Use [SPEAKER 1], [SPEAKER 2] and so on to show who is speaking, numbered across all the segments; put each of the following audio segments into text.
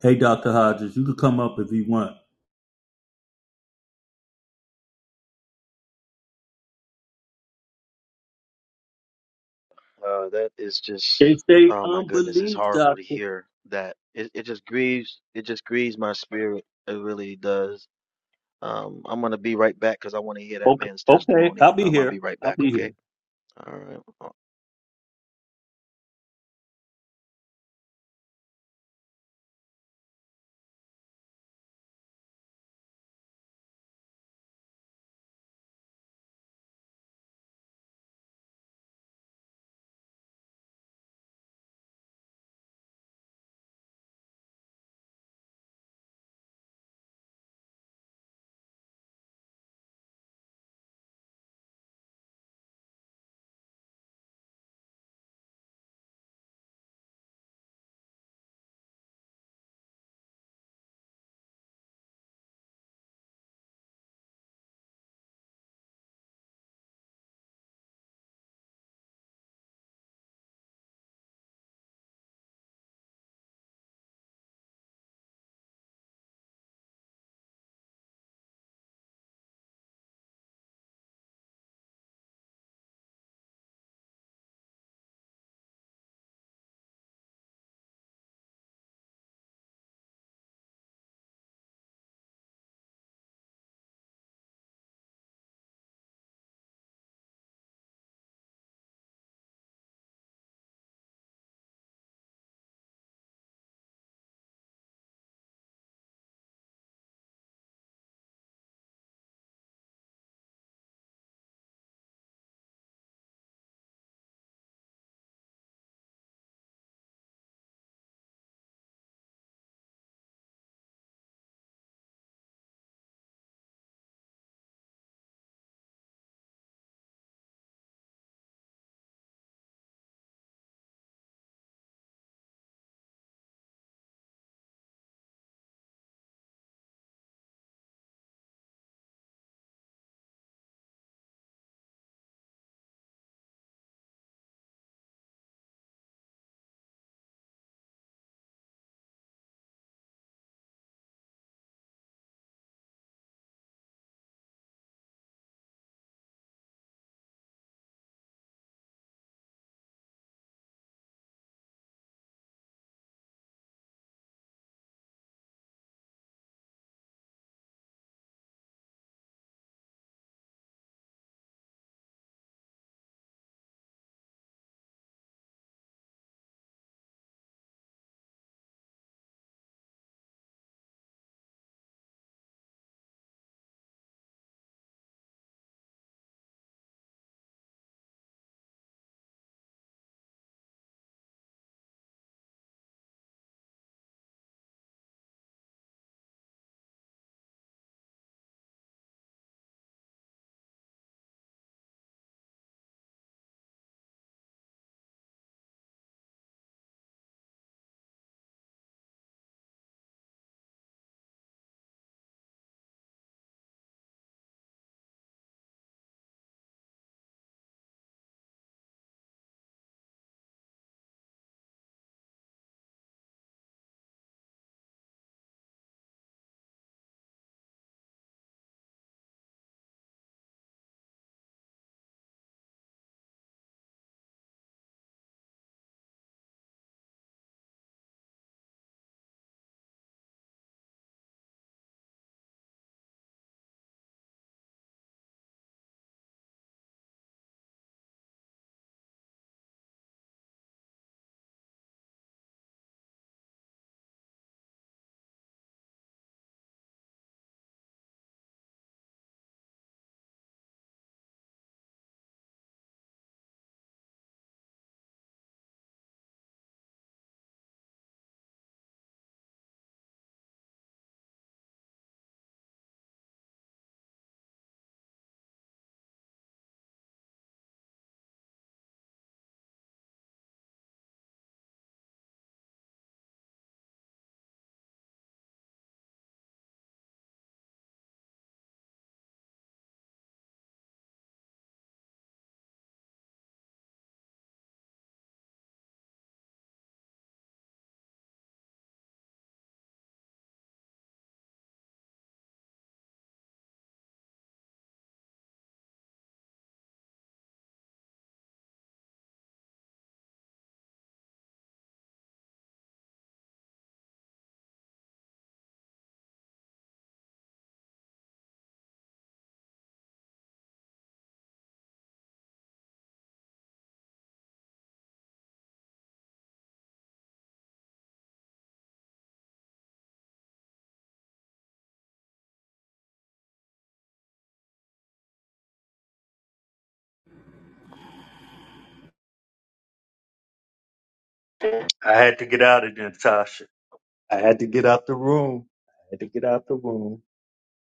[SPEAKER 1] Hey, Dr. Hodges, you can come up if you want.
[SPEAKER 2] Uh, that is just,
[SPEAKER 1] They say
[SPEAKER 2] oh my goodness, it's
[SPEAKER 1] unbelief,
[SPEAKER 2] horrible to
[SPEAKER 1] doctor.
[SPEAKER 2] hear that. It it just grieves, it just grieves my spirit. It really does. Um, I'm gonna be right back because I want to hear that
[SPEAKER 1] Okay,
[SPEAKER 2] man's
[SPEAKER 1] okay, I'll
[SPEAKER 2] testimony.
[SPEAKER 1] be
[SPEAKER 2] Um, I'll
[SPEAKER 1] here.
[SPEAKER 2] be right
[SPEAKER 1] I'll
[SPEAKER 2] back,
[SPEAKER 1] be here.
[SPEAKER 2] okay? All right. Uh,
[SPEAKER 1] I had to get out of there, Tasha. I had to get out the room. I had to get out the room.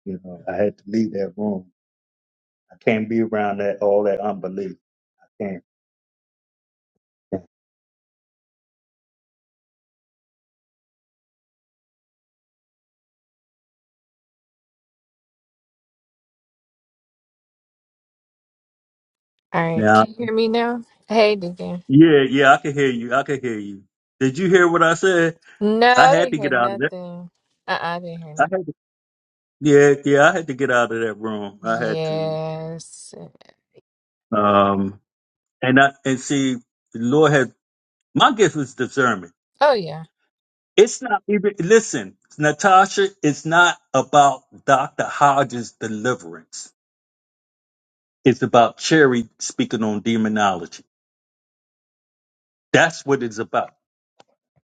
[SPEAKER 1] You know, I had to leave that room. I can't be around that all that unbelief. I can't.
[SPEAKER 3] All right,
[SPEAKER 1] Now,
[SPEAKER 3] can you hear me now? Hey, Deacon.
[SPEAKER 1] yeah, yeah, I can hear you. I can hear you. Did you hear what I said?
[SPEAKER 3] No,
[SPEAKER 1] I
[SPEAKER 3] I
[SPEAKER 1] had
[SPEAKER 3] didn't
[SPEAKER 1] to
[SPEAKER 3] hear
[SPEAKER 1] get out of that.
[SPEAKER 3] nothing. Uh, uh I didn't hear
[SPEAKER 1] I
[SPEAKER 3] nothing.
[SPEAKER 1] had to, yeah, yeah, I had to get out of that room. I had to.
[SPEAKER 3] Yes.
[SPEAKER 1] Um, and I and see, the Lord has. My gift is discernment.
[SPEAKER 3] Oh yeah.
[SPEAKER 1] It's not even, listen, Natasha, it's not about Dr. Hodges' deliverance. It's about Cherry speaking on demonology. That's what it's about.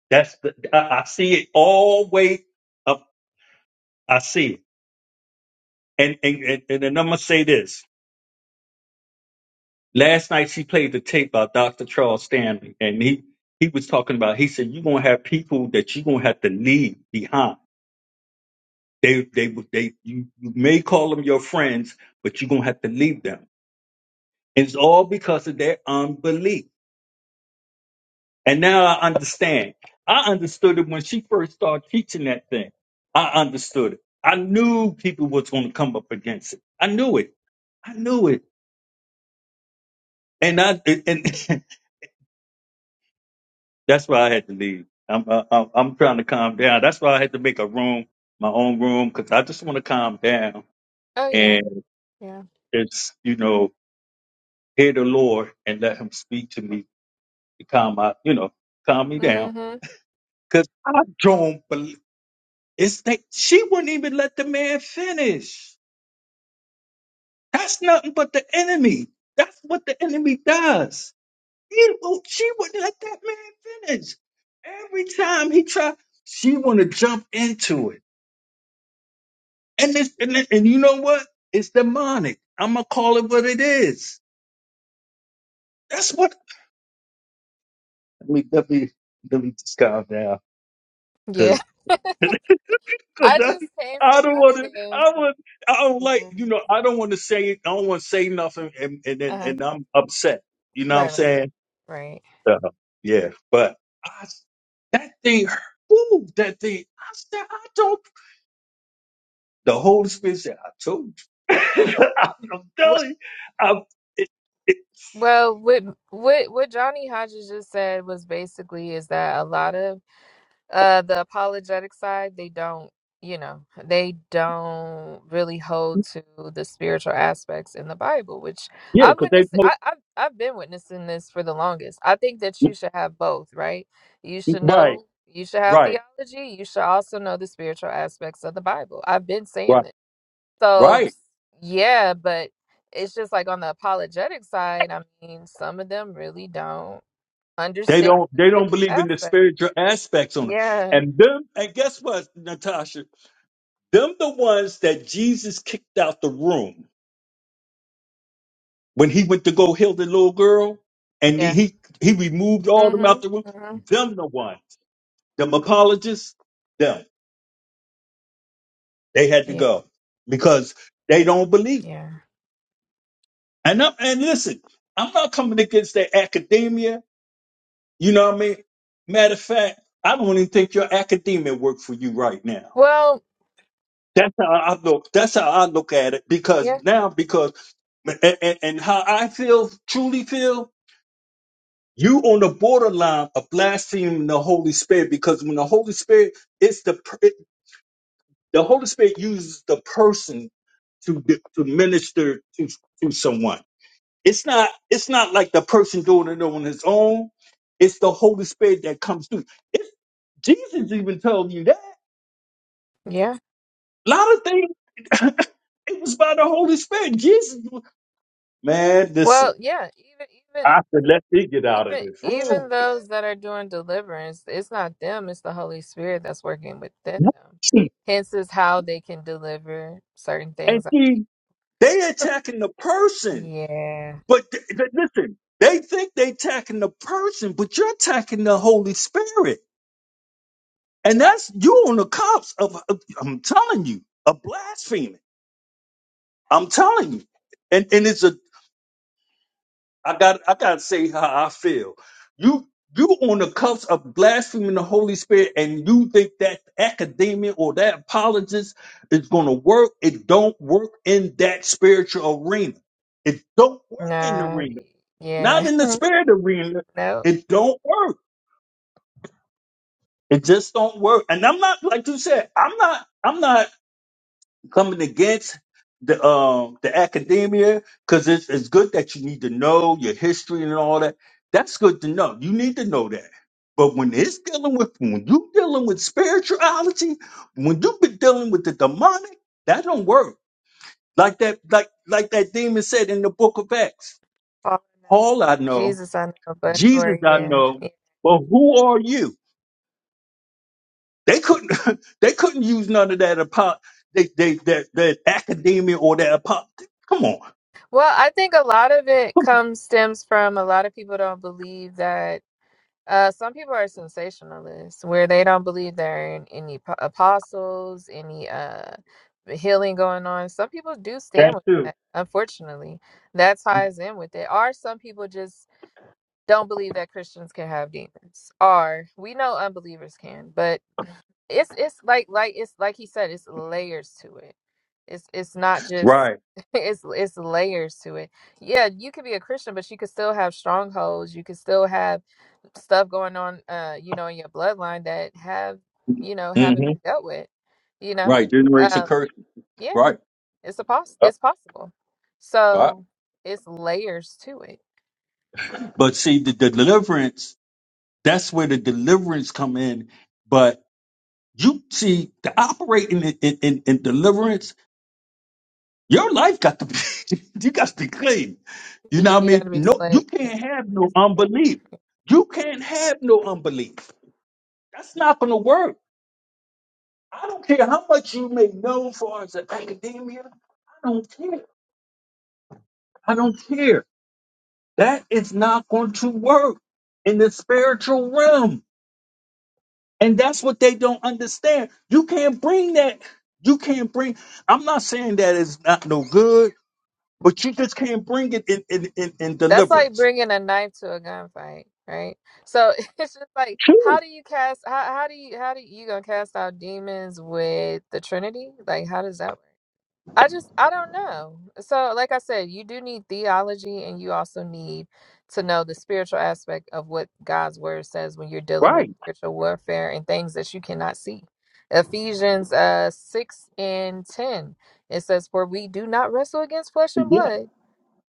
[SPEAKER 1] That's the, I, I see it all way up. I see it. And, and, and, and then I'm going to say this. Last night she played the tape by Dr. Charles Stanley and he, he was talking about, he said, you're going to have people that you're going to have to leave behind They, they, they, you you may call them your friends, but you're going to have to leave them. And it's all because of their unbelief. And now I understand. I understood it when she first started teaching that thing. I understood it. I knew people was going to come up against it. I knew it. I knew it. And I, and that's why I had to leave. I'm, I, I'm I'm trying to calm down. That's why I had to make a room, my own room, because I just want to calm down
[SPEAKER 3] Oh yeah.
[SPEAKER 1] and
[SPEAKER 3] Yeah.
[SPEAKER 1] just, you know, hear the Lord and let him speak to me to calm my, you know, calm me down.
[SPEAKER 3] Mm-hmm.
[SPEAKER 1] Cause I don't believe it's that she wouldn't even let the man finish. That's nothing but the enemy. That's what the enemy does. He, won't- she wouldn't let that man finish. Every time he tried, she want to jump into it. And this, and, it- and you know what? It's demonic. I'm gonna call it what it is. That's what. Let me let me let me just calm down
[SPEAKER 3] Yeah.
[SPEAKER 1] Cause
[SPEAKER 3] I
[SPEAKER 1] that,
[SPEAKER 3] just came
[SPEAKER 1] I
[SPEAKER 3] from
[SPEAKER 1] don't
[SPEAKER 3] out
[SPEAKER 1] want
[SPEAKER 3] of
[SPEAKER 1] to.
[SPEAKER 3] there.
[SPEAKER 1] I would. I don't like.
[SPEAKER 3] Yeah.
[SPEAKER 1] You know. I don't want to say. I don't want to say nothing, and and and,
[SPEAKER 3] Uh-huh.
[SPEAKER 1] and I'm upset. You know what I'm
[SPEAKER 3] Right. Right. Right.
[SPEAKER 1] saying?
[SPEAKER 3] Right.
[SPEAKER 1] Uh, yeah. But I, that thing. Ooh, that thing. I said. I don't. The Holy Spirit said. I told you. I'm
[SPEAKER 3] What?
[SPEAKER 1] telling you. I, it, it,
[SPEAKER 3] Well, what what what Johnny Hodges just said was basically is that a lot of Uh, the apologetic side, they don't, you know, they don't really hold to the spiritual aspects in the Bible, which
[SPEAKER 1] yeah.
[SPEAKER 3] I've
[SPEAKER 1] Cause they.
[SPEAKER 3] witnessed.
[SPEAKER 1] told-
[SPEAKER 3] I, I've I've been witnessing this for the longest. I think that you should have both, right? You should
[SPEAKER 1] Right.
[SPEAKER 3] know, you should have
[SPEAKER 1] Right.
[SPEAKER 3] theology. You should also know the spiritual aspects of the Bible. I've been saying
[SPEAKER 1] Right.
[SPEAKER 3] this. So
[SPEAKER 1] Right.
[SPEAKER 3] s- yeah, but it's just like on the apologetic side. I mean, some of them really don't
[SPEAKER 1] They
[SPEAKER 3] understand
[SPEAKER 1] don't.
[SPEAKER 3] the
[SPEAKER 1] They don't
[SPEAKER 3] spiritual
[SPEAKER 1] believe in the
[SPEAKER 3] aspect.
[SPEAKER 1] spiritual aspects on it.
[SPEAKER 3] Yeah,
[SPEAKER 1] And them. And guess what, Natasha? Them the ones that Jesus kicked out the room when he went to go heal the little girl, and
[SPEAKER 3] yeah.
[SPEAKER 1] he he, he removed all them out
[SPEAKER 3] Mm-hmm.
[SPEAKER 1] the room.
[SPEAKER 3] Mm-hmm.
[SPEAKER 1] Them the ones, them apologists, them they had to
[SPEAKER 3] Yeah,
[SPEAKER 1] go because they don't believe.
[SPEAKER 3] yeah,
[SPEAKER 1] And I'm, and listen, I'm not coming against their academia. You know what I mean? Matter of fact, I don't even think your academia work for you right now.
[SPEAKER 3] Well,
[SPEAKER 1] That's how I look. That's how I look at it because
[SPEAKER 3] yeah.
[SPEAKER 1] now because and, and and how I feel truly feel You on the borderline of blaspheming the Holy Spirit because when the Holy Spirit, it's the per- it, the Holy Spirit uses the person to di- to minister to to someone. It's not it's not like the person doing it on his own. It's the Holy Spirit that comes through. It's Jesus even told you that.
[SPEAKER 3] yeah.
[SPEAKER 1] A lot of things, it was by the Holy Spirit. Jesus, was- man, listen,
[SPEAKER 3] Well, yeah. Even even
[SPEAKER 1] I said, let me get out of
[SPEAKER 3] even
[SPEAKER 1] this
[SPEAKER 3] even
[SPEAKER 1] room.
[SPEAKER 3] those that are doing deliverance, it's not them. It's the Holy Spirit that's working within them. Hence is how they can deliver certain
[SPEAKER 1] And
[SPEAKER 3] things out of people.
[SPEAKER 1] see, they attacking the person.
[SPEAKER 3] Yeah.
[SPEAKER 1] But th- th- listen, they think they attacking the person, but you're attacking the Holy Spirit, and that's you on the cops of. of- I'm telling you, a blasphemy. I'm telling you, and and it's a. I got I got to say how I feel. You you on the cuffs of blaspheming the Holy Spirit, and you think that academia or that apologist is going to work? It don't work in that spiritual arena. It don't work in the
[SPEAKER 3] Nah.
[SPEAKER 1] arena. not
[SPEAKER 3] Yeah.
[SPEAKER 1] in the spirit arena.
[SPEAKER 3] no.
[SPEAKER 1] It don't work. It just don't work. And I'm not like you said. I'm not. I'm not coming against the um the academia because it's it's good that you need to know your history and all that. That's good to know. You need to know that. But when it's dealing with when you dealing with spirituality, when you've been dealing with the demonic, that don't work. Like that, like like that demon said in the book of Acts.
[SPEAKER 3] Paul, no.
[SPEAKER 1] Paul I know,
[SPEAKER 3] Jesus, I know, but who are
[SPEAKER 1] Jesus I
[SPEAKER 3] you?
[SPEAKER 1] know,
[SPEAKER 3] Yeah.
[SPEAKER 1] but who are you? They couldn't they couldn't use none of that apo- they, they that that academia or that apo- come on.
[SPEAKER 3] Well, I think a lot of it comes stems from a lot of people don't believe that. Uh, some people are sensationalists, where they don't believe there are an- any po- apostles, any uh healing going on. Some people do stand
[SPEAKER 1] That
[SPEAKER 3] with
[SPEAKER 1] too.
[SPEAKER 3] that. Unfortunately, that ties in with it. Or some people just don't believe that Christians can have demons. Or we know unbelievers can, but it's it's like like it's like he said it's layers to it it's it's not just
[SPEAKER 1] Right.
[SPEAKER 3] it's it's layers to it yeah you could be a christian but you could still have strongholds you could still have stuff going on uh you know in your bloodline that have you know haven't
[SPEAKER 1] hmm
[SPEAKER 3] been dealt with you know
[SPEAKER 1] Right. Generates a
[SPEAKER 3] um
[SPEAKER 1] curse.
[SPEAKER 3] yeah
[SPEAKER 1] Right.
[SPEAKER 3] it's a poss-
[SPEAKER 1] Yep.
[SPEAKER 3] it's possible
[SPEAKER 1] Right.
[SPEAKER 3] so it's layers to it
[SPEAKER 1] But see the, the deliverance, that's where the deliverance come in. But you see the operating in, in, in, in deliverance, your life got to be you got to be clean. You know
[SPEAKER 3] you,
[SPEAKER 1] what I
[SPEAKER 3] you got
[SPEAKER 1] mean?
[SPEAKER 3] to be
[SPEAKER 1] No you
[SPEAKER 3] like
[SPEAKER 1] can't have no
[SPEAKER 3] yeah
[SPEAKER 1] unbelief. You can't have no unbelief. That's not gonna work. I don't care how much you may know as far as an academia. I don't care. I don't care. That is not going to work in the spiritual realm. And that's what they don't understand. You can't bring that. You can't bring. I'm not saying that it's not no good, but you just can't bring it in, in, in, in
[SPEAKER 3] That's like
[SPEAKER 1] deliverance.
[SPEAKER 3] bringing a knife to a gunfight, right? So it's just like, how
[SPEAKER 1] True.
[SPEAKER 3] do you cast? How how do you how do you, you gonna cast out demons with the Trinity? Like, how does that work? I just I don't know. So like I said, you do need theology, and you also need to know the spiritual aspect of what God's word says when you're dealing with
[SPEAKER 1] Right.
[SPEAKER 3] spiritual warfare and things that you cannot see. Ephesians uh six and ten it says, "For we do not wrestle against flesh and
[SPEAKER 1] Yeah.
[SPEAKER 3] blood."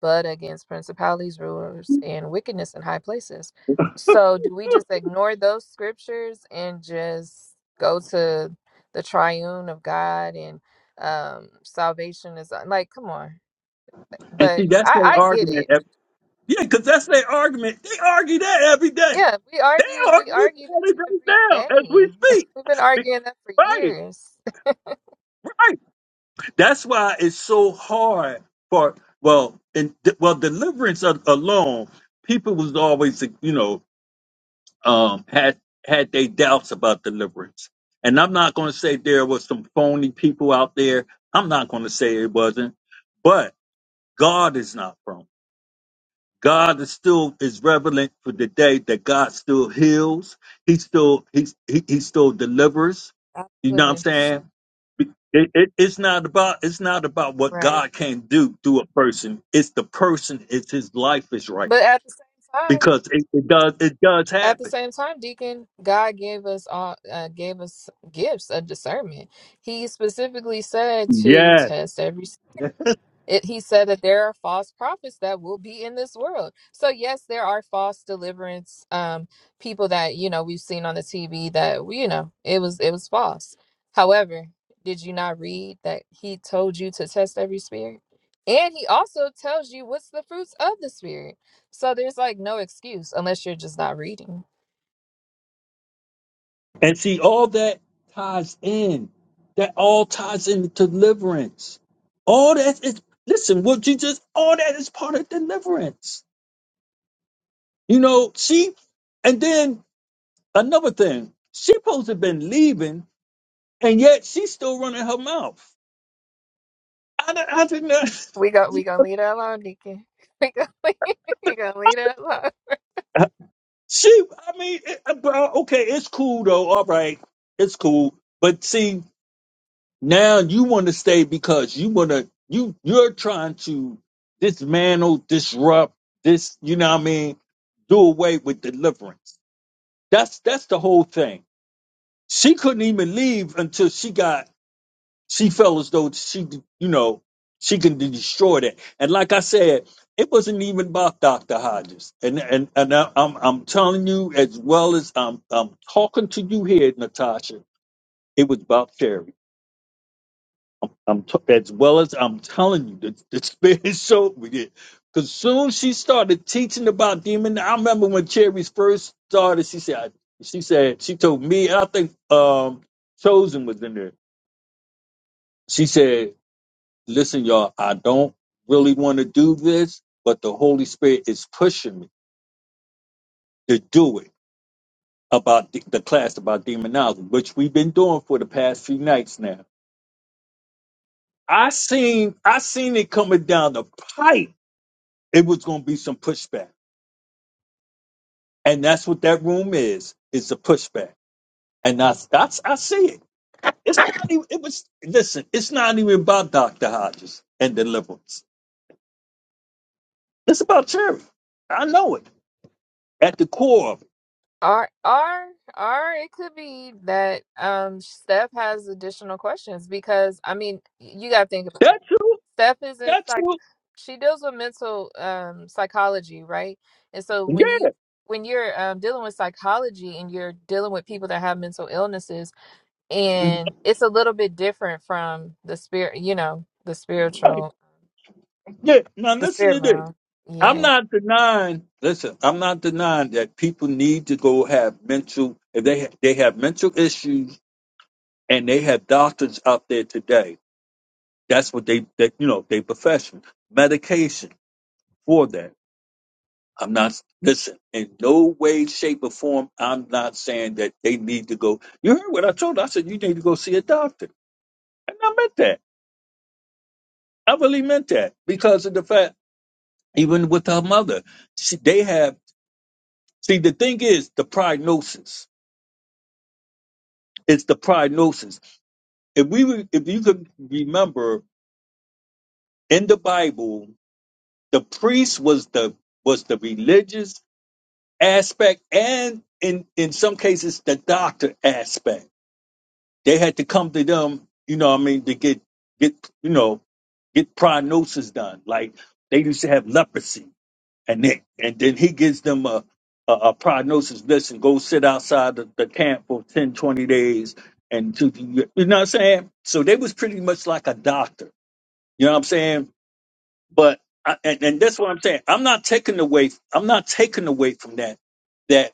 [SPEAKER 3] but against principalities, rulers, and wickedness in high places. So, do we just ignore those scriptures and just go to the triune of God and um, salvation is uh, like, come on.
[SPEAKER 1] And
[SPEAKER 3] But
[SPEAKER 1] see, that's
[SPEAKER 3] I,
[SPEAKER 1] their
[SPEAKER 3] I get
[SPEAKER 1] argument.
[SPEAKER 3] it.
[SPEAKER 1] Yeah, because that's their argument. They argue that every day.
[SPEAKER 3] Yeah, we
[SPEAKER 1] They
[SPEAKER 3] argue. We
[SPEAKER 1] argue
[SPEAKER 3] argue
[SPEAKER 1] about it
[SPEAKER 3] that
[SPEAKER 1] right
[SPEAKER 3] every
[SPEAKER 1] now as
[SPEAKER 3] day.
[SPEAKER 1] we speak.
[SPEAKER 3] We've been
[SPEAKER 1] Be-
[SPEAKER 3] arguing that for
[SPEAKER 1] Right,
[SPEAKER 3] years.
[SPEAKER 1] right. That's why it's so hard for well, and well, deliverance a- alone. People was always, you know, um, had had they doubts about deliverance. And I'm not going to say there was some phony people out there. I'm not going to say it wasn't, but God is not phony. God is still is relevant for the day that God still heals. He still he's he, he still delivers. You know what I'm
[SPEAKER 3] Absolutely
[SPEAKER 1] saying? It, it, it's not about it's not about what
[SPEAKER 3] right.
[SPEAKER 1] God can do through a person. It's the person. It's his life is right
[SPEAKER 3] But at the same time.
[SPEAKER 1] because it, it does it does
[SPEAKER 3] at the
[SPEAKER 1] happen.
[SPEAKER 3] same time, Deacon, God gave us all uh, gave us gifts of discernment. He specifically said to
[SPEAKER 1] Yeah,
[SPEAKER 3] test every. It, he said that there are false prophets that will be in this world. So yes, there are false deliverance um, people that you know we've seen on the TV that we you know it was it was false. However, did you not read that he told you to test every spirit, and he also tells you what's the fruits of the spirit. So there's like no excuse unless you're just not reading.
[SPEAKER 1] and see all that ties in. That all ties into deliverance. All that is listen. What you just all that is part of deliverance. You know, she and then another thing, she supposed to have been leaving, and yet she's still running her mouth. I, don't- I didn't. know-
[SPEAKER 3] We go we gonna leave that alone, Deacon. We gonna leave, we gonna leave that alone.
[SPEAKER 1] She, I mean, it, uh, bro, okay, it's cool though. All right, it's cool. But see, now you want to stay because you want to. You you're trying to dismantle, disrupt this. You know what I mean? Do away with deliverance. That's that's the whole thing. She couldn't even leave until she got She felt as though she, you know, she can destroy that. And like I said, it wasn't even about Dr. Hodges. And and and I- I'm I'm telling you as well as I'm I'm talking to you here, Natasha. It was about Terry. I'm, I'm t- as well as I'm telling you, the, the spirit showed me it. Because soon she started teaching about demon. I remember when Cherry's first started, she said, she said, she told me, and I think um Chosen was in there. She said. listen, y'all, I don't really want to do this, but the Holy Spirit is pushing me to do it about the, the class about demonology, which we've been doing for the past few nights now. I seen I seen it coming down the pipe. It was gonna be some pushback. And that's what that room is, It's a pushback. And that's that's I see it. It's not even it was listen, it's not even about Dr. Hodges and deliverance. It's about charity. I know it. At the core of it.
[SPEAKER 3] Or or or it could be that um Steph has additional questions because I mean you gotta think about it.
[SPEAKER 1] That's true.
[SPEAKER 3] Steph is in
[SPEAKER 1] That's who
[SPEAKER 3] psych she deals with mental um psychology, right? And so when you
[SPEAKER 1] Yeah,
[SPEAKER 3] when you're um, dealing with psychology and you're dealing with people that have mental illnesses and it's a little bit different from the spirit you know the
[SPEAKER 1] right.
[SPEAKER 3] spiritual
[SPEAKER 1] Yeah. Now
[SPEAKER 3] the
[SPEAKER 1] listen
[SPEAKER 3] spirit
[SPEAKER 1] to this.
[SPEAKER 3] realm
[SPEAKER 1] I'm
[SPEAKER 3] Yeah.
[SPEAKER 1] not denying. Listen, I'm not denying that people need to go have mental. If they they have mental issues and they have doctors out there today, that's what they that you know they profession medication for that. I'm not listen in no way, shape, or form. I'm not saying that they need to go. You heard what I told. Her. I said you need to go see a doctor, and I meant that. I really meant that because of the fact, even with her mother, she, they have. See, the thing is the prognosis. It's the prognosis. If we, re- if you could remember in the Bible, the priest was the was the religious aspect, and in in some cases the doctor aspect. They had to come to them, you know. What I mean, to get get you know get prognosis done. Like they used to have leprosy. and then and then he gives them a a, a prognosis. Listen, go sit outside the, the camp for 10, 20 days, and to you know what I'm saying. So they was pretty much like a doctor. You know what I'm saying? But I, and, and that's what I'm saying. I'm not taking away. I'm not taking away from that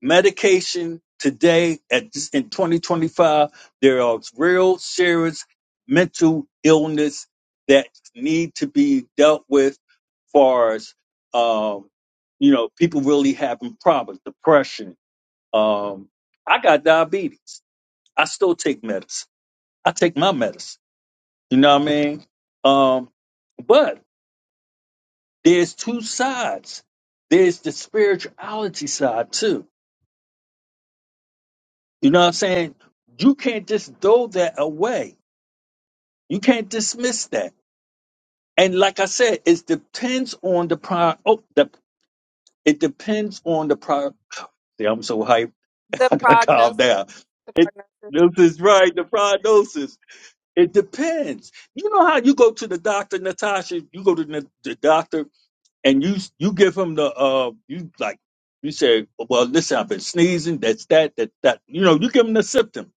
[SPEAKER 1] medication today at this- in 2025 there are real serious mental illness that need to be dealt with far as um you know people really having problems depression um i got diabetes i still take medicine i take my medicine you know what i mean um but there's two sides there's the spirituality side too You know what I'm saying? You can't just throw that away. You can't dismiss that. And like I said, it depends on the prior. Oh, the, it depends on the prior. See, I'm so hyped.
[SPEAKER 3] The
[SPEAKER 1] I gotta calm
[SPEAKER 3] prognosis,
[SPEAKER 1] down.
[SPEAKER 3] the
[SPEAKER 1] It,
[SPEAKER 3] prognosis.
[SPEAKER 1] this is right. The
[SPEAKER 3] yeah.
[SPEAKER 1] prognosis. It depends. You know how you go to the doctor, Natasha. You go to the, the doctor and you you give him the uh you like you say, well, listen, I've been sneezing. That's that. That that. You know, you give him the symptoms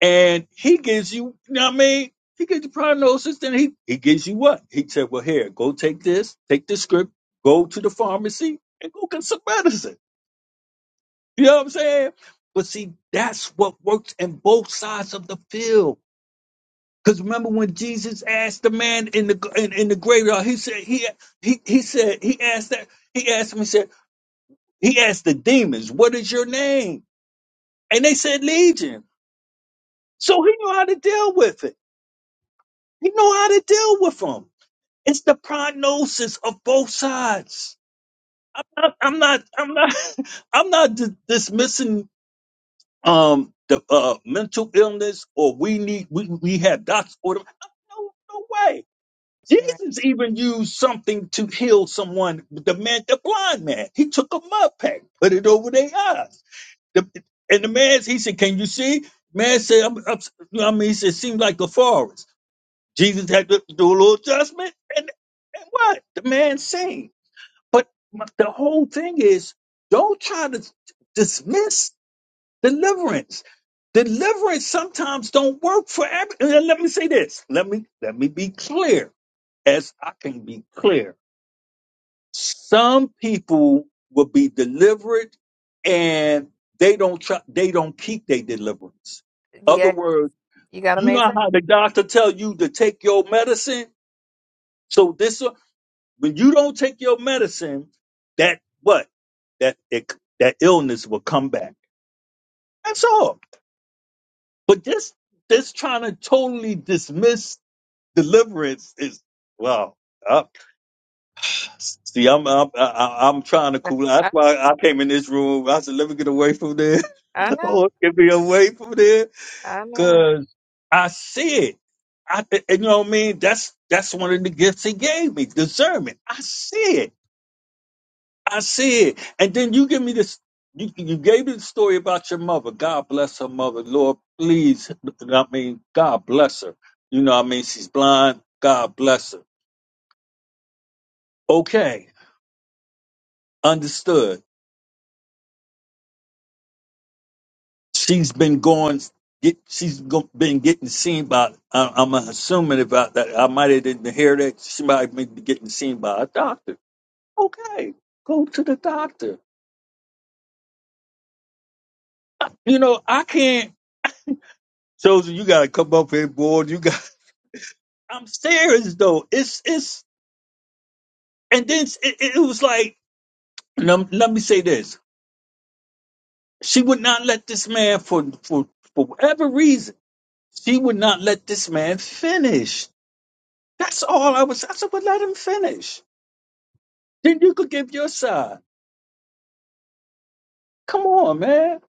[SPEAKER 1] and he gives you, you know what I mean? He gives you prognosis, then he, he gives you what? He said, well, here, go take this, take this script, go to the pharmacy and go get some medicine. You know what I'm saying? But see, that's what works in both sides of the field. Because remember when Jesus asked the man in the in, in the graveyard, he said he he he said he asked that he asked him he said he asked the demons, "What is your name?" And they said Legion. So he knew how to deal with it. He knew how to deal with them. It's the prognosis of both sides. I- I'm not. I'm not. I'm not di- dismissing um the uh, mental illness or we need we we have docs order. No, no way.
[SPEAKER 3] You're Right.
[SPEAKER 1] Jesus even used something to heal someone. The man, the blind man, he took a mud pack, put it over their eyes. The, and the man, he said, "Can you see?" Man said, I'm, I'm, you know what I mean, he said, "Seems like a forest." Jesus had to do a little adjustment, and and what? The man seen. But the whole thing is don't try to dismiss deliverance. Deliverance sometimes don't work for every and let me say this. Let me let me be clear as I can be clear. Some people will be delivered and they don't try, they don't keep their deliverance. Other
[SPEAKER 3] Yeah,
[SPEAKER 1] words,
[SPEAKER 3] you gotta
[SPEAKER 1] you know
[SPEAKER 3] maintain.
[SPEAKER 1] how the doctor tell you to take your medicine. So this when you don't take your medicine, that what that it, that illness will come back. That's all. But this this trying to totally dismiss deliverance is well. Uh, see, I'm I'm I- I- I'm trying to cool. That's
[SPEAKER 3] I,
[SPEAKER 1] why I came in this room. I said, let me get away from there.
[SPEAKER 3] I know.
[SPEAKER 1] Lord, get me away from there,
[SPEAKER 3] I know.
[SPEAKER 1] cause I see it. I, and you know what I mean? That's that's one of the gifts he gave me, discernment. I see it. I see it. And then you give me this. You, you gave me the story about your mother. God bless her mother. Lord, please. I mean, God bless her. You know, what I mean, she's blind. God bless her. Okay, understood. She's been going. Get, she's go- been getting seen by. I, I'm assuming about that. I might have didn't hear that. She might have been getting seen by a doctor. Okay, go to the doctor. You know, I can't. Chosen, you gotta come up here, boy. You got. I'm serious though. It's it's and then it, it it was like let, let me say this. She would not let this man for for for whatever reason. She would not let this man finish. That's all I was. I said, well, let him finish. Then you could give your side. Come on, man.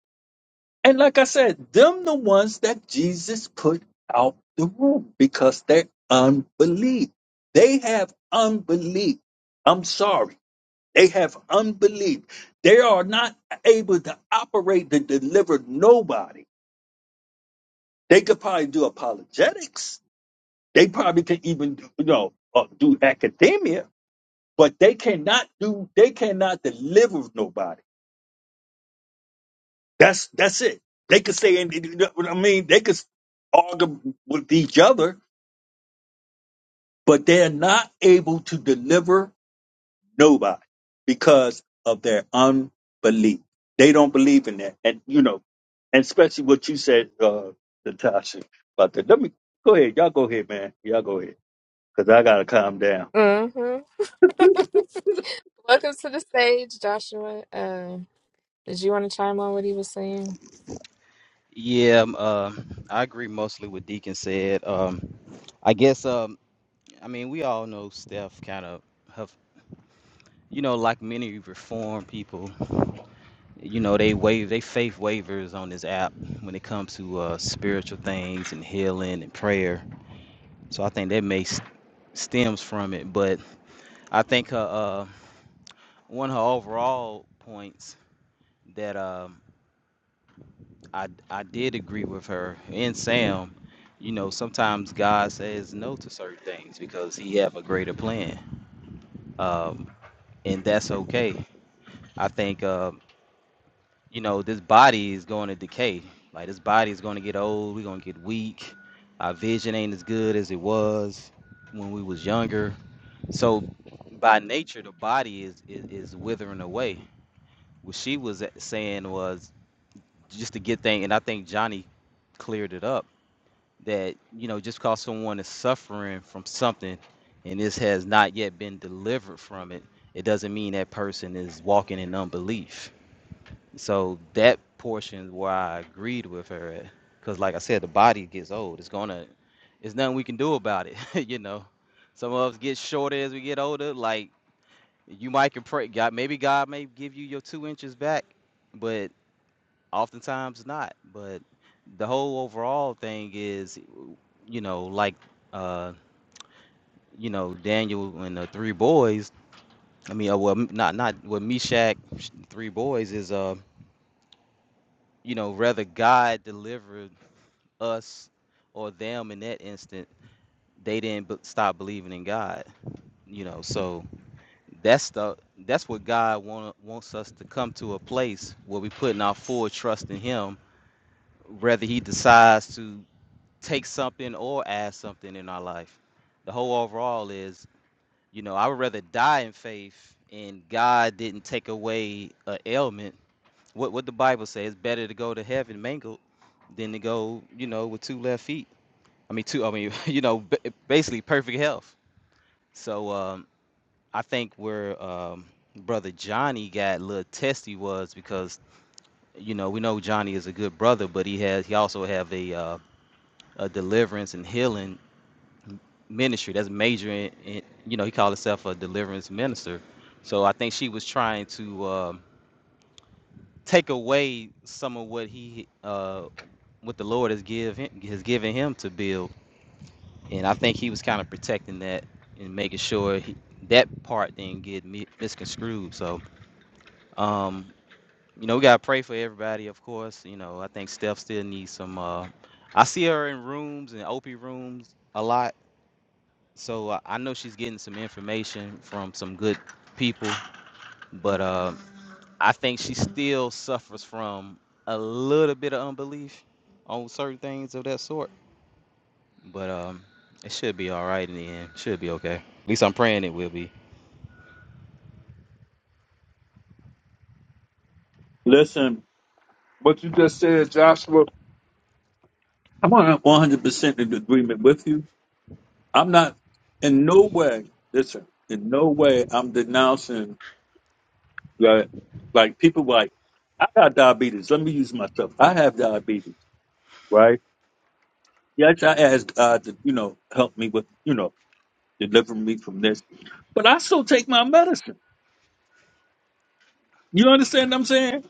[SPEAKER 1] And like I said, them the ones that Jesus put out the room because they're unbelief. They have unbelief. I'm sorry. They have unbelief. They are not able to operate to deliver nobody. They could probably do apologetics. They probably can even do, you know uh, do academia, but they cannot do. They cannot deliver nobody. That's that's it. They could say, and you know what I mean, they could argue with each other, but they're not able to deliver Nobody. Because of their unbelief. They don't believe in that. And, you know, and especially what you said, uh, Natasha, about that. Let me go ahead. Y'all go ahead, man. Y'all go ahead. Because I got to calm down.
[SPEAKER 3] hmm Welcome to the stage, Joshua. Uh, did you want to chime on what he was saying?
[SPEAKER 4] Yeah, um, uh, I agree mostly with Deacon said. Um, I guess um, I mean we all know Steph kind of have you know like many reform people, you know they waive they faith waivers on this app when it comes to uh, spiritual things and healing and prayer. So I think that may s- stems from it, but I think her uh, one of her overall points that um, I I did agree with her and Sam. You know, sometimes God says no to certain things because He have a greater plan, um, and that's okay. I think um, you know this body is going to decay. Like this body is going to get old. We're going to get weak. Our vision ain't as good as it was when we was younger. So by nature, the body is is, is withering away. What she was saying was just to get things, and I think Johnny cleared it up that you know just because someone is suffering from something and this has not yet been delivered from it it doesn't mean that person is walking in unbelief so that portion is where i agreed with her at. because like i said the body gets old it's gonna it's nothing we can do about it you know some of us get shorter as we get older like you might can pray god maybe god may give you your two inches back but Oftentimes not, but the whole overall thing is, you know, like, uh, you know, Daniel and the three boys. I mean, uh, well, m- not not with Meshach, sh- three boys is, uh, you know, rather God delivered us or them in that instant. They didn't b- stop believing in God, you know. So that's the that's what God want, wants us to come to a place where we putting our full trust in Him, whether He decides to take something or add something in our life. The whole overall is, you know, I would rather die in faith and God didn't take away an ailment. What what the Bible says, it's better to go to heaven mangled than to go, you know, with two left feet. I mean, two. I mean, you know, ba- basically perfect health. So um, I think where um, brother Johnny got a little testy was because you know we know Johnny is a good brother, but he has he also have a uh, a deliverance and healing ministry. That's majoring in, you know, he called himself a deliverance minister. So I think she was trying to um, take away some of what he, uh, what the Lord has give him, has given him to build. And I think he was kind of protecting that and making sure he, that part didn't get mi- misconstrued. So, um, you know, we gotta pray for everybody, of course. You know, I think Steph still needs some. Uh, I see her in rooms and OP rooms a lot So uh, I know she's getting some information from some good people, but uh, I think she still suffers from a little bit of unbelief on certain things of that sort. But um, it should be all right in the end. Should be okay. At least I'm praying it will be.
[SPEAKER 1] Listen, what you just said, Joshua, I'm on 100% in agreement with you. I'm not in no way, listen, in no way I'm denouncing that. Like people like, I got diabetes. Let me use myself. I have diabetes, right? Yes, I asked God to, you know, help me with, you know, deliver me from this. But I still take my medicine. You understand what I'm saying?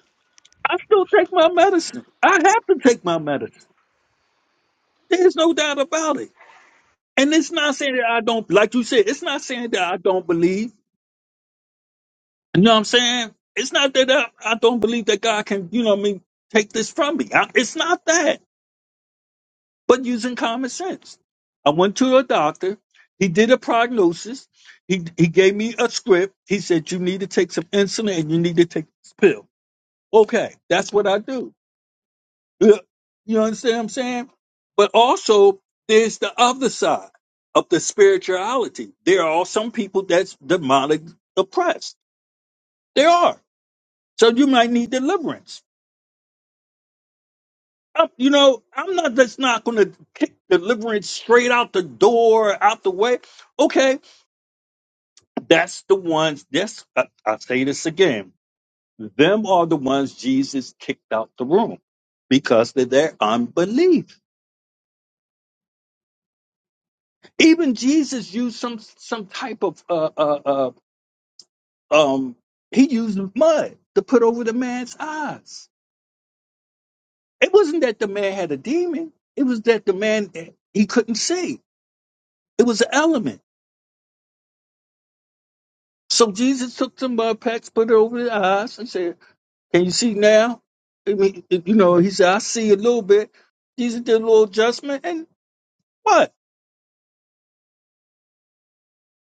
[SPEAKER 1] I still take my medicine. I have to take my medicine. There's no doubt about it. And it's not saying that I don't, like you said, it's not saying that I don't believe. You know what I'm saying? It's not that I, I don't believe that God can, you know what I mean, take this from me. I, it's not that. but using common sense. I went to a doctor. He did a prognosis. He he gave me a script. He said you need to take some insulin and you need to take this pill. Okay, that's what I do. Yeah, You understand what I'm saying? But also there's the other side of the spirituality. There are some people that's demonic oppressed. There are. So you might need deliverance. i you know, I'm not just not going to kick deliverance straight out the door, out the way. Okay, That's the ones, this, I, I'll say this again. Them are the ones Jesus kicked out the room because of their unbelief. Even Jesus used some some type of uh, uh, uh, um he used mud to put over the man's eyes. It wasn't that the man had a demon. It was that the man eh, he couldn't see. It was an element. So Jesus took some mud packs, put it over the eyes, and said, Can you see now? I mean, it- you know, he said, I see a little bit. Jesus did a little adjustment. And what?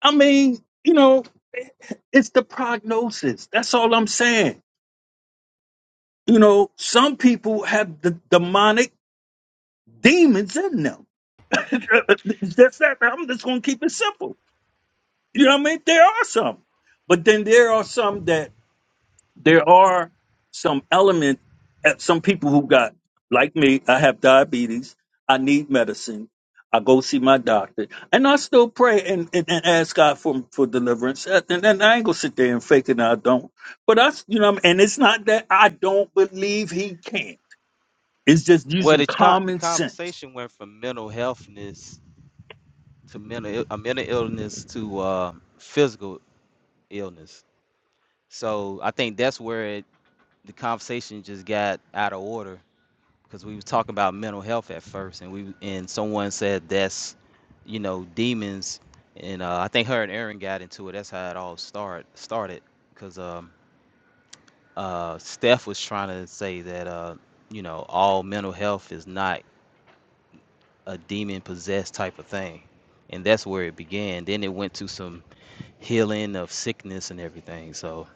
[SPEAKER 1] I mean, you know, it's the prognosis. That's all I'm saying. You know, some people have the demonic demons in them. That's that. I'm just going to keep it simple. You know what I mean? There are some. But then there are some that there are some element eh, some people who got like me i have diabetes i need medicine i go see my doctor and i still pray and, and, and ask god for, for deliverance Eh, and, and i ain't gonna sit there and fake it i don't but i s- you know and it's not that i don't believe he can it's just
[SPEAKER 4] Well,
[SPEAKER 1] using
[SPEAKER 4] the con- the
[SPEAKER 1] common sense
[SPEAKER 4] conversation went from mental healthness to mental Ill- uh, mental illness to uh, physical illness. So I think that's where it, the conversation just got out of order because we was talking about mental health at first, and we and someone said that's, you know, demons, and uh, I think her and Aaron got into it. That's how it all start started, because um, uh, Steph was trying to say that uh, you know, all mental health is not a demon possessed type of thing, and that's where it began. Then it went to some healing of sickness and everything. So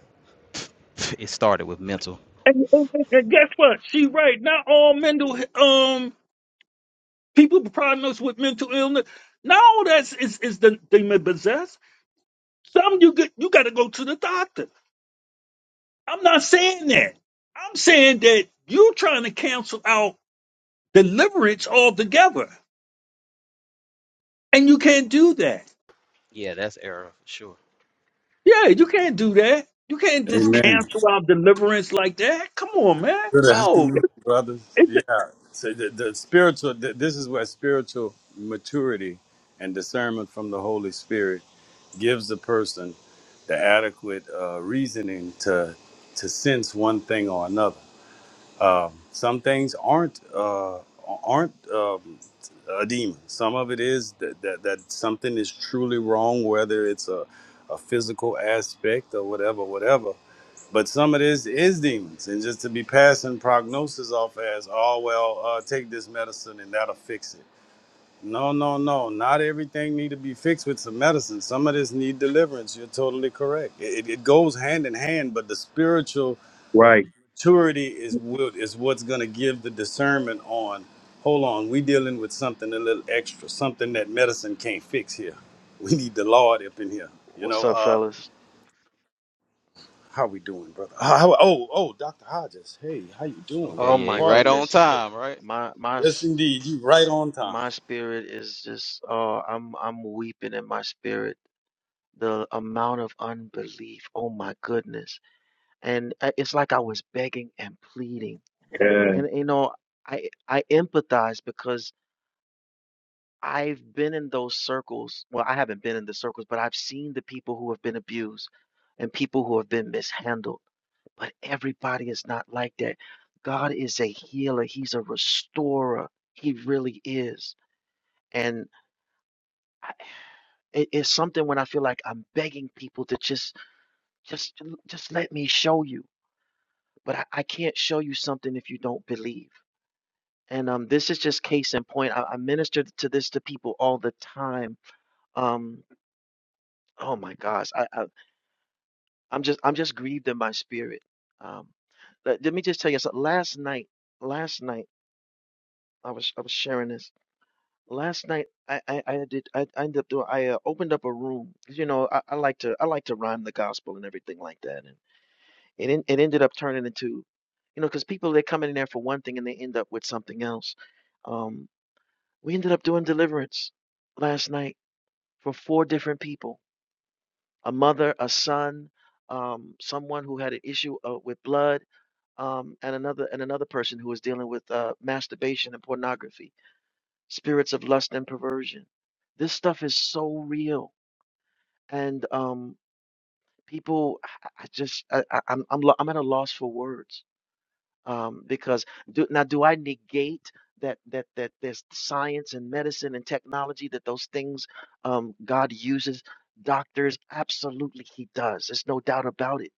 [SPEAKER 4] it started with mental.
[SPEAKER 1] and, and- and- and guess what she right not all mental um people diagnosed with mental illness not all that's is, is the demon possessed Some you get you got to go to the doctor. I'm not saying that. I'm saying that you're trying to cancel out deliverance altogether, and you can't do that.
[SPEAKER 4] Yeah, that's error for sure.
[SPEAKER 1] Yeah, you can't do that. You can't just
[SPEAKER 5] Amen.
[SPEAKER 1] cancel out deliverance like that. Come on, man.
[SPEAKER 5] Good
[SPEAKER 1] No, it-
[SPEAKER 5] afternoon, brothers.
[SPEAKER 1] it's
[SPEAKER 5] Yeah.
[SPEAKER 1] a-
[SPEAKER 5] So the, the spiritual, th this is where spiritual maturity and discernment from the Holy Spirit gives the person the adequate uh, reasoning to to sense one thing or another. Some things aren't uh, aren't um, a demon. Some of it is that, that that something is truly wrong, whether it's a a physical aspect or whatever, whatever. But some of this is demons, and just to be passing prognosis off as, oh well, uh, take this medicine and that'll fix it. No, no, no. Not everything need to be fixed with some medicine. Some of this need deliverance. You're totally correct. It, it it goes hand in hand, but the spiritual
[SPEAKER 1] right.
[SPEAKER 5] maturity is what is what's going to give the discernment on hold on we dealing with something a little extra something that medicine can't fix here we need the lord up in here you
[SPEAKER 2] What's
[SPEAKER 5] know
[SPEAKER 2] up,
[SPEAKER 5] uh
[SPEAKER 2] fellas?
[SPEAKER 5] how we doing brother Uh, how- oh oh dr hodges hey how you doing
[SPEAKER 4] Okay,
[SPEAKER 2] Oh
[SPEAKER 4] yeah,
[SPEAKER 2] my
[SPEAKER 4] you're right
[SPEAKER 5] pardon me
[SPEAKER 4] on
[SPEAKER 2] goodness,
[SPEAKER 5] Look,
[SPEAKER 4] time, right?
[SPEAKER 2] my my
[SPEAKER 5] yes
[SPEAKER 2] s-
[SPEAKER 5] indeed you right on time
[SPEAKER 2] my spirit is just, oh, I'm I'm weeping in my spirit. The amount of unbelief, oh my goodness, and uh, it's like I was begging and pleading.
[SPEAKER 1] Yeah,
[SPEAKER 2] And you know, I I empathize because I've been in those circles. Well, I haven't been in the circles, but I've seen the people who have been abused and people who have been mishandled. But everybody is not like that. God is a healer. He's a restorer. He really is. And I- it, it's something when I feel like I'm begging people to just just just let me show you. But I, I can't show you something if you don't believe. And um, this is just case in point. I, I minister to this to people all the time. Um, oh my gosh, I, I I'm just I'm just grieved in my spirit. Um, let, let me just tell you something. Last night, last night I was I was sharing this. Last night I I, I did I, I ended up doing I uh, opened up a room. You know I, I like to I like to rhyme the gospel and everything like that. And it en- it ended up turning into, you know, because people they come in there for one thing and they end up with something else. Um, we ended up doing deliverance last night for four different people a mother, a son, um, someone who had an issue uh, with blood, um, and another and another person who was dealing with uh, masturbation and pornography, spirits of lust and perversion. This stuff is so real, and um, people, I I just, I, I, I'm, I'm, lo- I'm at a loss for words um, because do, now do I negate that that that there's science and medicine and technology that those things um, God uses doctors absolutely he does there's no doubt about it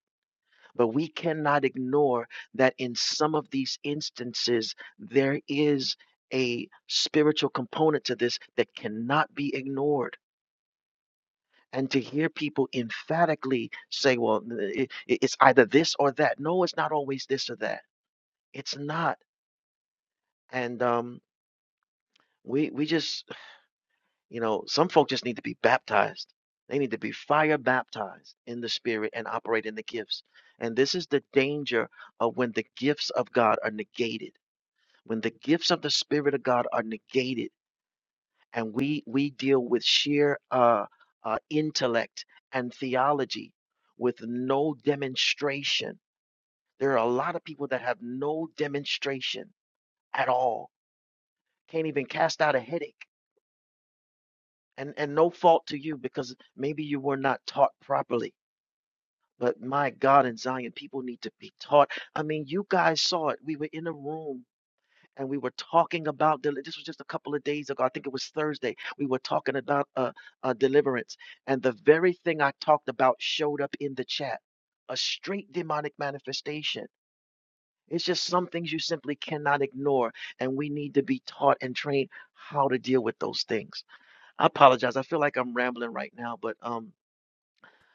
[SPEAKER 2] but we cannot ignore that in some of these instances there is a spiritual component to this that cannot be ignored and to hear people emphatically say well it- it's either this or that no it's not always this or that it's not and um We we just, you know, some folk just need to be baptized. They need to be fire baptized in the spirit and operate in the gifts. And this is the danger of when the gifts of God are negated. When the gifts of the spirit of God are negated and we we deal with sheer uh, uh intellect and theology with no demonstration. There are a lot of people that have no demonstration at all. Can't even cast out a headache and and no fault to you because maybe you were not taught properly but my god in zion people need to be taught i mean you guys saw it we were in a room and we were talking about deli- this was just a couple of days ago i think it was thursday we were talking about uh, uh deliverance and the very thing i talked about showed up in the chat a straight demonic manifestation it's just some things you simply cannot ignore and we need to be taught and trained how to deal with those things I apologize. I feel like I'm rambling right now, but um,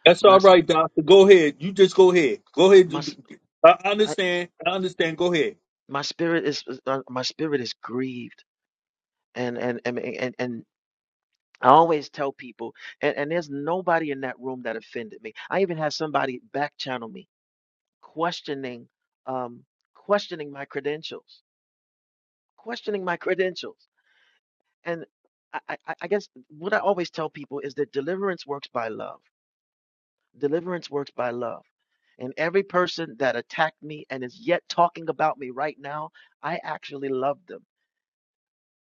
[SPEAKER 1] that's
[SPEAKER 2] my
[SPEAKER 1] all
[SPEAKER 2] s-
[SPEAKER 1] right, doctor. Go ahead. You just go ahead. Go
[SPEAKER 2] my
[SPEAKER 1] ahead.
[SPEAKER 2] s-
[SPEAKER 1] I I
[SPEAKER 2] I,
[SPEAKER 1] understand. I understand. Go ahead.
[SPEAKER 2] my spirit is is, uh, my spirit is grieved, and and and and. and I always tell people, and, and there's nobody in that room that offended me. I even had somebody back channel me, questioning, um, questioning my credentials, questioning my credentials. And I, I, I I guess what I always tell people is that deliverance works by love Deliverance works by love. And every person that attacked me and is yet talking about me right now, I actually love them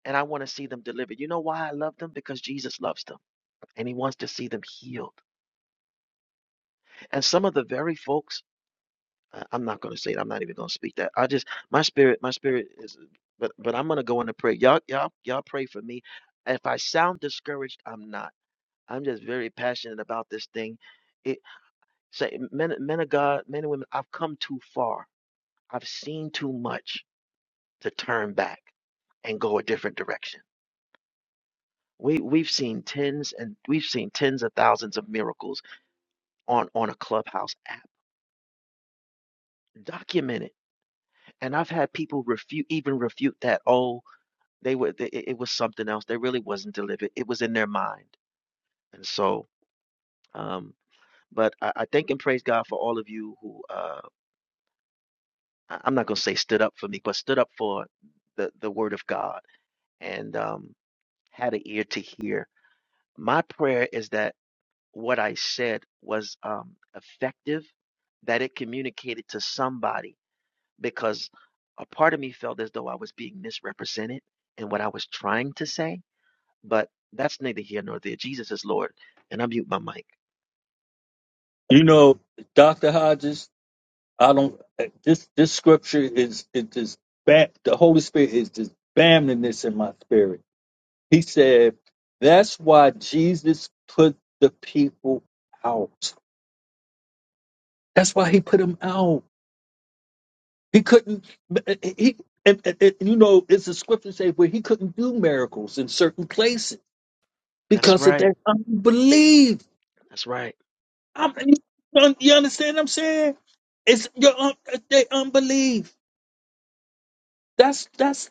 [SPEAKER 2] and I want to see them delivered. You know why I love them? Because Jesus loves them and he wants to see them healed. And some of the very folks, I- am not going to say it. I'm not even going to speak that. I just, my spirit, my spirit is, but, but I'm going to go into prayer. Y'all, y'all, y'all pray for me. If I sound discouraged, I'm not. I'm just very passionate about this thing. It say men, men of God, men and women, I've come too far I've seen too much to turn back and go a different direction. We we've seen tens and we've seen tens of thousands of miracles on on a Clubhouse app documented, and I've had people refute even refute that. Oh, they were they, it it was something else. They really wasn't delivered. It was in their mind, and so. Um, but I, I thank and praise God for all of you who uh, I- I'm not gonna say stood up for me, but stood up for the the Word of God and um, had an ear to hear. My prayer is that. what I said was um, effective, that it communicated to somebody because a part of me felt as though I was being misrepresented in what I was trying to say, but that's neither here nor there. Jesus is Lord, and I mute my mic.
[SPEAKER 1] You know, Doctor Hodges. I don't. This this scripture is it just bam, the Holy Spirit is just bamming this in my spirit. He said that's why Jesus put the people out. That's why he put them out. He couldn't. He and, and- and, you know it's a scripture say where he couldn't do miracles in certain places
[SPEAKER 2] That's
[SPEAKER 1] because of
[SPEAKER 2] right.
[SPEAKER 1] their unbelief.
[SPEAKER 2] That's right.
[SPEAKER 1] I'm, you understand what I'm saying? It's your un, they unbelief. That's that's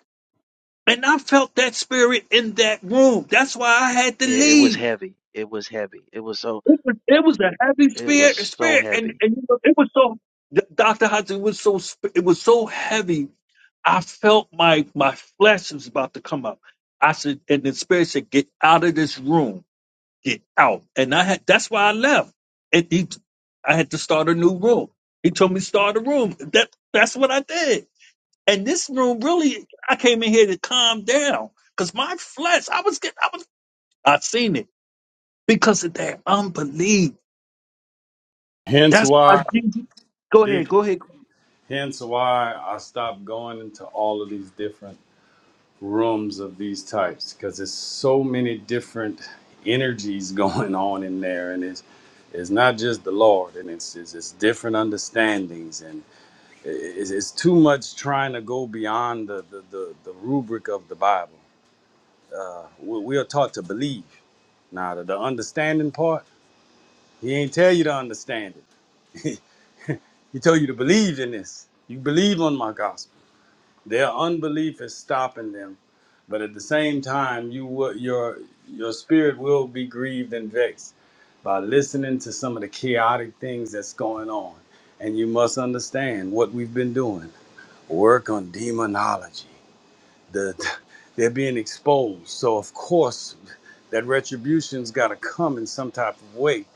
[SPEAKER 1] And I felt that spirit in that room. That's why I had to
[SPEAKER 2] It, it was
[SPEAKER 1] leave.
[SPEAKER 2] heavy. It was heavy. It was so.
[SPEAKER 1] It was, it was a heavy
[SPEAKER 2] It was
[SPEAKER 1] spirit,
[SPEAKER 2] so
[SPEAKER 1] spirit, and
[SPEAKER 2] heavy.
[SPEAKER 1] and you know, it was so. Doctor Hudson was so sp- it was so heavy. I felt my my flesh was about to come up. I said, and the spirit said, "Get out of this room, get out." And I had that's why I left. And he, I had to start a new room. He told me start a room. That that's what I did. And this room really, I came in here to calm down because my flesh, I was getting, I was, I seen it because of that unbelief.
[SPEAKER 5] hence
[SPEAKER 1] That's why
[SPEAKER 5] why
[SPEAKER 1] Jesus. Go
[SPEAKER 5] dick
[SPEAKER 1] ahead, go ahead.
[SPEAKER 5] hence why i stopped going into all of these different rooms of these types because there's so many different energies going on in there and it's it's not just the lord and it's it's, it's different understandings and i- i- it's, it's too much trying to go beyond the the, the, the rubric of the bible uh, we, we are taught to believe now the, the understanding part he ain't tell you to understand it he told you to believe in this you believe on my gospel Their unbelief is stopping them, but at the same time, you will- your your spirit will be grieved and vexed by listening to some of the chaotic things that's going on. And you must understand what we've been doing. Work on demonology. The they're being exposed, so of course that retribution's got to come in some type of way.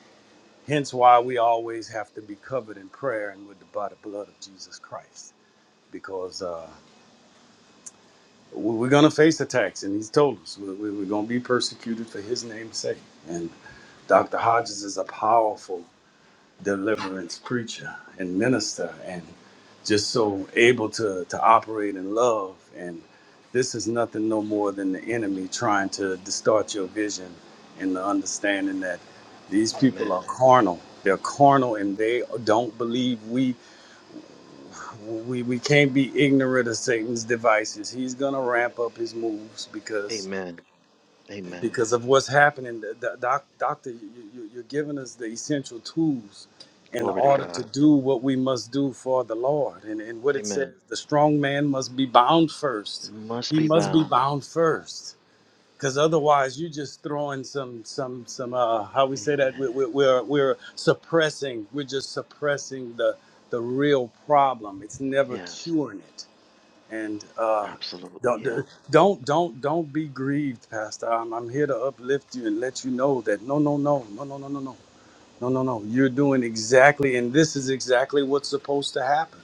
[SPEAKER 5] Hence, why we always have to be covered in prayer and with the by the blood of Jesus Christ, because. uh, we- are going to face attacks, and he's told us we- we- we're going to be persecuted for his name's sake. And Dr. Hodges is a powerful deliverance preacher and minister, and just so able to, to operate in love. And this is nothing no more than the enemy trying to distort your vision and the understanding that these people
[SPEAKER 2] Amen.
[SPEAKER 5] are carnal. They're carnal and they don't believe we we, we can't be ignorant of Satan's devices. He's gonna ramp up his moves because
[SPEAKER 2] Amen. Amen.
[SPEAKER 5] because of what's happening. The, the doc, doctor, you, you, you're giving us the essential tools in
[SPEAKER 2] Glory to
[SPEAKER 5] order to
[SPEAKER 2] God.
[SPEAKER 5] do what we must do for the Lord. And, and what it says,
[SPEAKER 2] Amen.
[SPEAKER 5] the strong man must be bound first.
[SPEAKER 2] Must
[SPEAKER 5] He
[SPEAKER 2] be
[SPEAKER 5] must be
[SPEAKER 2] bound.
[SPEAKER 5] bound first. Because otherwise, you're just throwing some, some, some. Uh, how we say that? We're,
[SPEAKER 2] Amen.
[SPEAKER 5] we're, we're we're suppressing. We're just suppressing the, the real problem. It's never
[SPEAKER 2] Yes.
[SPEAKER 5] curing it and uh,
[SPEAKER 2] Absolutely.
[SPEAKER 5] don't
[SPEAKER 2] Yeah.
[SPEAKER 5] uh, don't don't don't be grieved, Pastor. I'm, I'm here to uplift you and let you know that no no no no no no no no no no no. You're doing exactly, and this is exactly what's supposed to happen.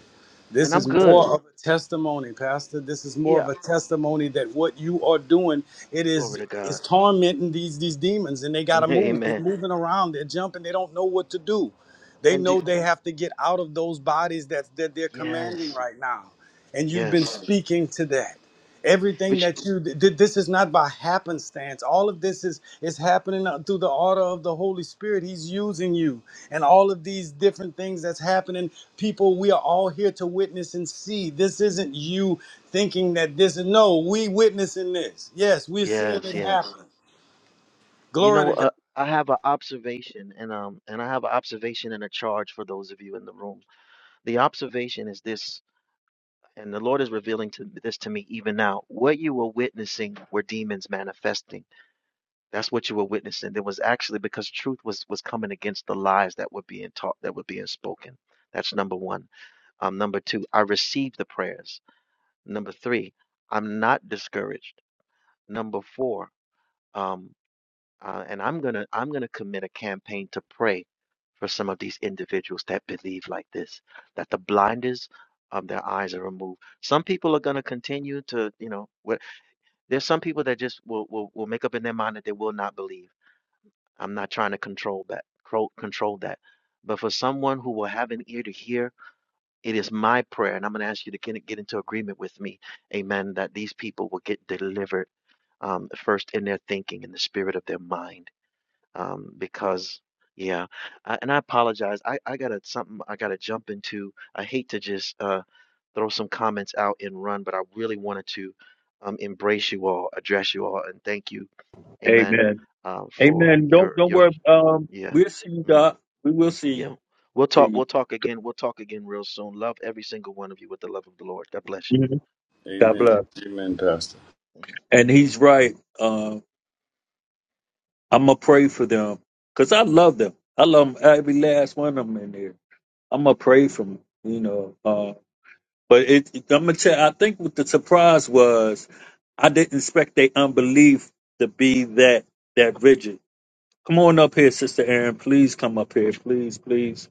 [SPEAKER 2] And
[SPEAKER 5] This
[SPEAKER 2] I'm
[SPEAKER 5] is
[SPEAKER 2] good.
[SPEAKER 5] more of a testimony, Pastor. This is more
[SPEAKER 2] Yeah.
[SPEAKER 5] of a testimony that what you are doing it
[SPEAKER 2] Glory
[SPEAKER 5] is
[SPEAKER 2] to God.
[SPEAKER 5] is tormenting these these demons, and they gotta move. They're
[SPEAKER 2] Amen.
[SPEAKER 5] moving around. They're jumping. They don't know what to do. They
[SPEAKER 2] And do,
[SPEAKER 5] know they have to get out of those bodies that that they're commanding
[SPEAKER 2] yes,
[SPEAKER 5] right now and you've been
[SPEAKER 2] yes.
[SPEAKER 5] speaking to that everything
[SPEAKER 2] Which
[SPEAKER 5] that you did this is not by happenstance all of this is is happening uh, through the order of the holy spirit he's using you and all of these different things that's happening people we are all here to witness and see this isn't you thinking that this is no we witnessing this yes we're seeing
[SPEAKER 2] yes,
[SPEAKER 5] it
[SPEAKER 2] yes.
[SPEAKER 5] happen
[SPEAKER 2] You
[SPEAKER 5] glory to
[SPEAKER 2] know,
[SPEAKER 5] god
[SPEAKER 2] uh, I have an observation, and um, and I have an observation and a charge for those of you in the room. The observation is this, and the Lord is revealing to this to me even now. What you were witnessing were demons manifesting. That's what you were witnessing. There was actually because truth was was coming against the lies that were being taught, that were being spoken. That's number one. Um, number two, I received the prayers. Number three, I'm not discouraged. Number four, um, uh, and I'm gonna I'm gonna commit a campaign to pray for some of these individuals that believe like this, that the blinders of their eyes are removed. Some people are gonna continue to, you know, wh- there's some people that just will, will will make up in their mind that they will not believe. I'm not trying to control that, cro- control that. But for someone who will have an ear to hear it is my prayer, and I'm going to ask you to get, get into agreement with me, amen, that these people will get delivered um, first in their thinking, in the spirit of their mind. Um, because, yeah, I, and I apologize. I, I got to something I got to jump into. I hate to just uh, throw some comments out and run, but I really wanted to um, embrace you all, address you all, and thank you, amen,
[SPEAKER 1] Amen.
[SPEAKER 2] uh, for
[SPEAKER 1] Amen. Don't
[SPEAKER 2] your,
[SPEAKER 1] don't
[SPEAKER 2] your,
[SPEAKER 1] worry. Um,
[SPEAKER 2] yeah.
[SPEAKER 1] we'll see you,
[SPEAKER 2] mm-hmm.
[SPEAKER 1] Doc. We will see you.
[SPEAKER 2] Yeah. We'll
[SPEAKER 1] See
[SPEAKER 2] talk we'll talk
[SPEAKER 1] you.
[SPEAKER 2] again. We'll talk again real soon. Love every single one of you with the love of the Lord. God bless you.
[SPEAKER 1] Mhm.
[SPEAKER 2] hmm
[SPEAKER 1] God
[SPEAKER 2] hmm
[SPEAKER 5] Amen.
[SPEAKER 1] bless.
[SPEAKER 5] Amen, Pastor.
[SPEAKER 1] And he's right. Uh, I'm gonna pray for them because I love them. I love 'em, every last one of them in there. I'm gonna pray for them. You know. uh, But it, it- I'm gonna tell. I think what the surprise was, I didn't expect their unbelief to be that that rigid. Come on up here, Sister Aaron. Please come up here. Please, please,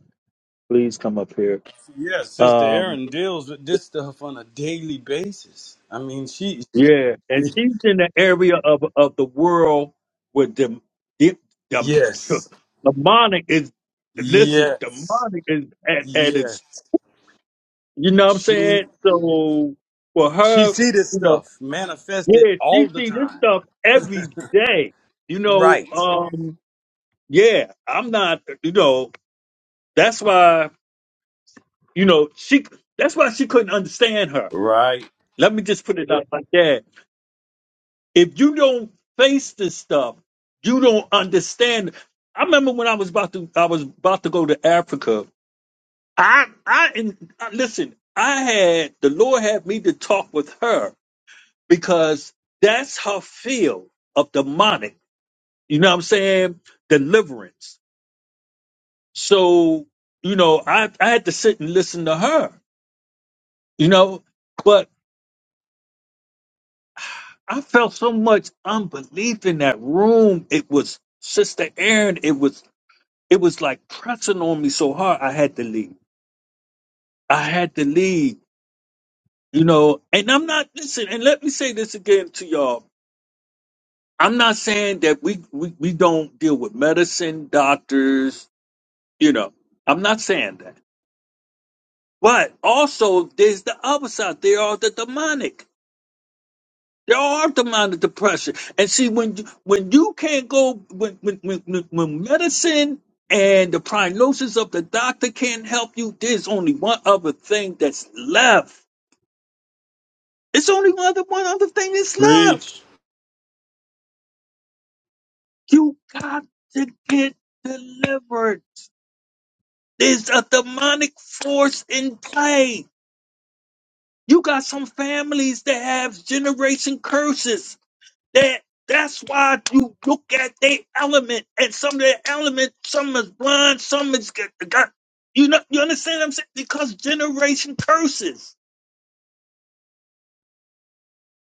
[SPEAKER 1] please come up here.
[SPEAKER 5] yes sister
[SPEAKER 1] Um,
[SPEAKER 5] Erin deals with this stuff on a daily basis i mean she
[SPEAKER 1] yeah, and she's in the area of of the world where the, the, the
[SPEAKER 5] yes
[SPEAKER 1] demonic is. Listen,
[SPEAKER 5] Yes.
[SPEAKER 1] demonic is at, at
[SPEAKER 5] Yes.
[SPEAKER 1] its. You know what I'm
[SPEAKER 5] She
[SPEAKER 1] saying? So for
[SPEAKER 5] she
[SPEAKER 1] her,
[SPEAKER 5] see this
[SPEAKER 1] you know.
[SPEAKER 5] stuff manifested
[SPEAKER 1] Yeah, she
[SPEAKER 5] all the
[SPEAKER 1] see this
[SPEAKER 5] time.
[SPEAKER 1] stuff every day. You know,
[SPEAKER 5] Right.
[SPEAKER 1] um, yeah, I'm not, you know, that's why, you know, she that's why she couldn't understand her.
[SPEAKER 5] Right.
[SPEAKER 1] Let me just put it out like that. If you don't face this stuff, you don't understand. I remember when I was about to I was about to go to Africa. I I and I- listen, I had the Lord had me to talk with her because that's her field of demonic. You know what I'm saying? Deliverance. So, you know, I, I had to sit and listen to her, you know, but I felt so much unbelief in that room. It was Sister Aaron, it was it was like pressing on me so hard I had to leave. I had to leave, you know, and I'm not listen, and let me say this again to y'all. I'm not saying that we, we, we don't deal with medicine, doctors, you know. I'm not saying that. But also, there's the other side. There are the demonic. There are demonic depression. And see, when you, when you can't go, when when, when when when medicine and the prognosis of the doctor can't help you, there's only one other thing that's left. It's only one other one other thing that's left.
[SPEAKER 5] Preach.
[SPEAKER 1] You got to get delivered. There's a demonic force in play. You got some families that have generation curses That that's why you look at their element, and some of their element, some is blind, some is got. got- You know, you understand what I'm saying? Because generation curses.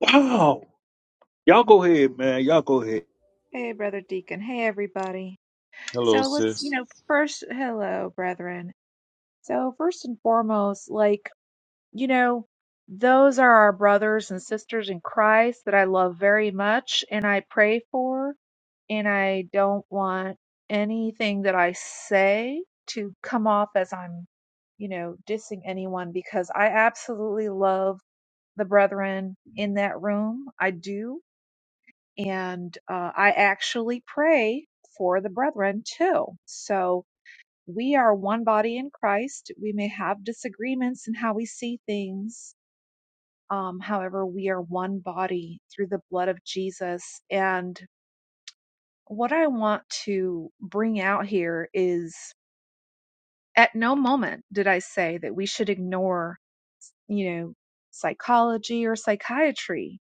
[SPEAKER 1] Wow. Y'all go ahead, man. Y'all go ahead.
[SPEAKER 6] Hey, Brother Deacon. Hey, everybody.
[SPEAKER 5] Hello,
[SPEAKER 6] So let's, you
[SPEAKER 5] sis.
[SPEAKER 6] know, first, hello, brethren. So, first and foremost, like, you know, those are our brothers and sisters in Christ that I love very much and I pray for. And I don't want anything that I say to come off as I'm, you know, dissing anyone because I absolutely love the brethren in that room. I do and uh, I actually pray for the brethren too. So we are one body in Christ. We may have disagreements in how we see things. Um, however, we are one body through the blood of Jesus. And what I want to bring out here is at no moment did I say that we should ignore you know, psychology or psychiatry.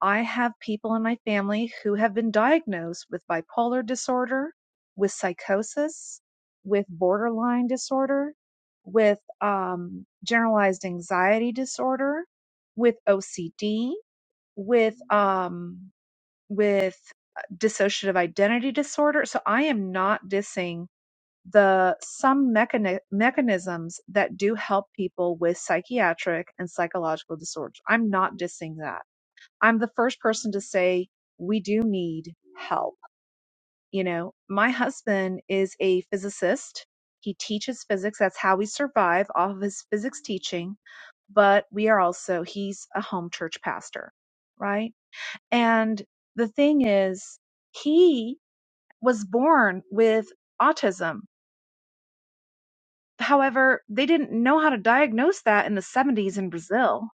[SPEAKER 6] I have people in my family who have been diagnosed with bipolar disorder, with psychosis, with borderline disorder, with um, generalized anxiety disorder, with OCD, with um, with uh, dissociative identity disorder. So I am not dissing the some mechani- mechanisms that do help people with psychiatric and psychological disorders. I'm not dissing that. I'm the first person to say we do need help. You know, my husband is a physicist. He teaches physics. That's how we survive off of his physics teaching. But we are also, he's a home church pastor, right? And the thing is, he was born with autism However, they didn't know how to diagnose that in the 70s in Brazil.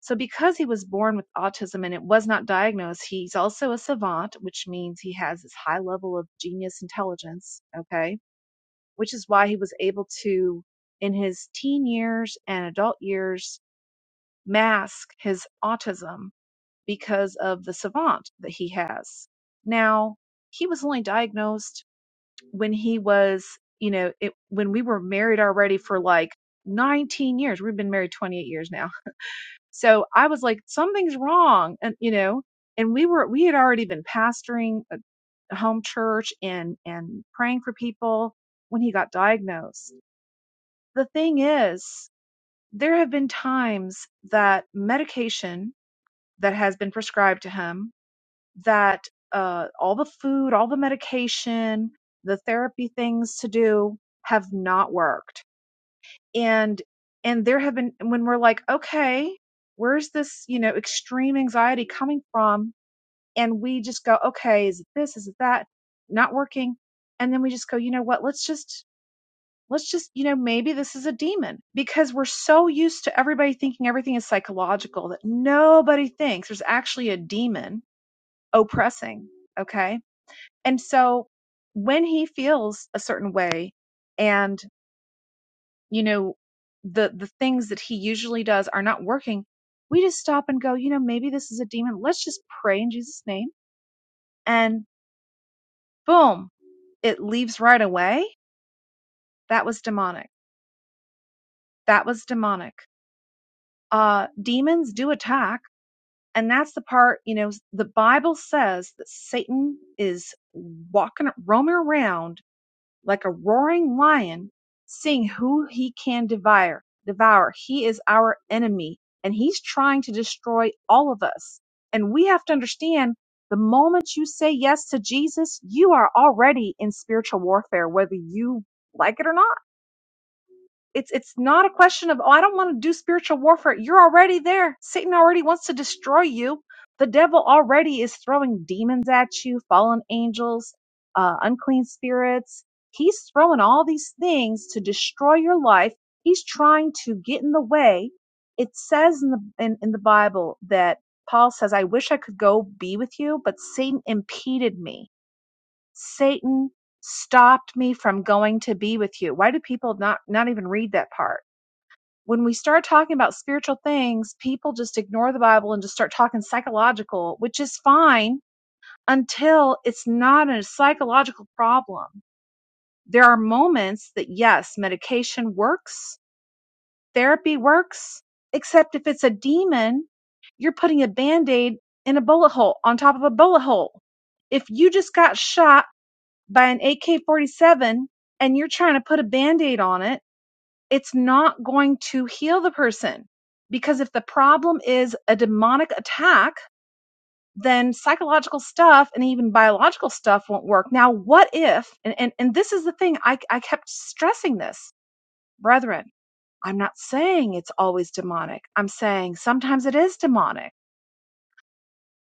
[SPEAKER 6] So, because he was born with autism and it was not diagnosed, he's also a savant, which means he has this high level of genius intelligence. Okay. Which is why he was able to, in his teen years and adult years, mask his autism because of the savant that he has. Now, he was only diagnosed when he was, you know, it, when we were married already for like 19 years. We've been married 28 years now. So I was like, something's wrong. And, you know, and we were, we had already been pastoring a a home church and, and praying for people when he got diagnosed. The thing is, there have been times that medication that has been prescribed to him that uh, all the food, all the medication, the therapy things to do have not worked. And and there have been when we're like, okay, where's this, you know, extreme anxiety coming from? And we just go, okay, is it this? Is it that? Not working. And then we just go, you know what? Let's just let's just, you know, maybe this is a demon because we're so used to everybody thinking everything is psychological that nobody thinks there's actually a demon oppressing. Okay and so when he feels a certain way and you know the the things that he usually does are not working, we just stop and go, you know, maybe this is a demon. Let's just pray in Jesus name and boom, it leaves right away. That was demonic. That was demonic. Uh demons do attack and that's the part, you know, the Bible says that Satan is walking roaming around like a roaring lion, seeing who he can devour. Devour. He is our enemy and he's trying to destroy all of us. And we have to understand the moment you say yes to Jesus, you are already in spiritual warfare, whether you like it or not it's it's not a question of oh I don't want to do spiritual warfare. You're already there. Satan already wants to destroy you. The devil already is throwing demons at you, fallen angels, uh, unclean spirits. He's throwing all these things to destroy your life. He's trying to get in the way. It says in the in, in the Bible that Paul says, "I wish I could go be with you, but Satan impeded me. Satan stopped me from going to be with you. Why do people not not even read that part? when we start talking about spiritual things, people just ignore the Bible and just start talking psychological, which is fine until it's not a psychological problem. There are moments that, yes, medication works, therapy works, except if it's a demon, you're putting a band aid in a bullet hole on top of a bullet hole. If you just got shot by an AK 47 and you're trying to put a band aid on it, it's not going to heal the person. Because if the problem is a demonic attack, then psychological stuff and even biological stuff won't work. Now, what if, and, and, and this is the thing, I, I kept stressing this, brethren, I'm not saying it's always demonic. I'm saying sometimes it is demonic.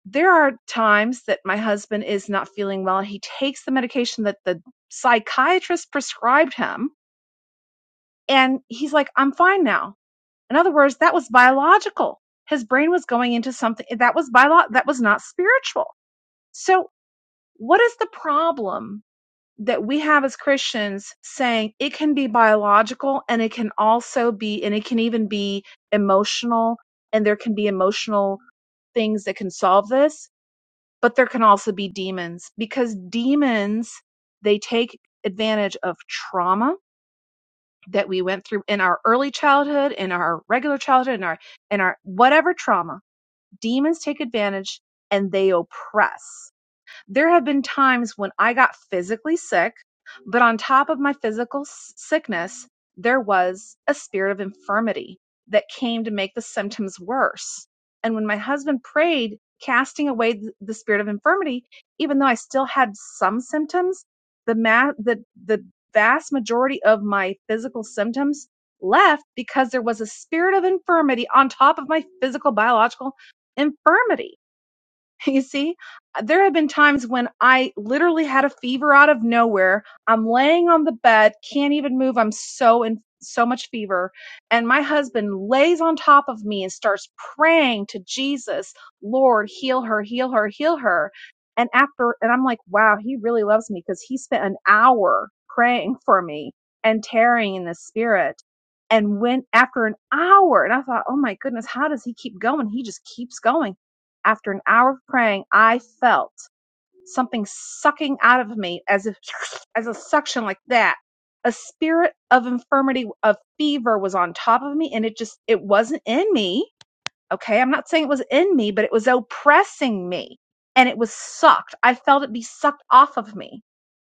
[SPEAKER 6] There are times that my husband is not feeling well and he takes the medication that the psychiatrist prescribed him. And he's like, I'm fine now In other words, that was biological. His brain was going into something that was biological. that was not spiritual. So what is the problem that we have as Christians saying it can be biological and it can also be and it can even be emotional and there can be emotional things that can solve this, but there can also be demons because demons they take advantage of trauma that we went through in our early childhood, in our regular childhood, in our in our whatever trauma, demons take advantage and they oppress. There have been times when I got physically sick, but on top of my physical sickness, there was a spirit of infirmity that came to make the symptoms worse. And when my husband prayed, casting away the spirit of infirmity, even though I still had some symptoms, the ma- the the vast majority of my physical symptoms left because there was a spirit of infirmity on top of my physical biological infirmity You see, Uh, there have been times when I literally had a fever out of nowhere. I'm laying on the bed, can't even move. I'm so in so much fever. And my husband lays on top of me and starts praying to Jesus, Lord, heal her, heal her, heal her. And after, and I'm like, wow, he really loves me because he spent an hour praying for me and tearing in the spirit. And when after an hour, and I thought, oh my goodness, how does he keep going? He just keeps going after an hour of praying, I felt something sucking out of me as if as a suction like that. A spirit of infirmity, of fever was on top of me and it just it wasn't in me. Okay. I'm not saying it was in me, but it was oppressing me and it was sucked. I felt it be sucked off of me.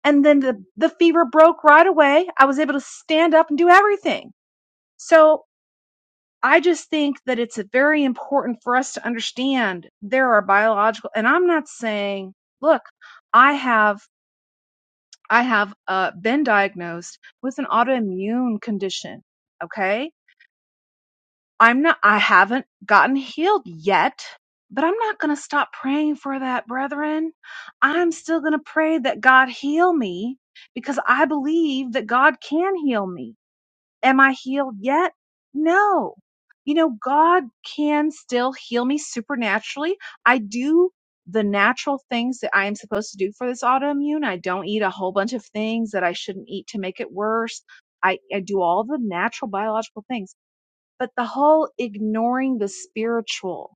[SPEAKER 6] And then the, the fever broke right away. I was able to stand up and do everything. So I just think that it's very important for us to understand there are biological, and I'm not saying, look, I have, I have uh, been diagnosed with an autoimmune condition. Okay. I'm not, I haven't gotten healed yet, but I'm not going to stop praying for that, brethren. I'm still going to pray that God heal me because I believe that God can heal me. Am I healed yet? No. You know, God can still heal me supernaturally. I do the natural things that I am supposed to do for this autoimmune. I don't eat a whole bunch of things that I shouldn't eat to make it worse. I, I do all the natural biological things, but the whole ignoring the spiritual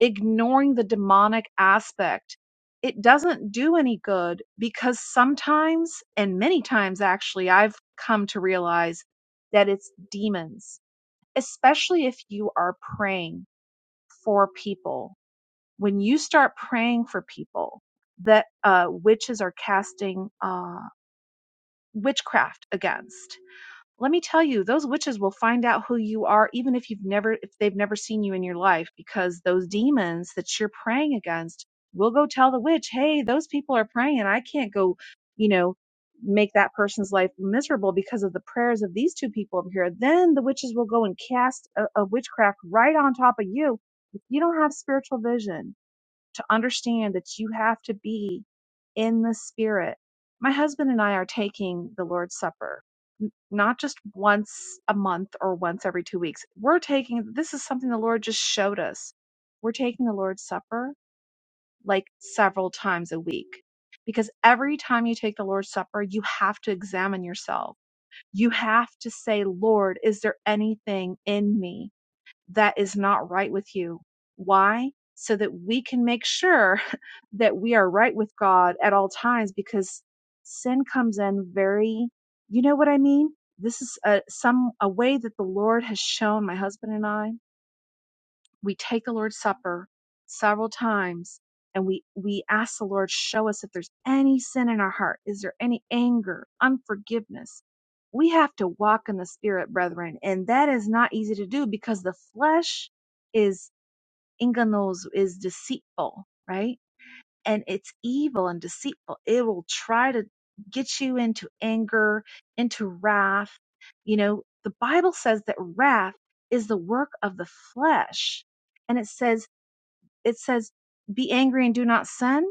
[SPEAKER 6] ignoring the demonic aspect, it doesn't do any good because sometimes, and many times actually, I've come to realize that it's demons, especially if you are praying for people. When you start praying for people that uh, witches are casting uh, witchcraft against, let me tell you those witches will find out who you are even if you've never if they've never seen you in your life because those demons that you're praying against will go tell the witch hey those people are praying i can't go you know make that person's life miserable because of the prayers of these two people over here then the witches will go and cast a, a witchcraft right on top of you if you don't have spiritual vision to understand that you have to be in the spirit. My husband and I are taking the Lord's Supper, n- not just once a month or once every two weeks. We're taking, this is something the Lord just showed us. We're taking the Lord's Supper like several times a week because every time you take the Lord's Supper, you have to examine yourself. You have to say, Lord, is there anything in me? that is not right with you. Why? So that we can make sure that we are right with God at all times because sin comes in very, you know what I mean? This is a, some, a way that the Lord has shown my husband and I we take the Lord's Supper several times and we, we ask the Lord, show us if there's any sin in our heart. Is there any anger, unforgiveness? We have to walk in the Spirit, brethren. And that is not easy to do because the flesh is inganos, is deceitful, right? and it's evil and deceitful. It will try to get you into anger, into wrath. You know, the Bible says that wrath is the work of the flesh. And it says, it says, be angry and do not sin.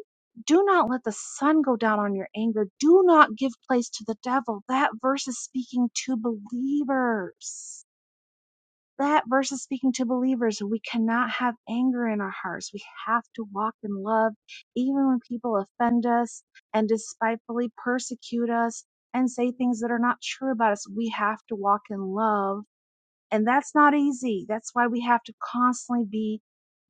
[SPEAKER 6] Do not let the sun go down on your anger. Do not give place to the devil. That verse is speaking to believers that verse is speaking to believers. We cannot have anger in our hearts. We have to walk in love, even when people offend us and despitefully persecute us and say things that are not true about us. We have to walk in love and that's not easy. That's why we have to constantly be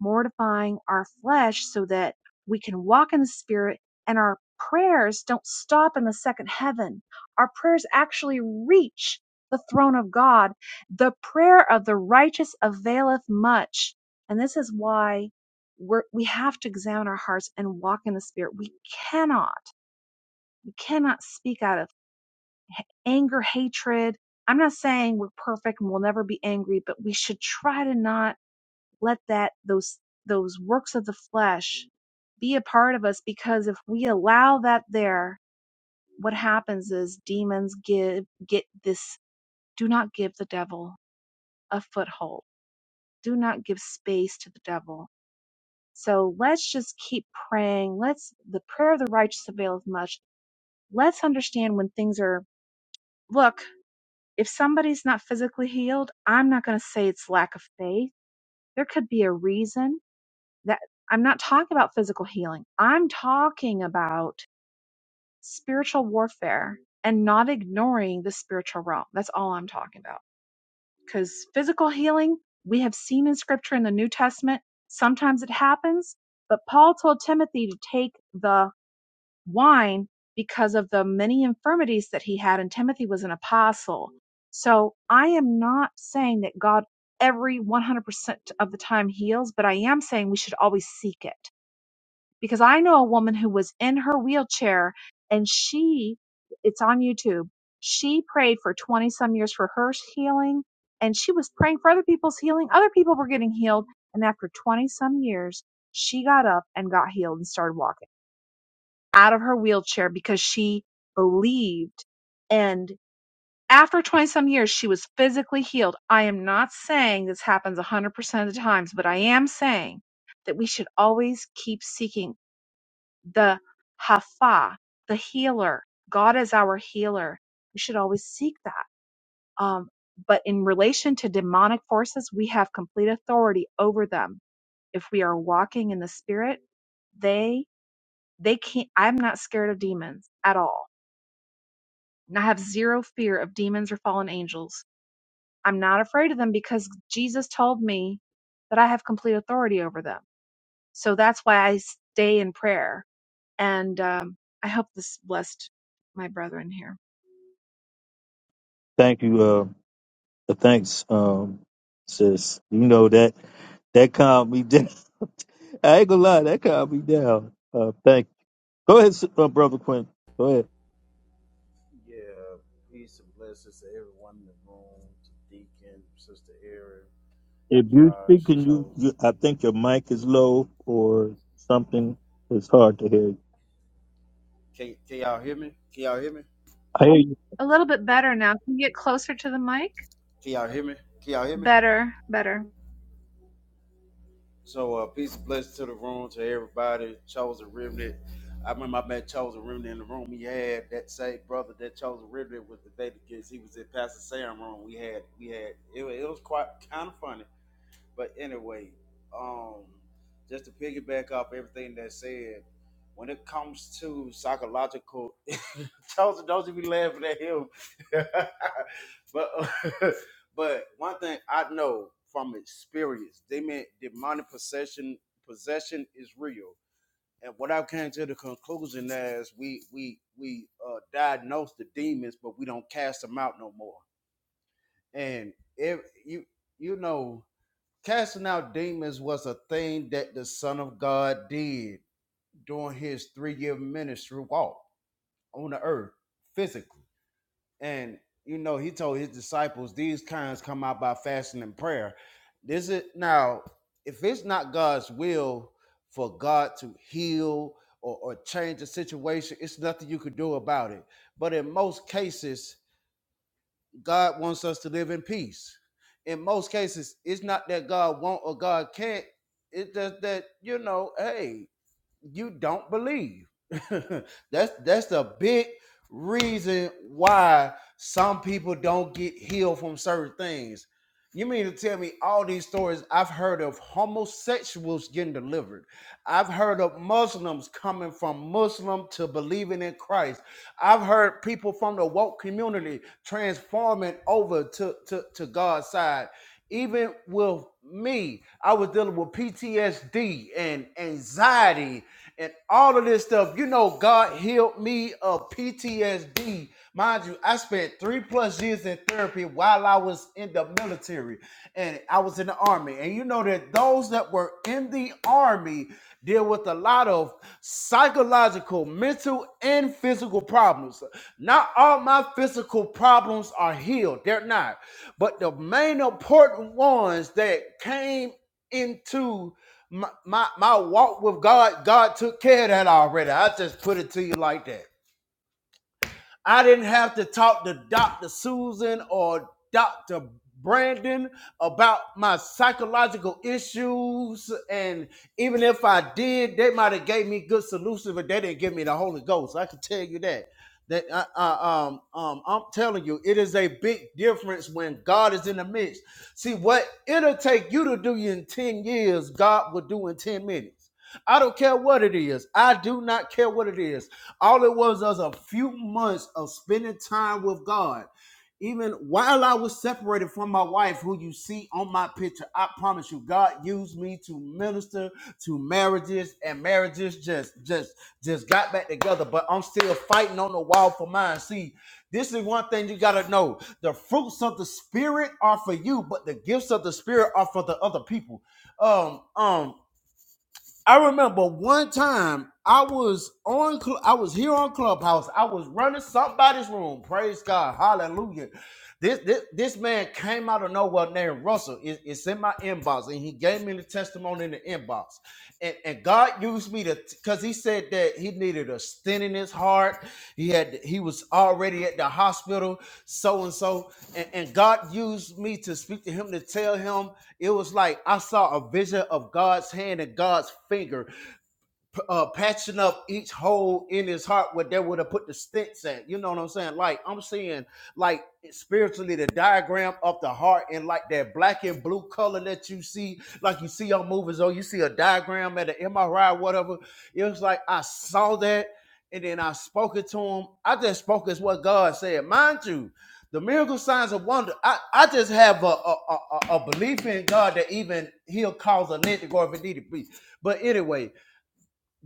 [SPEAKER 6] mortifying our flesh so that we can walk in the spirit and our prayers don't stop in the second heaven. Our prayers actually reach the throne of God. The prayer of the righteous availeth much. And this is why we're, we have to examine our hearts and walk in the spirit. We cannot, we cannot speak out of anger, hatred. I'm not saying we're perfect and we'll never be angry, but we should try to not let that those those works of the flesh be a part of us because if we allow that there, what happens is demons give get this do not give the devil a foothold. Do not give space to the devil. So let's just keep praying. Let's the prayer of the righteous availeth much. Let's understand when things are look, If somebody's not physically healed, I'm not going to say it's lack of faith. There could be a reason that I'm not talking about physical healing. I'm talking about spiritual warfare and not ignoring the spiritual realm. That's all I'm talking about. Because physical healing, we have seen in scripture in the New Testament, sometimes it happens, but Paul told Timothy to take the wine because of the many infirmities that he had, and Timothy was an apostle. So I am not saying that God every 100% of the time heals, but I am saying we should always seek it. Because I know a woman who was in her wheelchair and she, it's on YouTube, she prayed for 20 some years for her healing and she was praying for other people's healing. Other people were getting healed. And after 20 some years, she got up and got healed and started walking out of her wheelchair because she believed. And after 20 some years, she was physically healed. I am not saying this happens 100% of the times, but I am saying that we should always keep seeking the Hafa, the healer. God is our healer. We should always seek that. Um, but in relation to demonic forces, we have complete authority over them. If we are walking in the spirit, they they can't i'm not scared of demons at all and I have zero fear of demons or fallen angels. I'm not afraid of them because Jesus told me that I have complete authority over them. So that's why I stay in prayer. And um, I hope this blessed my brethren here
[SPEAKER 1] Thank you. Uh, uh, thanks, um, sis. You know that that calmed me down. I ain't gonna lie, that calmed me down. Uh, thank. Go ahead, s- uh, brother Quinn. Go ahead.
[SPEAKER 7] Yeah, peace and blessings to everyone in the room, to Deacon, Sister Erin,
[SPEAKER 1] If you speak,
[SPEAKER 7] Josh,
[SPEAKER 1] can you,
[SPEAKER 7] Chosen.
[SPEAKER 1] you? I think your mic is low or something. It's hard to hear.
[SPEAKER 7] Can, can y'all hear me? Can y'all hear me?
[SPEAKER 1] I hear you.
[SPEAKER 6] a little bit better now. Can you get closer to the mic?
[SPEAKER 7] Can y'all hear me? Can y'all hear me?
[SPEAKER 6] Better, better.
[SPEAKER 7] So, uh, peace and blessings to the room, to everybody, Chosen Remnant. I remember I met Chosen Remnant in the room. He had that same brother that Chosen Remnant was the baby kids. He was in Pastor Sam room. We had, we had, it, wa- it was quite kind of funny. But anyway, um, just to piggyback off everything that said, when it comes to psychological, Joseph, don't you be laughing at him. but but one thing I know from experience, they meant demonic possession. Possession is real, and what I came to the conclusion is we we we uh, diagnose the demons, but we don't cast them out no more. And if you you know Casting out demons was a thing that the Son of God did during his three year ministry walk on the earth physically. And, you know, he told his disciples, these kinds come out by fasting and prayer. This is now, if it's not God's will for God to heal or, or change the situation, it's nothing you could do about it. But in most cases, God wants us to live in peace. In most cases, it's not that God won't or God can't. It's just that you know, hey, you don't believe. that's that's the big reason why some people don't get healed from certain things. You mean to tell me all these stories I've heard of homosexuals getting delivered? I've heard of Muslims coming from Muslim to believing in Christ. I've heard people from the woke community transforming over to, to, to God's side. Even with me, I was dealing with PTSD and anxiety and all of this stuff. You know, God healed me of PTSD Mind you, I spent three plus years in therapy while I was in the military and I was in the army. And you know that those that were in the army deal with a lot of psychological, mental, and physical problems. Not all my physical problems are healed, they're not. But the main important ones that came into my, my, my walk with God, God took care of that already. I just put it to you like that. I didn't have to talk to Dr. Susan or Dr. Brandon about my psychological issues. And even if I did, they might have gave me good solutions, but they didn't give me the Holy Ghost. I can tell you that. That I, I, um, um, I'm telling you, it is a big difference when God is in the midst. See, what it'll take you to do in 10 years, God will do in 10 minutes. I don't care what it is. I do not care what it is. All it was was a few months of spending time with God. Even while I was separated from my wife, who you see on my picture, I promise you, God used me to minister to marriages, and marriages just, just, just got back together. But I'm still fighting on the wall for mine. See, this is one thing you gotta know: the fruits of the spirit are for you, but the gifts of the spirit are for the other people um um I remember one time I was on, Cl- I was here on Clubhouse. I was running somebody's room. Praise God, Hallelujah! This this, this man came out of nowhere named Russell. It- it's in my inbox, and he gave me the testimony in the inbox. And, and God used me to, because He said that he needed a stent in his heart. He had he was already at the hospital, so and so, and and God used me to speak to him to tell him it was like I saw a vision of God's hand and God's finger uh, patching up each hole in his heart where they would have put the stints at. You know what I'm saying? Like I'm seeing, like spiritually, the diagram of the heart and like that black and blue color that you see, like you see on movies, or you see a diagram at an MRI, whatever. It was like I saw that, and then I spoke it to him. I just spoke as what God said, mind you. The miracle signs of wonder. I, I just have a, a, a, a belief in God that even He'll cause a lint to go if it need to be. But anyway,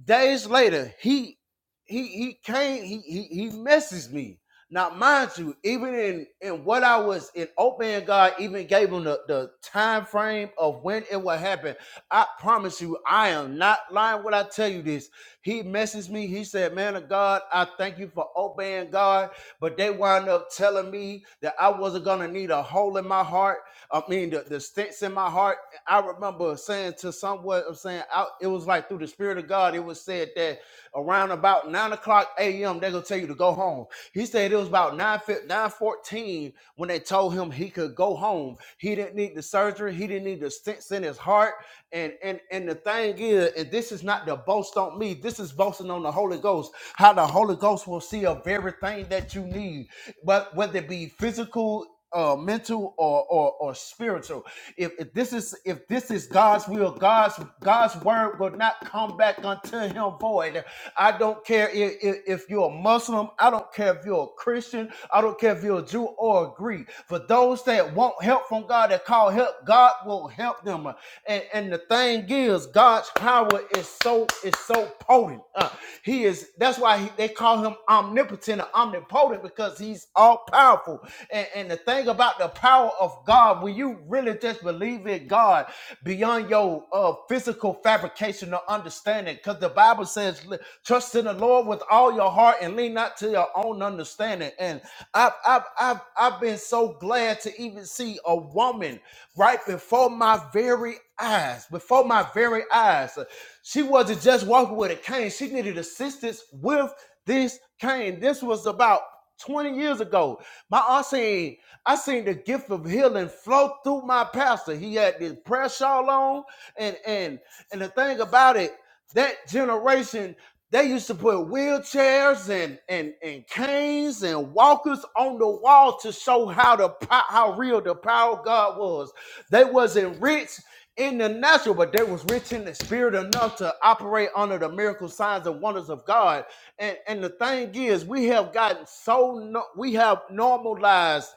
[SPEAKER 7] days later, he he he came, he he he messaged me. Now, mind you, even in in what I was in open, God even gave him the, the time frame of when it would happen. I promise you, I am not lying when I tell you this. He messaged me. He said, "Man of God, I thank you for obeying God." But they wound up telling me that I wasn't gonna need a hole in my heart. I mean, the, the stents in my heart I remember saying to someone, I'm saying out, it was like through the spirit of God, it was said that around about nine o'clock a.m. they're gonna tell you to go home. He said it was about nine nine fourteen when they told him he could go home. He didn't need the surgery, he didn't need the stents in his heart. And and and the thing is, and this is not the boast on me, this is boasting on the Holy Ghost, how the Holy Ghost will see of everything that you need, but whether it be physical uh, mental or, or or spiritual. If, if this is if this is God's will, God's God's word will not come back unto him void. I don't care if, if, if you're a Muslim. I don't care if you're a Christian. I don't care if you're a Jew or a Greek. For those that want help from God, that call help, God will help them. And and the thing is, God's power is so is so potent. Uh, he is. That's why he, they call him omnipotent or omnipotent because he's all powerful. And, and the thing about the power of God, when you really just believe in God beyond your uh, physical fabrication or understanding, because the Bible says, "Li- "Trust in the Lord with all your heart and lean not to your own understanding." And I've I've I've, I've been so glad to even see a woman right before my very eyes. Before my very eyes. She wasn't just walking with a cane, she needed assistance with this cane. This was about 20 years ago. My aunt seen, I seen the gift of healing flow through my pastor. He had this prayer shawl on, and and and the thing about it, that generation they used to put wheelchairs and and and canes and walkers on the wall to show how the po- how real the power of God was. They wasn't rich in the natural, but they was rich in the spirit enough to operate under the miracle signs and wonders of God. And and the thing is, we have gotten so no, we have normalized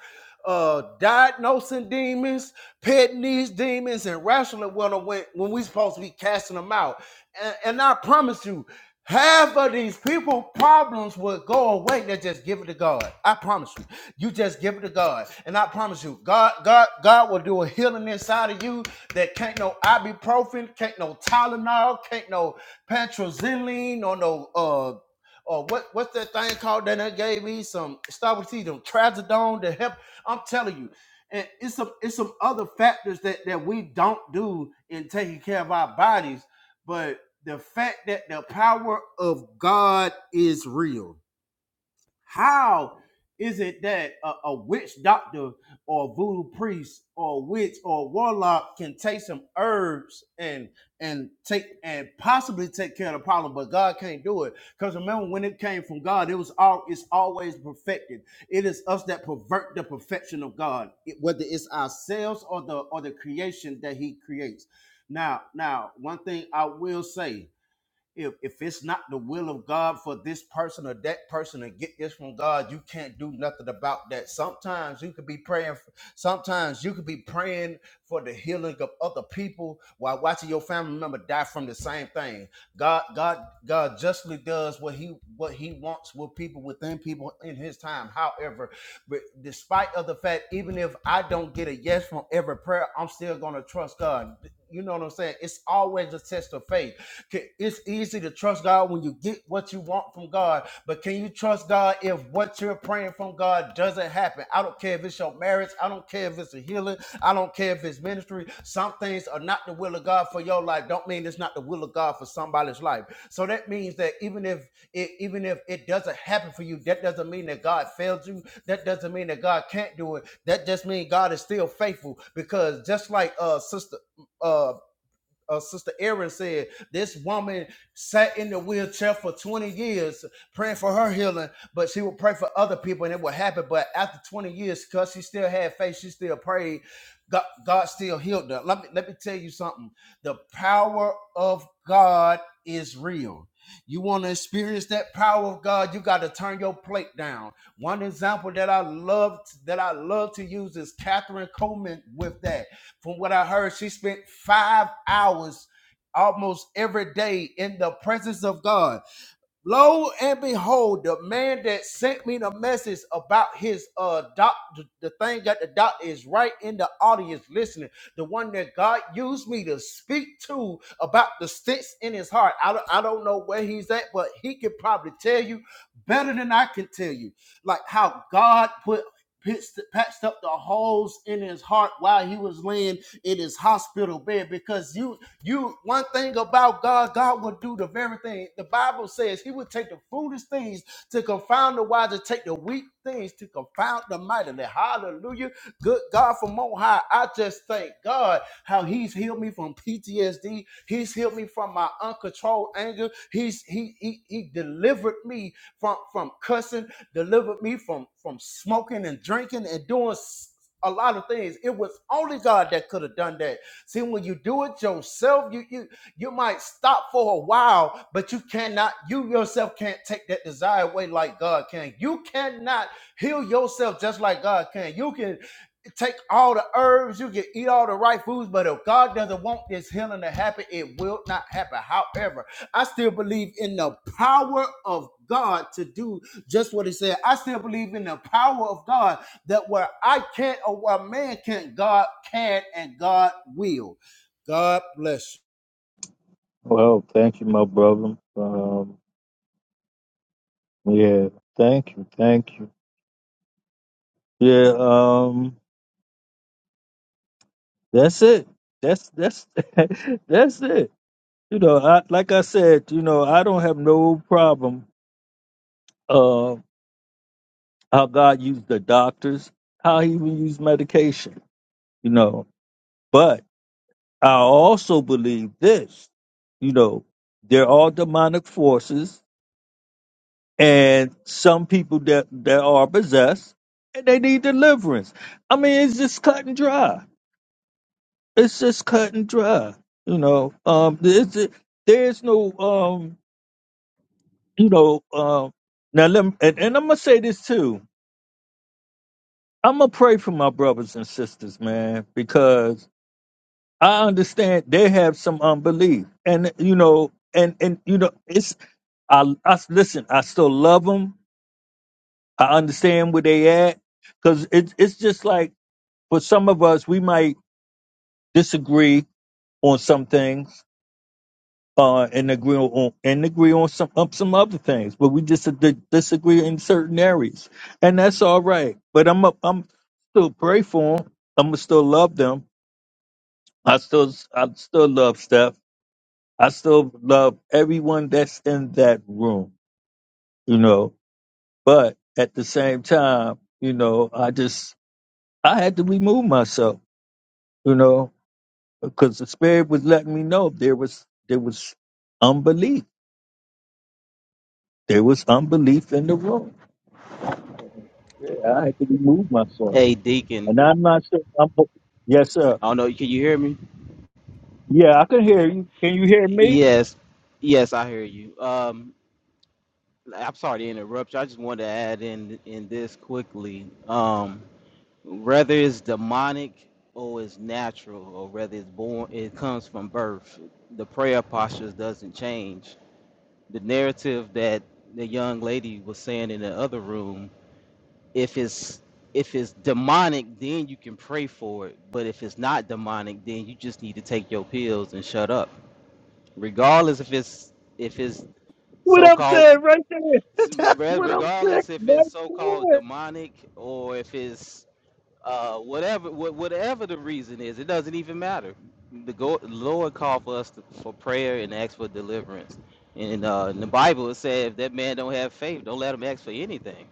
[SPEAKER 7] uh diagnosing demons, petting these demons, and wrestling with them when, when we supposed to be casting them out. And, and I promise you. Half of these people problems would go away. They just give it to God. I promise you. You just give it to God. And I promise you, God, God, God will do a healing inside of you that can't no ibuprofen, can't no Tylenol, can't no petroxylene or no uh or what what's that thing called that they gave me? Some stop with T, them trazodone to help. I'm telling you. And it's some it's some other factors that, that we don't do in taking care of our bodies. But the fact that the power of God is real. How is it that a, a witch doctor or voodoo priest or witch or warlock can take some herbs and and take and possibly take care of the problem, but God can't do it? Because remember, when it came from God, it was all it's always perfected. It is us that pervert the perfection of God, it- whether it's ourselves or the or the creation that He creates. Now, now, one thing I will say if if it's not the will of God for this person or that person to get this from God, you can't do nothing about that. Sometimes you could be praying. For, sometimes you could be praying for the healing of other people while watching your family member die from the same thing. God, God, God justly does what he what he wants with people within people in His time. However, but despite of the fact, even if I don't get a yes from every prayer, I'm still gonna trust God. You know what I'm saying? It's always a test of faith can- It's easy to trust God when you get what you want from God, but can you trust God if what you're praying from God doesn't happen? I don't care if it's your marriage, I don't care if it's a healing, I don't care if it's ministry. Some things are not the will of God for your life. Don't mean it's not the will of God for somebody's life. So that means that even if it even if it doesn't happen for you, that doesn't mean that God failed you. That doesn't mean that God can't do it. That just means God is still faithful. Because just like uh sister uh uh, Sister Erin said, this woman sat in the wheelchair for 20 years praying for her healing, but she would pray for other people and it would happen. But after 20 years, because she still had faith, she still prayed, God, God still healed her. Let me, let me tell you something the power of God is real. You want to experience that power of God, you got to turn your plate down. One example that I love that I love to use is Catherine Coleman with that. From what I heard, she spent five hours almost every day in the presence of God Lo and behold, the man that sent me the message about his uh doc, the, the thing that the doctor is right in the audience listening. The one that God used me to speak to about the sticks in his heart. I don't, I don't know where he's at, but he could probably tell you better than I can tell you. Like how God put pits- patched up the holes in his heart while he was laying in his hospital bed because you you one thing about God, God will do the very thing. The Bible says He will take the foolish things to confound the wise, and take the weak things to confound the mightily. Hallelujah. Good God from on high. I just thank God how He's healed me from PTSD. He's healed me from my uncontrolled anger. He's He He, he delivered me from from cussing delivered me from from smoking and drinking and doing s- a lot of things. It was only God that could have done that. See, when you do it yourself, you you you might stop for a while, but you cannot, you yourself can't take that desire away like God can. You cannot heal yourself just like God can. You can take all the herbs, you can eat all the right foods, but if God doesn't want this healing to happen, it will not happen. However, I still believe in the power of God to do just what He said. I still believe in the power of God that where I can't or where man can't, God can and God will. God bless you.
[SPEAKER 1] Well, thank you, my brother. Um, yeah, thank you, thank you. Yeah, um, that's it. That's that's that's it. You know, I, like I said, you know, I don't have no problem uh, how God used the doctors, how He even used medication. You know, but I also believe this. You know, they're all demonic forces and some people that that are possessed and they need deliverance i mean it's just cut and dry it's just cut and dry you know um it's, there's no um you know um now let me, and, and i'm gonna say this too i'm gonna pray for my brothers and sisters man because i understand they have some unbelief and you know and and you know it's i, I listen i still love them i understand where they at because it's it's just like for some of us, we might disagree on some things uh, and agree on and agree on some on some other things, but we just di- disagree in certain areas, and that's all right. But I'm i I'm still pray for them. I'm gonna still love them. I still I still love Steph. I still love everyone that's in that room, you know. But at the same time, you know, I just I had to remove myself, you know because the spirit was letting me know there was there was unbelief. There was unbelief in the room. Yeah, I had to remove myself,
[SPEAKER 4] Hey, Deacon.
[SPEAKER 1] and I'm not sure. I'm, yes, sir.
[SPEAKER 4] I don't know. Can you hear me?
[SPEAKER 1] Yeah, I can hear you. Can you hear me?
[SPEAKER 4] Yes, yes, I hear you. Um, I'm sorry to interrupt you. I just wanted to add in in this quickly. Um, whether it's demonic or it's natural, or whether it's born, it comes from birth. The prayer postures doesn't change. The narrative that the young lady was saying in the other room, if it's if it's demonic, then you can pray for it. But if it's not demonic, then you just need to take your pills and shut up regardless if it's if it's
[SPEAKER 1] What I'm
[SPEAKER 4] so-called
[SPEAKER 1] saying right there. That's
[SPEAKER 4] re-
[SPEAKER 1] what I'm saying
[SPEAKER 4] regardless if
[SPEAKER 1] right
[SPEAKER 4] it's so-called
[SPEAKER 1] there.
[SPEAKER 4] demonic or if it's uh whatever wha- whatever the reason is it doesn't even matter the go- lord called for us to, for prayer and ask for deliverance and uh in the bible it said if that man don't have faith don't let him ask for anything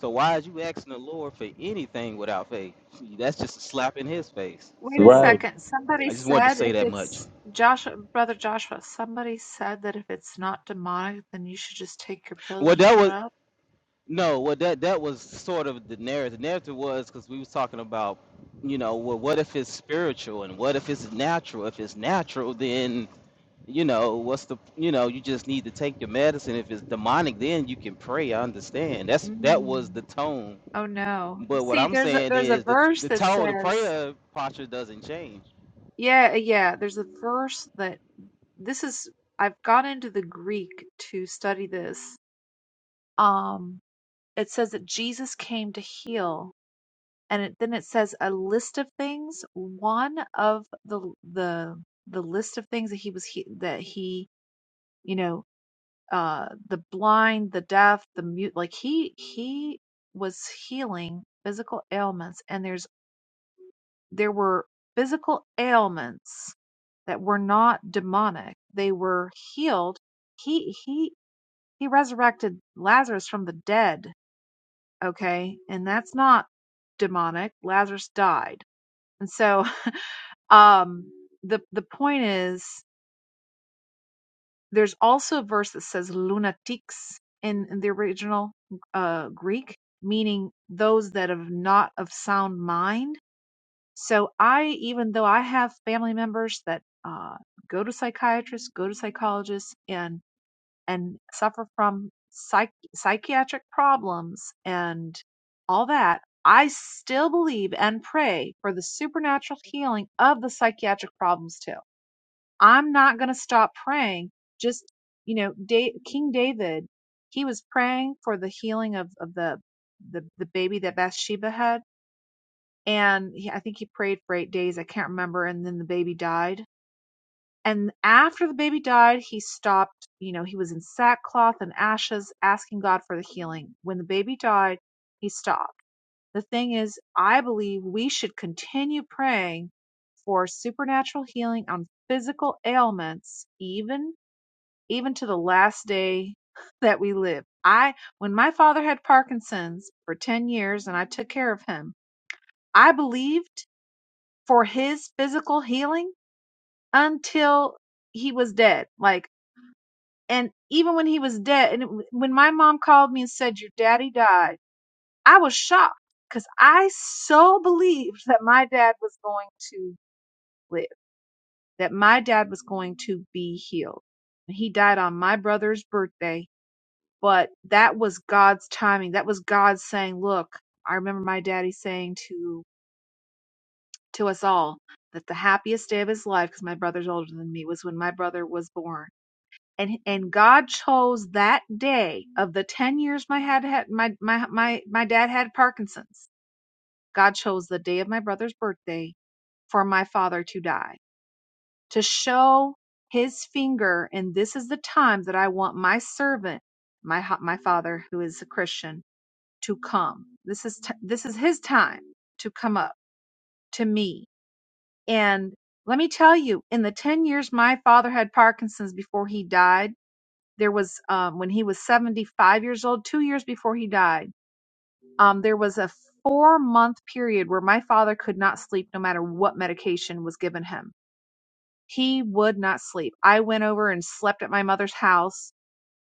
[SPEAKER 4] so why is you asking the lord for anything without faith that's just a slap in his face
[SPEAKER 6] Wait a
[SPEAKER 4] so
[SPEAKER 1] Right,
[SPEAKER 4] um
[SPEAKER 6] second. Somebody
[SPEAKER 4] i just wanted to
[SPEAKER 6] said
[SPEAKER 4] say
[SPEAKER 6] if
[SPEAKER 4] that much
[SPEAKER 6] it's Joshua, brother Joshua, somebody said that if it's not demonic, then you should just take your pills
[SPEAKER 4] well,
[SPEAKER 6] and
[SPEAKER 4] that was.
[SPEAKER 6] shut up.
[SPEAKER 4] No, well, that that was sort of the narrative. The narrative was because we was talking about, you know, well, what if it's spiritual and what if it's natural? If it's natural, then you know, what's the, you know, you just need to take your medicine. If it's demonic, then you can pray. I understand. That's that was
[SPEAKER 6] Mm.
[SPEAKER 4] the tone.
[SPEAKER 6] Oh no. You
[SPEAKER 4] But what
[SPEAKER 6] See,
[SPEAKER 4] I'm
[SPEAKER 6] there's a
[SPEAKER 4] saying
[SPEAKER 6] there's a
[SPEAKER 4] is the
[SPEAKER 6] verse
[SPEAKER 4] the
[SPEAKER 6] that
[SPEAKER 4] tone, the
[SPEAKER 6] says,
[SPEAKER 4] prayer posture doesn't change.
[SPEAKER 6] yeah, yeah, there's a verse that this is I've gone into the Greek to study this. Um, it says that Jesus came to heal, and it, then it says a list of things. One of the the the list of things that he was he, that he you know uh the blind, the deaf, the mute, like he he was healing physical ailments, and there's there were physical ailments that were not demonic. They were healed. He he he resurrected Lazarus from the dead, okay? And that's not demonic. Lazarus died. And so um the the point is there's also a verse that says lunatics in, in the original uh Greek, meaning those that have not of sound mind So I, even though I have family members that uh, go to psychiatrists, go to psychologists, and and suffer from psych- psychiatric problems and all that, I still believe and pray for the supernatural healing of the psychiatric problems too. I'm not going to stop praying. Just you know, da- King David, he was praying for the healing of of the the, the baby that Bathsheba had and he, I think he prayed for eight days. I can't remember. And then the baby died. And after the baby died, he stopped. You know, he was in sackcloth and ashes, asking God for the healing. When the baby died, he stopped. The thing is, I believe we should continue praying for supernatural healing on physical ailments, even even to the last day that we live. I, when my father had Parkinson's for 10 years and I took care of him, I believed for his physical healing until he was dead. Like, and even when he was dead, and it, when my mom called me and said, Your daddy died, I was shocked because I so believed that my dad was going to live, that my dad was going to be healed. He died on my brother's birthday, but that was God's timing. That was God saying, Look, I remember my daddy saying to to us all that the happiest day of his life, because my brother's older than me, was when my brother was born. And and God chose that day of the ten years my had had my my my my dad had Parkinson's. God chose the day of my brother's birthday for my father to die to show His finger, and this is the time that I want my servant, my my father who is a Christian, to come. This is t- this is His time to come up to me And let me tell you, in the 10 years my father had Parkinson's before he died, there was, um, when he was 75 years old, two years before he died, um, there was a four month period where my father could not sleep no matter what medication was given him. He would not sleep. I went over and slept at my mother's house,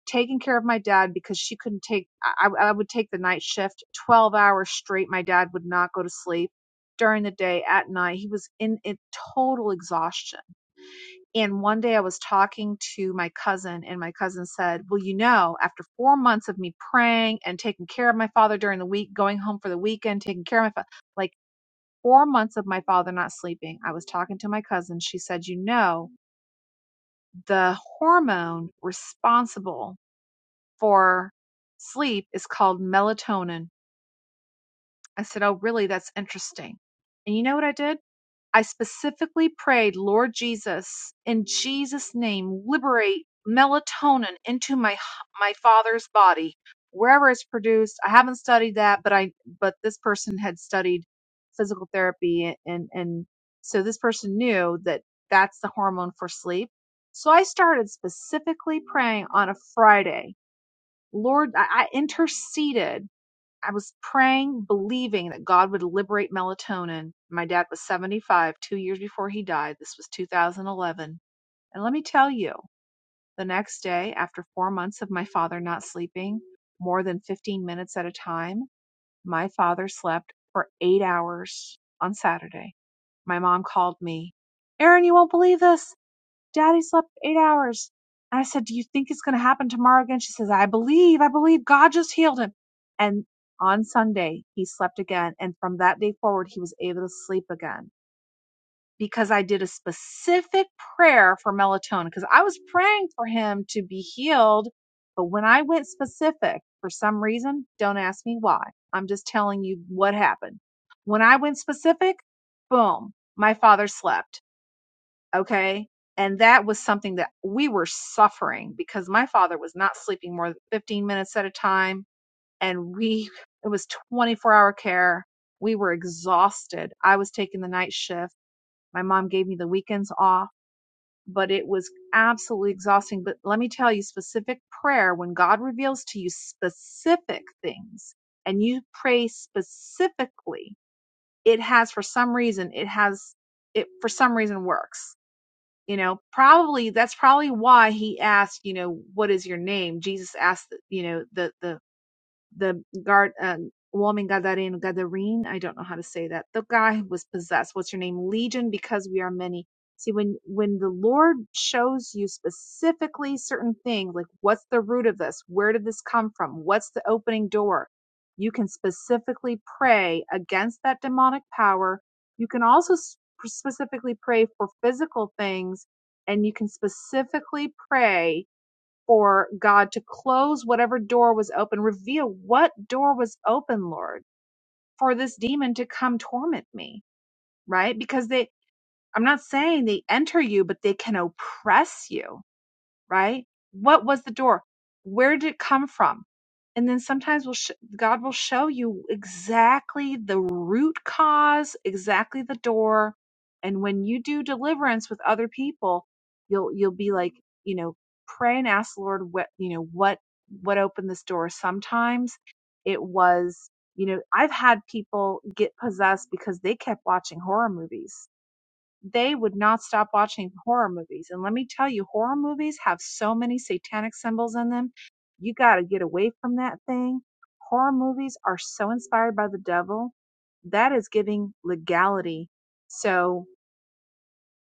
[SPEAKER 6] taking care of my dad because she couldn't take, I, I would take the night shift 12 hours straight. My dad would not go to sleep during the day, at night. He was in, in total exhaustion and one day I was talking to my cousin, and my cousin said, Well, you know, after four months of me praying and taking care of my father during the week, going home for the weekend, taking care of my father, like four months of my father not sleeping, I was talking to my cousin. She said, You know, the hormone responsible for sleep is called melatonin. I said, Oh, really? That's interesting. And you know what I did? I specifically prayed, Lord Jesus, in Jesus' name, liberate melatonin into my my father's body, wherever it's produced. I haven't studied that, but I but this person had studied physical therapy, and and so this person knew that that's the hormone for sleep. So I started specifically praying on a Friday. Lord, I, I interceded I was praying, believing that God would liberate melatonin. My dad was 75, two years before he died. This was 2011. And let me tell you, the next day, after four months of my father not sleeping more than 15 minutes at a time, my father slept for eight hours on Saturday. My mom called me, Aaron, you won't believe this. Daddy slept eight hours. And I said, Do you think it's going to happen tomorrow again? She says, I believe, I believe God just healed him. And on Sunday, he slept again. And from that day forward, he was able to sleep again because I did a specific prayer for melatonin because I was praying for him to be healed. But when I went specific for some reason, don't ask me why. I'm just telling you what happened. When I went specific, boom, my father slept Okay. And that was something that we were suffering because my father was not sleeping more than 15 minutes at a time. And we, it was 24 hour care. We were exhausted. I was taking the night shift. My mom gave me the weekends off, but it was absolutely exhausting. But let me tell you specific prayer when God reveals to you specific things and you pray specifically, it has for some reason, it has, it for some reason works you know probably that's probably why he asked you know what is your name jesus asked you know the the the guard uh, woman Gadareno Gadarene. I don't know how to say that. The guy was possessed. What's your name? Legion, because we are many. See, when when the Lord shows you specifically certain things, like what's the root of this? Where did this come from? What's the opening door? You can specifically pray against that demonic power. You can also specifically pray for physical things, and you can specifically pray for God to close whatever door was open, reveal what door was open, Lord, for this demon to come torment me, right? Because they, I'm not saying they enter you, but they can oppress you right? What was the door? Where did it come from? And then sometimes we'll sh- God will show you exactly the root cause, exactly the door. And when you do deliverance with other people, you'll you'll be like, you know, pray and ask the Lord what you know what what opened this door. Sometimes it was, you know, I've had people get possessed because they kept watching horror movies they would not stop watching horror movies. And let me tell you, horror movies have so many satanic symbols in them. You got to get away from that thing. Horror movies are so inspired by the devil. That is giving legality. So,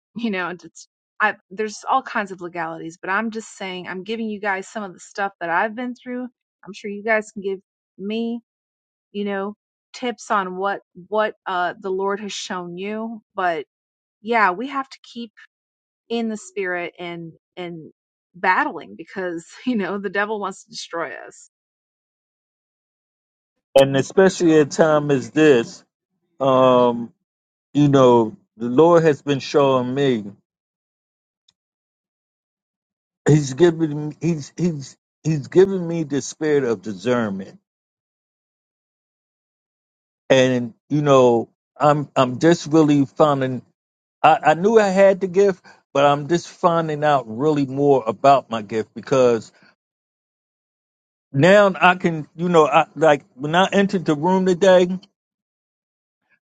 [SPEAKER 6] you know, it's, I, there's all kinds of legalities, but I'm just saying, I'm giving you guys some of the stuff that I've been through. I'm sure you guys can give me, you know, tips on what, what, uh, the Lord has shown you. But yeah, we have to keep in the spirit and and battling because you know the devil wants to destroy us
[SPEAKER 1] and especially at a time as this, um, you know, the Lord has been showing me. He's giving. He's he's he's giving me the spirit of discernment and you know i'm i'm just really finding I, I knew i had the gift but i'm just finding out really more about my gift because now i can you know i like when i entered the room today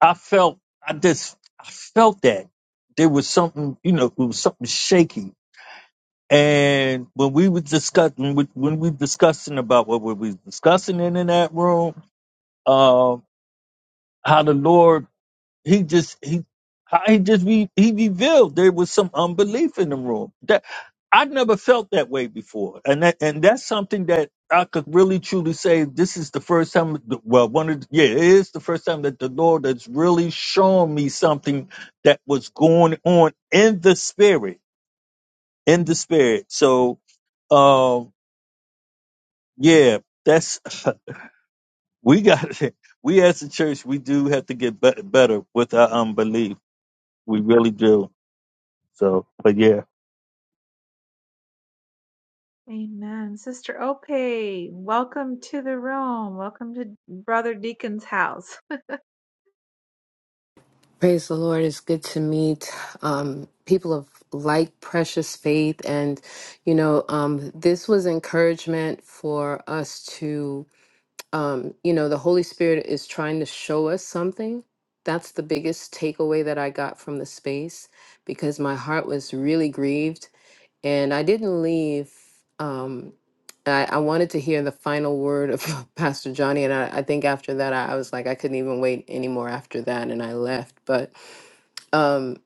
[SPEAKER 1] i felt i just i felt that there was something you know it was something shaky and when we were discussing when when we discussing about what we were discussing in, in that room um how the lord He just he how he just re, he revealed there was some unbelief in the room. That I never felt that way before, and that and that's something that I could really truly say. This is the first time. Well, one of the, yeah, it is the first time that the Lord has really shown me something that was going on in the spirit, in the spirit. So, um, yeah, that's we got. We as a church, we do have to get bet better with our unbelief. We really do. So, but yeah.
[SPEAKER 6] Amen. Sister Ope, welcome to the room. Welcome to Brother Deacon's house.
[SPEAKER 8] Praise the Lord. It's good to meet um, people of like precious faith. And, you know, um, this was encouragement for us to, um, you know, the Holy Spirit is trying to show us something. That's the biggest takeaway that I got from the space because my heart was really grieved. And I didn't leave. Um, I, I wanted to hear the final word of Pastor Johnny. And I, I think after that, I, I was like, I couldn't even wait anymore after that. And I left. But, um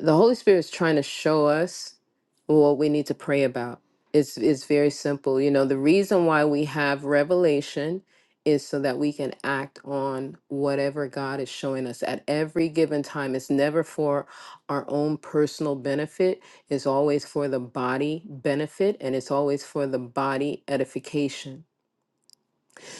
[SPEAKER 8] the holy spirit is trying to show us what we need to pray about it's it's very simple you know the reason why we have revelation is so that we can act on whatever god is showing us at every given time it's never for our own personal benefit it's always for the body benefit and it's always for the body edification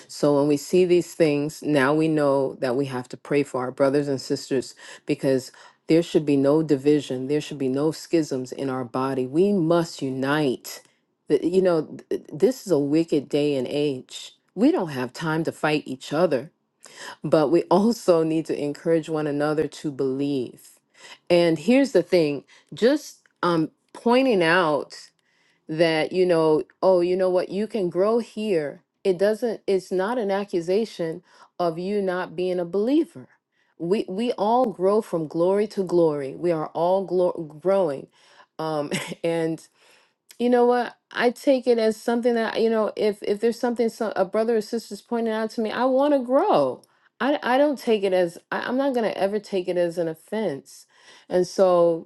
[SPEAKER 8] so when we see these things, now we know that we have to pray for our brothers and sisters because there should be no division, there should be no schisms in our body. We must unite. Th- You know, th- this is a wicked day and age. We don't have time to fight each other, but we also need to encourage one another to believe. And here's the thing just um, pointing out that you know oh you know what you can grow here it doesn't it's not an accusation of you not being a believer we we all grow from glory to glory we are all glo- growing um and you know what i take it as something that you know if if there's something so, a brother or sister's pointing out to me i want to grow i i don't take it as I, i'm not going to ever take it as an offense and so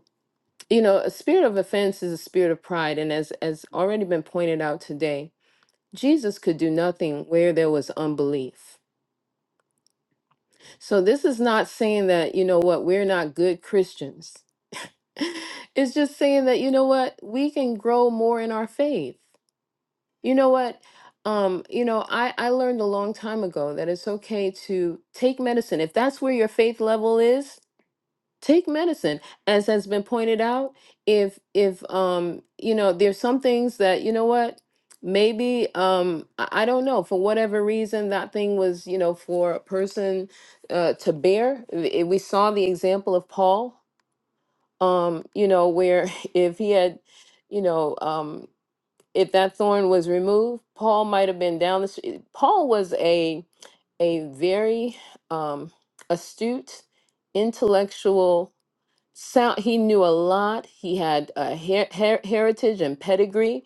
[SPEAKER 8] you know a spirit of offense is a spirit of pride and as as already been pointed out today jesus could do nothing where there was unbelief so this is not saying that you know what we're not good christians it's just saying that you know what we can grow more in our faith you know what um you know i i learned a long time ago that it's okay to take medicine if that's where your faith level is take medicine as has been pointed out if if um you know there's some things that you know what maybe um i I don't know for whatever reason that thing was you know for a person uh, to bear I- we saw the example of paul um you know where if he had you know um if that thorn was removed paul might have been down the street paul was a a very um astute intellectual sound he knew a lot he had a her- her- heritage and pedigree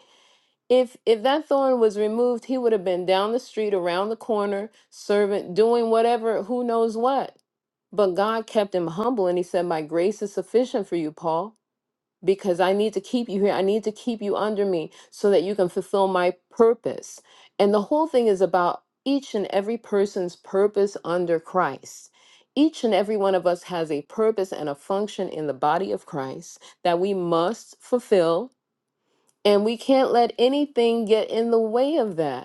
[SPEAKER 8] if if that thorn was removed he would have been down the street around the corner servant doing whatever who knows what but god kept him humble and he said my grace is sufficient for you paul because I need to keep you here. I need to keep you under me so that you can fulfill my purpose. And the whole thing is about each and every person's purpose under Christ. Each and every one of us has a purpose and a function in the body of Christ that we must fulfill. And we can't let anything get in the way of that.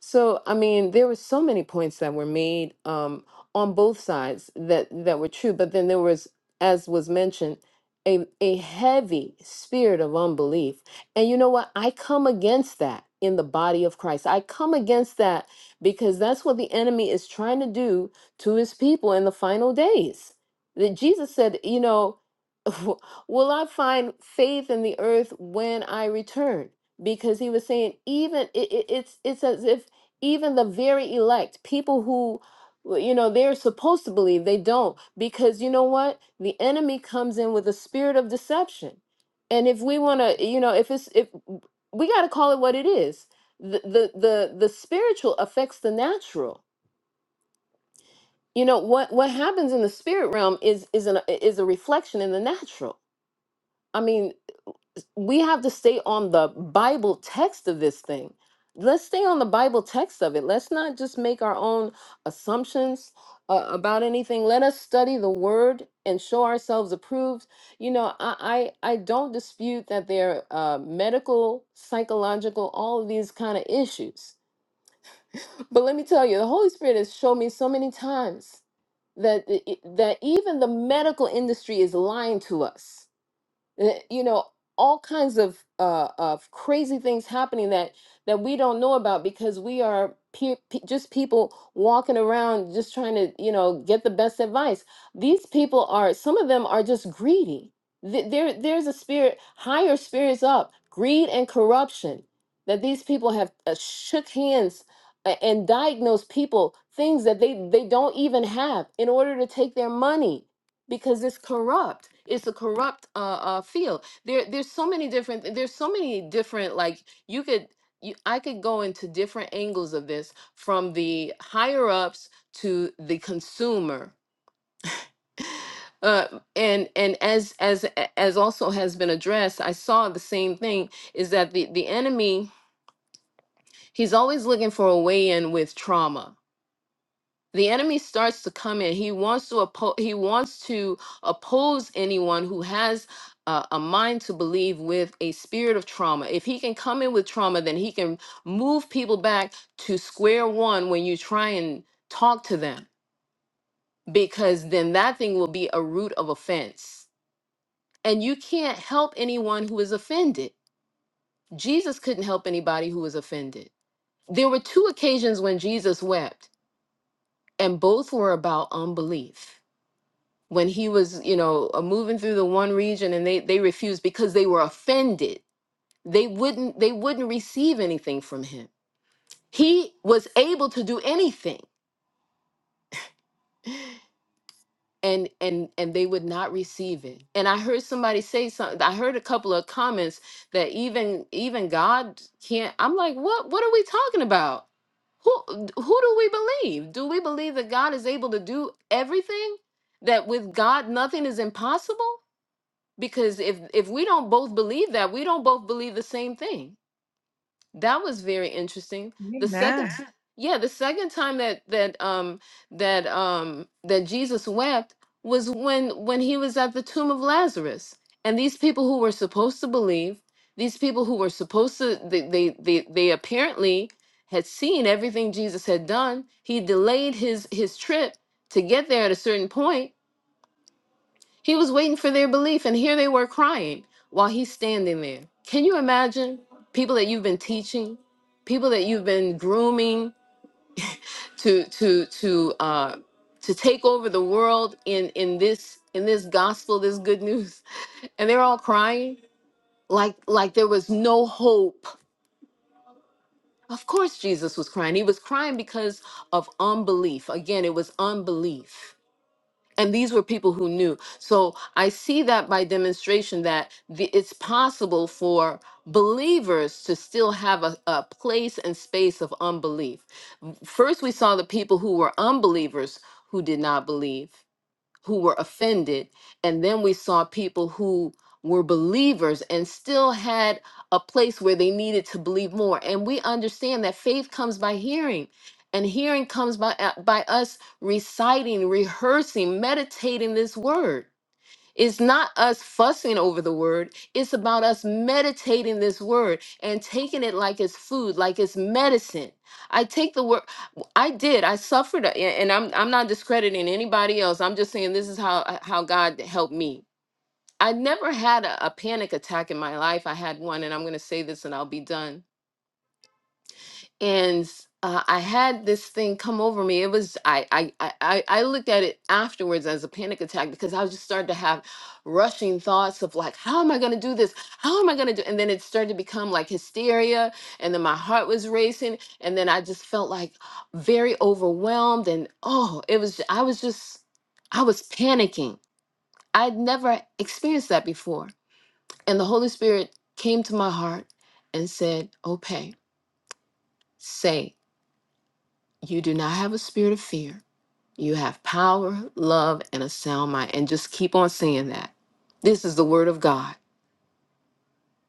[SPEAKER 8] So, I mean, there were so many points that were made um, on both sides that that were true, but then there was, as was mentioned, a a heavy spirit of unbelief. And you know what? I come against that in the body of Christ. I come against that because that's what the enemy is trying to do to his people in the final days. That Jesus said, you know, will I find faith in the earth when I return? because he was saying even it, it, it's it's as if even the very elect, people who, well, you know, they're supposed to believe, they don't. Because you know what? The enemy comes in with a spirit of deception. And if we want to, you know, if it's, if we got to call it what it is, the, the, the, the spiritual affects the natural. You know, what, what happens in the spirit realm is, is, an, is a reflection in the natural. I mean, we have to stay on the Bible text of this thing. Let's stay on the Bible text of it. Let's not just make our own assumptions uh, about anything. Let us study the Word and show ourselves approved. You know, I I, I don't dispute that there are uh, medical, psychological, all of these kind of issues. But let me tell you, the Holy Spirit has shown me so many times that i- i- that even the medical industry is lying to us uh, you know all kinds of uh of crazy things happening that that we don't know about because we are pe- pe- just people walking around just trying to you know get the best advice these people are some of them are just greedy Th- there there's a spirit higher spirits up greed and corruption that these people have uh, shook hands a- and diagnosed people things that they they don't even have in order to take their money because it's corrupt. It's a corrupt uh, uh field. There there's so many different there's so many different like you could you, I could go into different angles of this from the higher ups to the consumer. Uh, and and as as a- as also has been addressed, I saw the same thing is that the the enemy he's always looking for a way in with trauma the enemy starts to come in he wants to oppose he wants to oppose anyone who has uh, a mind to believe with a spirit of trauma if he can come in with trauma then he can move people back to square one when you try and talk to them because then that thing will be a root of offense and you can't help anyone who is offended jesus couldn't help anybody who was offended there were two occasions when jesus wept and both were about unbelief when he was you know uh, moving through the one region and they they refused because they were offended they wouldn't they wouldn't receive anything from him he was able to do anything and and and they would not receive it and i heard somebody say something i heard a couple of comments that even even god can't i'm like what what are we talking about who who do we believe do we believe that god is able to do everything that with god nothing is impossible because if if we don't both believe that we don't both believe the same thing that was very interesting the second
[SPEAKER 6] Amen.
[SPEAKER 8] t- Amen. yeah the second time that that um that um that jesus wept was when when he was at the tomb of lazarus and these people who were supposed to believe these people who were supposed to they they they, they apparently had seen everything jesus had done he delayed his his trip to get there at a certain point he was waiting for their belief, and here they were crying while he's standing there. Can you imagine people that you've been teaching, people that you've been grooming to to to uh, to take over the world in in this in this gospel, this good news, and they're all crying like like there was no hope. Of course, Jesus was crying. He was crying because of unbelief. Again, it was unbelief and these were people who knew so i see that by demonstration that the, it's possible for believers to still have a, a place and space of unbelief first we saw the people who were unbelievers who did not believe who were offended. And then we saw people who were believers and still had a place where they needed to believe more. And we understand that faith comes by hearing. And hearing comes by, uh, by us reciting, rehearsing, meditating this word. It's not us fussing over the word. It's about us meditating this word and taking it like it's food, like it's medicine. I take the word. I did. I suffered, a- and I'm I'm not discrediting anybody else. I'm just saying this is how uh, how God helped me. I never had a, a panic attack in my life. I had one, and I'm going to say this, and I'll be done and uh, I had this thing come over me. It was I, I I I I looked at it afterwards as a panic attack because I was just started to have rushing thoughts of like, how am I going to do this? How am I going to do? And then it started to become like hysteria, and then my heart was racing, and then I just felt like very overwhelmed, and oh, it was I was just I was panicking. I'd never experienced that before, and the Holy Spirit came to my heart and said, "Okay, say." You do not have a spirit of fear. You have power, love, and a sound mind. And just keep on saying that. This is the word of God.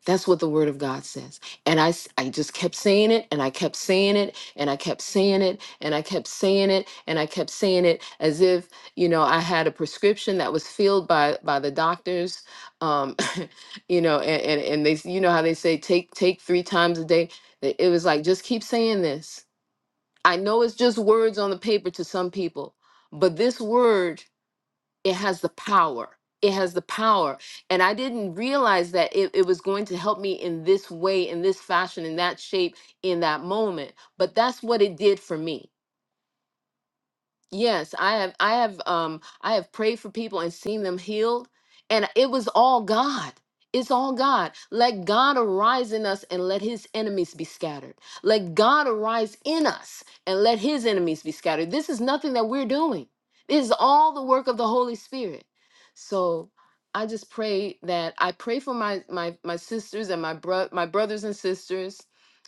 [SPEAKER 8] That's what the word of God says. And I, s- I just kept saying it and I kept saying it and I kept saying it and I kept saying it and I kept saying it as if, you know, I had a prescription that was filled by by the doctors. Um, you know, and, and, and they s- you know how they say take take three times a day. It it was like just keep saying this I know it's just words on the paper to some people, but this word, it has the power. It has the power. And I didn't realize that it, it was going to help me in this way, in this fashion, in that shape, in that moment. But that's what it did for me Yes, I have I have um I have prayed for people and seen them healed and it was all God. It's all God. Let God arise in us and let his enemies be scattered. Let God arise in us and let his enemies be scattered. This is nothing that we're doing. This is all the work of the Holy Spirit. So I just pray that I pray for my my my sisters and my bro- my brothers and sisters.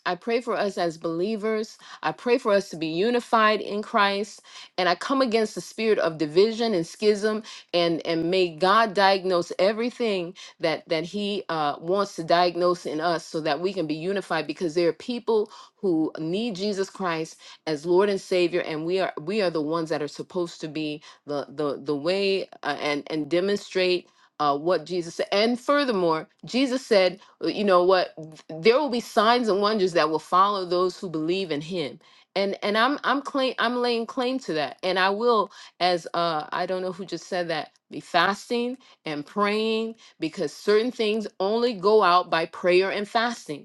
[SPEAKER 8] I pray for us as believers. I pray for us to be unified in Christ. And I come against the spirit of division and schism, and and may God diagnose everything that that He uh, wants to diagnose in us, so that we can be unified. Because there are people who need Jesus Christ as Lord and Savior, and we are we are the ones that are supposed to be the the the way uh, and and demonstrate. Uh, what Jesus said. And furthermore, Jesus said, uh, you know what? There will be signs and wonders that will follow those who believe in him and and i'm i'm claim i'm laying claim to that and i will as uh i don't know who just said that be fasting and praying because certain things only go out by prayer and fasting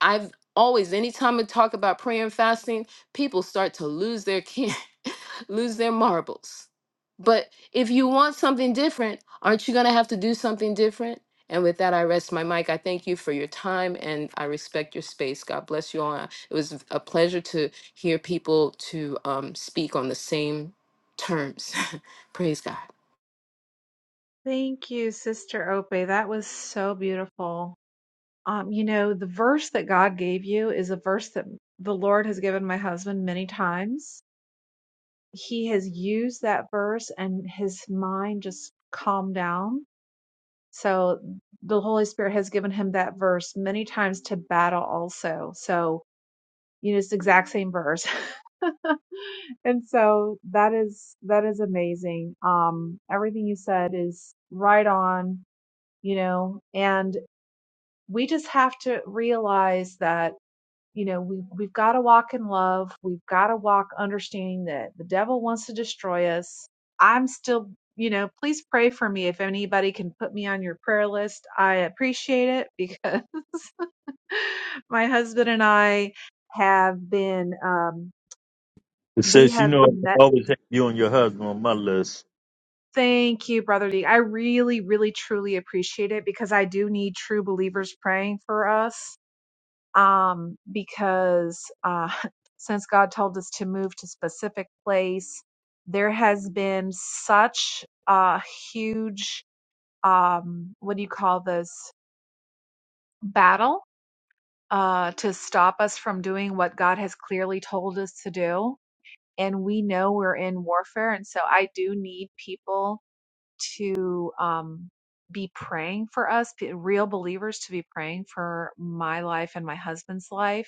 [SPEAKER 8] I've always, anytime I talk about prayer and fasting, people start to lose their can, lose their marbles. But if you want something different, aren't you going to have to do something different? And with that, I rest my mic. I thank you for your time and I respect your space. God bless you all. It was a pleasure to hear people to um, speak on the same terms. Praise God.
[SPEAKER 6] Thank you, Sister Ope. That was so beautiful. Um, you know, the verse that God gave you is a verse that the Lord has given my husband many times. He has used that verse and his mind just calmed down So the Holy Spirit has given him that verse many times to battle also. So you know it's the exact same verse. and so that is that is amazing. Um everything you said is right on, you know, and we just have to realize that you know we we've got to walk in love we've got to walk understanding that the devil wants to destroy us i'm still you know please pray for me if anybody can put me on your prayer list i appreciate it because my husband and i have been um
[SPEAKER 1] It
[SPEAKER 6] we
[SPEAKER 1] says, you
[SPEAKER 6] have
[SPEAKER 1] know,
[SPEAKER 6] been
[SPEAKER 1] I
[SPEAKER 6] met
[SPEAKER 1] always have you and your husband on my list.
[SPEAKER 6] thank you brother d i really really truly appreciate it because i do need true believers praying for us um, because uh, since God told us to move to specific place, there has been such a huge um, what do you call this battle uh, to stop us from doing what God has clearly told us to do, and we know we're in warfare, and so I do need people to um, be praying for us, p- real believers to be praying for my life and my husband's life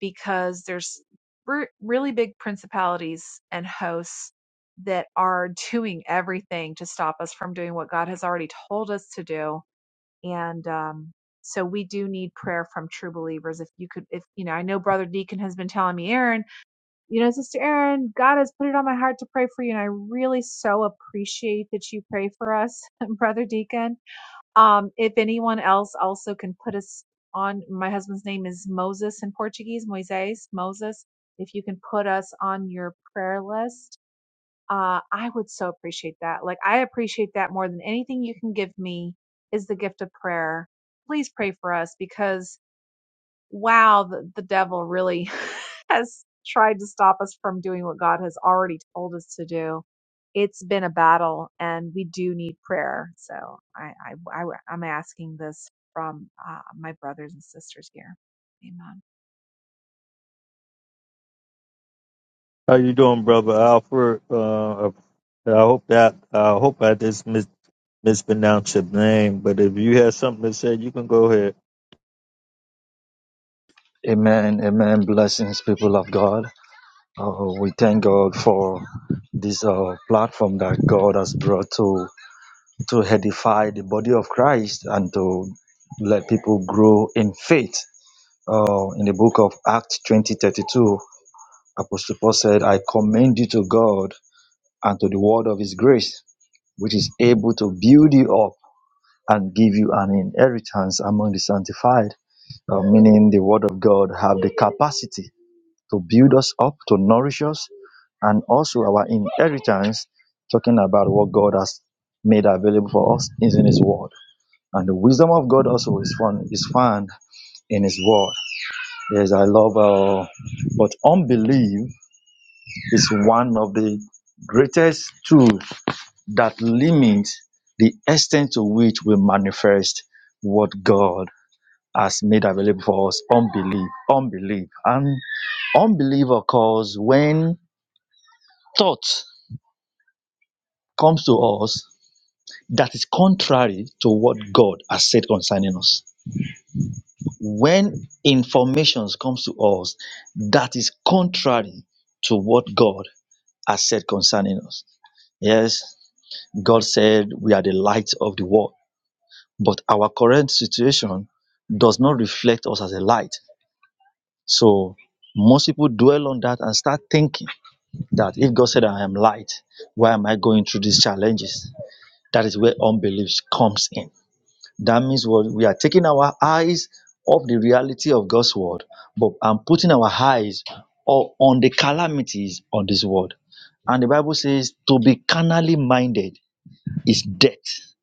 [SPEAKER 6] because there's re- really big principalities and hosts that are doing everything to stop us from doing what God has already told us to do. And um, so we do need prayer from true believers. If you could, if you know, I know Brother Deacon has been telling me, Aaron, you know, Sister Aaron, God has put it on my heart to pray for you. And I really so appreciate that you pray for us, Brother Deacon um, if anyone else also can put us on, my husband's name is Moses in Portuguese, Moises, Moses. If you can put us on your prayer list, uh, I would so appreciate that. Like, I appreciate that more than anything you can give me is the gift of prayer. Please pray for us because wow, the, the devil really has tried to stop us from doing what God has already told us to do. It's been a battle, and we do need prayer. So I, I, I am asking this from uh, my brothers and sisters here. Amen.
[SPEAKER 1] How you doing, brother Alfred? Uh, I hope that I hope I just mis- mispronounced your name, but if you have something to say, you can go ahead.
[SPEAKER 9] Amen, amen. Blessings, people of God. Uh, we thank God for this uh, platform that God has brought to to edify the body of Christ and to let people grow in faith. Uh, in the book of Acts twenty thirty two, Apostle Paul said, "I commend you to God and to the word of His grace, which is able to build you up and give you an inheritance among the sanctified." Uh, meaning, the word of God have the capacity to build us up, to nourish us, and also our inheritance, talking about what God has made available for us is in His Word. And the wisdom of God also is found, is found in His Word. Yes, I love, uh, but unbelief is one of the greatest tools that limits the extent to which we manifest what God has made available for us. Unbelief, unbelief. And unbelief occurs when thought comes to us that is contrary to what God has said concerning us. When information comes to us that is contrary to what God has said concerning us. Yes, God said we are the light of the world, but our current situation does not reflect us as a light. So most people dwell on that and start thinking that if God said I am light, why am I going through these challenges? That is where unbelief comes in That means what we are taking our eyes off the reality of God's word, but and putting our eyes o- on the calamities on this world. And the Bible says to be carnally minded is death.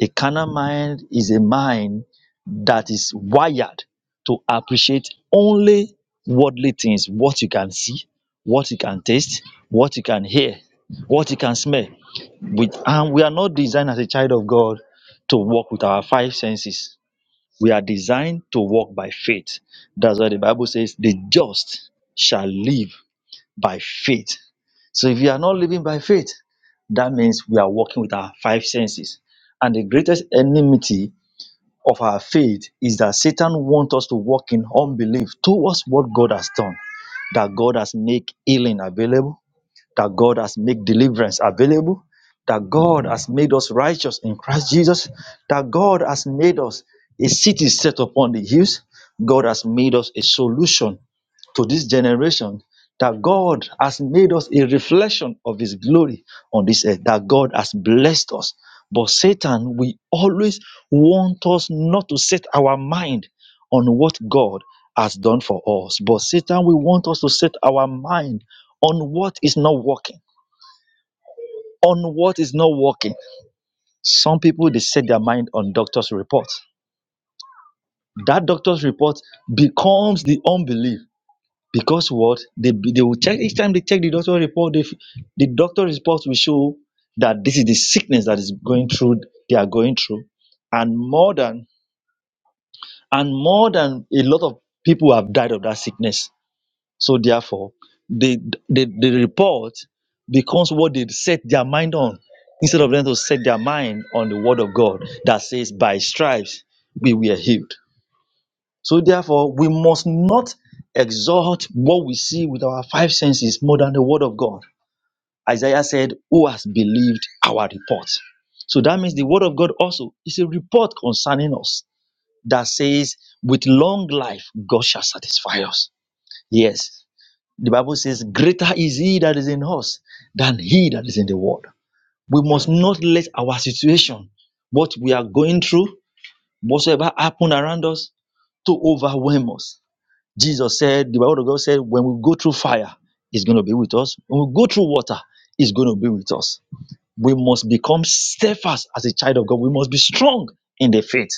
[SPEAKER 9] A carnal mind is a mind that is wired to appreciate only worldly things, what you can see, what you can taste, what you can hear, what you can smell. With, and we are not designed as a child of God to walk with our five senses we are designed to walk by faith. That's why the Bible says the just shall live by faith. So if you are not living by faith, that means we are walking with our five senses. And the greatest enmity of our faith is that Satan wants us to walk in unbelief towards what God has done, that God has made healing available, that God has made deliverance available, that God has made us righteous in Christ Jesus, that God has made us a city set upon the hills, God has made us a solution to this generation, that God has made us a reflection of His glory on this earth, that God has blessed us. But Satan, we always want us not to set our mind on what God has done for us. But Satan, we want us to set our mind on what is not working. On what is not working. Some people they set their mind on doctor's report. That doctor's report becomes the unbelief because what they they will check each time they check the doctor's report. They, the doctor's report will show that this is the sickness that is going through they are going through, and more than and more than a lot of people have died of that sickness So therefore, the, the the report becomes what they set their mind on, instead of them to set their mind on the word of God that says, "By stripes we were healed." So therefore, we must not exalt what we see with our five senses more than the word of God. Isaiah said, "Who has believed our report?" So that means the word of God also is a report concerning us that says, "With long life, God shall satisfy us." Yes. The Bible says, Greater is he that is in us than he that is in the world. We must not let our situation, what we are going through, whatsoever happen around us, to overwhelm us. Jesus said, the Bible of God said, when we go through fire, it's going to be with us. When we go through water, it's going to be with us. We must become steadfast as a child of God. We must be strong in the faith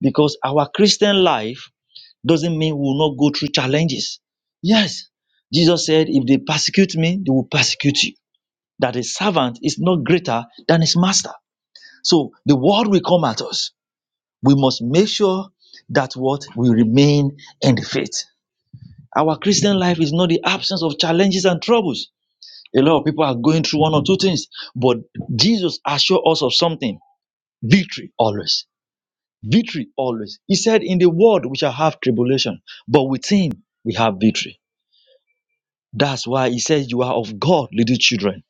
[SPEAKER 9] because our Christian life doesn't mean we will not go through challenges. Yes, Jesus said, if they persecute me, they will persecute you. That a servant is not greater than his master. So the world will come at us. We must make sure that what we remain in the faith. Our Christian life is not the absence of challenges and troubles. A lot of people are going through one or two things, but Jesus assured us of something victory always. Victory always. He said, In the world we shall have tribulation, but with him we have victory. That's why he says, You are of God, little children,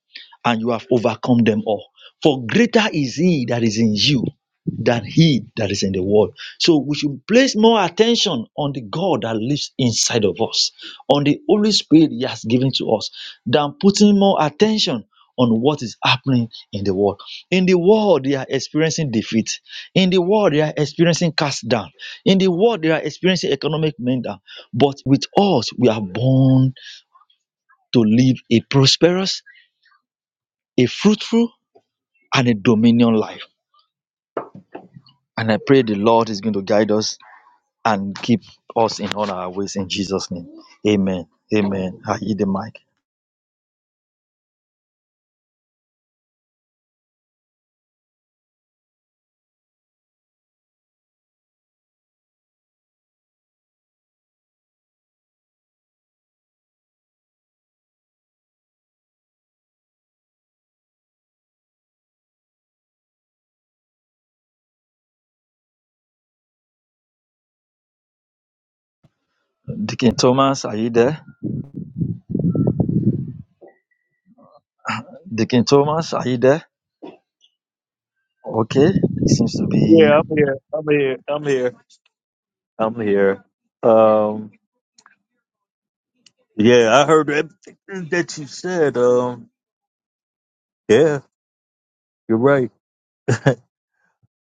[SPEAKER 9] and you have overcome them all. For greater is he that is in you than he that is in the world. So we should place more attention on the God that lives inside of us, on the Holy Spirit he has given to us, than putting more attention on what is happening in the world. In the world, they are experiencing defeat. In the world, they are experiencing cast down. In the world, they are experiencing economic meltdown. But with us, we are born to live a prosperous, a fruitful, and a dominion life. And I pray the Lord is going to guide us and keep us in all our ways in Jesus' name. Amen. Amen. I hear the mic. Deacon Thomas, are you there? Deacon Thomas, are you there? Okay. It seems to be
[SPEAKER 1] Yeah, I'm here. I'm here. I'm here. I'm here. Um, yeah, I heard everything that you said. Um, yeah, you're right.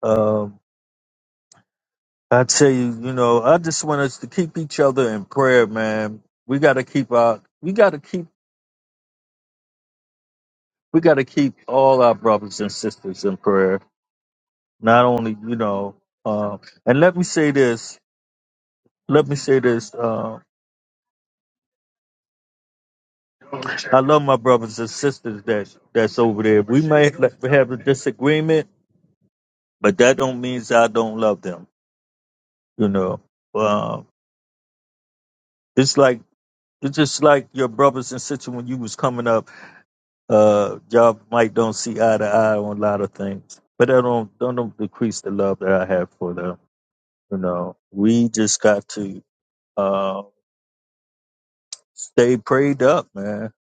[SPEAKER 1] Um, I tell you, you know, I just want us to keep each other in prayer, man. We got to keep our, we got to keep we got to keep all our brothers and sisters in prayer. Not only, you know, uh, and let me say this. Let me say this. Uh, I love my brothers and sisters that that's over there. We may like, have a disagreement, but that don't means I don't love them. You know, uh, it's like it's just like your brothers and sisters when you was coming up. Uh, y'all might don't see eye to eye on a lot of things, but that don't don't decrease the love that I have for them. You know, we just got to uh, stay prayed up, man.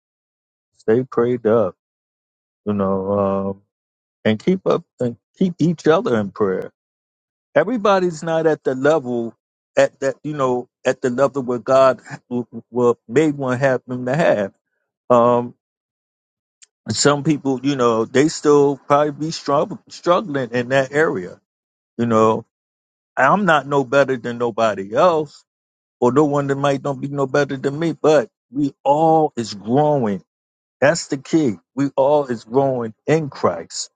[SPEAKER 1] Stay prayed up, you know, um, and keep up and keep each other in prayer. Everybody's not at the level at that, you know, at the level where God w- w- well, made one happen to have. Um, some people, you know, they still probably be strugg- struggling in that area. You know, I'm not no better than nobody else, or no one that might not be no better than me, but we all is growing That's the key. We all is growing in Christ.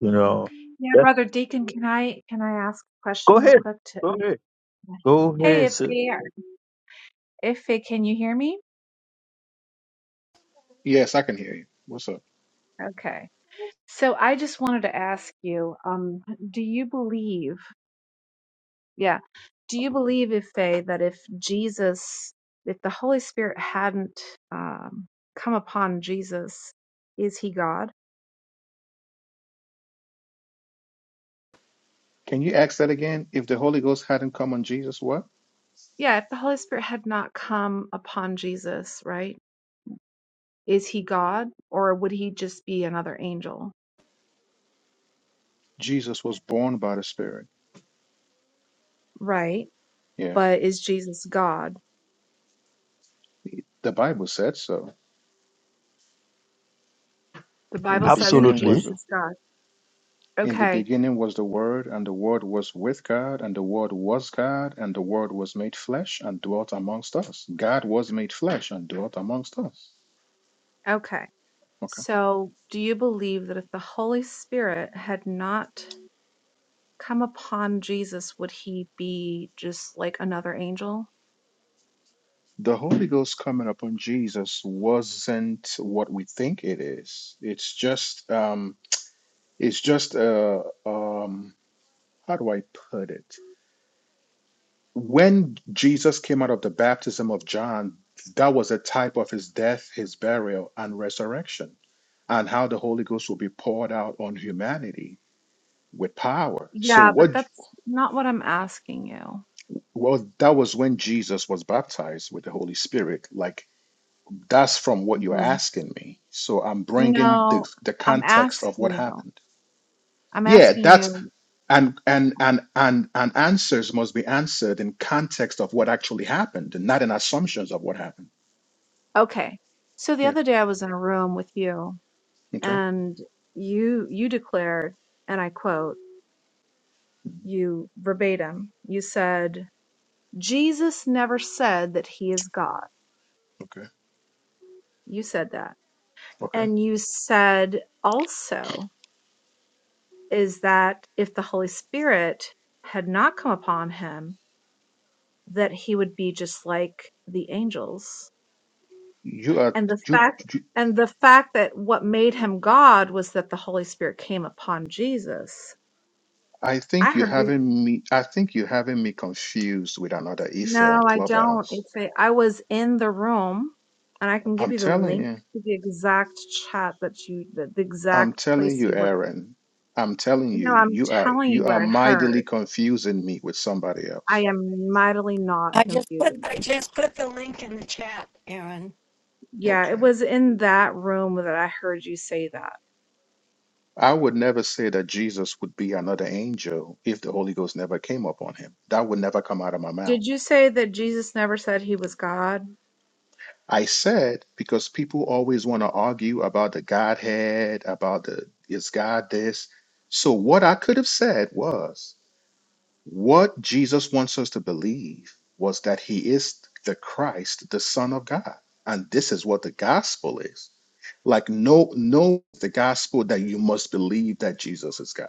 [SPEAKER 1] You know.
[SPEAKER 6] Yeah,
[SPEAKER 1] Yes.
[SPEAKER 6] brother Deacon, can I can I ask a
[SPEAKER 1] Go
[SPEAKER 6] question real
[SPEAKER 1] ahead.
[SPEAKER 6] quick to
[SPEAKER 1] Go ahead. Go.
[SPEAKER 6] Hey, if they, are- if they, can you hear me?
[SPEAKER 10] Yes, I can hear you. What's up?
[SPEAKER 6] Okay. So I just wanted to ask you, um, do you believe? Yeah. Do you believe, if Faye, that if Jesus, if the Holy Spirit hadn't um, come upon Jesus, is he God?
[SPEAKER 10] Can you ask that again? If the Holy Ghost hadn't come on Jesus, what?
[SPEAKER 6] Yeah, if the Holy Spirit had not come upon Jesus, right? Is he God or would he just be another angel?
[SPEAKER 10] Jesus was born by the Spirit.
[SPEAKER 6] Right.
[SPEAKER 10] Yes.
[SPEAKER 6] But is Jesus God?
[SPEAKER 10] The Bible said so.
[SPEAKER 6] The
[SPEAKER 10] In
[SPEAKER 6] Bible
[SPEAKER 10] the
[SPEAKER 6] says that
[SPEAKER 10] beginning was
[SPEAKER 6] Jesus
[SPEAKER 9] absolutely.
[SPEAKER 10] the
[SPEAKER 6] is God.
[SPEAKER 10] in the
[SPEAKER 6] Okay.
[SPEAKER 10] beginning was the Word, and the Word was with God, and the Word was God, and the Word was made flesh and dwelt amongst us. God was made flesh and dwelt amongst us.
[SPEAKER 6] Okay.
[SPEAKER 10] Okay.
[SPEAKER 6] So do you believe that if the Holy Spirit had not come upon Jesus, would he be just like another angel?
[SPEAKER 10] The Holy Ghost coming upon Jesus wasn't what we think it is. It's just um it's just uh um how do I put it? When Jesus came out of the baptism of John, that was a type of his death, his burial, and resurrection, and how the Holy Ghost will be poured out on humanity with power. So
[SPEAKER 6] Yeah, but
[SPEAKER 10] what
[SPEAKER 6] that's not what I'm asking you.
[SPEAKER 10] well, that was when Jesus was baptized with the Holy Spirit. Like that's from what you're
[SPEAKER 6] hmm
[SPEAKER 10] asking me. So I'm bringing the
[SPEAKER 6] No,
[SPEAKER 10] the
[SPEAKER 6] I'm
[SPEAKER 10] context of what
[SPEAKER 6] asking you.
[SPEAKER 10] happened.
[SPEAKER 6] I'm
[SPEAKER 10] Yeah,
[SPEAKER 6] asking
[SPEAKER 10] that's
[SPEAKER 6] you.
[SPEAKER 10] and and and and and answers must be answered in context of what actually happened and not in assumptions of what happened
[SPEAKER 6] Okay. So the
[SPEAKER 10] yeah
[SPEAKER 6] other day I was in a room with you
[SPEAKER 10] okay
[SPEAKER 6] and you you declared, and I quote, you verbatim, you said, Jesus never said that he is God.
[SPEAKER 10] okay
[SPEAKER 6] You said that.
[SPEAKER 10] okay
[SPEAKER 6] And you said also is that if the Holy Spirit had not come upon him, that he would be just like the angels.
[SPEAKER 10] you are
[SPEAKER 6] And the
[SPEAKER 10] you,
[SPEAKER 6] fact
[SPEAKER 10] you
[SPEAKER 6] and the fact that what made him God was that the Holy Spirit came upon Jesus.
[SPEAKER 10] i think
[SPEAKER 6] I
[SPEAKER 10] you
[SPEAKER 6] heard you.
[SPEAKER 10] having me i think you having me confused with another ife on
[SPEAKER 6] No, I don't.
[SPEAKER 10] clubhouse
[SPEAKER 6] It's a, I was in the room, and I can give
[SPEAKER 10] i'm
[SPEAKER 6] you the
[SPEAKER 10] telling
[SPEAKER 6] link
[SPEAKER 10] you
[SPEAKER 6] to the exact chat that you, the, the
[SPEAKER 10] i'm
[SPEAKER 6] exact
[SPEAKER 10] telling
[SPEAKER 6] place
[SPEAKER 10] you
[SPEAKER 6] you were.
[SPEAKER 10] aaron i'm telling
[SPEAKER 6] No,
[SPEAKER 10] you
[SPEAKER 6] I'm
[SPEAKER 10] you are
[SPEAKER 6] telling you
[SPEAKER 10] you
[SPEAKER 6] what
[SPEAKER 10] are
[SPEAKER 6] I
[SPEAKER 10] mightily
[SPEAKER 6] heard.
[SPEAKER 10] confusing me with somebody
[SPEAKER 6] I
[SPEAKER 10] else
[SPEAKER 6] am mightily not
[SPEAKER 11] I just put
[SPEAKER 6] confusing.
[SPEAKER 11] I just put the link in the chat, Aaron.
[SPEAKER 6] Yeah, it
[SPEAKER 10] okay
[SPEAKER 6] was in that room that I heard you say that.
[SPEAKER 10] I would never say that Jesus would be another angel if the Holy Ghost never came upon him. That would never come out of my mouth.
[SPEAKER 6] Did you say that Jesus never said he was God?
[SPEAKER 10] I said because people always want to argue about the Godhead, about the is God this. So what I could have said was what Jesus wants us to believe was that he is the Christ, the Son of God. And this is what the gospel is. Like no no the gospel that you must believe that Jesus is God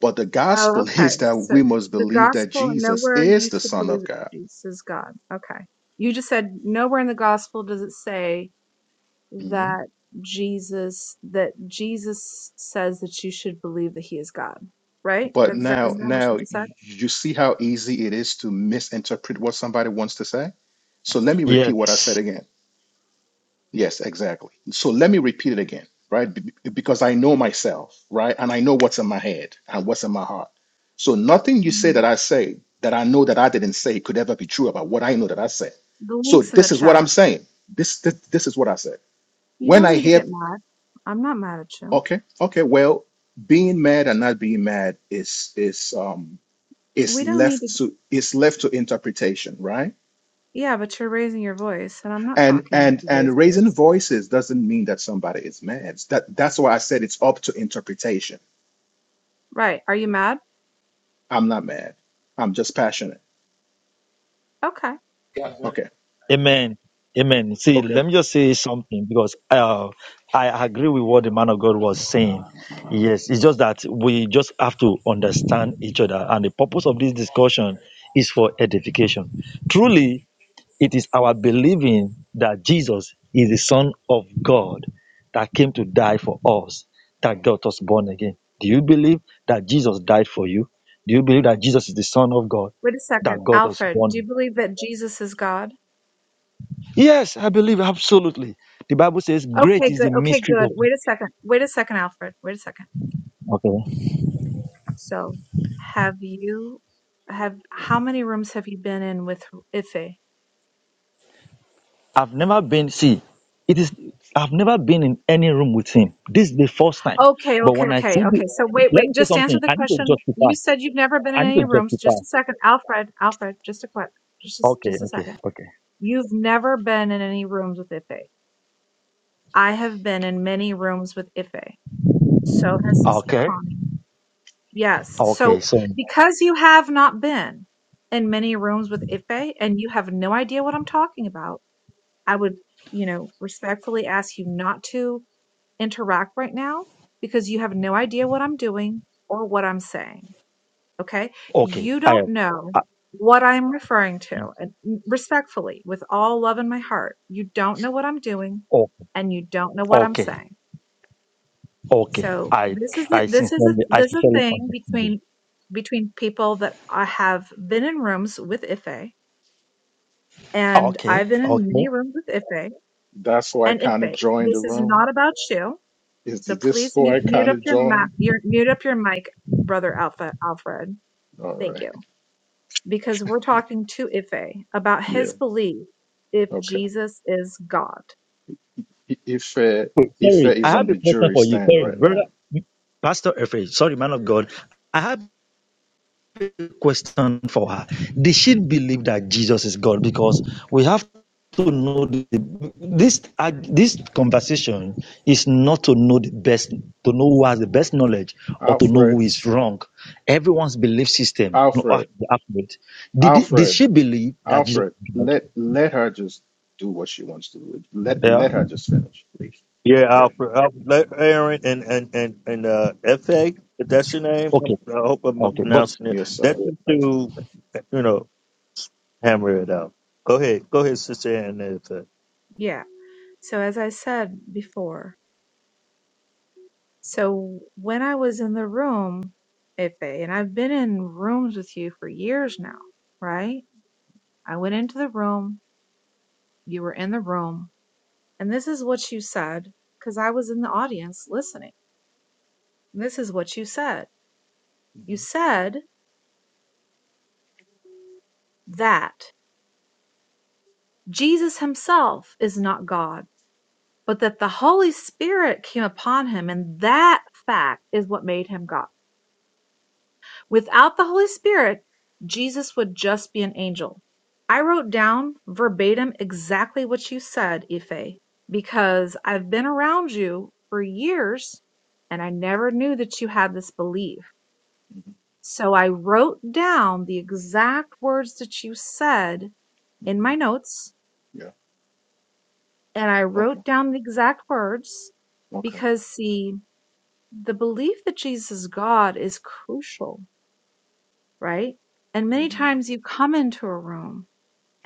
[SPEAKER 10] But the
[SPEAKER 6] Oh,
[SPEAKER 10] gospel
[SPEAKER 6] okay.
[SPEAKER 10] is that
[SPEAKER 6] So
[SPEAKER 10] we must
[SPEAKER 6] the
[SPEAKER 10] believe that
[SPEAKER 6] gospel,
[SPEAKER 10] Jesus
[SPEAKER 6] nowhere
[SPEAKER 10] is
[SPEAKER 6] you
[SPEAKER 10] the
[SPEAKER 6] should
[SPEAKER 10] Son
[SPEAKER 6] believe
[SPEAKER 10] of
[SPEAKER 6] that
[SPEAKER 10] God.
[SPEAKER 6] Jesus is God. Okay. You just said nowhere in the gospel does it say
[SPEAKER 10] hmm
[SPEAKER 6] that Jesus that Jesus says that you should believe that he is God, right?
[SPEAKER 10] But
[SPEAKER 6] That's that
[SPEAKER 10] now,
[SPEAKER 6] is that what
[SPEAKER 10] now
[SPEAKER 6] you just said?
[SPEAKER 10] y- you see how easy it is to misinterpret what somebody wants to say. So let me repeat what I
[SPEAKER 9] Yes.
[SPEAKER 10] said again. Yes, exactly. So let me repeat it again, right? Be- be- Because I know myself, right? And I know what's in my head and what's in my heart. So nothing you say that
[SPEAKER 6] Mhm.
[SPEAKER 10] I say that I know that I didn't say could ever be true about what I know that I said.
[SPEAKER 6] The
[SPEAKER 10] So
[SPEAKER 6] links in the
[SPEAKER 10] this is
[SPEAKER 6] chat.
[SPEAKER 10] what I'm saying. This this, this is what I said.
[SPEAKER 6] You
[SPEAKER 10] when
[SPEAKER 6] don't
[SPEAKER 10] I
[SPEAKER 6] need to
[SPEAKER 10] hear.
[SPEAKER 6] get mad. I'm not mad at you.
[SPEAKER 10] Okay. Okay. Well, being mad and not being mad is is um is
[SPEAKER 6] We don't need to
[SPEAKER 10] left to is left to interpretation, right?
[SPEAKER 6] Yeah, but you're raising your voice, and I'm not
[SPEAKER 10] And
[SPEAKER 6] talking with
[SPEAKER 10] and
[SPEAKER 6] a raised
[SPEAKER 10] and raising
[SPEAKER 6] voice.
[SPEAKER 10] voices doesn't mean that somebody is mad. That that's why I said it's up to interpretation.
[SPEAKER 6] Right. Are you mad?
[SPEAKER 10] I'm not mad. I'm just passionate.
[SPEAKER 6] Okay.
[SPEAKER 10] Okay.
[SPEAKER 9] Amen. Amen. See,
[SPEAKER 10] Okay.
[SPEAKER 9] let me just say something because uh, I agree with what the man of God was saying. Yes, it's just that we just have to understand each other. And the purpose of this discussion is for edification. Truly, it is our believing that Jesus is the Son of God that came to die for us, that got us born again. Do you believe that Jesus died for you? Do you believe that Jesus is the Son of God
[SPEAKER 6] Wait a second.
[SPEAKER 9] that got us
[SPEAKER 6] Alfred,
[SPEAKER 9] born?
[SPEAKER 6] do you believe that Jesus is God?
[SPEAKER 9] Yes, I believe absolutely. The Bible says, "Great
[SPEAKER 6] Okay,
[SPEAKER 9] is
[SPEAKER 6] good.
[SPEAKER 9] the
[SPEAKER 6] Okay,
[SPEAKER 9] mystery
[SPEAKER 6] good.
[SPEAKER 9] of."
[SPEAKER 6] Wait a second. Wait a second, Alfred. Wait a second.
[SPEAKER 9] Okay,
[SPEAKER 6] So, have you have how many rooms have you been in with Ife?
[SPEAKER 9] I've never been. See, it is. I've never been in any room with him. This is the first time.
[SPEAKER 6] Okay,
[SPEAKER 9] But
[SPEAKER 6] okay,
[SPEAKER 9] when I
[SPEAKER 6] okay,
[SPEAKER 9] see the,
[SPEAKER 6] okay. So wait,
[SPEAKER 9] let
[SPEAKER 6] wait,
[SPEAKER 9] me say
[SPEAKER 6] just answer
[SPEAKER 9] something.
[SPEAKER 6] the
[SPEAKER 9] I need to
[SPEAKER 6] question.
[SPEAKER 9] justify.
[SPEAKER 6] You said you've never been
[SPEAKER 9] I
[SPEAKER 6] in
[SPEAKER 9] need to
[SPEAKER 6] any rooms.
[SPEAKER 9] justify.
[SPEAKER 6] Just a second. Alfred, Alfred, just a quick, just a,
[SPEAKER 9] Okay,
[SPEAKER 6] just a
[SPEAKER 9] okay,
[SPEAKER 6] second.
[SPEAKER 9] okay,
[SPEAKER 6] You've never been in any rooms with Ife. I have been in many rooms with Ife. So has Sister
[SPEAKER 9] okay,
[SPEAKER 6] Connie. Yes.
[SPEAKER 9] okay.
[SPEAKER 6] So
[SPEAKER 9] So,
[SPEAKER 6] because you have not been in many rooms with Ife and you have no idea what I'm talking about, I would, you know, respectfully ask you not to interact right now because you have no idea what I'm doing or what I'm saying. Okay.
[SPEAKER 9] okay,
[SPEAKER 6] You
[SPEAKER 9] I,
[SPEAKER 6] don't know
[SPEAKER 9] I
[SPEAKER 6] what I'm referring to. And respectfully, with all love in my heart, you don't know what I'm doing
[SPEAKER 9] oh,
[SPEAKER 6] and you don't know what I'm
[SPEAKER 9] okay,
[SPEAKER 6] saying.
[SPEAKER 9] okay.
[SPEAKER 6] So
[SPEAKER 9] I,
[SPEAKER 6] this is the,
[SPEAKER 9] I
[SPEAKER 6] this is a,
[SPEAKER 9] sincerely, I
[SPEAKER 6] this is a
[SPEAKER 9] sincerely
[SPEAKER 6] thing
[SPEAKER 9] understand. you.
[SPEAKER 6] between between people that I have been in rooms with Ife, and
[SPEAKER 9] Okay,
[SPEAKER 6] I've been in
[SPEAKER 9] okay.
[SPEAKER 6] many rooms with Ife
[SPEAKER 10] That's why I
[SPEAKER 6] and
[SPEAKER 10] kind of
[SPEAKER 6] Ife.
[SPEAKER 10] joined the
[SPEAKER 6] This is
[SPEAKER 10] room.
[SPEAKER 6] not about you,
[SPEAKER 10] Is
[SPEAKER 6] so
[SPEAKER 10] this
[SPEAKER 6] please
[SPEAKER 10] why
[SPEAKER 6] mute,
[SPEAKER 10] I
[SPEAKER 6] mute
[SPEAKER 10] kind
[SPEAKER 6] up
[SPEAKER 10] of
[SPEAKER 6] your ma-
[SPEAKER 10] joined?
[SPEAKER 6] your mute up your mic, brother Alpha Alfred.
[SPEAKER 10] All
[SPEAKER 6] Thank
[SPEAKER 10] right.
[SPEAKER 6] you, because we're talking to Ife about his
[SPEAKER 10] Yeah.
[SPEAKER 6] belief if
[SPEAKER 10] Okay.
[SPEAKER 6] Jesus is God.
[SPEAKER 10] I- Ife
[SPEAKER 9] Wait,
[SPEAKER 10] Ife
[SPEAKER 9] sorry, I
[SPEAKER 10] is on
[SPEAKER 9] have a
[SPEAKER 10] the
[SPEAKER 9] question
[SPEAKER 10] jury
[SPEAKER 9] for you.
[SPEAKER 10] stand
[SPEAKER 9] Sorry,
[SPEAKER 10] right
[SPEAKER 9] brother,
[SPEAKER 10] now.
[SPEAKER 9] Pastor Efe. Sorry, man of God. I have. question for her. Did she believe that Jesus is God? Because we have to know the, this uh, this conversation is not to know the best, to know who has the best knowledge, or to know
[SPEAKER 10] Alfred.
[SPEAKER 9] who is wrong. Everyone's belief system, no, uh,
[SPEAKER 10] Alfred.
[SPEAKER 9] the accurate. Did it- did
[SPEAKER 10] Alfred.
[SPEAKER 9] she believe that Jesus?
[SPEAKER 10] Alfred,
[SPEAKER 9] Is God?
[SPEAKER 10] let let her just do what she wants to do. Let
[SPEAKER 9] Yeah.
[SPEAKER 10] let her just finish, please.
[SPEAKER 1] Yeah,
[SPEAKER 10] Yeah.
[SPEAKER 1] Alfred. Alfred let Aaron and and and and uh, Fa. If that's your name, I'm-
[SPEAKER 9] Okay.
[SPEAKER 1] I hope I'm
[SPEAKER 9] Okay. But
[SPEAKER 1] pronouncing it.
[SPEAKER 10] Yes,
[SPEAKER 1] That's
[SPEAKER 10] sir.
[SPEAKER 1] the
[SPEAKER 10] Yeah.
[SPEAKER 1] two. You know, hammer it out. Go ahead. Go ahead, sister Aaron and Fa.
[SPEAKER 6] Yeah. So as I said before, So when I was in the room, Ife, and I've been in rooms with you for years now, right? I went into the room, you were in the room, and this is what you said, because I was in the audience listening. This is what you said. You
[SPEAKER 10] hmm
[SPEAKER 6] said that Jesus himself is not God, but that the Holy Spirit came upon him, and that fact is what made him God. Without the Holy Spirit, Jesus would just be an angel. I wrote down verbatim exactly what you said, Ife, because I've been around you for years and I never knew that you had this belief.
[SPEAKER 10] hmm
[SPEAKER 6] So I wrote down the exact words that you said in
[SPEAKER 10] hmm
[SPEAKER 6] my notes
[SPEAKER 10] Yeah.
[SPEAKER 6] and I
[SPEAKER 10] Okay.
[SPEAKER 6] wrote down the exact words
[SPEAKER 10] Okay.
[SPEAKER 6] because, see, the belief that Jesus is God is crucial, right? And many
[SPEAKER 10] hmm
[SPEAKER 6] times you come into a room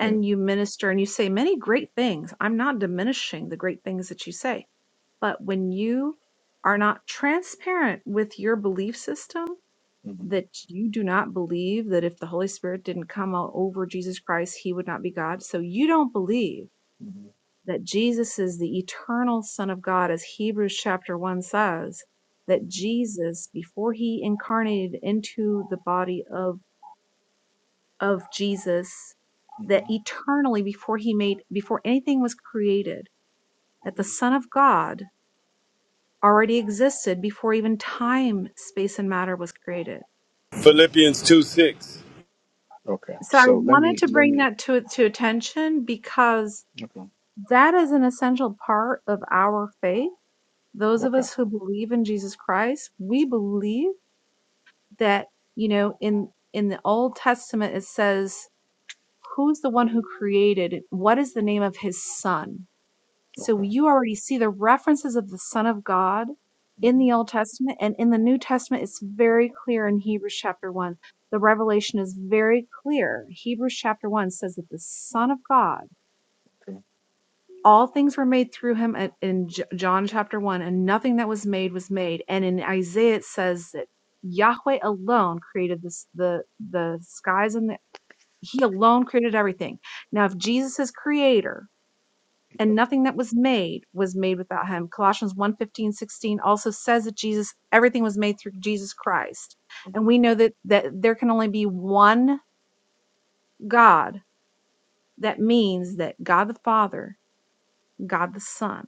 [SPEAKER 10] Yeah.
[SPEAKER 6] you minister and you say many great things. I'm not diminishing the great things that you say, but when you are not transparent with your belief system,
[SPEAKER 10] hmm hmm
[SPEAKER 6] that you do not believe that if the Holy Spirit didn't come o- over Jesus Christ, he would not be God. So you don't believe
[SPEAKER 10] hmm
[SPEAKER 6] that Jesus is the eternal Son of God, as Hebrews chapter 1 says, that Jesus, before he incarnated into the body of of Jesus
[SPEAKER 10] hmm
[SPEAKER 6] that eternally before he made before anything was created that the
[SPEAKER 10] hmm
[SPEAKER 6] son of god already existed before even time space and matter was created
[SPEAKER 10] hmm
[SPEAKER 5] Philippians 2 6.
[SPEAKER 10] Okay.
[SPEAKER 6] so i
[SPEAKER 10] So let
[SPEAKER 6] wanted
[SPEAKER 10] me
[SPEAKER 6] to
[SPEAKER 10] let
[SPEAKER 6] bring
[SPEAKER 10] me.
[SPEAKER 6] that to to attention because
[SPEAKER 10] Okay.
[SPEAKER 6] that is an essential part of our faith those of
[SPEAKER 10] Okay.
[SPEAKER 6] us who believe in jesus christ we believe that you know in in the old testament it says who's the one who created what is the name of his son So
[SPEAKER 10] Okay.
[SPEAKER 6] you already see the references of the Son of God in
[SPEAKER 10] hmm
[SPEAKER 6] the Old Testament and in the New Testament. It's very clear in Hebrews chapter 1. The revelation is very clear. Hebrews chapter 1 says that the Son of God,
[SPEAKER 10] Okay.
[SPEAKER 6] all things were made through him at- in J- John chapter 1, and nothing that was made was made. And in Isaiah, it says that Yahweh alone created this, the, the skies and the, he alone created everything. Now, if Jesus is creator, and
[SPEAKER 10] Okay.
[SPEAKER 6] nothing that was made was made without him. Colossians one fifteen sixteen also says that Jesus, everything was made through Jesus Christ.
[SPEAKER 10] hmm
[SPEAKER 6] And we know that, that there can only be one God. That means that God the Father, God the Son,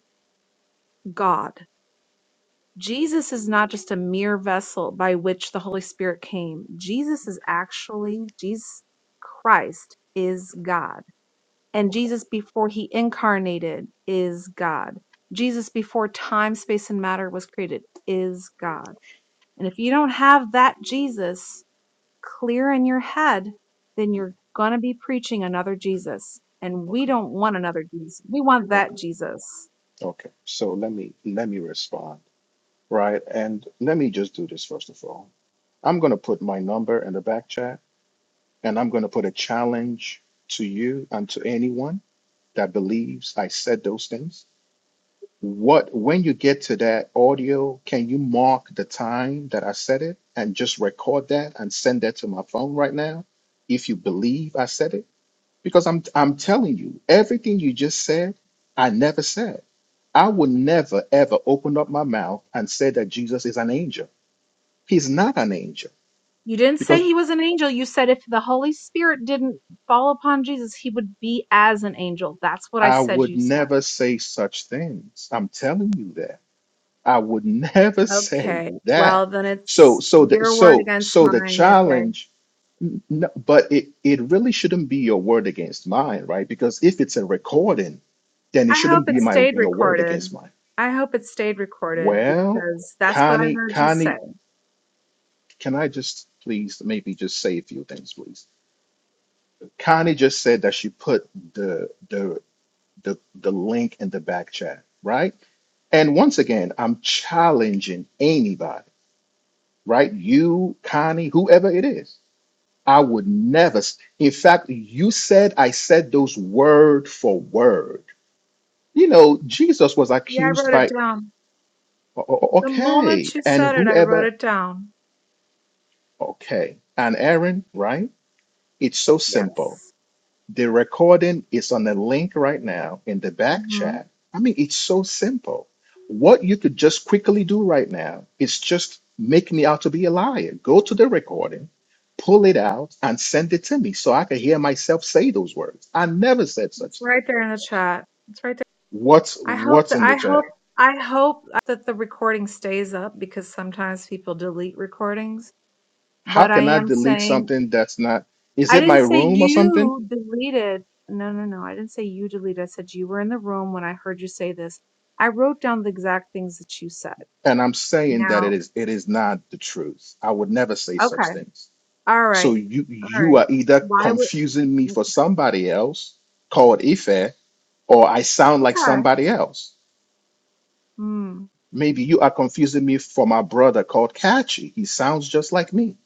[SPEAKER 6] God.
[SPEAKER 10] Okay.
[SPEAKER 6] Jesus is not just a mere vessel by which the Holy Spirit came. Jesus is actually, Jesus Christ is God. And Jesus before he incarnated is God. Jesus before time, space, and matter was created is God. And if you don't have that Jesus clear in your head, then
[SPEAKER 10] Mhm.
[SPEAKER 6] you're going to be preaching another Jesus. And we
[SPEAKER 10] Okay.
[SPEAKER 6] don't want another Jesus. We want that
[SPEAKER 10] Okay.
[SPEAKER 6] Jesus.
[SPEAKER 10] Okay. So let me let me respond, right? And let me just do this first of all. I'm gonna put my number in the back chat. And I'm going to put a challenge to you and to anyone that believes I said those things. What, when you get to that audio, can you mark the time that I said it and just record that and send that to my phone right now if you believe I said it? Because I'm, I'm telling you, everything you just said, I never said. I would never ever open up my mouth and say that Jesus is an angel. He's not an angel
[SPEAKER 6] You didn't say he was an angel. You said if the Holy Spirit didn't fall upon Jesus, he would be as an angel. That's what I
[SPEAKER 10] I
[SPEAKER 6] said
[SPEAKER 10] would
[SPEAKER 6] you said.
[SPEAKER 10] never say such things. I'm telling you that. I would never say
[SPEAKER 6] Okay. Well,
[SPEAKER 10] that.
[SPEAKER 6] then
[SPEAKER 10] So
[SPEAKER 6] it's
[SPEAKER 10] so the
[SPEAKER 6] your word
[SPEAKER 10] so
[SPEAKER 6] against
[SPEAKER 10] so the
[SPEAKER 6] mine if I
[SPEAKER 10] challenge n- n- but it it really shouldn't be your word against mine, right? Because if it's a recording, then it
[SPEAKER 6] I hope
[SPEAKER 10] shouldn't
[SPEAKER 6] it
[SPEAKER 10] be my
[SPEAKER 6] stayed
[SPEAKER 10] your word
[SPEAKER 6] recorded.
[SPEAKER 10] against mine.
[SPEAKER 6] I hope it stayed recorded
[SPEAKER 10] Well,
[SPEAKER 6] because that's what I
[SPEAKER 10] Connie,
[SPEAKER 6] heard you say.
[SPEAKER 10] Connie, can I just please maybe just say a few things, please? Connie just said that she put the the the the link in the back chat, right? And once again, I'm challenging anybody, right? You, Connie, whoever it is. I would never. s- In fact, you said I said those word for word. You know, Jesus was
[SPEAKER 6] Yeah, I
[SPEAKER 10] accused
[SPEAKER 6] wrote it
[SPEAKER 10] by,
[SPEAKER 6] down.
[SPEAKER 10] o- o-
[SPEAKER 6] The moment
[SPEAKER 10] okay,
[SPEAKER 6] you
[SPEAKER 10] and
[SPEAKER 6] said it, I wrote
[SPEAKER 10] whoever,
[SPEAKER 6] it down.
[SPEAKER 10] okay, and Aaron, right? It's so
[SPEAKER 6] Yes.
[SPEAKER 10] simple. The recording is on the link right now in the back
[SPEAKER 6] hmm
[SPEAKER 10] chat. I mean, it's so simple. What you could just quickly do right now is just make me out to be a liar. Go to the recording, pull it out, and send it to me so I can hear myself say those words. I never said
[SPEAKER 6] It's
[SPEAKER 10] such thing.
[SPEAKER 6] right there in the chat. It's right there.
[SPEAKER 10] What's
[SPEAKER 6] I hope
[SPEAKER 10] what's
[SPEAKER 6] that
[SPEAKER 10] in
[SPEAKER 6] I
[SPEAKER 10] the
[SPEAKER 6] hope
[SPEAKER 10] chat?
[SPEAKER 6] I hope that the recording stays up because sometimes people delete recordings.
[SPEAKER 10] How
[SPEAKER 6] But I
[SPEAKER 10] can I
[SPEAKER 6] am
[SPEAKER 10] delete
[SPEAKER 6] saying
[SPEAKER 10] something that's not? Is
[SPEAKER 6] I
[SPEAKER 10] it my
[SPEAKER 6] didn't say
[SPEAKER 10] room or something?
[SPEAKER 6] you deleted. No, no, no. I didn't say you deleted. I said you were in the room when I heard you say this. I wrote down the exact things that you said.
[SPEAKER 10] And I'm saying that it
[SPEAKER 6] Now,
[SPEAKER 10] is. It is not the truth. I would never say such
[SPEAKER 6] okay.
[SPEAKER 10] things.
[SPEAKER 6] All
[SPEAKER 10] So
[SPEAKER 6] right.
[SPEAKER 10] you
[SPEAKER 6] All
[SPEAKER 10] you
[SPEAKER 6] right.
[SPEAKER 10] are either
[SPEAKER 6] Why would,
[SPEAKER 10] confusing me for somebody else called Ife, or I sound like
[SPEAKER 6] okay.
[SPEAKER 10] somebody else.
[SPEAKER 6] Hmm.
[SPEAKER 10] Maybe you are confusing me for my brother called Kachi. He sounds just like me.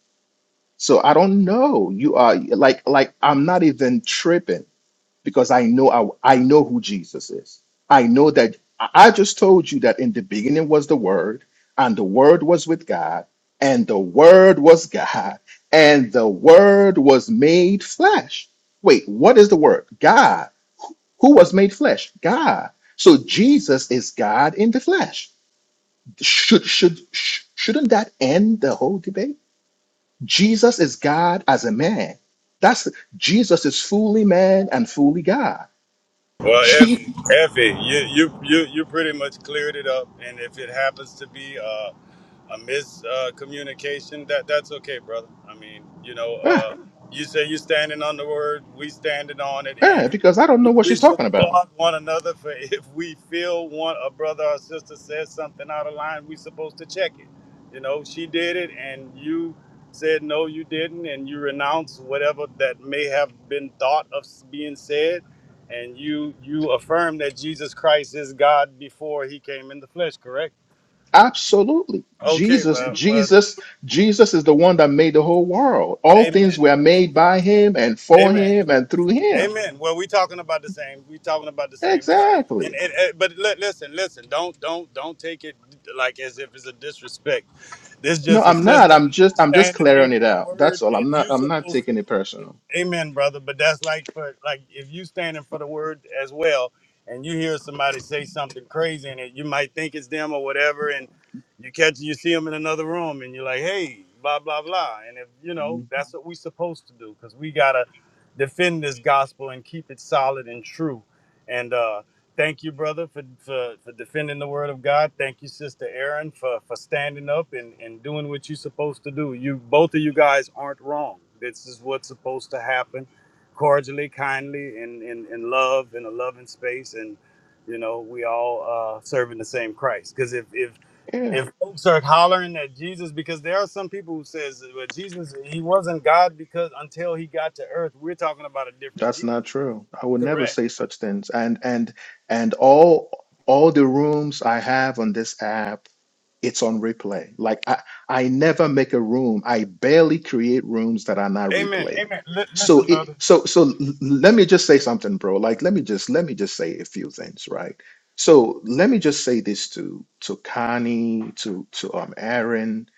[SPEAKER 10] So I don't know. You are like like I'm not even tripping. because I know I, I know who Jesus is. I know that I I just told you that in the beginning was the Word, and the Word was with God, and the Word was God, and the Word was made flesh. Wait, what is the Word? God. Who was made flesh? God. So Jesus is God in the flesh. Should should sh- shouldn't that end the whole debate? Jesus is God as a man. That's Jesus is fully man and fully God.
[SPEAKER 5] Well, if Effie, you you you you pretty much cleared it up, and if it happens to be uh, a miscommunication, uh, communication, that that's okay, brother. I mean, you know,
[SPEAKER 10] Yeah,
[SPEAKER 5] uh, you say you're standing on the word, we standing on it,
[SPEAKER 10] yeah,
[SPEAKER 5] and
[SPEAKER 10] because I don't know what
[SPEAKER 5] we
[SPEAKER 10] she's
[SPEAKER 5] should
[SPEAKER 10] talking about.
[SPEAKER 5] applaud one another for if we feel one a brother or sister says something out of line, we supposed to check it. You know, she did it, and you said no, you didn't, and you renounce whatever that may have been thought of being said and you you affirm that Jesus Christ is God before he came in the flesh, correct?
[SPEAKER 10] Absolutely.
[SPEAKER 5] Okay,
[SPEAKER 10] Jesus,
[SPEAKER 5] bro. Well,
[SPEAKER 10] Jesus, Jesus is the one that made the whole world. All things
[SPEAKER 5] amen.
[SPEAKER 10] were made by him and for
[SPEAKER 5] Amen.
[SPEAKER 10] him and through him.
[SPEAKER 5] Amen. Well, we talking about the same. We talking about the same Christ. And,
[SPEAKER 10] Exactly.
[SPEAKER 5] and, and but li- listen, listen. Don't don't don't take it like as if it's a disrespect. This
[SPEAKER 10] No,
[SPEAKER 5] just a
[SPEAKER 10] I'm not.
[SPEAKER 5] sister
[SPEAKER 10] I'm just I'm just
[SPEAKER 5] standing here
[SPEAKER 10] clearing it
[SPEAKER 5] for the
[SPEAKER 10] out. That's
[SPEAKER 5] word
[SPEAKER 10] all. I'm
[SPEAKER 5] as
[SPEAKER 10] not
[SPEAKER 5] you
[SPEAKER 10] I'm not
[SPEAKER 5] supposed to.
[SPEAKER 10] taking it personal.
[SPEAKER 5] Amen, brother. But that's like for like if you standing for the word as well, and you hear somebody say something crazy in it, you might think it's them or whatever, and you catch you see them in another room, and you're like, hey, blah blah blah. And if you know
[SPEAKER 10] Mm.
[SPEAKER 5] that's what we supposed to do, because we gotta defend this gospel and keep it solid and true. And uh, Thank you, brother, for, for, for defending the word of God. Thank you, sister Aaron, for, for standing up and, and doing what you're supposed to do. You both of you guys aren't wrong. This is what's supposed to happen cordially, kindly, in, in, in love, in a loving space, and you know, we all uh serving the same Christ. Because if if
[SPEAKER 10] Yeah,
[SPEAKER 5] if folks are hollering at Jesus, because there are some people who says well, Jesus, he wasn't God because until he got to earth, we're talking about a different
[SPEAKER 10] that's
[SPEAKER 5] Jesus.
[SPEAKER 10] not true. I would never
[SPEAKER 5] Correct.
[SPEAKER 10] say such things. And and and all all the rooms I have on this app it's on replay. Like I, I never make a room. I barely create rooms that are not
[SPEAKER 5] Amen.
[SPEAKER 10] replayed.
[SPEAKER 5] Amen. Li-
[SPEAKER 10] So
[SPEAKER 5] listen,
[SPEAKER 10] it
[SPEAKER 5] brother.
[SPEAKER 10] so so l- let me just say something, bro. Like let me just let me just say a few things, right? So let me just say this to to Connie, to to um Aaron,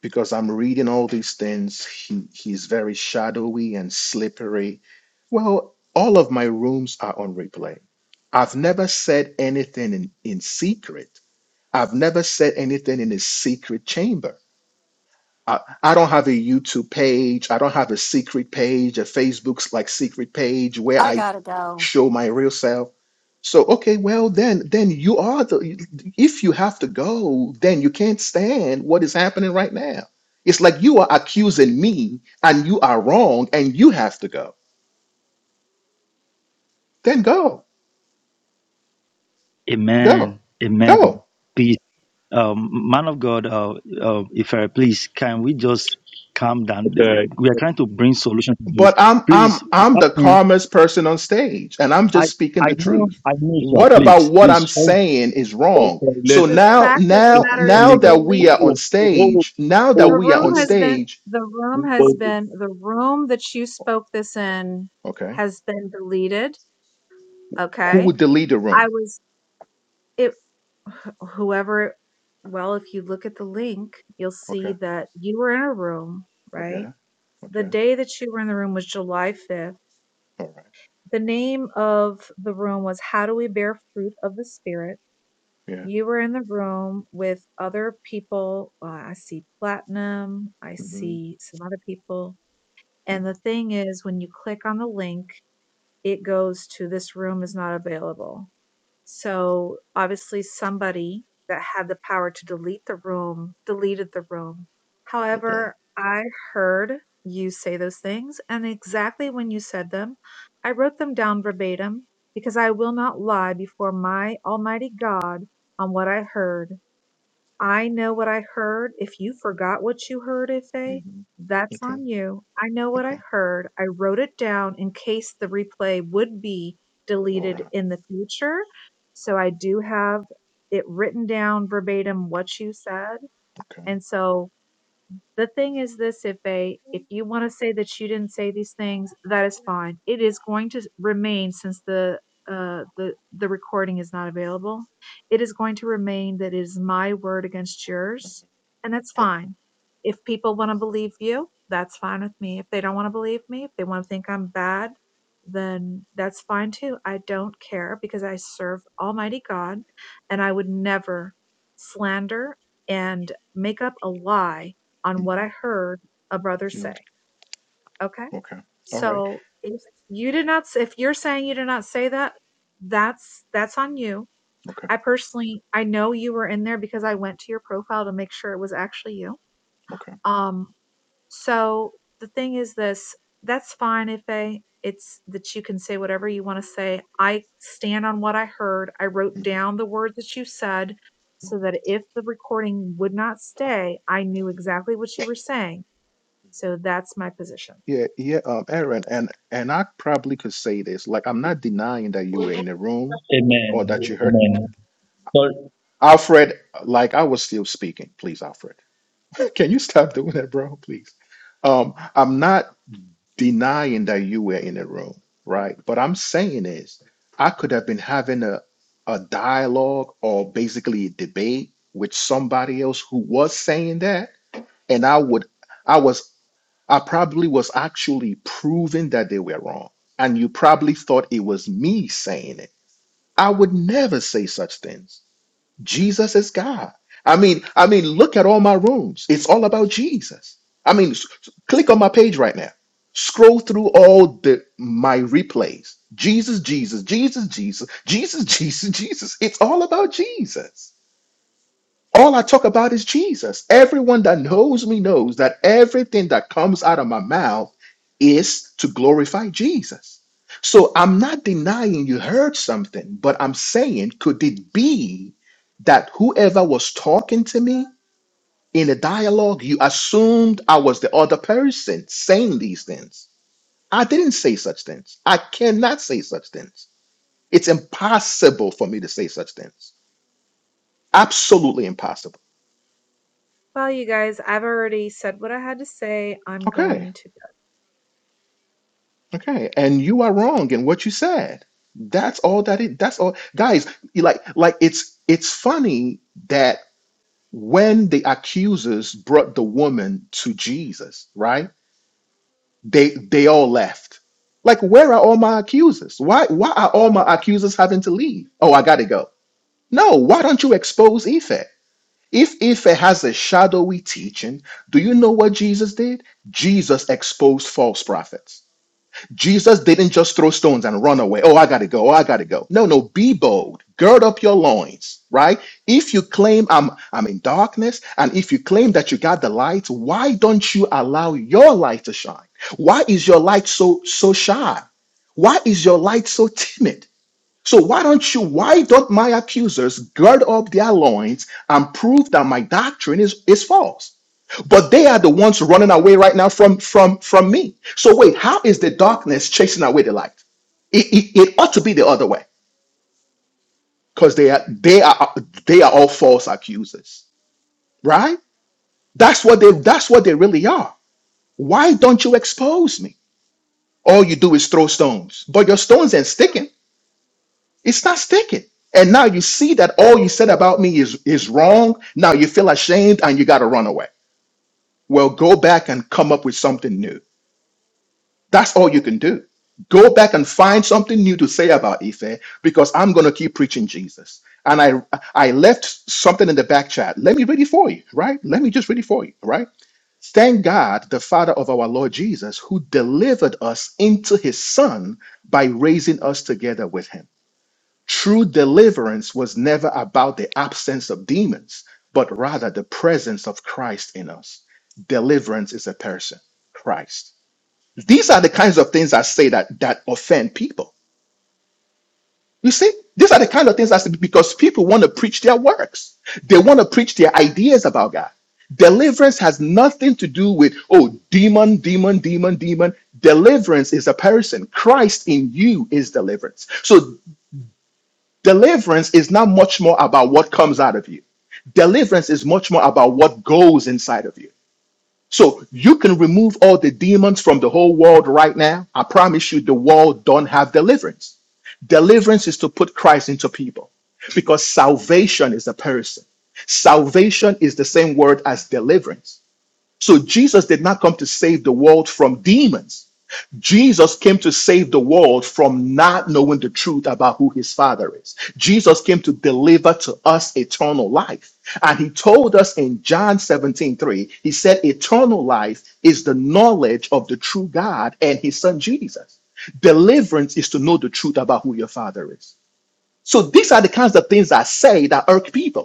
[SPEAKER 10] because I'm reading all these things. He he's very shadowy and slippery. Well, all of my rooms are on replay. I've never said anything in, in secret. I've never said anything in a secret chamber. I, I don't have a YouTube page. I don't have a secret page, a Facebook's like secret page where
[SPEAKER 11] I
[SPEAKER 10] I
[SPEAKER 11] gotta go.
[SPEAKER 10] show my real self. So okay, well then, then you are the. If you have to go, then you can't stand what is happening right now. It's like you are accusing me, and you are wrong, and you have to go. Then go, go,
[SPEAKER 9] Amen.
[SPEAKER 10] go.
[SPEAKER 9] Amen. um, man of God, uh, uh, if I please, can we just calm down?
[SPEAKER 1] Okay.
[SPEAKER 9] We are trying to bring solution to this.
[SPEAKER 10] But I'm I'm
[SPEAKER 9] Please,
[SPEAKER 10] I'm
[SPEAKER 9] help
[SPEAKER 10] the
[SPEAKER 9] me.
[SPEAKER 10] calmest person on stage, and I'm
[SPEAKER 9] I
[SPEAKER 10] just speaking
[SPEAKER 9] I
[SPEAKER 10] the
[SPEAKER 9] know,
[SPEAKER 10] truth.
[SPEAKER 9] I know, sir.
[SPEAKER 10] What about
[SPEAKER 9] Please,
[SPEAKER 10] what
[SPEAKER 9] please,
[SPEAKER 10] I'm
[SPEAKER 9] sorry,
[SPEAKER 10] saying is wrong? So
[SPEAKER 6] The
[SPEAKER 10] now
[SPEAKER 6] fact of the
[SPEAKER 10] now
[SPEAKER 6] matter is
[SPEAKER 10] now
[SPEAKER 6] the
[SPEAKER 9] please.
[SPEAKER 10] that we
[SPEAKER 6] link,
[SPEAKER 10] are on stage, now that
[SPEAKER 6] the
[SPEAKER 1] Okay.
[SPEAKER 10] we are on
[SPEAKER 6] room has been,
[SPEAKER 10] stage,
[SPEAKER 6] the room has
[SPEAKER 1] Listen.
[SPEAKER 6] been, the room that you spoke this in
[SPEAKER 10] okay,
[SPEAKER 6] has been deleted.
[SPEAKER 10] who
[SPEAKER 6] Okay.
[SPEAKER 10] would delete the
[SPEAKER 6] I
[SPEAKER 10] room?
[SPEAKER 6] was It wh whoever well, if you look at the link, you'll
[SPEAKER 10] Okay,
[SPEAKER 6] see that you were in a room,
[SPEAKER 10] oh
[SPEAKER 6] right?
[SPEAKER 10] yeah,
[SPEAKER 6] The
[SPEAKER 10] okay,
[SPEAKER 6] day that you were in the room was July 5th.
[SPEAKER 10] all right,
[SPEAKER 6] The name of the room was How Do We Bear Fruit of the Spirit?
[SPEAKER 10] yeah,
[SPEAKER 6] You were in the room with other people. Uh, I see Platinum, I
[SPEAKER 10] hmm
[SPEAKER 6] see some other people.
[SPEAKER 10] hmm
[SPEAKER 6] And the thing is, when you click on the link, it goes to this room is not available. So obviously somebody that had the power to delete the room deleted the room.
[SPEAKER 10] okay,
[SPEAKER 6] However, I heard you say those things and exactly when you said them, I wrote them down verbatim because I will not lie before my almighty God on what I heard I know what I heard. If you forgot what you heard, Ife,
[SPEAKER 10] hmm
[SPEAKER 6] that's
[SPEAKER 10] okay,
[SPEAKER 6] on you. I know what I
[SPEAKER 10] okay,
[SPEAKER 6] heard. I wrote it down in case the replay would be
[SPEAKER 10] all
[SPEAKER 6] deleted
[SPEAKER 10] right,
[SPEAKER 6] in the future. So I do have it written down verbatim what you said.
[SPEAKER 10] okay,
[SPEAKER 6] And so the thing is this if a if you want to say that you didn't say these things that is fine it is going to remain since the uh the the recording is not available it is going to remain that it is my word against yours and that's
[SPEAKER 10] okay,
[SPEAKER 6] fine if people want to believe you that's fine with me if they don't want to believe me if they want to think i'm bad then that's fine too i don't care because i serve almighty god and i would never slander and make up a lie on what
[SPEAKER 10] hmm
[SPEAKER 6] I heard a brother
[SPEAKER 10] yeah,
[SPEAKER 6] say. Okay.
[SPEAKER 10] okay, all right,
[SPEAKER 6] So if you did not, if you're saying you did not say that, that's, that's on you.
[SPEAKER 10] okay,
[SPEAKER 6] I personally, I know you were in there because I went to your profile to make sure it was actually you.
[SPEAKER 10] okay.
[SPEAKER 6] Um, so the thing is this, that's fine if they, it's that you can say whatever you want to say. I stand on what I heard. I wrote
[SPEAKER 10] Mm-hmm.
[SPEAKER 6] down the words that you said so that if the recording would not stay, I knew exactly what you were saying so that's my position.
[SPEAKER 10] Yeah, yeah, um, Aaron, and and I probably could say this. Like, I'm not denying that you were in the room or
[SPEAKER 9] Amen.
[SPEAKER 10] that you heard
[SPEAKER 9] Amen. Sorry.
[SPEAKER 10] Alfred. Like, I was still speaking. Please, Alfred, can you stop doing that, bro? Please. Um, I'm not denying that you were in the room, right? But I'm saying is, I could have been having a a dialogue or basically a debate with somebody else who was saying that, and I would. I was I probably was actually proving that they were wrong. And you probably thought it was me saying it. I would never say such things. Jesus is God. I mean, I mean, look at all my rooms. It's all about Jesus. I mean, s- s- click on my page right now. Scroll through all the my replays. Jesus, Jesus, Jesus, Jesus, Jesus, Jesus, Jesus. It's all about Jesus. All I talk about is Jesus. Everyone that knows me knows that everything that comes out of my mouth is to glorify Jesus. So I'm not denying you heard something, but I'm saying, could it be that whoever was talking to me in a dialogue, you assumed I was the other person saying these things? I didn't say such things. I cannot say such things. It's impossible for me to say such things. Absolutely impossible.
[SPEAKER 6] Well, you guys, I've already said what I had to say. I'm
[SPEAKER 10] Okay.
[SPEAKER 6] going to
[SPEAKER 10] Okay, and you are wrong in what you said. That's all that it that's all guys, you like like it's it's funny that when the accusers brought the woman to Jesus, right? They they all left. Like where are all my accusers? Why why are all my accusers having to leave? Oh, I got to go. No, why don't you expose Ife? If Ife has a shadowy teaching, do you know what Jesus did? Jesus exposed false prophets. Jesus didn't just throw stones and run away. Oh, I got to go. Oh, I got to go. No, no, be bold. Gird up your loins, right? If you claim I'm I'm in darkness and if you claim that you got the light, why don't you allow your light to shine? Why is your light so so shy? Why is your light so timid? So why don't you why don't my accusers gird up their loins and prove that my doctrine is is false? but they are the ones running away right now from from from me so wait how is the darkness chasing away the light it, it, it ought to be the other way because they are they are they are all false accusers right that's what they that's what they really are why don't you expose me all you do is throw stones but your stones ain't sticking it's not sticking and now you see that all you said about me is is wrong now you feel ashamed and you got to run away well go back and come up with something new That's all you can do. Go back and find something new to say about Ife because I'm going to keep preaching Jesus. And I I left something in the back chat. Let me read it for you, right? Let me just read it for you, right? Thank God, the Father of our Lord Jesus, who delivered us into his Son by raising us together with him. True deliverance was never about the absence of demons, but rather the presence of Christ in us. Deliverance is a person, Christ. These are the kinds of things I say that that offend people. You see, these are the kind of things I say because people want to preach their works. They want to preach their ideas about God. Deliverance has nothing to do with oh demon, demon, demon, demon. Deliverance is a person. Christ in you is deliverance. So deliverance is not much more about what comes out of you. Deliverance is much more about what goes inside of you. So you can remove all the demons from the whole world right now. I promise you, the world don't have deliverance. Deliverance is to put Christ into people because salvation is a person. Salvation is the same word as deliverance. So Jesus did not come to save the world from demons. Jesus came to save the world from not knowing the truth about who his father is. Jesus came to deliver to us eternal life. And he told us in John 17 3. he said, Eternal life is the knowledge of the true God and his son Jesus. Deliverance is to know the truth about who your father is. So these are the kinds of things I say that irk people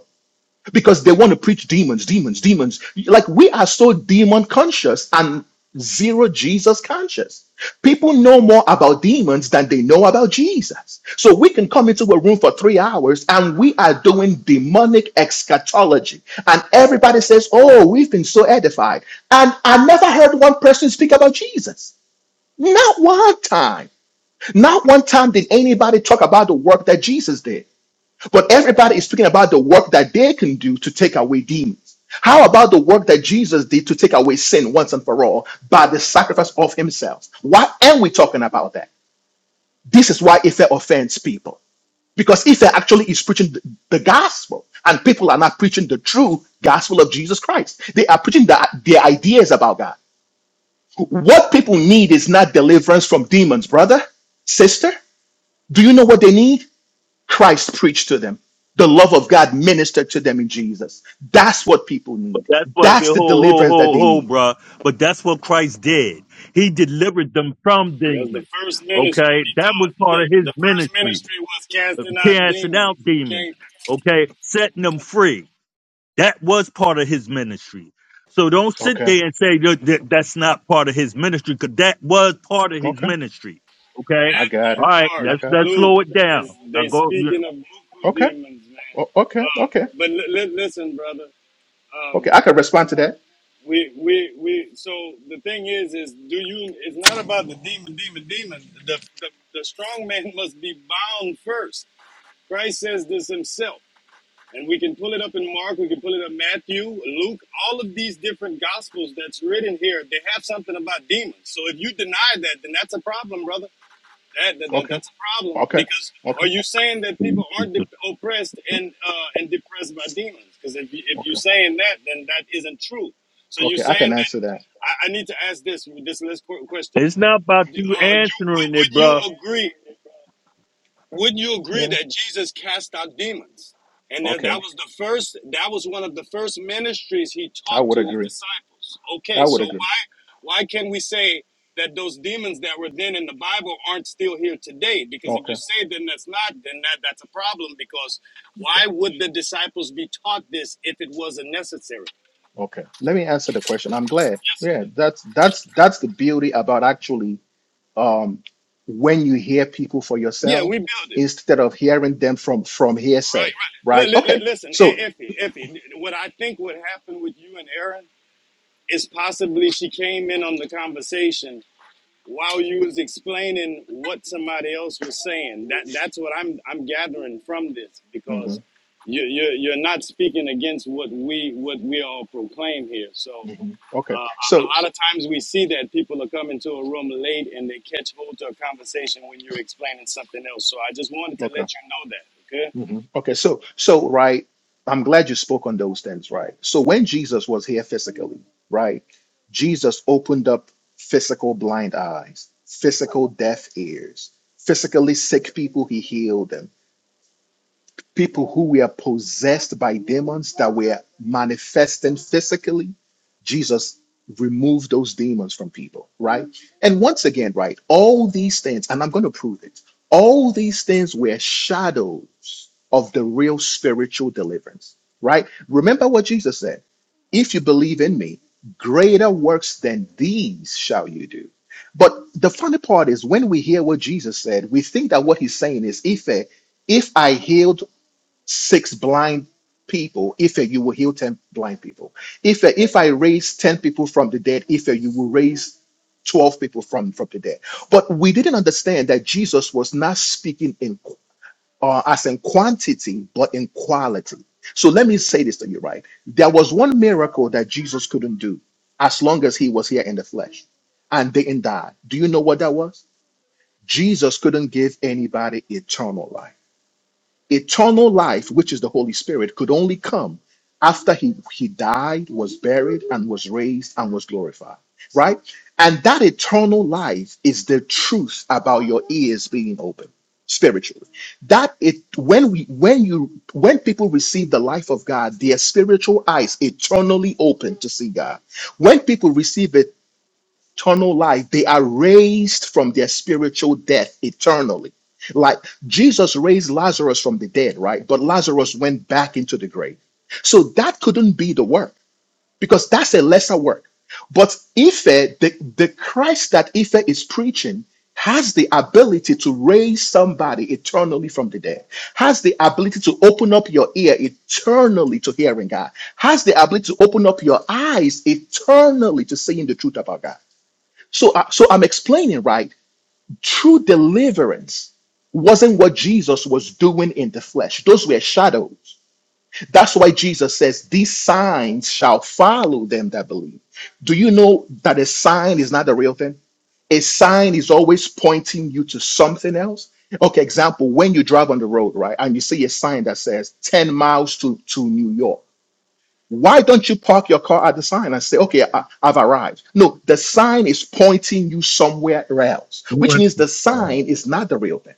[SPEAKER 10] because they want to preach demons, demons, demons. Like we are so demon conscious and zero Jesus conscious. People know more about demons than they know about Jesus. So we can come into a room for three hours and we are doing demonic eschatology. And everybody says, Oh, we've been so edified. And I never heard one person speak about Jesus. Not one time. Not one time did anybody talk about the work that Jesus did. But everybody is speaking about the work that they can do to take away demons. How about the work that Jesus did to take away sin once and for all by the sacrifice of himself? Why aren't we talking about that? This is why Ife offends people. Because Ife actually is preaching the the gospel, and people are not preaching the true gospel of Jesus Christ. They are preaching the, their ideas about God. What people need is not deliverance from demons, brother, sister. Do you know what they need? Christ preached to them. The love of God ministered to them in Jesus. That's what people
[SPEAKER 1] But
[SPEAKER 10] need.
[SPEAKER 1] that's what wait,
[SPEAKER 10] That's
[SPEAKER 1] hold,
[SPEAKER 10] the
[SPEAKER 1] hold,
[SPEAKER 10] deliverance that
[SPEAKER 1] hold,
[SPEAKER 10] they
[SPEAKER 1] hold,
[SPEAKER 10] need.
[SPEAKER 1] bruh. But that's what Christ did. He delivered them from
[SPEAKER 5] That's the
[SPEAKER 1] demons.
[SPEAKER 5] first ministry
[SPEAKER 1] Okay, that was
[SPEAKER 5] he taught.
[SPEAKER 1] part of his
[SPEAKER 5] the first
[SPEAKER 1] ministry,
[SPEAKER 5] ministry was
[SPEAKER 1] uh,
[SPEAKER 5] casting out
[SPEAKER 1] casting out
[SPEAKER 5] demons. You
[SPEAKER 1] demons.
[SPEAKER 5] can't
[SPEAKER 1] Okay, setting them free. That was part of his ministry. So don't sit
[SPEAKER 10] Okay.
[SPEAKER 1] there and say that, that- that's not part of his ministry, because that was part of his
[SPEAKER 10] Okay.
[SPEAKER 1] ministry. Okay,
[SPEAKER 10] I got
[SPEAKER 1] all
[SPEAKER 10] it.
[SPEAKER 1] right,
[SPEAKER 5] bark.
[SPEAKER 10] I
[SPEAKER 1] let's
[SPEAKER 10] got it.
[SPEAKER 1] let's slow it
[SPEAKER 5] It's,
[SPEAKER 1] down. Now
[SPEAKER 5] they
[SPEAKER 1] go. you
[SPEAKER 5] speaking of buku
[SPEAKER 10] Okay.
[SPEAKER 5] demons, man.
[SPEAKER 10] O- okay. Okay.
[SPEAKER 5] But li- li- listen, brother. Um,
[SPEAKER 10] Okay. I can respond to that.
[SPEAKER 5] we we we. So the thing is, is do you? It's not about the demon, demon, demon. The the, the strong man must be bound first. Christ says this himself. And we can pull it up in Mark, we can pull it up in Matthew, Luke, all of these different gospels that's written here, they have something about demons. So if you deny that, then that's a problem, brother. That, that, that
[SPEAKER 10] Okay.
[SPEAKER 5] that's a problem
[SPEAKER 10] Okay.
[SPEAKER 5] because are
[SPEAKER 10] Okay.
[SPEAKER 5] you saying that
[SPEAKER 1] know,
[SPEAKER 5] people aren't de- oppressed and uh, and depressed by demons? Because if you, if you're
[SPEAKER 10] Okay.
[SPEAKER 5] saying that, then that isn't true. So you're
[SPEAKER 10] Okay. I
[SPEAKER 5] saying
[SPEAKER 10] can
[SPEAKER 5] that
[SPEAKER 10] answer that.
[SPEAKER 5] I, I need to ask this this last qu- question.
[SPEAKER 1] It's not about
[SPEAKER 5] Uh,
[SPEAKER 1] you
[SPEAKER 5] you
[SPEAKER 1] answering
[SPEAKER 5] wou-
[SPEAKER 1] it,
[SPEAKER 5] wouldn't
[SPEAKER 1] bruh.
[SPEAKER 5] you agree? Wouldn't you agree
[SPEAKER 10] Yeah.
[SPEAKER 5] that Jesus cast out demons? And that, that
[SPEAKER 10] Okay.
[SPEAKER 5] was the first, that was one of the first ministries he
[SPEAKER 10] I
[SPEAKER 5] taught
[SPEAKER 10] would
[SPEAKER 5] to his
[SPEAKER 10] agree.
[SPEAKER 5] disciples. Okay,
[SPEAKER 10] I would
[SPEAKER 5] so
[SPEAKER 10] agree.
[SPEAKER 5] why why can we say that those demons that were then in the Bible aren't still here today? Because if you
[SPEAKER 10] Okay.
[SPEAKER 5] say then that's not, then that, that's a problem because
[SPEAKER 10] Okay.
[SPEAKER 5] why would the disciples be taught this if it wasn't necessary?
[SPEAKER 10] Okay. Let me answer the question. I'm glad.
[SPEAKER 5] Yes, sir.
[SPEAKER 10] Yeah. That's that's that's the beauty about actually. um, when you hear people for
[SPEAKER 5] Yeah,
[SPEAKER 10] yourself
[SPEAKER 5] we build it.
[SPEAKER 10] instead of hearing them from from hearsay
[SPEAKER 5] Li-
[SPEAKER 10] right
[SPEAKER 5] li- li-
[SPEAKER 10] okay
[SPEAKER 5] listen, E-
[SPEAKER 10] so
[SPEAKER 5] Effie, Effie, what I think would happen with you and Aaron is possibly she came in on the conversation while you was explaining what somebody else was saying. That that's what I'm I'm gathering from this because
[SPEAKER 10] mhm,
[SPEAKER 5] you you you're not speaking against what we what we all proclaim here. So
[SPEAKER 10] mhm,
[SPEAKER 5] uh,
[SPEAKER 10] okay
[SPEAKER 5] a, a
[SPEAKER 10] so
[SPEAKER 5] lot of times we see that people are coming to a room late and they catch hold to a conversation when you're explaining something else. So I just wanted to
[SPEAKER 10] okay
[SPEAKER 5] let you know that. Okay.
[SPEAKER 10] mhm, okay so so right i'm glad you spoke on those things right so when jesus was here physically right jesus opened up physical blind eyes physical deaf ears physically sick people he healed them people who were possessed by demons that were manifesting physically, Jesus removed those demons from people, right? And once again, right, all these things, and I'm going to prove it, all these things were shadows of the real spiritual deliverance, right? Remember what Jesus said if you believe in me, greater works than these shall you do. But the funny part is when we hear what Jesus said, we think that what he's saying is if, eh, if I healed six blind people, if you will heal 10 blind people. If if I raise 10 people from the dead, if you will raise 12 people from, from the dead. But we didn't understand that Jesus was not speaking in uh, as in quantity, but in quality. So let me say this to you, right? There was one miracle that Jesus couldn't do as long as he was here in the flesh and didn't die. Do you know what that was? Jesus couldn't give anybody eternal life. Eternal life, which is the Holy Spirit, could only come after he, he died, was buried, and was raised and was glorified, right? And that eternal life is the truth about your ears being open spiritually. That it when we when you when people receive the life of God, their spiritual eyes eternally open to see God. When people receive eternal life. They are raised from their spiritual death eternally. Like Jesus raised Lazarus from the dead, right? But Lazarus went back into the grave. So that couldn't be the work because that's a lesser work. But Ife, the, the Christ that Ife is preaching, has the ability to raise somebody eternally from the dead, has the ability to open up your ear eternally to hearing God, has the ability to open up your eyes eternally to seeing the truth about God. So, I, so I'm explaining, right? True deliverance wasn't what Jesus was doing in the flesh. Those were shadows. That's why Jesus says, These signs shall follow them that believe. Do you know that a sign is not the real thing? A sign is always pointing you to something else. Okay, example, when you drive on the road, right, and you see a sign that says 10 miles to, to New York why don't you park your car at the sign and say, okay, I, I've arrived? No, the sign is pointing you somewhere else, which means the sign is not the real thing,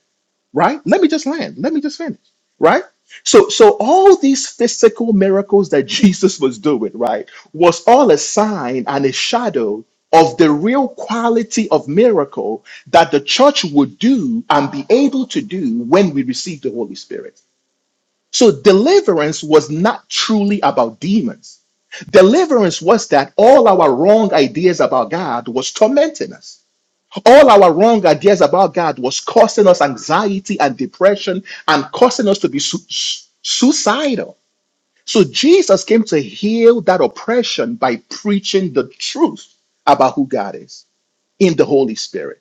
[SPEAKER 10] right? Let me just land. Let me just finish, right? So, so all these physical miracles that Jesus was doing, right, was all a sign and a shadow of the real quality of miracle that the church would do and be able to do when we receive the Holy Spirit. So deliverance was not truly about demons. Deliverance was that all our wrong ideas about God was tormenting us. All our wrong ideas about God was causing us anxiety and depression and causing us to be su- su- suicidal. So Jesus came to heal that oppression by preaching the truth about who God is in the Holy Spirit.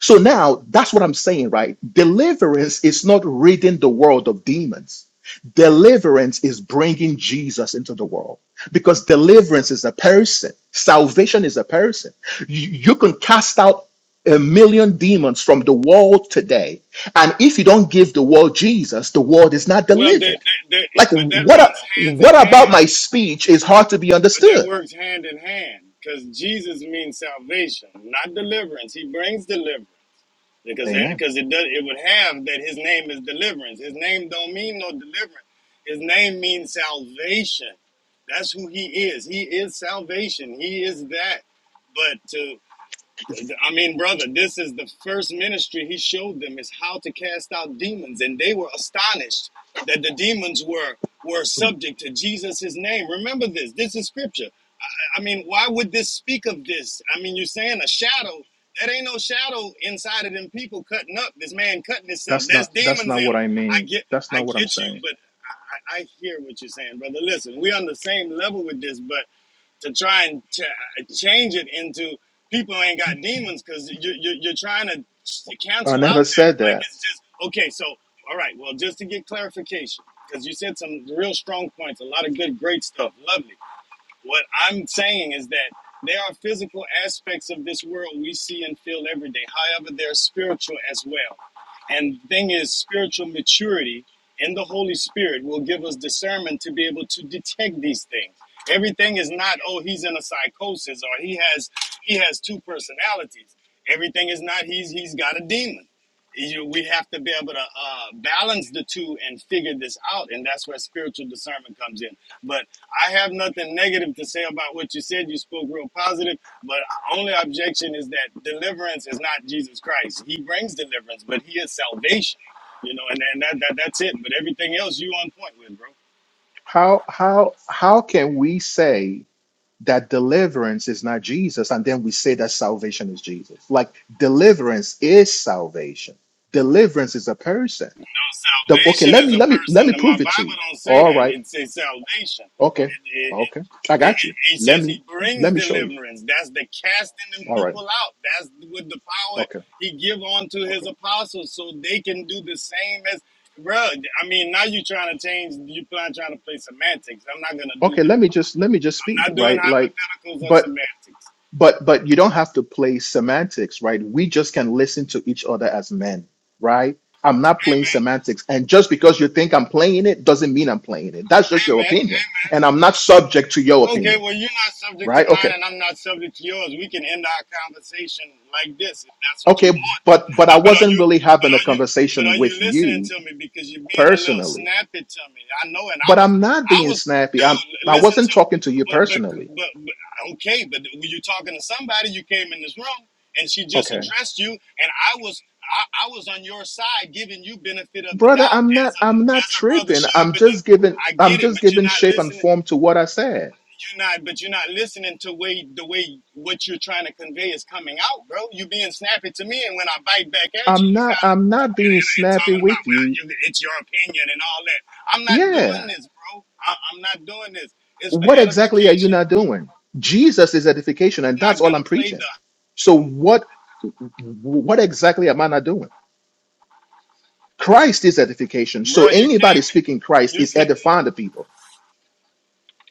[SPEAKER 10] So now that's what I'm saying, right? Deliverance is not ridding the world of demons. Deliverance is bringing Jesus into the world because deliverance is a person. Salvation is a person. You, you can cast out a million demons from the world today. And if you don't give the world Jesus, the world is not
[SPEAKER 5] Well, they,
[SPEAKER 10] delivered.
[SPEAKER 5] they, they,
[SPEAKER 10] Like
[SPEAKER 5] but that
[SPEAKER 10] what, a-
[SPEAKER 5] runs hands
[SPEAKER 10] what
[SPEAKER 5] in
[SPEAKER 10] about my
[SPEAKER 5] hand.
[SPEAKER 10] speech is hard to be
[SPEAKER 5] But that
[SPEAKER 10] understood?
[SPEAKER 5] works hand in hand because Jesus means salvation, not deliverance. He brings deliverance. because that,
[SPEAKER 10] Amen.
[SPEAKER 5] because it does it would have that his name is deliverance. His name don't mean no deliverance. His name means salvation. That's who he is. He is salvation. He is that. But to I mean, brother, this is the first ministry he showed them is how to cast out demons, and they were astonished that the demons were were subject to Jesus' name. Remember this. This is scripture. I mean, why would this speak of this? I mean, you're saying a shadow. That ain't no shadow inside of them people cutting up. This man cutting himself.
[SPEAKER 10] That's
[SPEAKER 5] That's
[SPEAKER 10] not, that's
[SPEAKER 5] demons in
[SPEAKER 10] not
[SPEAKER 5] him.
[SPEAKER 10] what I
[SPEAKER 5] I
[SPEAKER 10] mean.
[SPEAKER 5] get,
[SPEAKER 10] That's
[SPEAKER 5] I
[SPEAKER 10] not what I'm
[SPEAKER 5] get you,
[SPEAKER 10] saying.
[SPEAKER 5] but I, I I hear what you're saying, brother. Listen, we on the same level with this, but to try and ch- change it into people ain't got demons because you, you, you're trying to
[SPEAKER 10] I
[SPEAKER 5] cancel out that.
[SPEAKER 10] never said that.
[SPEAKER 5] Like it's just okay. So all right, well, just to get clarification, because you said some real strong points, a lot of good, great stuff, lovely. What I'm saying is that there are physical aspects of this world we see and feel every day. However, they're spiritual as well. And the thing is, spiritual maturity in the Holy Spirit will give us discernment to be able to detect these things. Everything is not, oh, he's in a psychosis or he has he has two personalities. Everything is not he's he's got a demon. You, we have to be able to uh, balance the two and figure this out, and that's where spiritual discernment comes in. But I have nothing negative to say about what you said. You spoke real positive, but only objection is that deliverance is not Jesus Christ. He brings deliverance, but he is salvation. You know, and, and that, that that's it. But everything else you on point with, bro.
[SPEAKER 10] How how how can we say that deliverance is not Jesus and then we say that salvation is Jesus? Like deliverance is salvation. Deliverance is a person. The, okay, let
[SPEAKER 5] Salvation is
[SPEAKER 10] me
[SPEAKER 5] a
[SPEAKER 10] let me let me
[SPEAKER 5] person. My
[SPEAKER 10] prove it to
[SPEAKER 5] Bible
[SPEAKER 10] you.
[SPEAKER 5] don't say
[SPEAKER 10] All
[SPEAKER 5] that.
[SPEAKER 10] right.
[SPEAKER 5] It says salvation.
[SPEAKER 10] Okay.
[SPEAKER 5] It, it,
[SPEAKER 10] Okay. I
[SPEAKER 5] it, it
[SPEAKER 10] got you. Let
[SPEAKER 5] says he
[SPEAKER 10] me
[SPEAKER 5] brings
[SPEAKER 10] let me show you.
[SPEAKER 5] deliverance. That's the casting them
[SPEAKER 10] All right.
[SPEAKER 5] people out. That's with the power
[SPEAKER 10] Okay.
[SPEAKER 5] he give unto his
[SPEAKER 10] Okay.
[SPEAKER 5] apostles so they can do the same as bro. I mean, now you trying to change. You plan trying to play semantics. I'm not gonna do
[SPEAKER 10] Okay, let me just let me just speak,
[SPEAKER 5] I'm not doing
[SPEAKER 10] right? Like
[SPEAKER 5] hypotheticals or
[SPEAKER 10] but.
[SPEAKER 5] semantics.
[SPEAKER 10] but but you don't have to play semantics right we just can listen to each other as men right i'm not
[SPEAKER 5] Hey
[SPEAKER 10] playing
[SPEAKER 5] man,
[SPEAKER 10] semantics and just because you think i'm playing it doesn't mean i'm playing it that's just
[SPEAKER 5] hey
[SPEAKER 10] your
[SPEAKER 5] man,
[SPEAKER 10] opinion and i'm not subject to your
[SPEAKER 5] Okay,
[SPEAKER 10] opinion
[SPEAKER 5] well, you're not subject to
[SPEAKER 10] right
[SPEAKER 5] mine,
[SPEAKER 10] okay
[SPEAKER 5] and I'm not subject to yours. We can end our conversation like this if that's what you
[SPEAKER 10] okay
[SPEAKER 5] want.
[SPEAKER 10] but but i
[SPEAKER 5] But but are
[SPEAKER 10] wasn't
[SPEAKER 5] you
[SPEAKER 10] really
[SPEAKER 5] but
[SPEAKER 10] having a
[SPEAKER 5] are you but are
[SPEAKER 10] conversation
[SPEAKER 5] you
[SPEAKER 10] with
[SPEAKER 5] listening
[SPEAKER 10] you
[SPEAKER 5] to me? Because you're being a little
[SPEAKER 10] personally
[SPEAKER 5] snappy to me. I know, and I
[SPEAKER 10] but
[SPEAKER 5] was
[SPEAKER 10] i'm not
[SPEAKER 5] I
[SPEAKER 10] being
[SPEAKER 5] was
[SPEAKER 10] snappy
[SPEAKER 5] dude.
[SPEAKER 10] i'm
[SPEAKER 5] l-
[SPEAKER 10] i
[SPEAKER 5] Listen
[SPEAKER 10] wasn't
[SPEAKER 5] to me.
[SPEAKER 10] talking to you
[SPEAKER 5] But but
[SPEAKER 10] personally
[SPEAKER 5] but, but okay. But were you talking to somebody? You came in this room, and she just
[SPEAKER 10] okay
[SPEAKER 5] addressed you, and I was I, I was on your side, giving you benefit of the
[SPEAKER 10] brother
[SPEAKER 5] doubt
[SPEAKER 10] i'm
[SPEAKER 5] as
[SPEAKER 10] not
[SPEAKER 5] a
[SPEAKER 10] i'm not
[SPEAKER 5] as a brother
[SPEAKER 10] tripping
[SPEAKER 5] should.
[SPEAKER 10] i'm
[SPEAKER 5] But
[SPEAKER 10] just
[SPEAKER 5] then
[SPEAKER 10] giving
[SPEAKER 5] I
[SPEAKER 10] i'm
[SPEAKER 5] get it,
[SPEAKER 10] just
[SPEAKER 5] but you're
[SPEAKER 10] giving
[SPEAKER 5] not
[SPEAKER 10] shape and
[SPEAKER 5] listening
[SPEAKER 10] form to what i said
[SPEAKER 5] you're not but you're not listening to way the way what you're trying to convey is coming out, bro. You being snappy to me, and when I bite back at you,
[SPEAKER 10] I'm
[SPEAKER 5] you
[SPEAKER 10] not
[SPEAKER 5] kind of
[SPEAKER 10] I'm not being
[SPEAKER 5] and
[SPEAKER 10] snappy
[SPEAKER 5] talking about
[SPEAKER 10] with you.
[SPEAKER 5] well, you, it's your opinion and all that. I'm not doing
[SPEAKER 10] Yeah.
[SPEAKER 5] this, bro. I, I'm not doing this. It's for
[SPEAKER 10] What exactly are you
[SPEAKER 5] edification.
[SPEAKER 10] not doing? Jesus is edification and
[SPEAKER 5] I'm
[SPEAKER 10] that's
[SPEAKER 5] not
[SPEAKER 10] all I'm
[SPEAKER 5] gonna play
[SPEAKER 10] preaching.
[SPEAKER 5] the
[SPEAKER 10] So what what exactly am I not doing? Christ is edification. So
[SPEAKER 5] bro. You
[SPEAKER 10] anybody
[SPEAKER 5] came.
[SPEAKER 10] speaking Christ
[SPEAKER 5] You
[SPEAKER 10] is
[SPEAKER 5] can
[SPEAKER 10] edifying the people.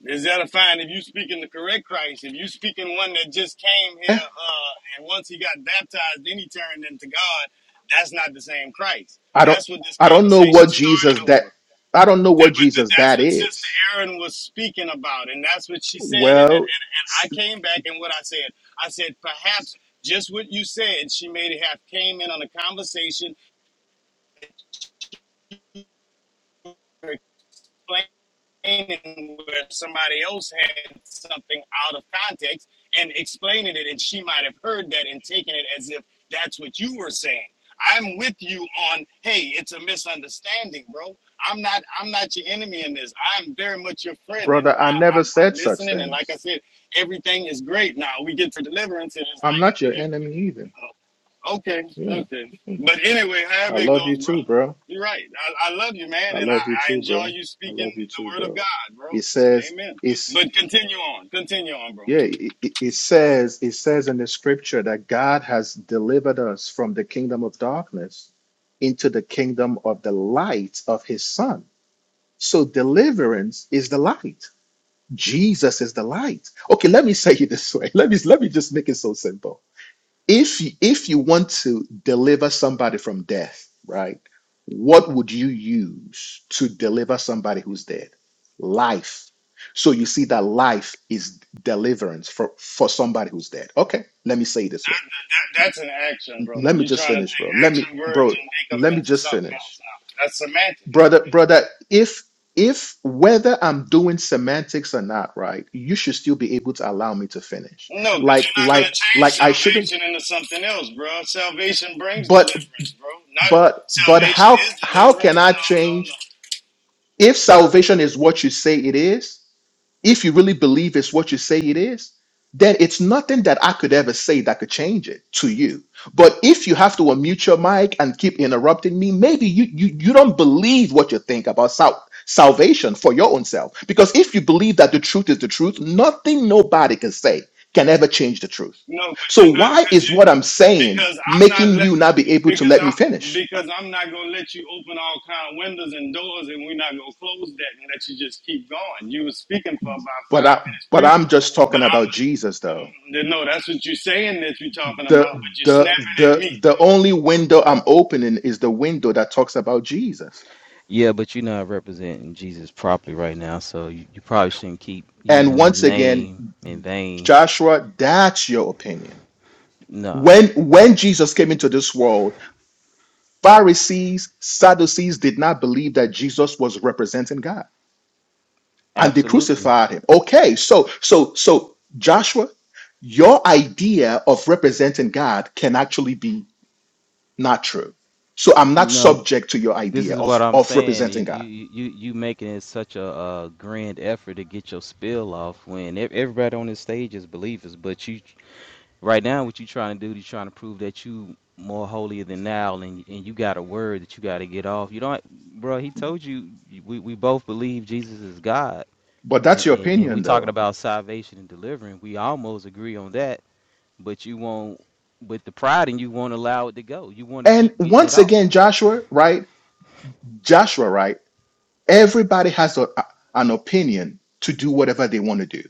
[SPEAKER 5] is that a fine if you speaking the correct Christ? If you speaking one that just came
[SPEAKER 10] Eh,
[SPEAKER 5] here, uh, and once he got baptized, then he turned into God. That's not the same Christ.
[SPEAKER 10] I don't
[SPEAKER 5] That's what this
[SPEAKER 10] I don't know
[SPEAKER 5] conversation
[SPEAKER 10] what Jesus
[SPEAKER 5] started
[SPEAKER 10] that
[SPEAKER 5] over.
[SPEAKER 10] I don't know what
[SPEAKER 5] but
[SPEAKER 10] Jesus
[SPEAKER 5] that's
[SPEAKER 10] that
[SPEAKER 5] what Sister
[SPEAKER 10] is.
[SPEAKER 5] Erin was speaking about, and that's what she said. And, and
[SPEAKER 10] Well,
[SPEAKER 5] I
[SPEAKER 10] s-
[SPEAKER 5] came back, and what I said, I said perhaps just what you said. She may have came in on a conversation, explained explaining where somebody else had something out of context and explaining it, and she might have heard that and taken it as if that's what you were saying. I'm with you on, hey, it's a misunderstanding, bro. I'm not, I'm not your enemy in this. I'm very much your friend, and
[SPEAKER 10] brother, I
[SPEAKER 5] I,
[SPEAKER 10] never
[SPEAKER 5] I'm, I'm
[SPEAKER 10] said such
[SPEAKER 5] listening. And like
[SPEAKER 10] things.
[SPEAKER 5] I said, everything is great. Now we get to deliverance, and it's
[SPEAKER 10] I'm
[SPEAKER 5] like
[SPEAKER 10] not your
[SPEAKER 5] you.
[SPEAKER 10] enemy either.
[SPEAKER 5] Okay,
[SPEAKER 10] Yeah.
[SPEAKER 5] okay.
[SPEAKER 10] I
[SPEAKER 5] But anyway, however it
[SPEAKER 10] love you
[SPEAKER 5] goes, bro,
[SPEAKER 10] too, bro.
[SPEAKER 5] you're right. I, I love you, man,
[SPEAKER 10] I
[SPEAKER 5] and
[SPEAKER 10] love you
[SPEAKER 5] I, I
[SPEAKER 10] too,
[SPEAKER 5] enjoy
[SPEAKER 10] bro.
[SPEAKER 5] you
[SPEAKER 10] I
[SPEAKER 5] speaking
[SPEAKER 10] love you too,
[SPEAKER 5] the word of
[SPEAKER 10] bro.
[SPEAKER 5] God, bro.
[SPEAKER 10] It says
[SPEAKER 5] Amen.
[SPEAKER 10] it's
[SPEAKER 5] But continue on, continue on, bro.
[SPEAKER 10] yeah, it, it it says it says in the scripture that God has delivered us from the kingdom of darkness into the kingdom of the light of his son. So deliverance is the light. Jesus is the light. Okay, let me say it this way. Let me let me just make it so simple if you- if you want to deliver somebody from death, right? What would you use to deliver somebody who's dead? Life. So you see that life is deliverance for for somebody who's dead. Okay, let me say it this way.
[SPEAKER 5] That, that's an action, brother.
[SPEAKER 10] Let me
[SPEAKER 5] You're
[SPEAKER 10] just
[SPEAKER 5] trying to
[SPEAKER 10] finish,
[SPEAKER 5] take
[SPEAKER 10] bro. Let me,
[SPEAKER 5] action verbs
[SPEAKER 10] bro.
[SPEAKER 5] and make them
[SPEAKER 10] Let me
[SPEAKER 5] into
[SPEAKER 10] just
[SPEAKER 5] something else
[SPEAKER 10] finish,
[SPEAKER 5] now. That's semantic.
[SPEAKER 10] brother. Brother, if if whether I'm doing semantics or not, right? You should still be able to allow me to finish.
[SPEAKER 5] No, because
[SPEAKER 10] Like
[SPEAKER 5] you're not going to
[SPEAKER 10] like like
[SPEAKER 5] change
[SPEAKER 10] I shouldn't.
[SPEAKER 5] salvation into something else, bro. Salvation brings deliverance, bro. Not
[SPEAKER 10] But but
[SPEAKER 5] salvation
[SPEAKER 10] how
[SPEAKER 5] is
[SPEAKER 10] how can
[SPEAKER 5] deliverance.
[SPEAKER 10] I
[SPEAKER 5] No, no,
[SPEAKER 10] change
[SPEAKER 5] no.
[SPEAKER 10] if salvation is what you say it is? If you really believe it's what you say it is, then it's nothing that I could ever say that could change it to you. But if you have to unmute your mic and keep interrupting me, maybe you you, you don't believe what you think about sal- salvation for your own self. Because if you believe that the truth is the truth, nothing nobody can say can ever change the truth.
[SPEAKER 5] No, but
[SPEAKER 10] So
[SPEAKER 5] you're not,
[SPEAKER 10] why
[SPEAKER 5] because
[SPEAKER 10] is
[SPEAKER 5] you,
[SPEAKER 10] what I'm saying
[SPEAKER 5] because I'm not
[SPEAKER 10] making
[SPEAKER 5] letting
[SPEAKER 10] you not be able to
[SPEAKER 5] because
[SPEAKER 10] let me finish?
[SPEAKER 5] I'm because I'm not gonna let you open all kind of windows and doors, and we're not gonna close that and let you just keep going. You were speaking for about
[SPEAKER 10] But
[SPEAKER 5] five
[SPEAKER 10] I,
[SPEAKER 5] minutes
[SPEAKER 10] but I'm
[SPEAKER 5] previous,
[SPEAKER 10] just
[SPEAKER 5] but
[SPEAKER 10] talking about Jesus though.
[SPEAKER 5] I'm, no, that's what you're saying that you're talking about,
[SPEAKER 10] The
[SPEAKER 5] but you're
[SPEAKER 10] the
[SPEAKER 5] snapping at me.
[SPEAKER 10] the the only window I'm opening is the window that talks about Jesus.
[SPEAKER 4] Yeah, but you're not representing Jesus properly right now, so you, you probably shouldn't keep
[SPEAKER 10] And
[SPEAKER 4] using his
[SPEAKER 10] once again,
[SPEAKER 4] name in vain.
[SPEAKER 10] Joshua, that's your opinion.
[SPEAKER 4] No,
[SPEAKER 10] When when Jesus came into this world, Pharisees, Sadducees did not believe that Jesus was representing God, and they
[SPEAKER 4] absolutely.
[SPEAKER 10] crucified him. Okay, so so so Joshua, your idea of representing God can actually be Not true. So I'm not
[SPEAKER 4] No,
[SPEAKER 10] subject to your
[SPEAKER 4] this
[SPEAKER 10] idea
[SPEAKER 4] is
[SPEAKER 10] of,
[SPEAKER 4] what I'm
[SPEAKER 10] of
[SPEAKER 4] saying. You
[SPEAKER 10] representing God.
[SPEAKER 4] you you you making it such a, uh grand effort to get your spill off when ev- everybody on this stage is believers, but you right now what you trying to do, you trying to prove that you more holier than thou, and and you got a word that you got to get off. You don't, bro. He told you we we both believe Jesus is God,
[SPEAKER 10] But that's
[SPEAKER 4] and
[SPEAKER 10] your
[SPEAKER 4] and and we
[SPEAKER 10] opinion,
[SPEAKER 4] talking
[SPEAKER 10] though.
[SPEAKER 4] about salvation and delivering. We almost agree on that, but you won't. But the pride in you won't allow it to go. You want to
[SPEAKER 10] And
[SPEAKER 4] keep getting it
[SPEAKER 10] once
[SPEAKER 4] off.
[SPEAKER 10] again, Joshua, right? Joshua, right? Everybody has a, an opinion to do whatever they want to do.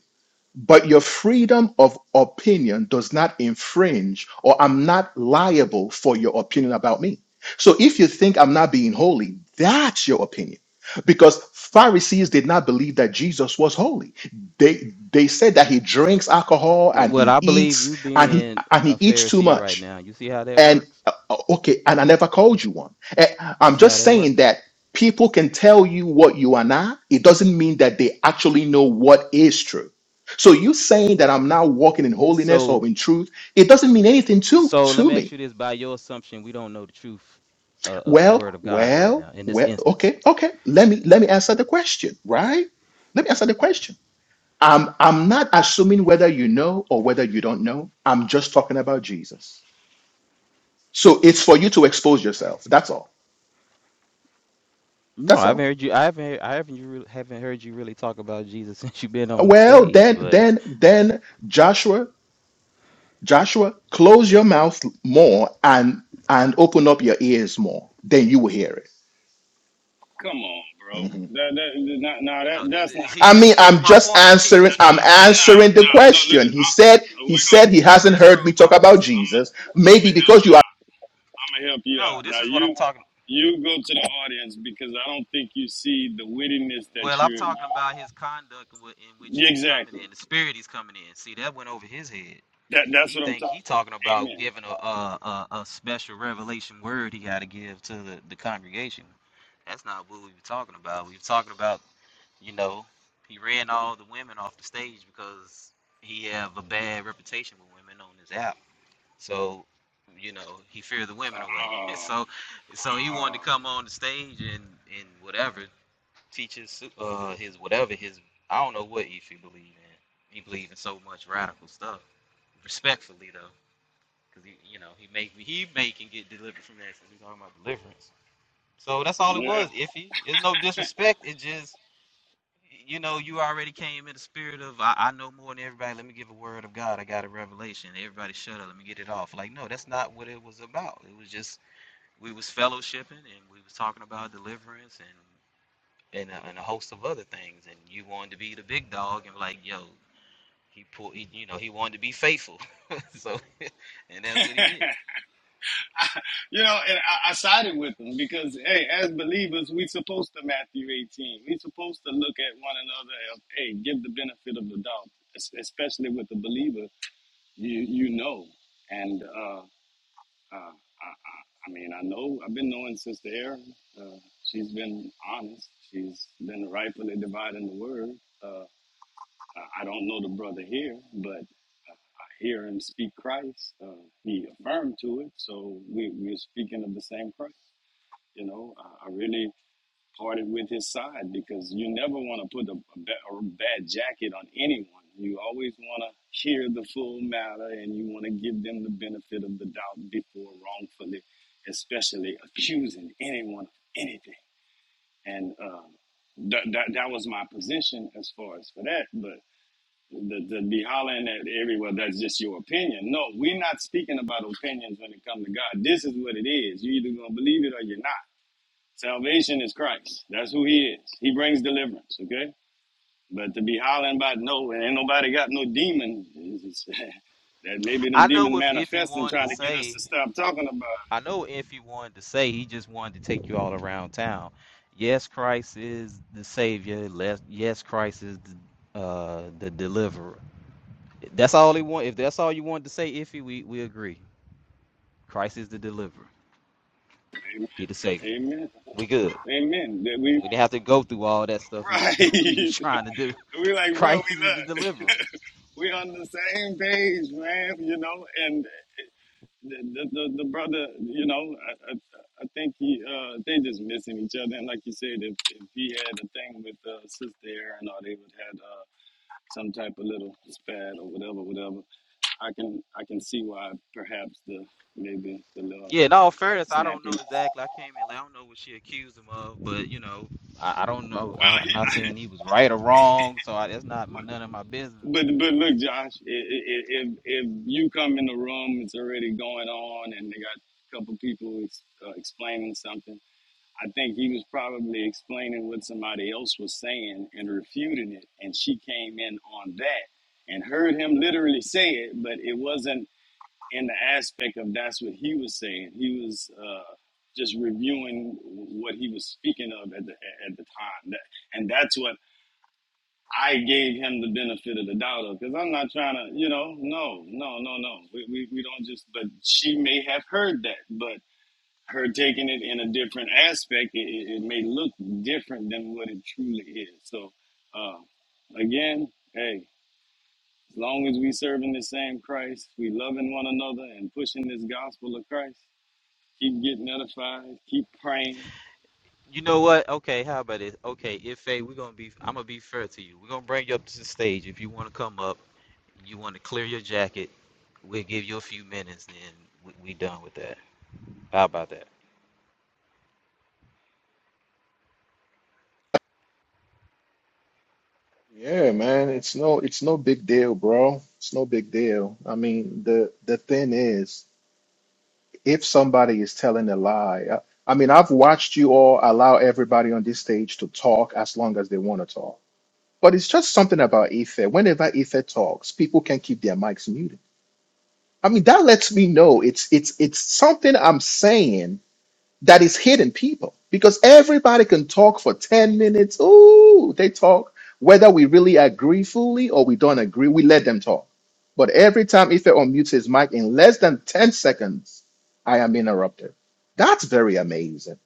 [SPEAKER 10] But your freedom of opinion does not infringe, or I'm not liable for your opinion about me. So if you think I'm not being holy, that's your opinion. Because Pharisees did not believe that Jesus was holy. They they said that he drinks alcohol and
[SPEAKER 4] Well,
[SPEAKER 10] he
[SPEAKER 4] I believe
[SPEAKER 10] eats
[SPEAKER 4] you
[SPEAKER 10] and he
[SPEAKER 4] being
[SPEAKER 10] and he
[SPEAKER 4] a
[SPEAKER 10] eats too
[SPEAKER 4] Pharisee
[SPEAKER 10] much.
[SPEAKER 4] right now. You see how that
[SPEAKER 10] And
[SPEAKER 4] works?
[SPEAKER 10] uh, uh, okay, and I never called you one. Eh,
[SPEAKER 4] You
[SPEAKER 10] I'm
[SPEAKER 4] see how
[SPEAKER 10] just
[SPEAKER 4] that
[SPEAKER 10] saying
[SPEAKER 4] works?
[SPEAKER 10] that people can tell you what you are not. It doesn't mean that they actually know what is true. So you saying that I'm now walking in holiness
[SPEAKER 4] So,
[SPEAKER 10] or in truth, it doesn't mean anything to
[SPEAKER 4] so let
[SPEAKER 10] to
[SPEAKER 4] me ask
[SPEAKER 10] me.
[SPEAKER 4] you this: By your assumption, we don't know the truth uh, of the
[SPEAKER 10] Well,
[SPEAKER 4] Word of God right now
[SPEAKER 10] well,
[SPEAKER 4] in this
[SPEAKER 10] well.
[SPEAKER 4] instance.
[SPEAKER 10] Okay, okay. Let me let me answer the question, right? Let me answer the question. I'm I'm not assuming whether you know or whether you don't know. I'm just talking about Jesus. So it's for you to expose yourself. That's all.
[SPEAKER 4] No,
[SPEAKER 10] That's
[SPEAKER 4] I
[SPEAKER 10] all.
[SPEAKER 4] haven't heard you. I haven't. heard- I haven't. You re- haven't heard you really talk about Jesus since you've been on the
[SPEAKER 10] Well,
[SPEAKER 4] stage.
[SPEAKER 10] then,
[SPEAKER 4] But
[SPEAKER 10] then, then, Joshua, Joshua, close your mouth more and and open up your ears more. Then you will hear it.
[SPEAKER 5] Come on, bro.
[SPEAKER 10] Mhm.
[SPEAKER 5] That that that- nah, nah,
[SPEAKER 4] You
[SPEAKER 5] that
[SPEAKER 4] know, this,
[SPEAKER 5] that's not
[SPEAKER 4] this- he
[SPEAKER 10] I
[SPEAKER 4] just
[SPEAKER 10] mean,
[SPEAKER 5] Christian.
[SPEAKER 4] proved
[SPEAKER 10] I'm
[SPEAKER 4] my
[SPEAKER 10] just
[SPEAKER 4] point. He
[SPEAKER 5] Bro.
[SPEAKER 10] answering.
[SPEAKER 5] That,
[SPEAKER 4] just
[SPEAKER 10] I'm
[SPEAKER 5] that,
[SPEAKER 4] proved my point.
[SPEAKER 5] nah,
[SPEAKER 10] answering the
[SPEAKER 5] nah, no. Look,
[SPEAKER 10] question. He
[SPEAKER 5] I,
[SPEAKER 10] said. He
[SPEAKER 5] we're
[SPEAKER 10] said
[SPEAKER 5] gonna.
[SPEAKER 10] he
[SPEAKER 4] He
[SPEAKER 10] hasn't
[SPEAKER 4] just
[SPEAKER 10] heard me
[SPEAKER 4] proved my
[SPEAKER 10] talk
[SPEAKER 4] point.
[SPEAKER 10] about
[SPEAKER 5] I'm
[SPEAKER 10] Jesus.
[SPEAKER 5] gonna I'm
[SPEAKER 10] Maybe
[SPEAKER 5] gonna help
[SPEAKER 10] because
[SPEAKER 5] you
[SPEAKER 10] you are.
[SPEAKER 5] out. I'm gonna help you out.
[SPEAKER 4] No, this
[SPEAKER 5] Now
[SPEAKER 4] is what
[SPEAKER 5] you
[SPEAKER 4] I'm talking.
[SPEAKER 5] you go to the audience because I don't think you see the wittiness that
[SPEAKER 4] Well, I'm
[SPEAKER 5] you're.
[SPEAKER 4] talking about his conduct in in which he's coming
[SPEAKER 5] Exactly.
[SPEAKER 4] in, the spirit he's coming in. See, that went over his head.
[SPEAKER 5] That, that's
[SPEAKER 4] He
[SPEAKER 5] what I'm
[SPEAKER 4] think he
[SPEAKER 5] talking.
[SPEAKER 4] talking about
[SPEAKER 5] Amen.
[SPEAKER 4] giving a a, a, a special revelation word he got to give to the, the congregation. That's not what we were talking about. We were talking about, you know, he ran all the women off the stage because he have a bad reputation with women on his app. So, you know, he feared the women away.
[SPEAKER 5] Uh,
[SPEAKER 4] so, so he
[SPEAKER 5] uh,
[SPEAKER 4] wanted to come on the stage and and whatever teaches uh his whatever his I don't know what Ife believe in. He believe in so much radical stuff. Respectfully though, because he you know he make he may can get delivered from that since we're talking about deliverance. So that's all it
[SPEAKER 5] yeah,
[SPEAKER 4] was, Iffy. There's no disrespect. It just you know you already came in the spirit of I, I know more than everybody. Let me give a word of God. I got a revelation. Everybody shut up. Let me get it off. Like no, that's not what it was about. It was just we was fellowshipping and we was talking about deliverance and and a, and a host of other things. And you wanted to be the big dog, and like, yo, he pulled, he, you know, he wanted to be faithful. so, and that's what he did.
[SPEAKER 5] you know, and I, I sided with them because, hey, as believers, we supposed to Matthew 18. We supposed to look at one another and hey, give the benefit of the doubt, es- especially with the believer. You you know, and uh, uh, I, I, I mean, I know I've been knowing Sister Erin. Uh, she's been honest. She's been rightfully dividing the word. uh, Uh, I don't know the brother here, but uh, I hear him speak Christ. Uh, he affirmed to it, so we, we're speaking of the same Christ. You know, I, I really parted with his side because you never want to put a, a, ba- a bad jacket on anyone. You always want to hear the full matter and you want to give them the benefit of the doubt before wrongfully, especially accusing anyone of anything. And um, that, that, that was my position as far as for that, but the, the be hollering at everywhere that's just your opinion. No, we're not speaking about opinions when it comes to God. This is what it is. You either gonna believe it or you're not. Salvation is Christ. That's who he is. He brings deliverance, okay? But to be hollering about no and ain't nobody got no demon is- is- that maybe them
[SPEAKER 4] I
[SPEAKER 5] demons
[SPEAKER 4] know if if he
[SPEAKER 5] manifesting
[SPEAKER 4] wanted
[SPEAKER 5] trying
[SPEAKER 4] to
[SPEAKER 5] to get us
[SPEAKER 4] say,
[SPEAKER 5] to stop talking about
[SPEAKER 4] I know if he wanted to say, he just wanted to take you all around town. Yes, Christ is the Savior. Les- Yes, Christ is the, uh, the Deliverer. That's all he want. If that's all you wanted to say, Iffy, we we agree. Christ is the Deliverer. He the
[SPEAKER 5] it.
[SPEAKER 4] Savior.
[SPEAKER 5] Amen.
[SPEAKER 4] We good.
[SPEAKER 5] Amen. That we,
[SPEAKER 4] We didn't
[SPEAKER 5] we
[SPEAKER 4] have to go through all that stuff he was
[SPEAKER 5] right.
[SPEAKER 4] doing, he was trying to do.
[SPEAKER 5] we like, bro,
[SPEAKER 4] Christ is the
[SPEAKER 5] we look.
[SPEAKER 4] deliverer.
[SPEAKER 5] we on the same page, man, you know, and. the, the, the the brother, you know, I, I, I think he, uh, they just missing each other. And like you said, if, if he had a thing with uh, Sister Aaron, or they would had uh, some type of little spat or whatever, whatever, I can I can see why perhaps the maybe the little
[SPEAKER 4] Yeah, in all fairness, I don't know
[SPEAKER 5] snappiness.
[SPEAKER 4] exactly. I came in, late. I don't know what she accused him of, but you know, I, I don't know. I, I'm not saying he was right or wrong, so I, that's not my none of my business.
[SPEAKER 5] But but look, Josh, i- i- if if you come in the room, it's already going on, and they got a couple people ex, uh, explaining something. I think he was probably explaining what somebody else was saying and refuting it. And she came in on that and heard him literally say it, but it wasn't in the aspect of that's what he was saying. He was uh, just reviewing what he was speaking of at the, at the time. That, and that's what I gave him the benefit of the doubt of because I'm not trying to, you know, no, no, no, no. We, we, we don't just, but she may have heard that, but her taking it in a different aspect, it, it it may look different than what it truly is. So, uh, again, hey, as long as we serving the same Christ, we loving one another and pushing this gospel of Christ, keep getting edified, keep praying.
[SPEAKER 4] You know what? Okay, how about this? Okay, if a we're gonna be, I'm gonna be fair to you. We're gonna bring you up to the stage. If you want to come up, you want to clear your jacket. We'll give you a few minutes, then we, we done with that. How about that?
[SPEAKER 10] Yeah, man. It's no. It's no big deal, bro. It's no big deal. I mean, the the thing is. if somebody is telling a lie, I, I mean, I've watched you all allow everybody on this stage to talk as long as they want to talk. But it's just something about Ether. Whenever Ether talks, people can keep their mics muted. I mean, that lets me know it's it's it's something I'm saying that is hidden people because everybody can talk for 10 minutes. Ooh, they talk. Whether we really agree fully or we don't agree, we let them talk. But every time Ife unmutes his mic in less than 10 seconds, I am interrupted. That's very amazing.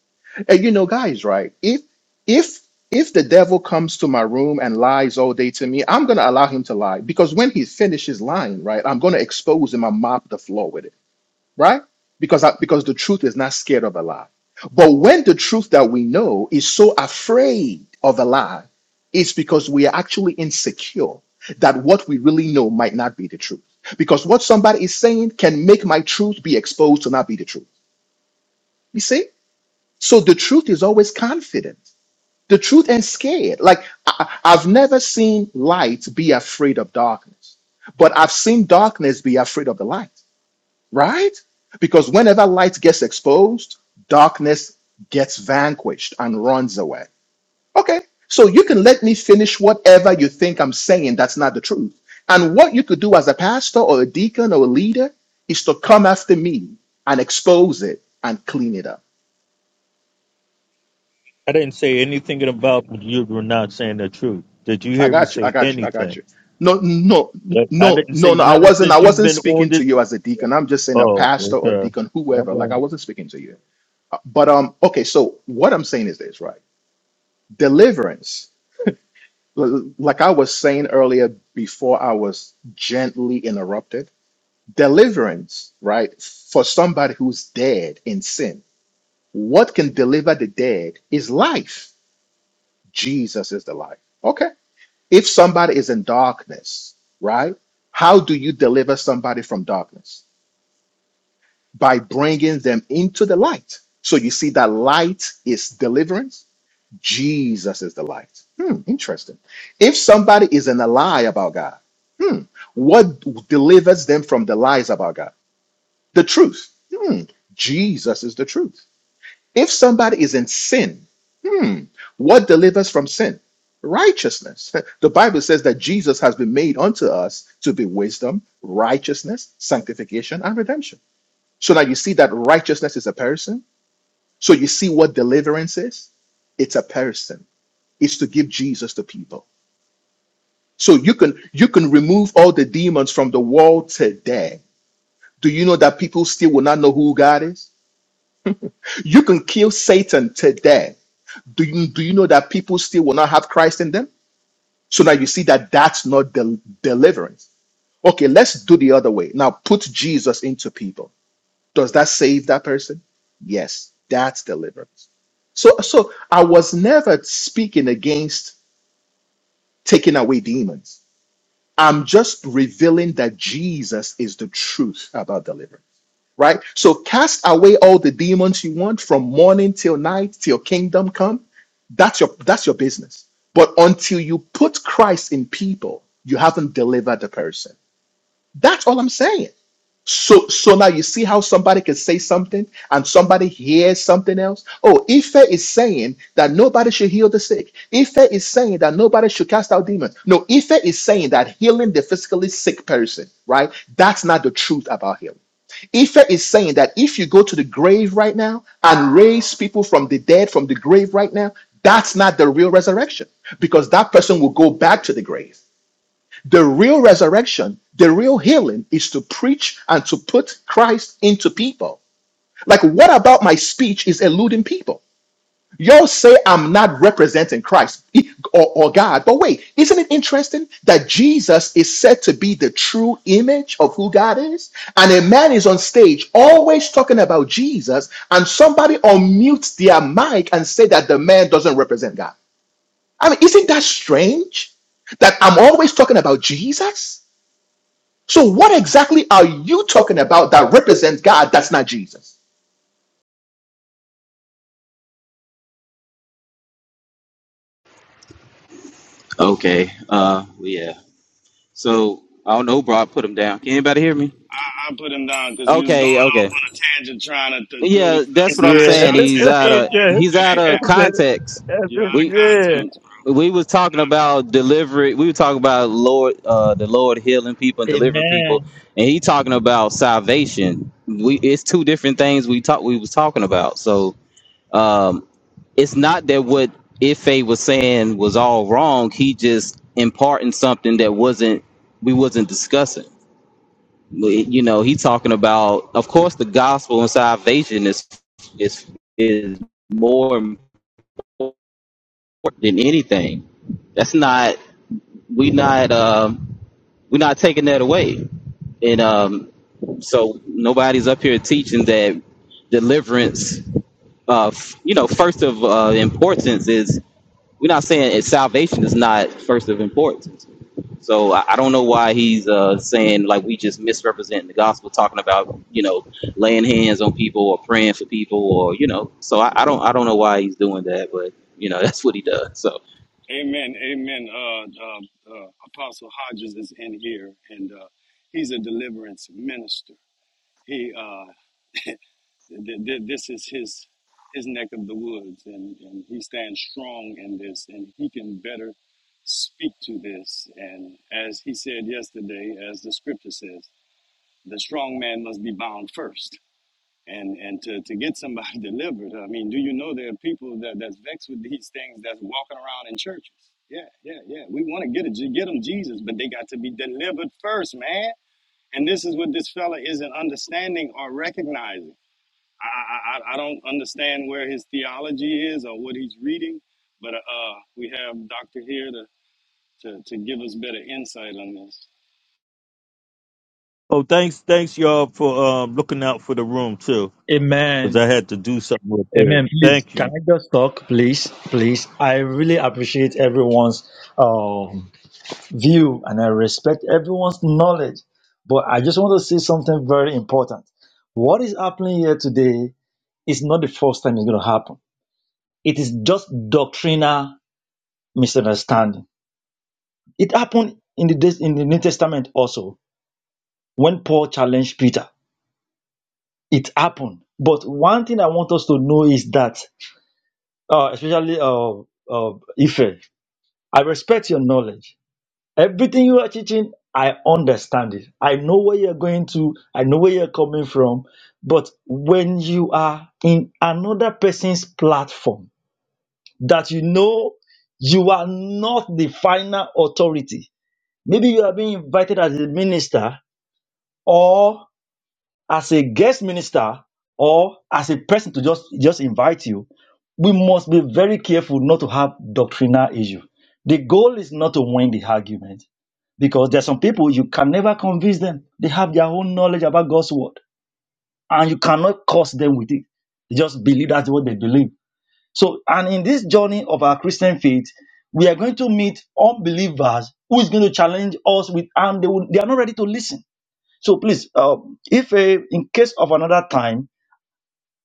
[SPEAKER 10] And you know, guys, right? If if if the devil comes to my room and lies all day to me, I'm gonna allow him to lie because when he finishes lying, right, I'm gonna expose him and mop the floor with it right? Because I, because the truth is not scared of a lie. But when the truth that we know is so afraid of a lie, it's because we are actually insecure that what we really know might not be the truth. Because what somebody is saying can make my truth be exposed to not be the truth. You see? So the truth is always confident. The truth ain't scared. Like I, I- I've never seen light be afraid of darkness, but I've seen darkness be afraid of the light right? Because whenever light gets exposed, darkness gets vanquished and runs away. Okay, so you can let me finish whatever you think I'm saying that's not the truth. And what you could do as a pastor or a deacon or a leader is to come after me and expose it and clean it up.
[SPEAKER 1] I didn't say anything about you were not saying the truth. Did you
[SPEAKER 10] I
[SPEAKER 1] hear me
[SPEAKER 10] got you. I
[SPEAKER 1] say
[SPEAKER 10] got you. I got
[SPEAKER 1] anything?
[SPEAKER 10] you. No, no,
[SPEAKER 1] Like, I
[SPEAKER 10] no,
[SPEAKER 1] didn't say
[SPEAKER 10] no, no. I
[SPEAKER 1] nothing
[SPEAKER 10] wasn't. I
[SPEAKER 1] since you've
[SPEAKER 10] wasn't
[SPEAKER 1] been on
[SPEAKER 10] speaking
[SPEAKER 1] this.
[SPEAKER 10] to you as a deacon. I'm just saying a
[SPEAKER 1] Oh,
[SPEAKER 10] pastor or
[SPEAKER 1] okay.
[SPEAKER 10] deacon,
[SPEAKER 1] All
[SPEAKER 10] whoever. Like I
[SPEAKER 1] right.
[SPEAKER 10] wasn't speaking to you. But um, okay. So what I'm saying is this, right? deliverance. L- Like I was saying earlier before I was gently interrupted, deliverance, right? For somebody who's dead in sin. What can deliver the dead is life. Jesus is the life. Okay. If somebody is in darkness, right? How do you deliver somebody from darkness? By bringing them into the light. So you see that light is deliverance Jesus is the light. Hmm, interesting. If somebody is in a lie about God, hmm, what delivers them from the lies about God? The truth. Hmm, Jesus is the truth. If somebody is in sin, hmm, what delivers from sin? Righteousness. The Bible says that Jesus has been made unto us to be wisdom, righteousness, sanctification, and redemption. So now you see that righteousness is a person. So you see what deliverance is? It's a person is to give Jesus to people. So you can you can remove all the demons from the world today. Do you know that people still will not know who God is? You can kill Satan today. Do you do you know that people still will not have Christ in them? So now you see that that's not del- deliverance. Okay, let's do the other way. Now put Jesus into people. Does that save that person? Yes, that's deliverance. So so I was never speaking against taking away demons. I'm just revealing that Jesus is the truth about deliverance, right? So cast away all the demons you want from morning till night till kingdom come. That's your that's your business. But until you put Christ in people, you haven't delivered the person. That's all I'm saying. So so now you see how somebody can say something and somebody hears something else. Oh, Ife is saying that nobody should heal the sick. Ife is saying that nobody should cast out demons. No, Ife is saying that healing the physically sick person, right? That's not the truth about healing. Ife is saying that if you go to the grave right now and raise people from the dead from the grave right now, that's not the real resurrection because that person will go back to the grave. The real resurrection, the real healing is to preach and to put Christ into people. Like, what about my speech is eluding people? Y'all say I'm not representing Christ or, or God, but wait, isn't it interesting that Jesus is said to be the true image of who God is? And a man is on stage always talking about Jesus, and somebody unmutes their mic and say that the man doesn't represent God. I mean, isn't that strange? That I'm always talking about Jesus? So, what exactly are you talking about that represents God that's not Jesus?
[SPEAKER 4] Okay. Uh, yeah. So I don't know who brought put him down. Can anybody hear me?
[SPEAKER 5] I put him down because he was going
[SPEAKER 4] Okay,
[SPEAKER 5] off
[SPEAKER 4] okay.
[SPEAKER 5] on a tangent trying to th- throw
[SPEAKER 4] Yeah,
[SPEAKER 5] these little
[SPEAKER 4] that's what I'm
[SPEAKER 5] side
[SPEAKER 4] saying.
[SPEAKER 5] shots
[SPEAKER 4] He's
[SPEAKER 5] at me
[SPEAKER 4] out
[SPEAKER 5] and
[SPEAKER 4] of
[SPEAKER 5] you.
[SPEAKER 4] he's
[SPEAKER 5] That
[SPEAKER 4] out
[SPEAKER 5] ain't
[SPEAKER 4] of
[SPEAKER 5] happening.
[SPEAKER 4] context.
[SPEAKER 5] You're out of
[SPEAKER 4] We
[SPEAKER 5] context, bro.
[SPEAKER 4] we was talking about delivery. We were talking about Lord, uh, the Lord healing people and delivering people,
[SPEAKER 9] Amen.
[SPEAKER 4] and he talking about salvation. We it's two different things we talk we was talking about. So um, it's not that what Ife was saying was all wrong. He just imparting something that wasn't we wasn't discussing. you know he talking about of course the gospel and salvation is is is more important than anything that's not we not um we're not taking that away and um so nobody's up here teaching that deliverance of you know first of uh, importance is we're not saying it, salvation is not first of importance So I, I don't know why he's uh, saying like we just misrepresenting the gospel, talking about you know laying hands on people or praying for people or you know. So I, I don't I don't know why he's doing that, but you know that's what he does. So.
[SPEAKER 5] Amen, amen. Uh, uh, uh, Apostle Hodges is in here, and uh, he's a deliverance minister. He uh, th- th- this is his his neck of the woods, and, and he stands strong in this, and he can better speak to this. And as he said yesterday, as the scripture says, the strong man must be bound first and and to, to get somebody delivered i mean do you know there are people that that's vexed with these things that's walking around in churches yeah yeah yeah we want to get a, get them jesus but they got to be delivered first man and this is what this fella isn't understanding or recognizing i i, I I don't understand where his theology is or what he's reading but uh uh, we have doctor here to to, to give us better insight on this
[SPEAKER 1] Oh, thanks, thanks y'all for um, looking out for the room too, because I
[SPEAKER 9] Amen.
[SPEAKER 1] had to do something real quick.
[SPEAKER 9] Amen. Please,
[SPEAKER 1] Thank
[SPEAKER 9] can
[SPEAKER 1] you.
[SPEAKER 9] I just talk, please? Please, I really appreciate everyone's um, view and I respect everyone's knowledge. But I just want to say something very important. What is happening here today It's not the first time it's going to happen. It is just doctrinal misunderstanding. It happened in the in the New Testament also when Paul challenged Peter. It happened. But one thing I want us to know is that, uh, especially uh, uh, Ife, I respect your knowledge. Everything you are teaching, I understand it. I know where you're going to. I know where you're coming from. But when you are in another person's platform, that you know you are not the final authority. Maybe you are being invited as a minister or as a guest minister or as a person to just, just invite you. We must be very careful not to have doctrinal issue. The goal is not to win the argument because there are some people you can never convince them. They have their own knowledge about God's word and you cannot curse them with it. They just believe that's what they believe so, and in this journey of our Christian faith, we are going to meet unbelievers who is going to challenge us with, and they, will, they are not ready to listen. So please, uh, if uh, in case of another time,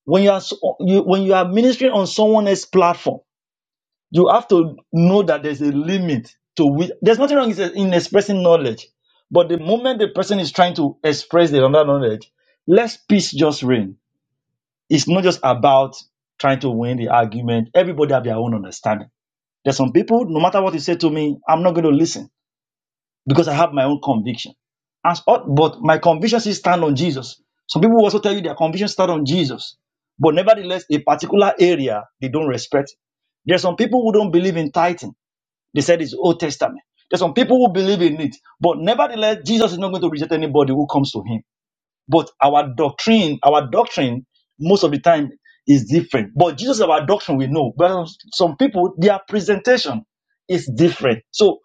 [SPEAKER 9] when you are so, you, when you are ministering on someone else's platform, you have to know that there's a limit to which there's nothing wrong in expressing knowledge, but the moment the person is trying to express their other knowledge, let peace just reign. It's not just about trying to win the argument. Everybody have their own understanding. There's some people, no matter what you say to me, I'm not going to listen because I have my own conviction. As, but my convictions still stand on Jesus. Some people also tell you their convictions stand on Jesus. But nevertheless, a particular area they don't respect. There's some people who don't believe in tithing. They said it's Old Testament. There's some people who believe in it. But nevertheless, Jesus is not going to reject anybody who comes to him. But our doctrine, our doctrine, most of the time is different. But Jesus, our doctrine, we know. But some people, their presentation is different. So,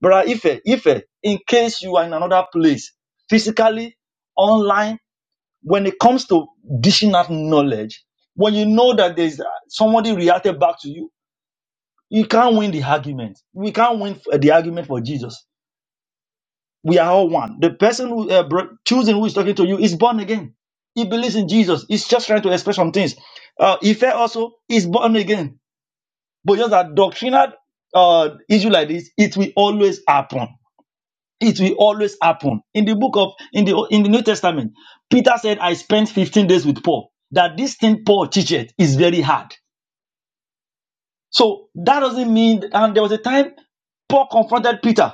[SPEAKER 9] brother Ife, Ife, in case you are in another place, physically, online, when it comes to dishing out knowledge, when you know that there's uh, somebody reacted back to you, you can't win the argument. We can't win f- the argument for Jesus we are all one. The person who uh, bro- choosing who is talking to you is born again. He believes in Jesus. He's just trying to express some things. Uh, Ife also is born again, but just a doctrinal uh, issue like this, it will always happen. It will always happen. In the book of in the in the New Testament, Peter said, "I spent 15 days with Paul." That this thing Paul teaches is very hard so that doesn't mean, and there was a time Paul confronted Peter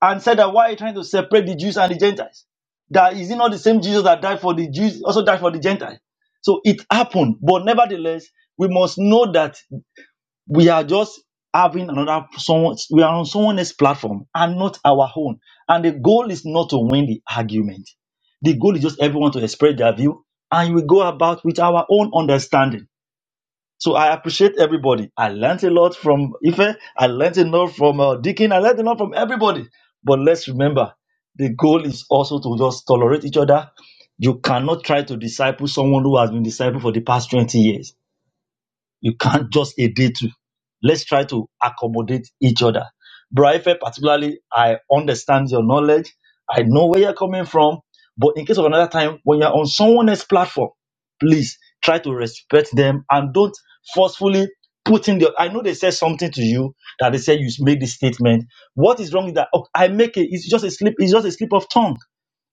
[SPEAKER 9] and said that why are you trying to separate the Jews and the Gentiles? That is it not the same Jesus that died for the Jews, also died for the Gentiles? So it happened, but nevertheless, we must know that we are just having another someone, we are on someone else's platform and not our own. And the goal is not to win the argument. The goal is just everyone to express their view, and we go about with our own understanding so I appreciate everybody. I learned a lot from Ife. I learned a lot from uh, Deacon. I learned a lot from everybody. But let's remember, the goal is also to just tolerate each other. You cannot try to disciple someone who has been discipled for the past 20 years you can't just adhere to. Let's try to accommodate each other. Braife, particularly, I understand your knowledge. I know where you're coming from. But in case of another time, when you're on someone else's platform, please try to respect them and don't forcefully put in the. I know they said something to you that they said you made this statement. What is wrong with that? Oh, I make it. It's just a slip. It's just a slip of tongue.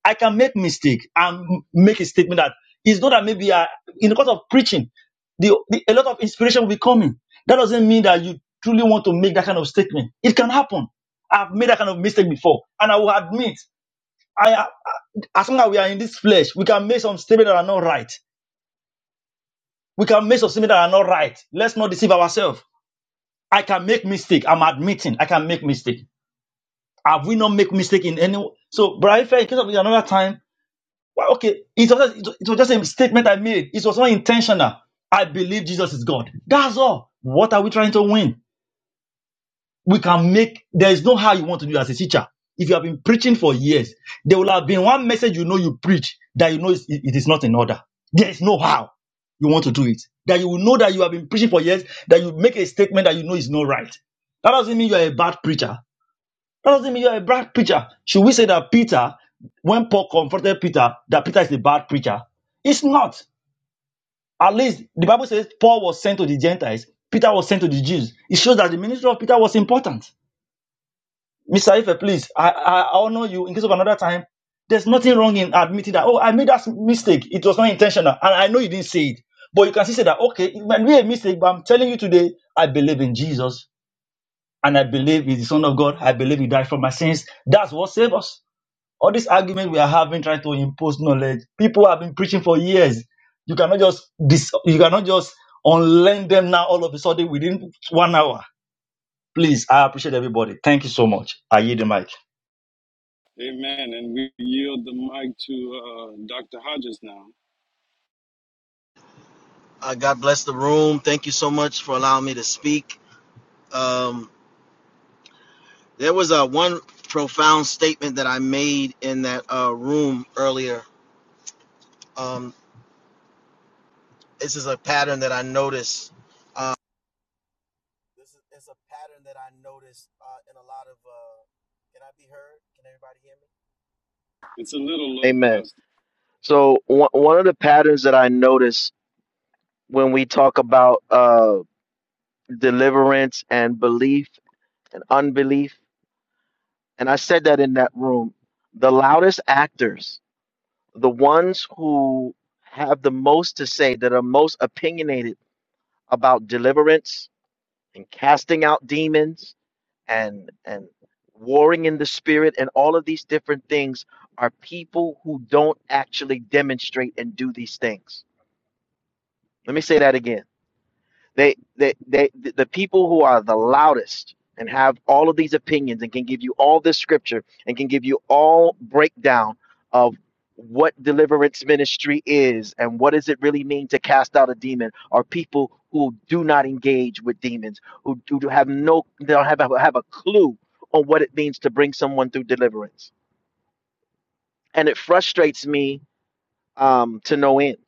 [SPEAKER 9] I can make mistake and make a statement that it's not that maybe I, in the course of preaching, the, the, a lot of inspiration will be coming. That doesn't mean that you truly want to make that kind of statement. It can happen. I've made that kind of mistake before, and I will admit, I, I as long as we are in this flesh, we can make some statements that are not right. We can make some statements that are not right. Let's not deceive ourselves. I can make mistake. I'm admitting I can make mistake. Have we not make mistake in any? So, Brian, in case of another time, Well, okay, it was, just, it was just a statement I made. It was not intentional. I believe Jesus is God. That's all. What are we trying to win? We can make, there is no how you want to do it as a teacher. If you have been preaching for years, there will have been one message you know you preach that you know it it is not in order. There is no how you want to do it. That you will know that you have been preaching for years, that you make a statement that you know is not right. That doesn't mean you are a bad preacher. That doesn't mean you're a bad preacher. Should we say that Peter, when Paul confronted Peter, that Peter is a bad preacher? It's not. At least the Bible says Paul was sent to the Gentiles, Peter was sent to the Jews. It shows that the ministry of Peter was important. Mr. Ife, please, I, I I honor you in case of another time. There's nothing wrong in admitting that, oh, I made that mistake. It was not intentional. And I know you didn't say it. But you can still say that, okay, it might be a mistake, but I'm telling you today, I believe in Jesus and I believe he's the Son of God. I believe he died for my sins. That's what saves us. All this argument we are having trying to impose knowledge, people have been preaching for years. You cannot just dis- you cannot just unlearn them now all of a sudden within one hour. Please, I appreciate everybody. Thank you so much. I yield the mic.
[SPEAKER 5] amen and we yield the mic to uh, dr hodges now
[SPEAKER 2] Uh, God bless the room. Thank you so much for allowing me to speak. Um, there was a one profound statement that I made in that uh, room earlier. Um, this is a pattern that I noticed. Uh, this is it's a pattern that I noticed uh, in a lot of. Uh, can I be heard? Can everybody hear
[SPEAKER 5] it's a little
[SPEAKER 2] me?
[SPEAKER 5] low,
[SPEAKER 2] Amen.
[SPEAKER 5] Pastor.
[SPEAKER 2] So one one of the patterns that I notice when we talk about uh, deliverance and belief and unbelief. And I said that in that room. The loudest actors, the ones who have the most to say, that are most opinionated about deliverance and casting out demons and and warring in the spirit and all of these different things are people who don't actually demonstrate and do these things. Let me say that again They, they, they, the people who are the loudest and have all of these opinions and can give you all this scripture and can give you all breakdown of what deliverance ministry is and what does it really mean to cast out a demon are people who do not engage with demons, who do do have no, they don't have, a- have a clue on what it means to bring someone through deliverance. And it frustrates me um, to no end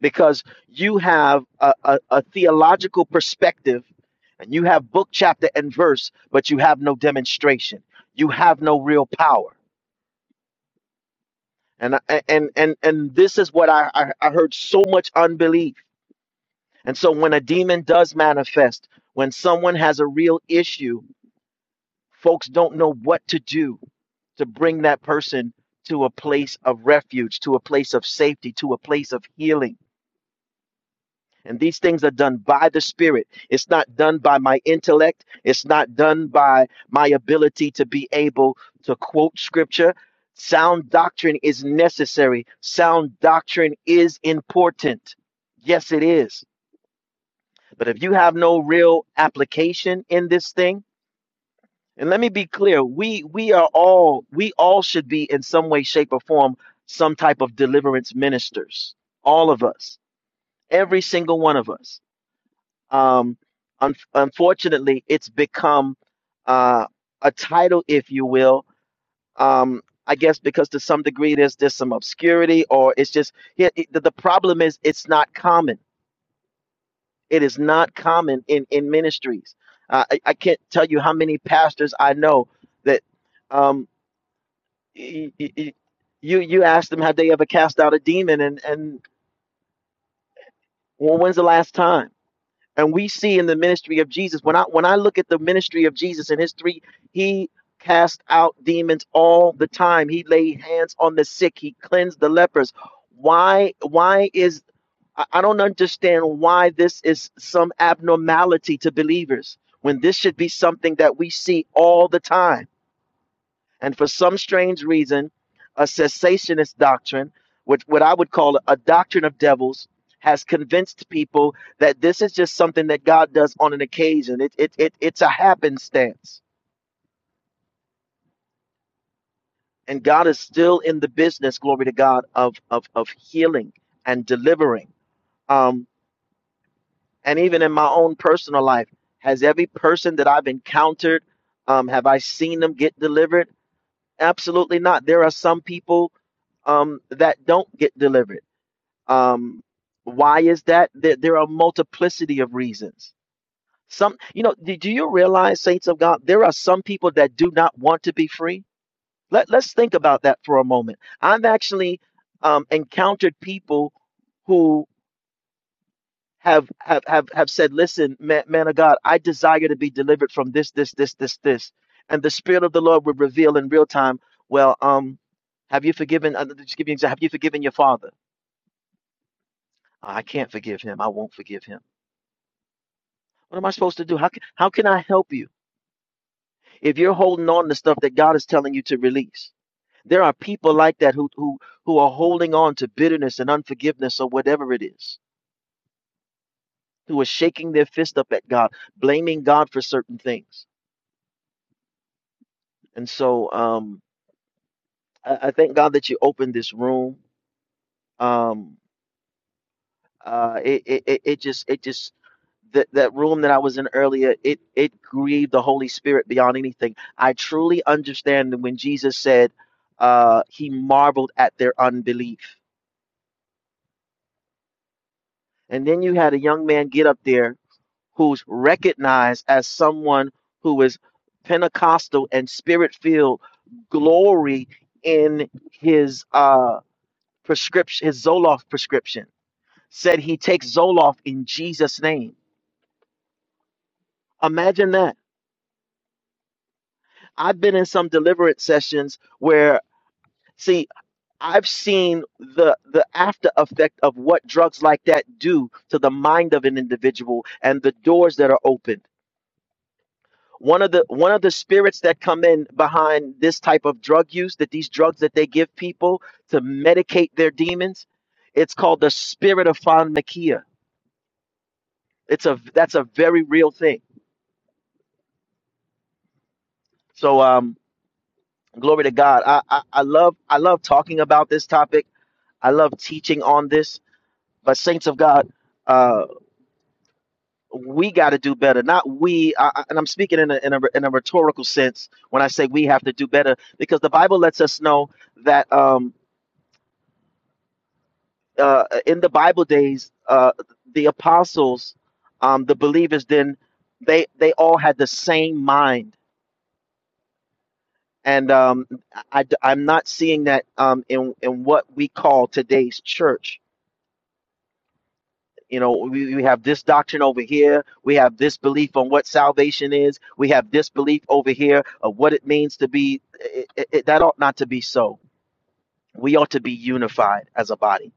[SPEAKER 2] because you have a, a, a theological perspective and you have book, chapter, and verse, but you have no demonstration. You have no real power. And I- and and and this is what I I, I heard so much unbelief. And so when a demon does manifest, when someone has a real issue, folks don't know what to do to bring that person to a place of refuge, to a place of safety, to a place of healing And these things are done by the Spirit. It's not done by my intellect. It's not done by my ability to be able to quote scripture. Sound doctrine is necessary. Sound doctrine is important. Yes, it is. But if you have no real application in this thing, and let me be clear, we we are all we all should be in some way, shape, or form some type of deliverance ministers. All of us, every single one of us Um, un- unfortunately, it's become uh, a title, if you will. Um, I guess because to some degree there's there's some obscurity, or it's just yeah, it, the the problem is it's not common. It is not common in in ministries. Uh, I, I can't tell you how many pastors I know that um, y- y- y- you you ask them have they ever cast out a demon, and and well, when's the last time? and we see in the ministry of Jesus when I when I look at the ministry of Jesus and his three he cast out demons all the time he laid hands on the sick he cleansed the lepers why why is I I don't understand why this is some abnormality to believers when this should be something that we see all the time and for some strange reason, a cessationist doctrine, which what I would call a doctrine of devils, has convinced people that this is just something that God does on an occasion. It, it, it, it's a happenstance. And God is still in the business, glory to God, of, of, of healing and delivering. Um, and even in my own personal life, has every person that I've encountered, um, have I seen them get delivered? Absolutely not. There are some people um, that don't get delivered Um, why is that? There, there are a multiplicity of reasons. Some, you know, do, do you realize, saints of God, there are some people that do not want to be free? Let, let's think about that for a moment. I've actually um, encountered people who have, have have have said, "Listen, man, man of God, I desire to be delivered from this, this, this, this, this," and the Spirit of the Lord would reveal in real time. Well, um, have you forgiven? uh, Just give you an example. Have you forgiven your father? I can't forgive him. I won't forgive him. What am I supposed to do? How can, how can I help you if you're holding on to stuff that God is telling you to release? There are people like that who, who, who are holding on to bitterness and unforgiveness or whatever it is, who are shaking their fist up at God, blaming God for certain things. And so um, I, I thank God that you opened this room. Um, Uh, it, it it it just it just that that room that I was in earlier, it it grieved the Holy Spirit beyond anything. I truly understand that when Jesus said, uh, he marveled at their unbelief. And then you had a young man get up there who's recognized as someone who is Pentecostal and spirit filled, glory in his uh prescription, his Zoloft prescription. Said he takes Zoloft in Jesus' name. Imagine that I've been in some deliverance sessions where, see, I've seen the the after effect of what drugs like that do to the mind of an individual and the doors that are opened. One of the one of the spirits that come in behind this type of drug use, that these drugs that they give people to medicate their demons, it's called the spirit of pharmakia. It's a that's a very real thing. So um, glory to God. I, I I love I love talking about this topic. I love teaching on this But saints of God, uh, we got to do better. Not we, I, I- and I'm speaking in a, in a in a rhetorical sense when I say we have to do better, because the Bible lets us know that um, uh, in the Bible days, uh, the apostles, um, the believers, then they they all had the same mind, and um, I, am not seeing that um, in in what we call today's church You know, we, we have this doctrine over here. We have this belief on what salvation is. We have this belief over here of what it means to be. It, it, it- that ought not to be so. We ought to be unified as a body.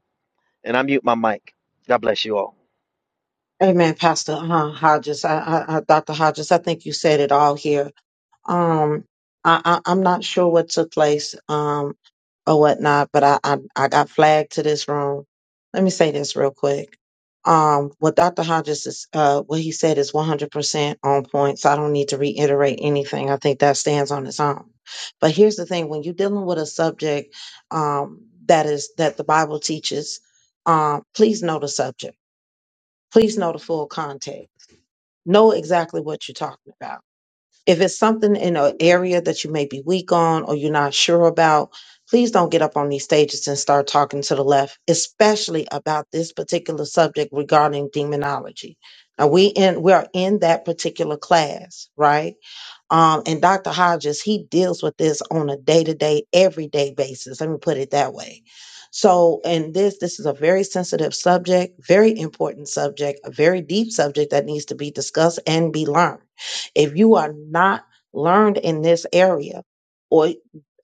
[SPEAKER 2] And I mute my mic. God bless you all.
[SPEAKER 12] Amen, Pastor uh, Hodges. I, I, I, Dr. Hodges, I think you said it all here. Um, I, I, I'm not sure what took place um, or whatnot, but I, I, I got flagged to this room. Let me say this real quick. Um, what Dr. Hodges is, uh, what he said is 100% on point, so I don't need to reiterate anything. I think that stands on its own. But here's the thing: when you're dealing with a subject um, that is that the Bible teaches, um, please know the subject please know the full context. Know exactly what you're talking about. If it's something in an area that you may be weak on or you're not sure about, please don't get up on these stages and start talking to the left, especially about this particular subject regarding demonology. Now we in we are in that particular class, right? Um, and Dr. Hodges, he deals with this on a day to day, everyday basis. Let me put it that way. So, and this this is a very sensitive subject, very important subject, a very deep subject that needs to be discussed and be learned. If you are not learned in this area, or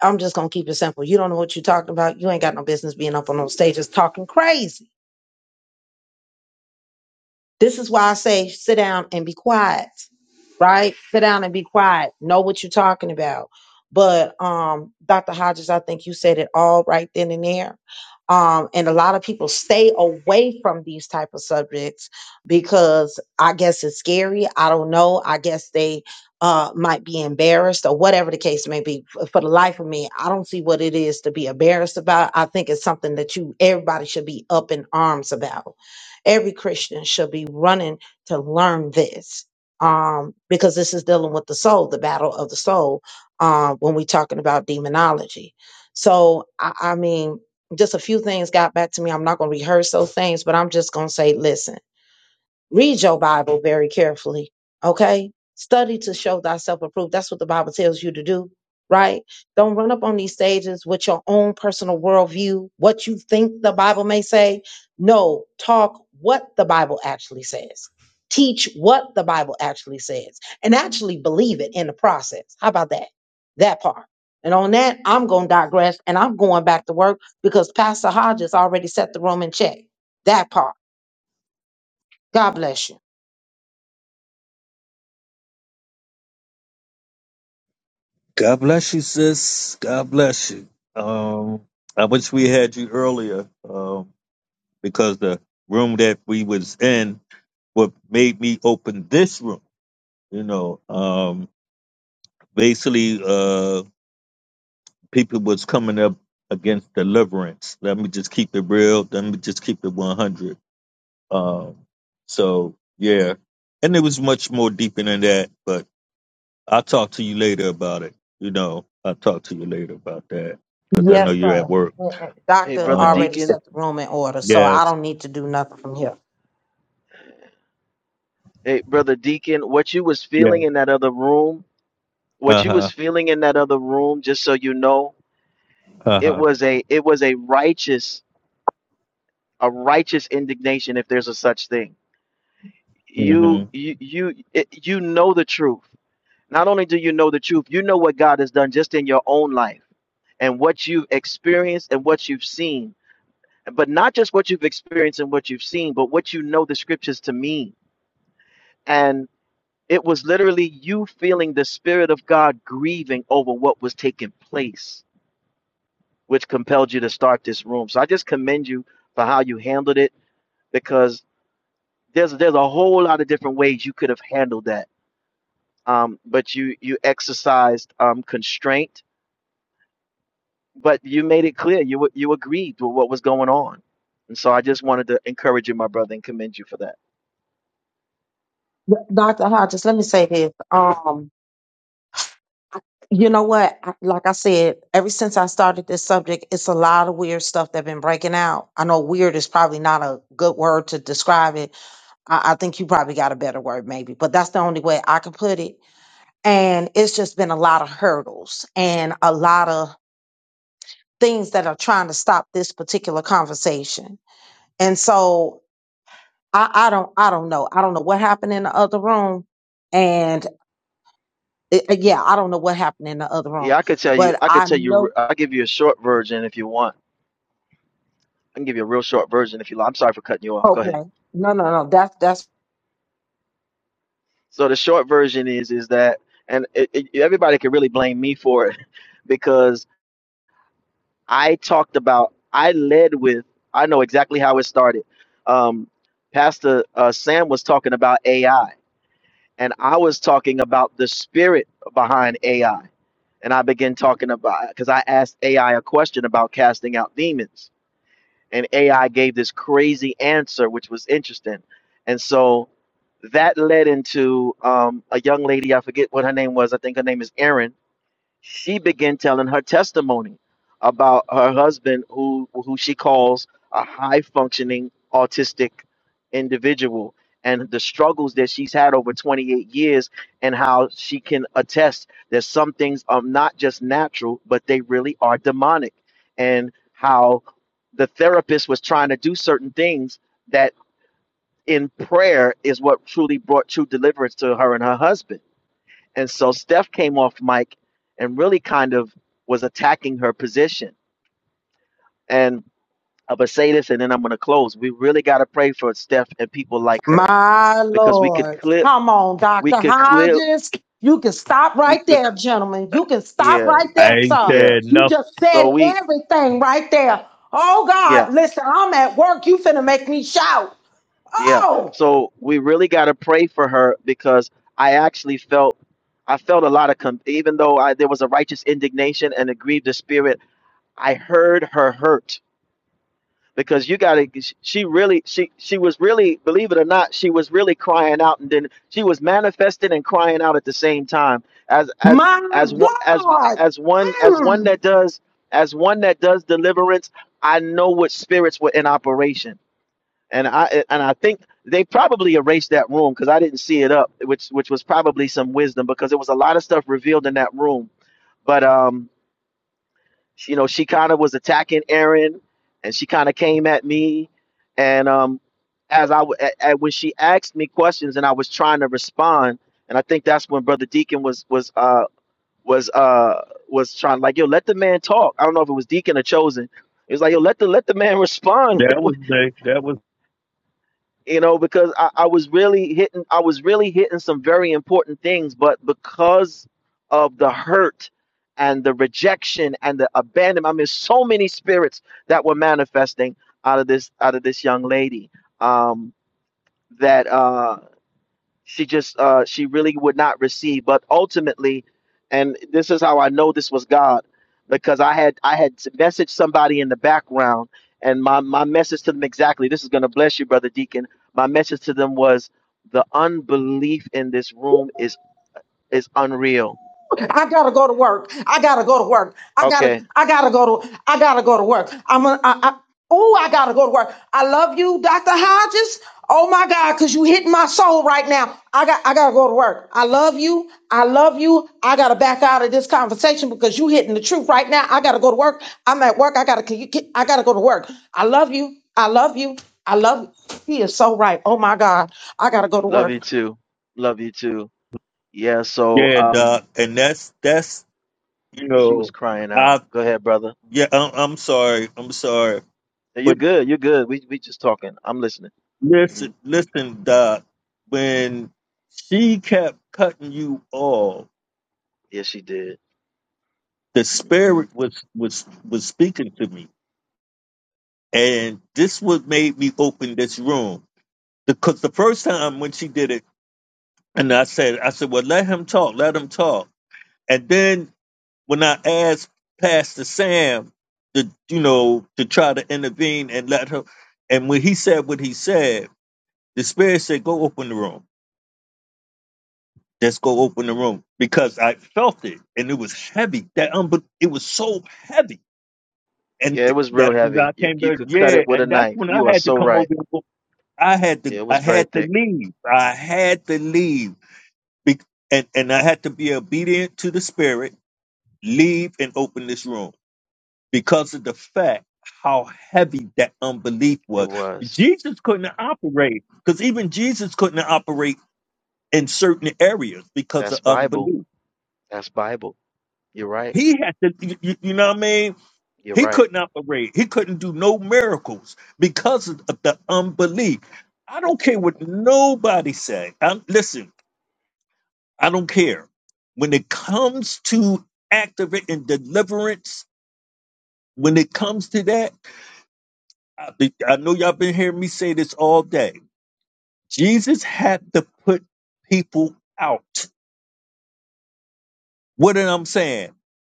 [SPEAKER 12] I'm just gonna keep it simple, you don't know what you're talking about. You ain't got no business being up on those stages talking crazy this is why I say sit down and be quiet, right? Sit down and be quiet. Know what you're talking about. But um, Dr. Hodges, I think you said it all right then and there. Um, and a lot of people stay away from these type of subjects because I guess it's scary. I don't know. I guess they uh, might be embarrassed or whatever the case may be. F- For the life of me, I don't see what it is to be embarrassed about. I think it's something that you everybody should be up in arms about Every Christian should be running to learn this um, because this is dealing with the soul, the battle of the soul, uh, when we're talking about demonology. So, I, I mean, just a few things got back to me. I'm not going to rehearse those things, but I'm just going to say, listen Read your Bible very carefully. Okay? Study to show thyself approved. That's what the Bible tells you to do, right? Don't run up on these stages with your own personal worldview, what you think the Bible may say. No, talk what the Bible actually says. Teach what the Bible actually says and actually believe it in the process. How about that? That part. And on that, I'm going to digress and I'm going back to work because Pastor Hodges already set the room in check. That part. God bless you.
[SPEAKER 1] God bless you, sis. God bless you. Um, I wish we had you earlier, um, because the room that we was in what made me open this room. You know, um, they uh people was coming up against deliverance. Let me just keep it real. Let me just keep it 100. Um, so yeah, and it was much more deeper than that. But I'll talk to you later about it. You know, I'll talk to you later about that because I know
[SPEAKER 12] Yes,
[SPEAKER 1] you're at
[SPEAKER 12] sir.
[SPEAKER 1] work.
[SPEAKER 12] Uh, uh,
[SPEAKER 2] Hey,
[SPEAKER 12] Doctor
[SPEAKER 2] brother
[SPEAKER 1] Um,
[SPEAKER 12] already
[SPEAKER 2] Deacon.
[SPEAKER 12] set the room in order, so I
[SPEAKER 1] yes,
[SPEAKER 12] don't need to do nothing from here.
[SPEAKER 2] Hey, brother Deacon. What you was
[SPEAKER 1] yeah,
[SPEAKER 2] feeling in that other room? What
[SPEAKER 1] uh
[SPEAKER 2] you was
[SPEAKER 1] huh,
[SPEAKER 2] feeling in that other room? Just so you know,
[SPEAKER 1] uh
[SPEAKER 2] it
[SPEAKER 1] huh.
[SPEAKER 2] was a it was a righteous a righteous indignation, if there's a such thing.
[SPEAKER 1] hmm
[SPEAKER 2] You you you it, you know the truth Not only do you know the truth, you know what God has done just in your own life and what you've experienced and what you've seen. But not just what you've experienced and what you've seen, but what you know the scriptures to mean. And it was literally you feeling the Spirit of God grieving over what was taking place, which compelled you to start this room. So I just commend you for how you handled it because there's there's a whole lot of different ways you could have handled that. Um, but you you exercised um, constraint but you made it clear you you agreed with what was going on, and so I just wanted to encourage you, my brother, and commend you for that.
[SPEAKER 12] D- Doctor Hodges, let me say this. Um, you know what? I- Like I said, ever since I started this subject, it's a lot of weird stuff that's been breaking out. I know weird is probably not a good word to describe it. I, I think you probably got a better word, maybe, but that's the only way I can put it. And it's just been a lot of hurdles and a lot of things that are trying to stop this particular conversation. And so I, I don't I don't know. I don't know what happened in the other room. And it, uh, yeah, I don't know what happened in the other room.
[SPEAKER 2] Yeah, I could tell you,
[SPEAKER 12] But
[SPEAKER 2] I could
[SPEAKER 12] I
[SPEAKER 2] tell you,
[SPEAKER 12] know
[SPEAKER 2] I will give you a short version if you want. I can give you a real short version if you. li- I'm sorry for cutting you off. Go ahead.
[SPEAKER 12] okay. No, no, no. That's that's
[SPEAKER 2] So the short version is is that, and it, it, everybody could really blame me for it because I talked about, I led with, I know exactly how it started. Um, Pastor uh, Sam was talking about AI, and I was talking about the spirit behind AI and I began talking about because I asked AI a question about casting out demons, and AI gave this crazy answer, which was interesting, and so that led into um, a young lady I forget what her name was. I think her name is Erin she began telling her testimony about her husband who who she calls a high functioning autistic individual and the struggles that she's had over 28 years and how she can attest that some things are not just natural but they really are demonic and how the therapist was trying to do certain things that in prayer is what truly brought true deliverance to her and her husband and so Steph came off mic and really kind of was attacking her position. And I'm going to say this and then I'm going to close. We really got to pray for Steph and people like her
[SPEAKER 12] my
[SPEAKER 2] because we could
[SPEAKER 12] Lord.
[SPEAKER 2] clear,
[SPEAKER 12] Come on,
[SPEAKER 2] we
[SPEAKER 12] Dr.
[SPEAKER 2] could clear,
[SPEAKER 12] Hodges. You can stop
[SPEAKER 2] we
[SPEAKER 12] right
[SPEAKER 2] could,
[SPEAKER 12] there, gentlemen. You can stop
[SPEAKER 2] yeah,
[SPEAKER 12] right there, sir.
[SPEAKER 2] yeah.
[SPEAKER 12] You just said
[SPEAKER 2] So we,
[SPEAKER 12] everything right there. Oh
[SPEAKER 2] yeah,
[SPEAKER 12] God, listen, I'm at work. You finna make me shout.
[SPEAKER 2] yeah.
[SPEAKER 12] Oh
[SPEAKER 2] So we really got to pray for her because I actually felt, I felt a lot of, con- even though I, there was a righteous indignation and it grieved the spirit, I heard her hurt because you got to she really she she was really believe it or not she was really crying out and then she was manifesting and crying out at the same time as as
[SPEAKER 12] my
[SPEAKER 2] as one as
[SPEAKER 12] God.
[SPEAKER 2] as one as one
[SPEAKER 12] Mm.
[SPEAKER 2] that does as one that does deliverance i know what spirits were in operation and i and i think they probably erased that room because i didn't see it up which which was probably some wisdom because there was a lot of stuff revealed in that room but um she, you know, she kind of was attacking Aaron, and she kind of came at me, and um, as I w- a- a- when she asked me questions and I was trying to respond, and I think that's when Brother Deacon was was uh was uh was trying like yo let the man talk. I don't know if it was Deacon or Chosen. It was like yo let the let the man respond.
[SPEAKER 1] That
[SPEAKER 2] Like,
[SPEAKER 1] was the, that was
[SPEAKER 2] you know, because I, I was really hitting, I was really hitting some very important things, but because of the hurt and the rejection and the abandonment, I mean, so many spirits that were manifesting out of this, out of this young lady, um, that uh, she just uh she really would not receive but ultimately and this is how i know this was god because i had i had messaged somebody in the background and my my message to them exactly this is going to bless you brother deacon my message to them was the unbelief in this room is is unreal
[SPEAKER 12] I gotta go to work. I gotta go to work. I gotta,
[SPEAKER 2] okay
[SPEAKER 12] I gotta go to, I gotta go to work. I'm gonna, I, I, oh, I gotta go to work. I love you, Dr. Hodges. Oh my God, cause you hit my soul right now. I got, I gotta go to work. I love you. I love you. I gotta back out of this conversation because you hitting the truth right now. I gotta go to work. I'm at work. I gotta, I gotta go to work. I love you. I love you. I love. you. He is so right. Oh my God, I gotta go to
[SPEAKER 2] love
[SPEAKER 12] work.
[SPEAKER 2] you too love you too yeah so
[SPEAKER 1] yeah,
[SPEAKER 2] um
[SPEAKER 1] doc, and that's that's you
[SPEAKER 2] she was
[SPEAKER 1] know,
[SPEAKER 2] crying out
[SPEAKER 1] I
[SPEAKER 2] go ahead brother
[SPEAKER 1] yeah, I'm, I'm sorry, I'm sorry.
[SPEAKER 2] Hey, you good you good we we just talking i'm listening
[SPEAKER 1] Listen,
[SPEAKER 2] hmm
[SPEAKER 1] listen, Doc. When she kept cutting you off,
[SPEAKER 2] yeah she did
[SPEAKER 1] the
[SPEAKER 2] Mm-hmm.
[SPEAKER 1] spirit was was was speaking to me, and this what made me open this room because the first time when she did it, and I said, I said, well, let him talk, let him talk, and then when I asked Pastor Sam to you know to try to intervene and let her, and when he said what he said, the spirit said, go open the room. Just go open the room because I felt it and it was heavy. That um, but it was so heavy, and
[SPEAKER 2] Yeah, it
[SPEAKER 1] th-
[SPEAKER 2] was real
[SPEAKER 1] that's when I
[SPEAKER 2] heavy. You
[SPEAKER 1] came
[SPEAKER 2] you
[SPEAKER 1] back.
[SPEAKER 2] could cut
[SPEAKER 1] Yeah,
[SPEAKER 2] it with a
[SPEAKER 1] and that's
[SPEAKER 2] knife.
[SPEAKER 1] when I
[SPEAKER 2] You are
[SPEAKER 1] had to
[SPEAKER 2] so
[SPEAKER 1] come over.
[SPEAKER 2] right.
[SPEAKER 1] and go- I had
[SPEAKER 2] Yeah,
[SPEAKER 1] to,
[SPEAKER 2] It
[SPEAKER 1] I
[SPEAKER 2] was very
[SPEAKER 1] had to
[SPEAKER 2] thick.
[SPEAKER 1] leave. I had to leave, Be- and and I had to be obedient to the spirit, leave and open this room because of the fact how heavy that unbelief
[SPEAKER 2] It
[SPEAKER 1] was.
[SPEAKER 2] was.
[SPEAKER 1] Jesus couldn't operate because even Jesus couldn't operate in certain areas because
[SPEAKER 2] That's
[SPEAKER 1] of
[SPEAKER 2] Bible.
[SPEAKER 1] unbelief.
[SPEAKER 2] That's Bible. You're right.
[SPEAKER 1] He had to, you, you know what I mean?
[SPEAKER 2] You're
[SPEAKER 1] He
[SPEAKER 2] right.
[SPEAKER 1] couldn't operate. He couldn't do no miracles because of the unbelief. I don't care what nobody say. I, listen, I don't care. When it comes to activating deliverance, when it comes to that, I, be- I know y'all been hearing me say this all day. Jesus had to put people out. What am I saying?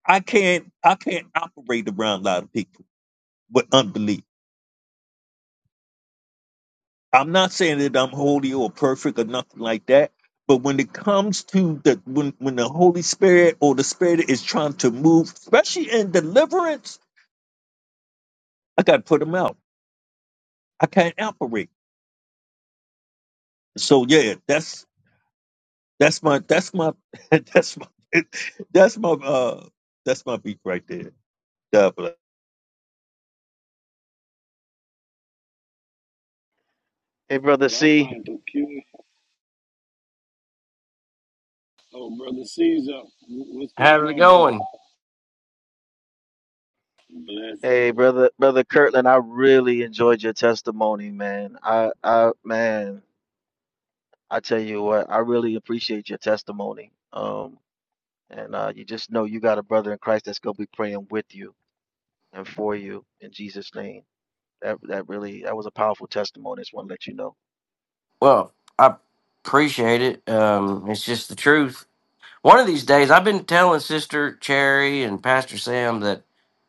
[SPEAKER 1] I can't, I can't operate around a lot of people with unbelief. I'm not saying that I'm holy or perfect or nothing like that. But when it comes to the when when the Holy Spirit or the Spirit is trying to move, especially in deliverance, I gotta put them out. I can't operate. So yeah, that's that's my that's my that's my that's my uh that's my beat right there. God bless.
[SPEAKER 2] Hey, brother
[SPEAKER 5] What I
[SPEAKER 2] C.
[SPEAKER 5] find peculiar. Oh, brother Caesar, Wh- What's going
[SPEAKER 13] How's it
[SPEAKER 5] on, brother?
[SPEAKER 13] going?
[SPEAKER 5] Bless,
[SPEAKER 2] Hey,
[SPEAKER 5] bro.
[SPEAKER 2] brother, brother Kirtland. I really enjoyed your testimony, man. I, I, man, I tell you what, I really appreciate your testimony. Um, and uh, you just know you got a brother in Christ that's gonna be praying with you and for you in Jesus' name. That that really that was a powerful testimony. I Just want to let you know.
[SPEAKER 13] Well, I appreciate it. Um, it's just the truth. One of these days, I've been telling Sister Cherry and Pastor Sam that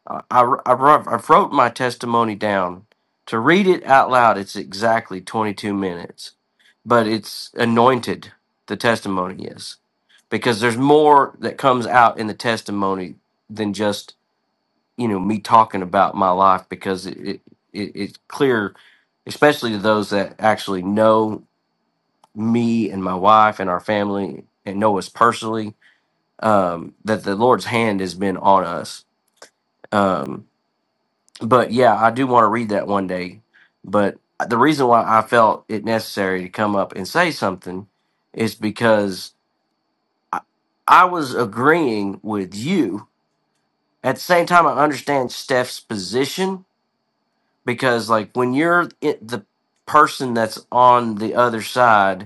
[SPEAKER 13] I, I, I wrote I wrote my testimony down. To read it out loud, it's exactly 22 minutes, but it's anointed, the testimony is, because there's more that comes out in the testimony than just, you know, me talking about my life because it, it, it it's clear, especially to those that actually know me and my wife and our family and Noah's personally um, that the Lord's hand has been on us. Um, but yeah, I do want to read that one day. But the reason why I felt it necessary to come up and say something is because I, I was agreeing with you. At the same time, I understand Steph's position because, like, when you're it, the person that's on the other side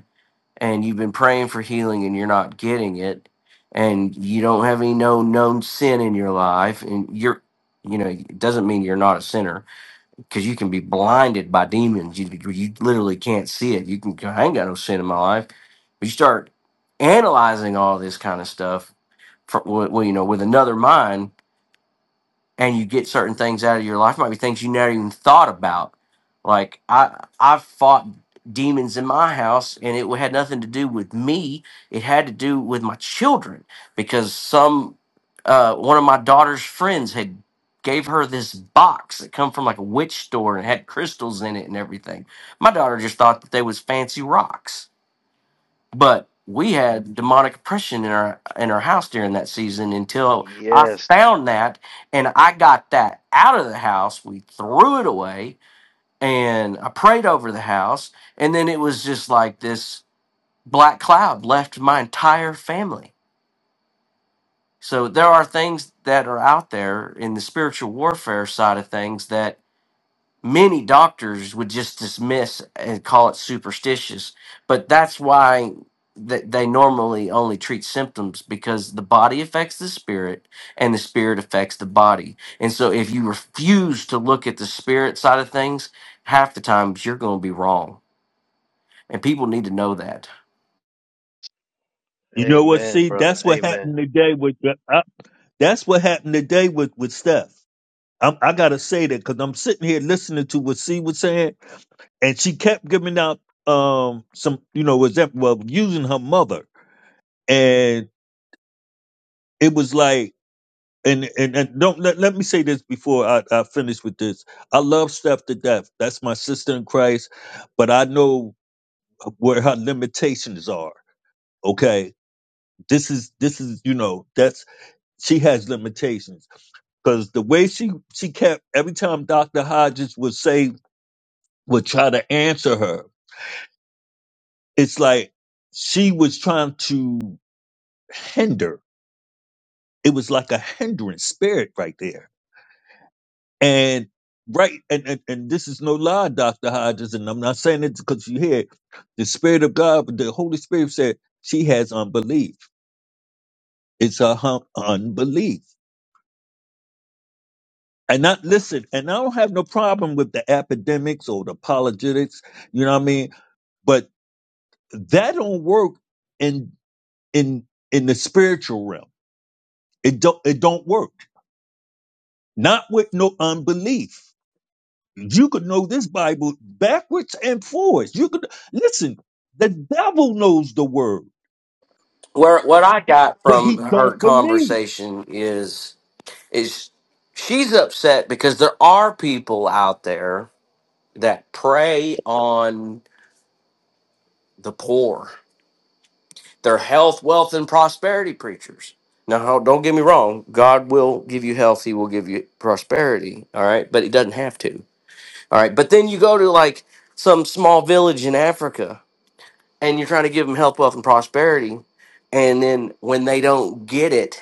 [SPEAKER 13] and you've been praying for healing and you're not getting it and you don't have any known known sin in your life and you're you know it doesn't mean you're not a sinner because you can be blinded by demons you, you literally can't see it you can go, i ain't got no sin in my life but you start analyzing all this kind of stuff for, well you know with another mind and you get certain things out of your life. It Might be things you never even thought about. Like I, I fought demons in my house, and it had nothing to do with me. It had to do with my children because some, uh, one of my daughter's friends had gave her this box that come from like a witch store and had crystals in it and everything. My daughter just thought that they was fancy rocks but we had demonic oppression in our in our house during that season until I
[SPEAKER 2] Yes.
[SPEAKER 13] found that and I got that out of the house. We threw it away and I prayed over the house and then it was just like this black cloud left my entire family. So there are things that are out there in the spiritual warfare side of things that many doctors would just dismiss and call it superstitious but that's why th- they normally only treat symptoms because the body affects the spirit and the spirit affects the body and so if you refuse to look at the spirit side of things half the times you're going to be wrong and people need to know that
[SPEAKER 1] You know what?
[SPEAKER 2] Amen,
[SPEAKER 1] See,
[SPEAKER 2] brother.
[SPEAKER 1] that's what
[SPEAKER 2] Amen.
[SPEAKER 1] happened today with uh, that's what happened today with with Steph. I'm, I gotta say that because I'm sitting here listening to what C was saying. and she kept giving out um some you know was that well using her mother and it was like and and, and don't let, let me say this before I, I finish with this i love steph to death that's my sister in christ but i know where her limitations are okay this is this is you know that's she has limitations because the way she she kept every time dr hodges would say would try to answer her it's like she was trying to hinder it was like a hindrance spirit right there. And right, and and, and this is no lie, Doctor Hodges, and I'm not saying it because you hear it. the Spirit of God, but the Holy Spirit said she has unbelief. It's her hum- unbelief. And not listen, and I don't have no problem with the academics or the apologetics, you know what I mean? But that don't work in in in the spiritual realm. It don't it don't work. Not with no unbelief. You could know this Bible backwards and forwards. You could listen. The devil knows the word,
[SPEAKER 13] where what i got
[SPEAKER 1] but
[SPEAKER 13] from
[SPEAKER 1] he
[SPEAKER 13] her
[SPEAKER 1] don't believe.
[SPEAKER 13] conversation is is she's upset because there are people out there that prey on the poor. They're health, wealth, and prosperity preachers. Now, don't get me wrong. God will give you health. He will give you prosperity. All right. But He doesn't have to. All right. But then you go to like some small village in Africa and you're trying to give them health, wealth, and prosperity. And then when they don't get it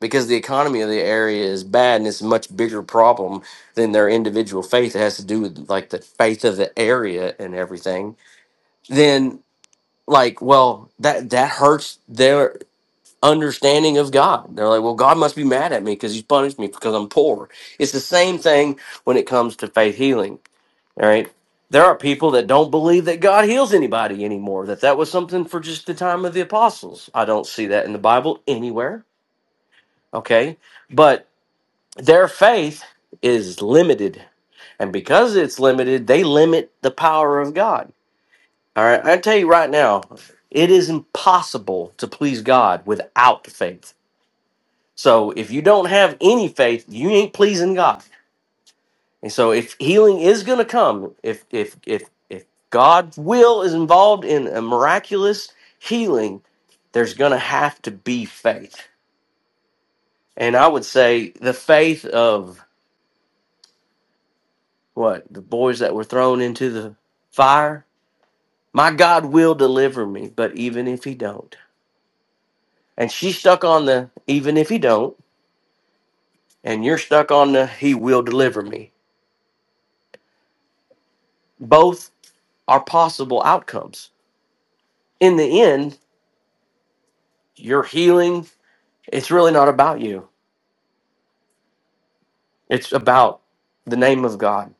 [SPEAKER 13] because the economy of the area is bad and it's a much bigger problem than their individual faith, it has to do with like the faith of the area and everything, Then. like well that that hurts their understanding of god they're like well god must be mad at me because he's punished me because i'm poor it's the same thing when it comes to faith healing all right there are people that don't believe that god heals anybody anymore that that was something for just the time of the apostles i don't see that in the bible anywhere okay but their faith is limited and because it's limited they limit the power of god all right, I tell you right now, it is impossible to please God without faith. So if you don't have any faith, you ain't pleasing God. And so if healing is going to come, if if if if God's will is involved in a miraculous healing, there's going to have to be faith. And I would say the faith of what the boys that were thrown into the fire. My God will deliver me, but even if He don't, and she stuck on the even if He don't and you're stuck on the he will deliver me. Both are possible outcomes. In the end, your healing, it's really not about you. It's about the name of God.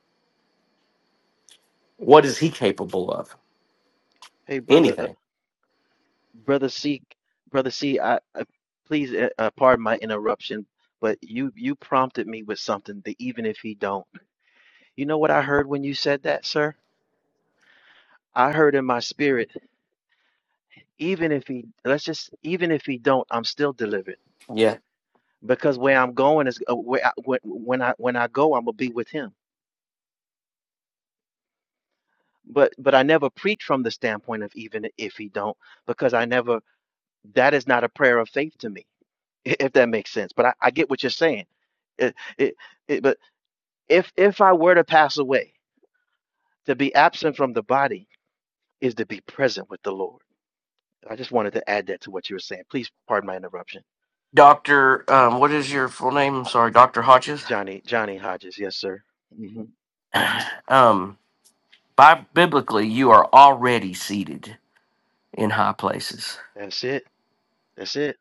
[SPEAKER 13] What is he capable of?
[SPEAKER 2] Hey, brother, uh,
[SPEAKER 13] Anything.
[SPEAKER 2] brother C, brother C, I, I please uh, uh, pardon my interruption, but you you prompted me with something that even if he don't, you know what I heard when you said that, sir? I heard in my spirit, even if he, let's just, even if he don't, I'm still delivered
[SPEAKER 13] Yeah.
[SPEAKER 2] because where I'm going is uh, where I, when, when I when I go, I'm gonna be with him. But but I never preach from the standpoint of even if he don't, because I never that is not a prayer of faith to me. i- if that makes sense. But I, I get what you're saying. It, it, it, but if if I were to pass away, to be absent from the body is to be present with the Lord. I just wanted to add that to what you were saying. Please pardon my interruption,
[SPEAKER 13] Dr. Um, what is your full name? I'm sorry, Dr. Hodges.
[SPEAKER 2] Johnny. Johnny Hodges, yes, sir. hmm
[SPEAKER 13] Um, by biblically, you are already seated in high places.
[SPEAKER 2] That's it. That's it.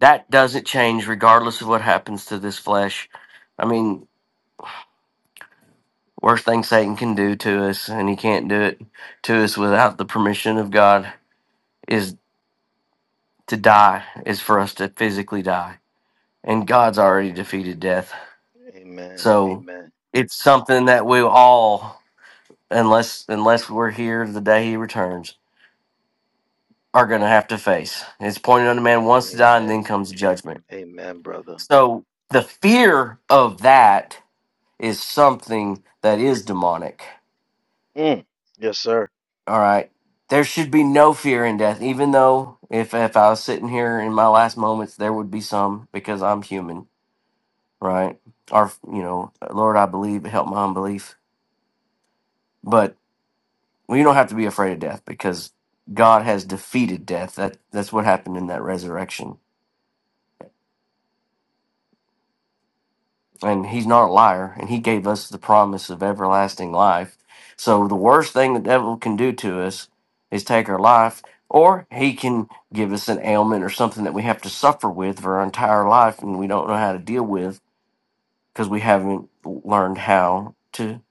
[SPEAKER 13] That doesn't change regardless of what happens to this flesh. I mean, Worst thing Satan can do to us, and he can't do it to us without the permission of God, is to die, is for us to physically die. And God's already defeated death.
[SPEAKER 2] Amen.
[SPEAKER 13] So
[SPEAKER 2] Amen.
[SPEAKER 13] it's something that we all, unless unless we're here the day he returns, are gonna have to face. It's pointed on the man once to die and then
[SPEAKER 2] Amen.
[SPEAKER 13] comes judgment.
[SPEAKER 2] Amen, brother.
[SPEAKER 13] So the fear of that is something that is demonic
[SPEAKER 2] Mm. Yes, sir.
[SPEAKER 13] All right. There should be no fear in death, even though if if I was sitting here in my last moments, there would be some because I'm human, right? Or you know, Lord, I believe, help my unbelief. But we don't have to be afraid of death because God has defeated death. That that's what happened in that resurrection. and he's not a liar, and he gave us the promise of everlasting life. So the worst thing the devil can do to us is take our life, or he can give us an ailment or something that we have to suffer with for our entire life and we don't know how to deal with because we haven't learned how to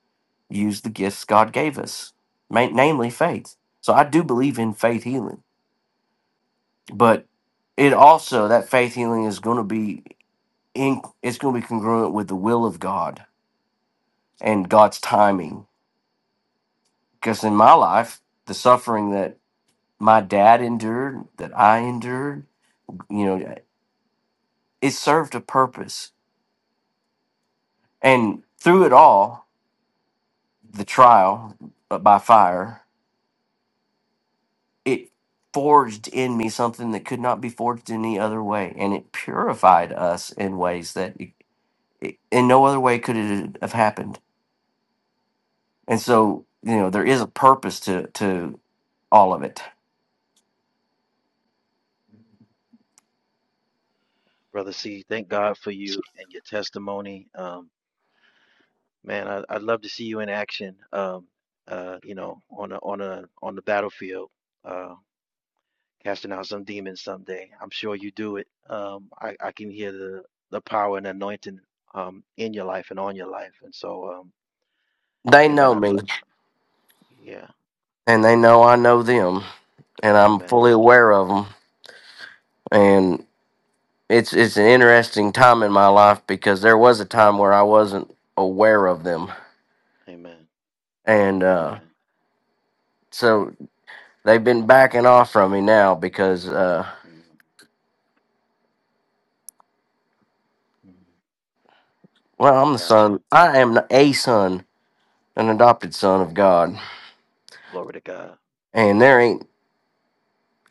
[SPEAKER 13] use the gifts God gave us, ma- namely faith. So I do believe in faith healing, but it also that faith healing is going to be in, it's going to be congruent with the will of God and God's timing. Because in my life, the suffering that my dad endured, that I endured, you know, it served a purpose. And through it all, the trial uh, by fire, it forged in me something that could not be forged any other way. And it purified us in ways that it, it, in no other way could it have happened. And so, you know, there is a purpose to, to all of it.
[SPEAKER 2] Brother C, thank God for you and your testimony. Um, Man, I, I'd love to see you in action. Um, uh, you know, on a on a on the battlefield, uh, casting out some demons someday. I'm sure you do it. Um, I I can hear the the power and anointing um in your life and on your life. And so, um,
[SPEAKER 13] They
[SPEAKER 2] Amen.
[SPEAKER 13] know
[SPEAKER 2] I'd
[SPEAKER 13] me
[SPEAKER 2] lo- yeah,
[SPEAKER 13] and they know I know them and I'm
[SPEAKER 2] Amen,
[SPEAKER 13] fully aware of them. And it's it's an interesting time in my life because there was a time where I wasn't aware of them,
[SPEAKER 2] Amen,
[SPEAKER 13] and uh,
[SPEAKER 2] Amen.
[SPEAKER 13] so they've been
[SPEAKER 2] Amen.
[SPEAKER 13] backing off from me now because uh,
[SPEAKER 2] Mm, mm.
[SPEAKER 13] well, I'm the
[SPEAKER 2] Got you.
[SPEAKER 13] son. I am a son, an adopted son of God,
[SPEAKER 2] Glory to God.
[SPEAKER 13] and there ain't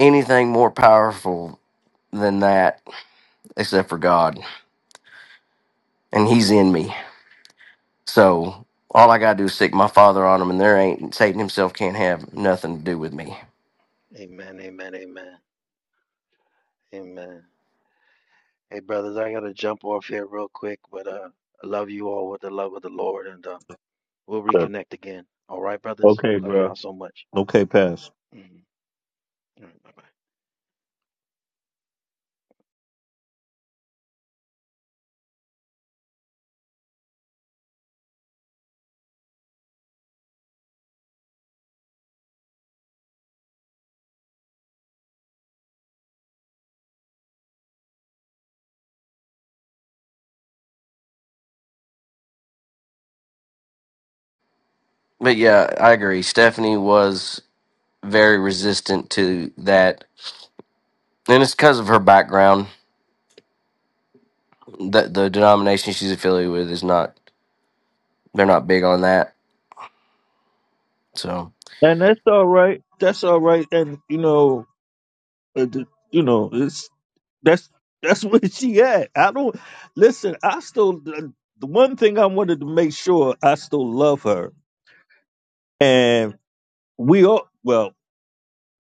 [SPEAKER 13] anything more powerful than that except for God, and He's in me. So. All I gotta do is stick my father on him, and there ain't Satan himself can't have nothing to do with me.
[SPEAKER 2] Amen, amen, amen, amen. Hey, brothers, I gotta jump off here real quick, but uh, I love you all with the love of the Lord, and um. We'll
[SPEAKER 1] Yeah.
[SPEAKER 2] reconnect again. All right, brothers.
[SPEAKER 1] Okay,
[SPEAKER 2] Love
[SPEAKER 1] bro.
[SPEAKER 2] y'all so much.
[SPEAKER 1] Okay, pass.
[SPEAKER 2] Mhm. All right.
[SPEAKER 13] But yeah, I agree. Stephanie was very resistant to that, and it's because of her background. That the denomination she's affiliated with is not they're not big on that. So
[SPEAKER 1] And that's all right. That's all right. And you know, it, you know, it's that's that's where she at. I don't listen. I still the, the one thing I wanted to make sure I still love her, and we all well.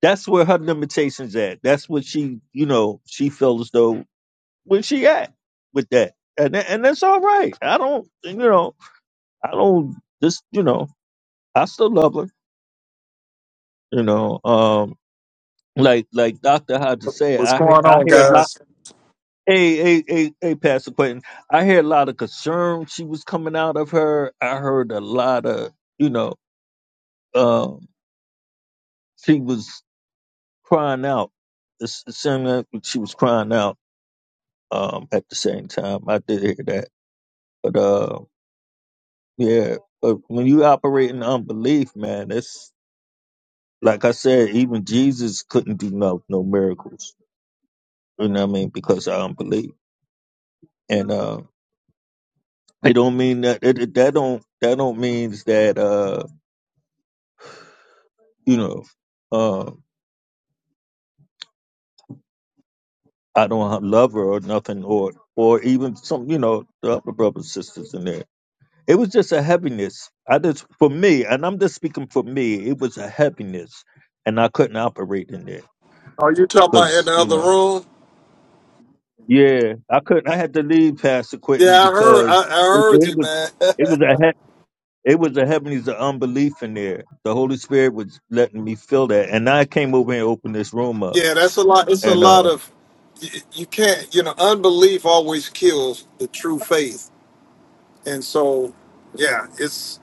[SPEAKER 1] That's where her limitations at. That's what she, you know, she feels as though where she at with that, and tha- and that's all right. I don't, you know, I don't just, you know, I still love her. You know, um, like like Doctor had to say,
[SPEAKER 14] What's
[SPEAKER 1] I he-
[SPEAKER 14] going
[SPEAKER 1] I
[SPEAKER 14] on,
[SPEAKER 1] hear a lot.
[SPEAKER 14] guys?
[SPEAKER 1] Hey, hey, hey, hey, Pastor Quentin. I hear a lot of concern she was coming out of her. I heard a lot of, you know, um, she was crying out. It's, it seemed like she was crying out um, at the same time. I did hear that, but uh, Yeah, but when you operate in unbelief, man, it's like I said, even Jesus couldn't do no no miracles. You know what I mean? Because of unbelief, and uh, it don't mean that it, it- that don't that don't means that uh, you know, uh, I don't have- love her or nothing, or or even some you know the other brothers and sisters in there. It was just a heaviness. I just for me, and I'm just speaking for me. It was a heaviness, and I couldn't operate in there
[SPEAKER 14] Are you talking about in the
[SPEAKER 1] because you
[SPEAKER 14] other
[SPEAKER 1] know.
[SPEAKER 14] room?
[SPEAKER 1] Yeah, I couldn't. I had to leave Pastor Quentin
[SPEAKER 14] Yeah, I heard. I,
[SPEAKER 1] because
[SPEAKER 14] I
[SPEAKER 1] it,
[SPEAKER 14] heard
[SPEAKER 1] it
[SPEAKER 14] you,
[SPEAKER 1] was
[SPEAKER 14] man.
[SPEAKER 1] it was a he- it was a heavenlies of unbelief in there. The Holy Spirit was letting me feel that, and I came over and opened this room up.
[SPEAKER 14] yeah, that's a lot. It's a
[SPEAKER 1] And uh,
[SPEAKER 14] lot of. You, you can't. You know, unbelief always kills the true faith, and so yeah, it's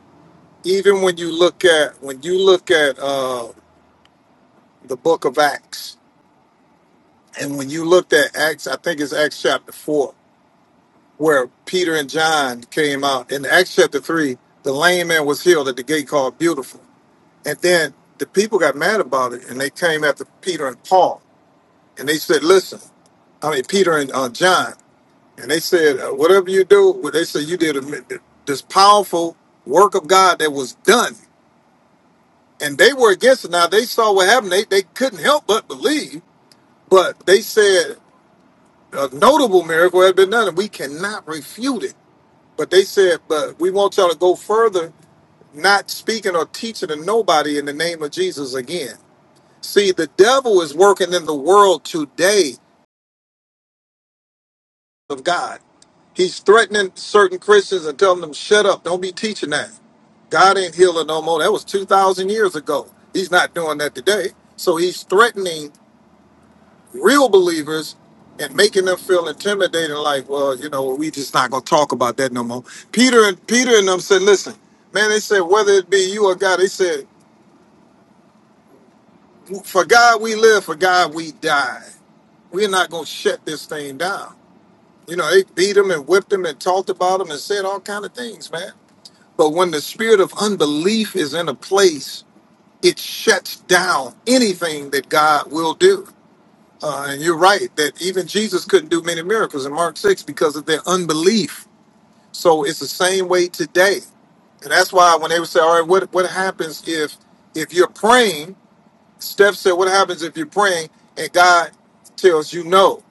[SPEAKER 14] even when you look at when you look at uh, the Book of Acts, and when you looked at Acts, I think it's Acts chapter four, where Peter and John came out. In Acts chapter three, the lame man was healed at the gate called Beautiful And then the people got mad about it, and they came after Peter and Paul, and they said, "Listen, I mean Peter and uh, John," and they said, uh, "Whatever you do," well, they said you did a, this powerful work of God that was done, and they were against it. Now they saw what happened; they they couldn't help but believe, but they said a notable miracle had been done, and we cannot refute it. But they said, "But we want y'all to go further." Not speaking or teaching to nobody in the name of Jesus again. See, the devil is working in the world today of God. He's threatening certain Christians and telling them, shut up, don't be teaching that. God ain't healing no more. That was 2,000 years ago. He's not doing that today. So he's threatening real believers and making them feel intimidated, like, well, you know, we just not going to talk about that no more. Peter and Peter and them said, listen, man, they said, whether it be you or God, they said, for God we live, for God we die. We're not going to shut this thing down. You know, they beat him and whipped him and talked about him and said all kind of things, man. But when the spirit of unbelief is in a place, it shuts down anything that God will do. Uh, and you're right that even Jesus couldn't do many miracles in Mark 6 because of their unbelief. So it's the same way today. And that's why when they would say, all right, what, what happens if if you're praying? Steph said, what happens if you're praying and God tells you no?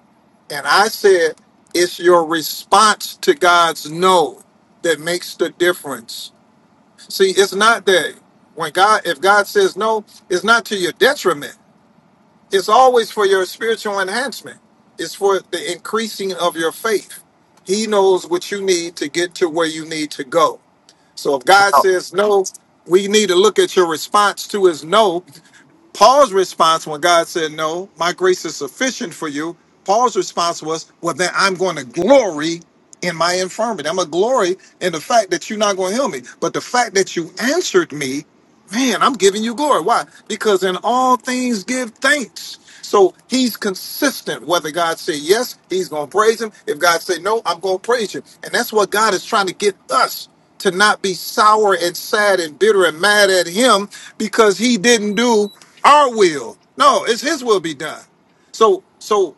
[SPEAKER 14] And I said, it's your response to God's no that makes the difference. See, it's not that when God, if God says no, it's not to your detriment. It's always for your spiritual enhancement. It's for the increasing of your faith. He knows what you need to get to where you need to go. So if God
[SPEAKER 13] Well,
[SPEAKER 14] says no, we need to look at your response to his no Paul's response when God said, No, my grace is sufficient for you, Paul's response was, Well, then I'm going to glory in my infirmity. I'm going to glory in the fact that you're not going to heal me. But the fact that you answered me, man, I'm giving you glory. Why? Because in all things give thanks. So he's consistent. Whether God say yes, he's going to praise him. If God say no, I'm going to praise him. And that's what God is trying to get us to not be sour and sad and bitter and mad at him because he didn't do our will. No, it's his will be done. So so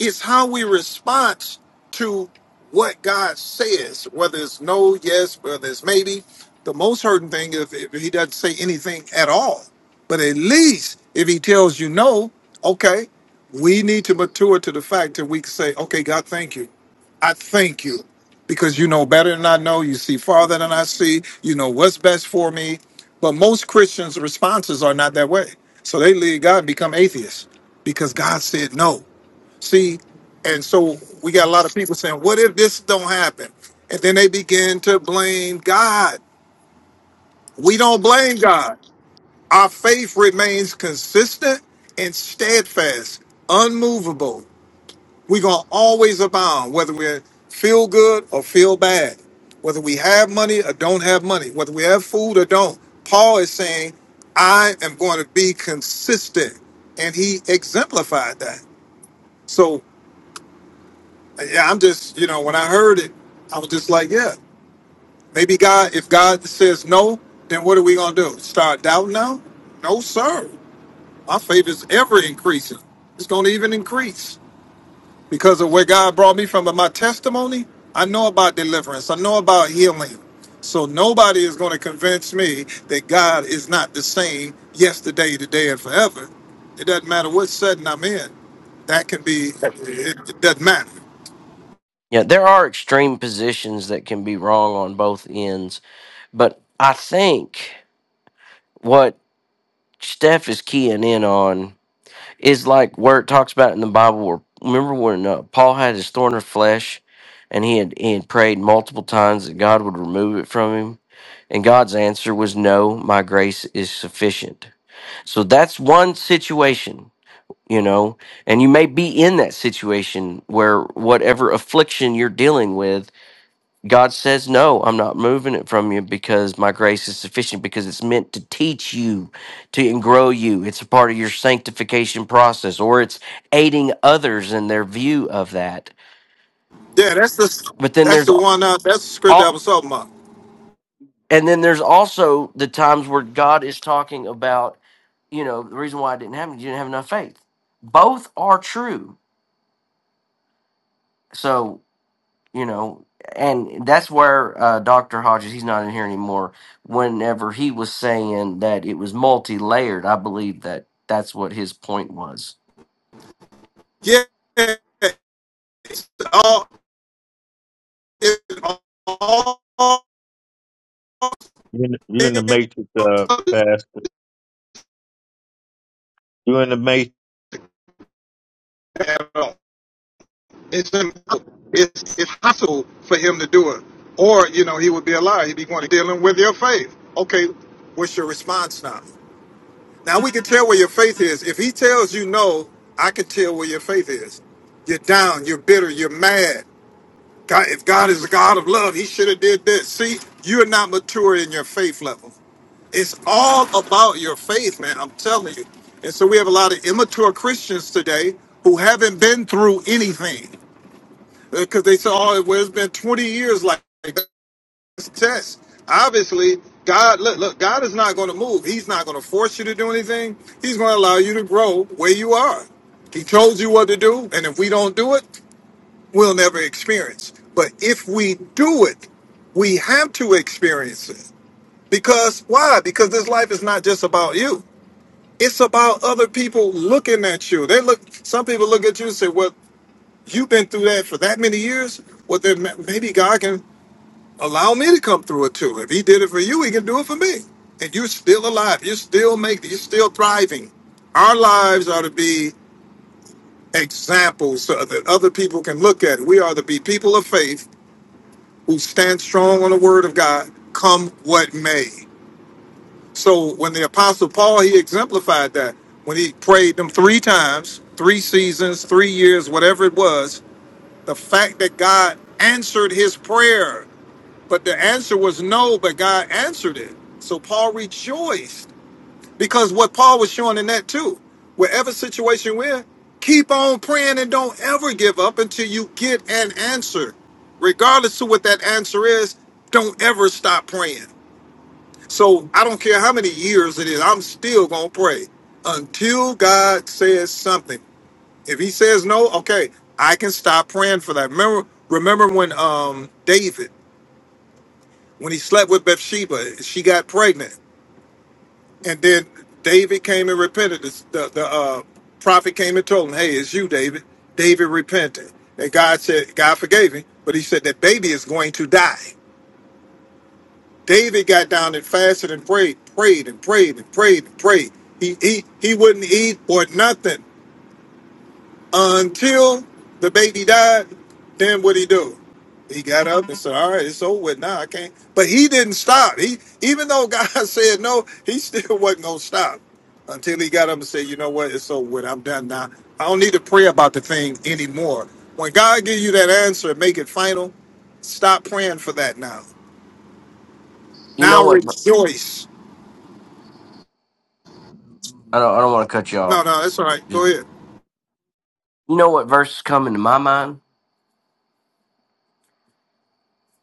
[SPEAKER 14] it's how we respond to what God says, whether it's no, yes, whether it's maybe. The most hurting thing is if he doesn't say anything at all. But at least if he tells you no, okay, we need to mature to the fact that we can say, okay, God, thank you. I thank you because you know better than I know. You see farther than I see. You know what's best for me. But most Christians' responses are not that way. So they leave God and become atheists because God said no. See, and so we got a lot of people saying, "What if this don't happen?" And then they begin to blame God. We don't blame God. Our faith remains consistent and steadfast, unmovable. We're gonna always abound, whether we feel good or feel bad, whether we have money or don't have money, whether we have food or don't. Paul is saying, "I am going to be consistent," and he exemplified that. So yeah, I'm just, you know, when I heard it, I was just like, yeah, maybe God, if God says no, then what are we going to do? Start doubting now? No, sir. My faith is ever increasing. It's going to even increase because of where God brought me from. But my testimony, I know about deliverance, I know about healing. So nobody is going to convince me that God is not the same yesterday, today, and forever. It doesn't matter what setting I'm in. That can be, it, it doesn't matter.
[SPEAKER 13] yeah, there are extreme positions that can be wrong on both ends, but I think what Steph is keying in on. is like where it talks about in the Bible. Where remember when uh, Paul had his thorn of flesh, and he had he had prayed multiple times that God would remove it from him, and God's answer was no, my grace is sufficient. So that's one situation, you know, and you may be in that situation where whatever affliction you're dealing with God says, No, I'm not moving it from you because my grace is sufficient, because it's meant to teach you to and grow you. It's a part of your sanctification process, or it's aiding others in their view of that.
[SPEAKER 14] Yeah, that's the
[SPEAKER 13] But then
[SPEAKER 14] that's
[SPEAKER 13] there's
[SPEAKER 14] the one. Uh, that's the script I
[SPEAKER 13] all
[SPEAKER 14] was talking about.
[SPEAKER 13] and then there's also the times where God is talking about, you know, the reason why it didn't happen, you didn't have enough faith. Both are true. So you know and that's where uh, dr hodges he's not in here anymore whenever he was saying that it was multi-layered i believe that that's what his point was
[SPEAKER 14] Yeah, it's all it's all
[SPEAKER 1] you're in, you in the
[SPEAKER 14] it's
[SPEAKER 1] matrix, uh, Pastor. You're in the matrix.
[SPEAKER 14] impossible. It's it's possible for him to do it, or you know he would be a liar. He'd be going to dealing with your faith. Okay, what's your response now? Now we can tell where your faith is. If he tells you no, I can tell where your faith is. You're down. You're bitter. You're mad. God, if God is a God of love, He should have did this. See, you're not mature in your faith level. It's all about your faith, man. I'm telling you. And so we have a lot of immature Christians today who haven't been through anything because they say, "Oh, well, it's been 20 years like that's a test." Obviously, God look, look God is not going to move. He's not going to force you to do anything. He's going to allow you to grow where you are. He told you what to do, and if we don't do it, we'll never experience. But if we do it, we have to experience it. Because why? Because this life is not just about you. It's about other people looking at you. They look. Some people look at you and say, "Well, you've been through that for that many years. Well, then ma- maybe God can allow me to come through it too. If He did it for you, He can do it for me. And you're still alive. You're still making. You're still thriving. Our lives are to be examples so that other people can look at. it. We are to be people of faith who stand strong on the Word of God, come what may. So when the apostle Paul, he exemplified that when he prayed them three times, three seasons, three years, whatever it was, the fact that God answered his prayer, but the answer was no, but God answered it. So Paul rejoiced because what Paul was showing in that too, wherever situation we're in, keep on praying and don't ever give up until you get an answer. Regardless of what that answer is, don't ever stop praying so I don't care how many years it is, I'm still gonna pray until God says something. If He says no, okay, I can stop praying for that. Remember, remember when um, David, when he slept with Bathsheba, she got pregnant, and then David came and repented. The, the, the, uh, prophet came and told him, "Hey, it's you, David." David repented, and God said, God forgave him, but He said that baby is going to die. David got down and fasted and prayed, prayed and prayed and prayed and prayed. He he he wouldn't eat or nothing until the baby died. Then what he do? He got up and said, "All right, it's over with now. I can't." But he didn't stop. He even though God said no, he still wasn't gonna stop until he got up and said, "You know what? It's over with. I'm done now. I don't need to pray about the thing anymore." When God gives you that answer, make it final. Stop praying for that now.
[SPEAKER 13] you know
[SPEAKER 14] Now
[SPEAKER 13] what
[SPEAKER 14] rejoice.
[SPEAKER 13] i don't, I don't want to cut you
[SPEAKER 14] No,
[SPEAKER 13] off
[SPEAKER 14] no, that's all right.
[SPEAKER 13] Just-
[SPEAKER 14] Go ahead.
[SPEAKER 13] you know what verse is coming to my mind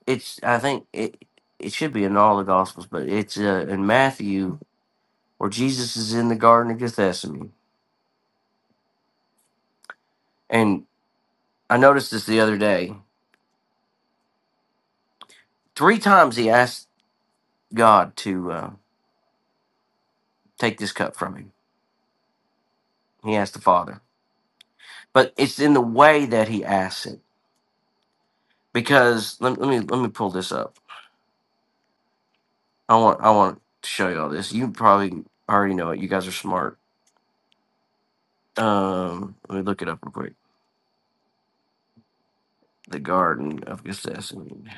[SPEAKER 13] it's i think it it should be in all the gospels but it's uh, in matthew where jesus is in the garden of gethsemane and. I noticed this the other day. Three times he asked God to uh, take this cup from him. He asked the Father, but it's in the way that he asks it. Because let, let me let me pull this up. I want I want to show you all this. You probably already know it. You guys are smart. Um, let me look it up real quick. The Garden of Gethsemane.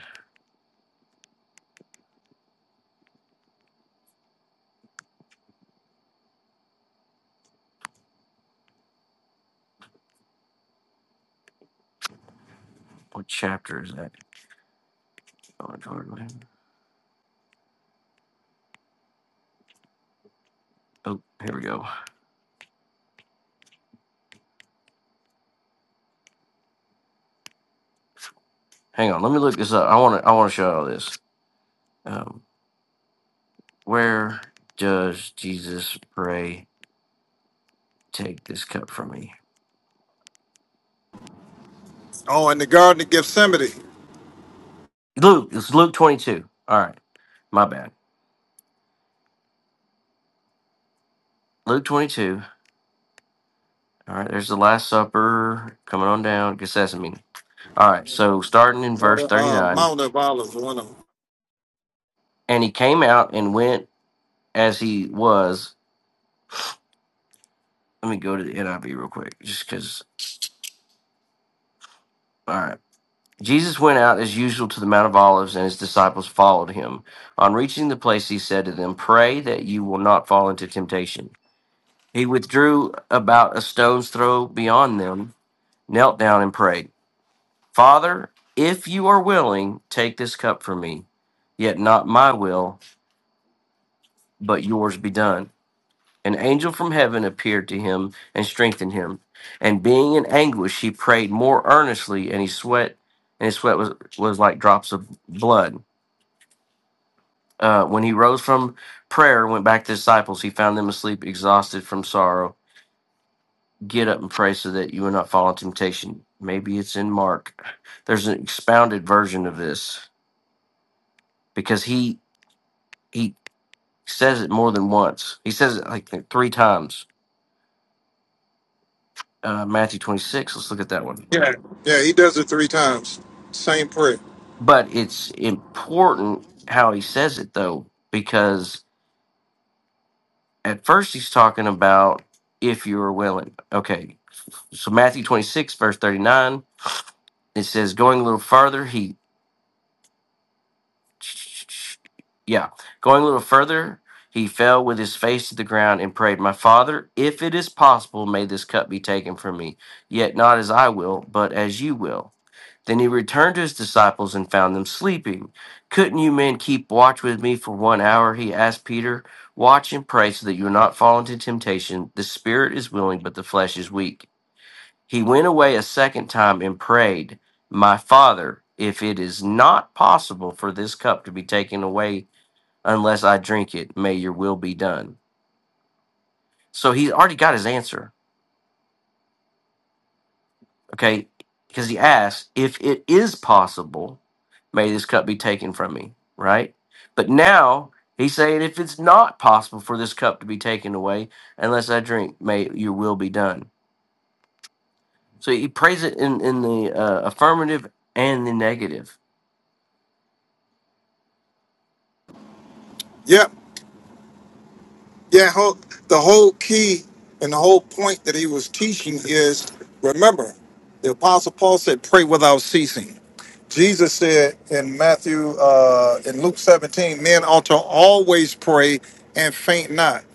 [SPEAKER 13] What chapter is that? Oh, Jordan. Oh, here we go. Hang on. Let me look this up. I want to I want to show you all this. Um, where does Jesus pray? Take this cup from me.
[SPEAKER 14] Oh, in the Garden of Gethsemane,
[SPEAKER 13] Luke, it's Luke 22. All right, my bad. Luke 22. All right, there's the Last Supper coming on down, Gethsemane. All right, so starting in
[SPEAKER 14] or
[SPEAKER 13] verse
[SPEAKER 14] the uh,
[SPEAKER 13] 39,
[SPEAKER 14] Mount of Olives, one of them.
[SPEAKER 13] and he came out and went as he was. Let me go to the NIV real quick, just because. All right. Jesus went out as usual to the Mount of Olives, and his disciples followed him. On reaching the place, he said to them, Pray that you will not fall into temptation. He withdrew about a stone's throw beyond them knelt down and prayed, Father, if you are willing, take this cup from me. Yet not my will, but yours be done. An angel from heaven appeared to him and strengthened him. And being in anguish, he prayed more earnestly, and he sweat, and his sweat was, was like drops of blood. Uh, when he rose from prayer and went back to the disciples, he found them asleep, exhausted from sorrow. Get up and pray so that you will not fall in temptation. Maybe it's in Mark. There's an expounded version of this because he he says it more than once. He says it like three times. Uh, Matthew 26. Let's look at that one.
[SPEAKER 14] Yeah, yeah, he does it three times. Same prayer.
[SPEAKER 13] But it's important how he says it though, because at first he's talking about if you are willing. Okay, so Matthew 26 verse 39. It says, going a little further, he Yeah. Going a little further, he fell with his face to the ground and prayed, My father, if it is possible, may this cup be taken from me. Yet not as I will, but as you will. Then he returned to his disciples and found them sleeping. Couldn't you men keep watch with me for one hour? He asked Peter. Watch and pray so that you will not fall into temptation. The spirit is willing, but the flesh is weak. He went away a second time and prayed, My father, if it is not possible for this cup to be taken away unless I drink it, may your will be done. So he's already got his answer, okay? Because he asked, If it is possible, may this cup be taken from me, right? But now he's saying, If it's not possible for this cup to be taken away unless I drink, may your will be done. So he prays it in, in the uh, affirmative and the negative
[SPEAKER 14] Yep. Yeah. Whole, the whole key and the whole point that he was teaching is remember, the Apostle Paul said, "Pray without ceasing." Jesus said in Matthew, uh, in Luke 17, men ought to always pray and faint not.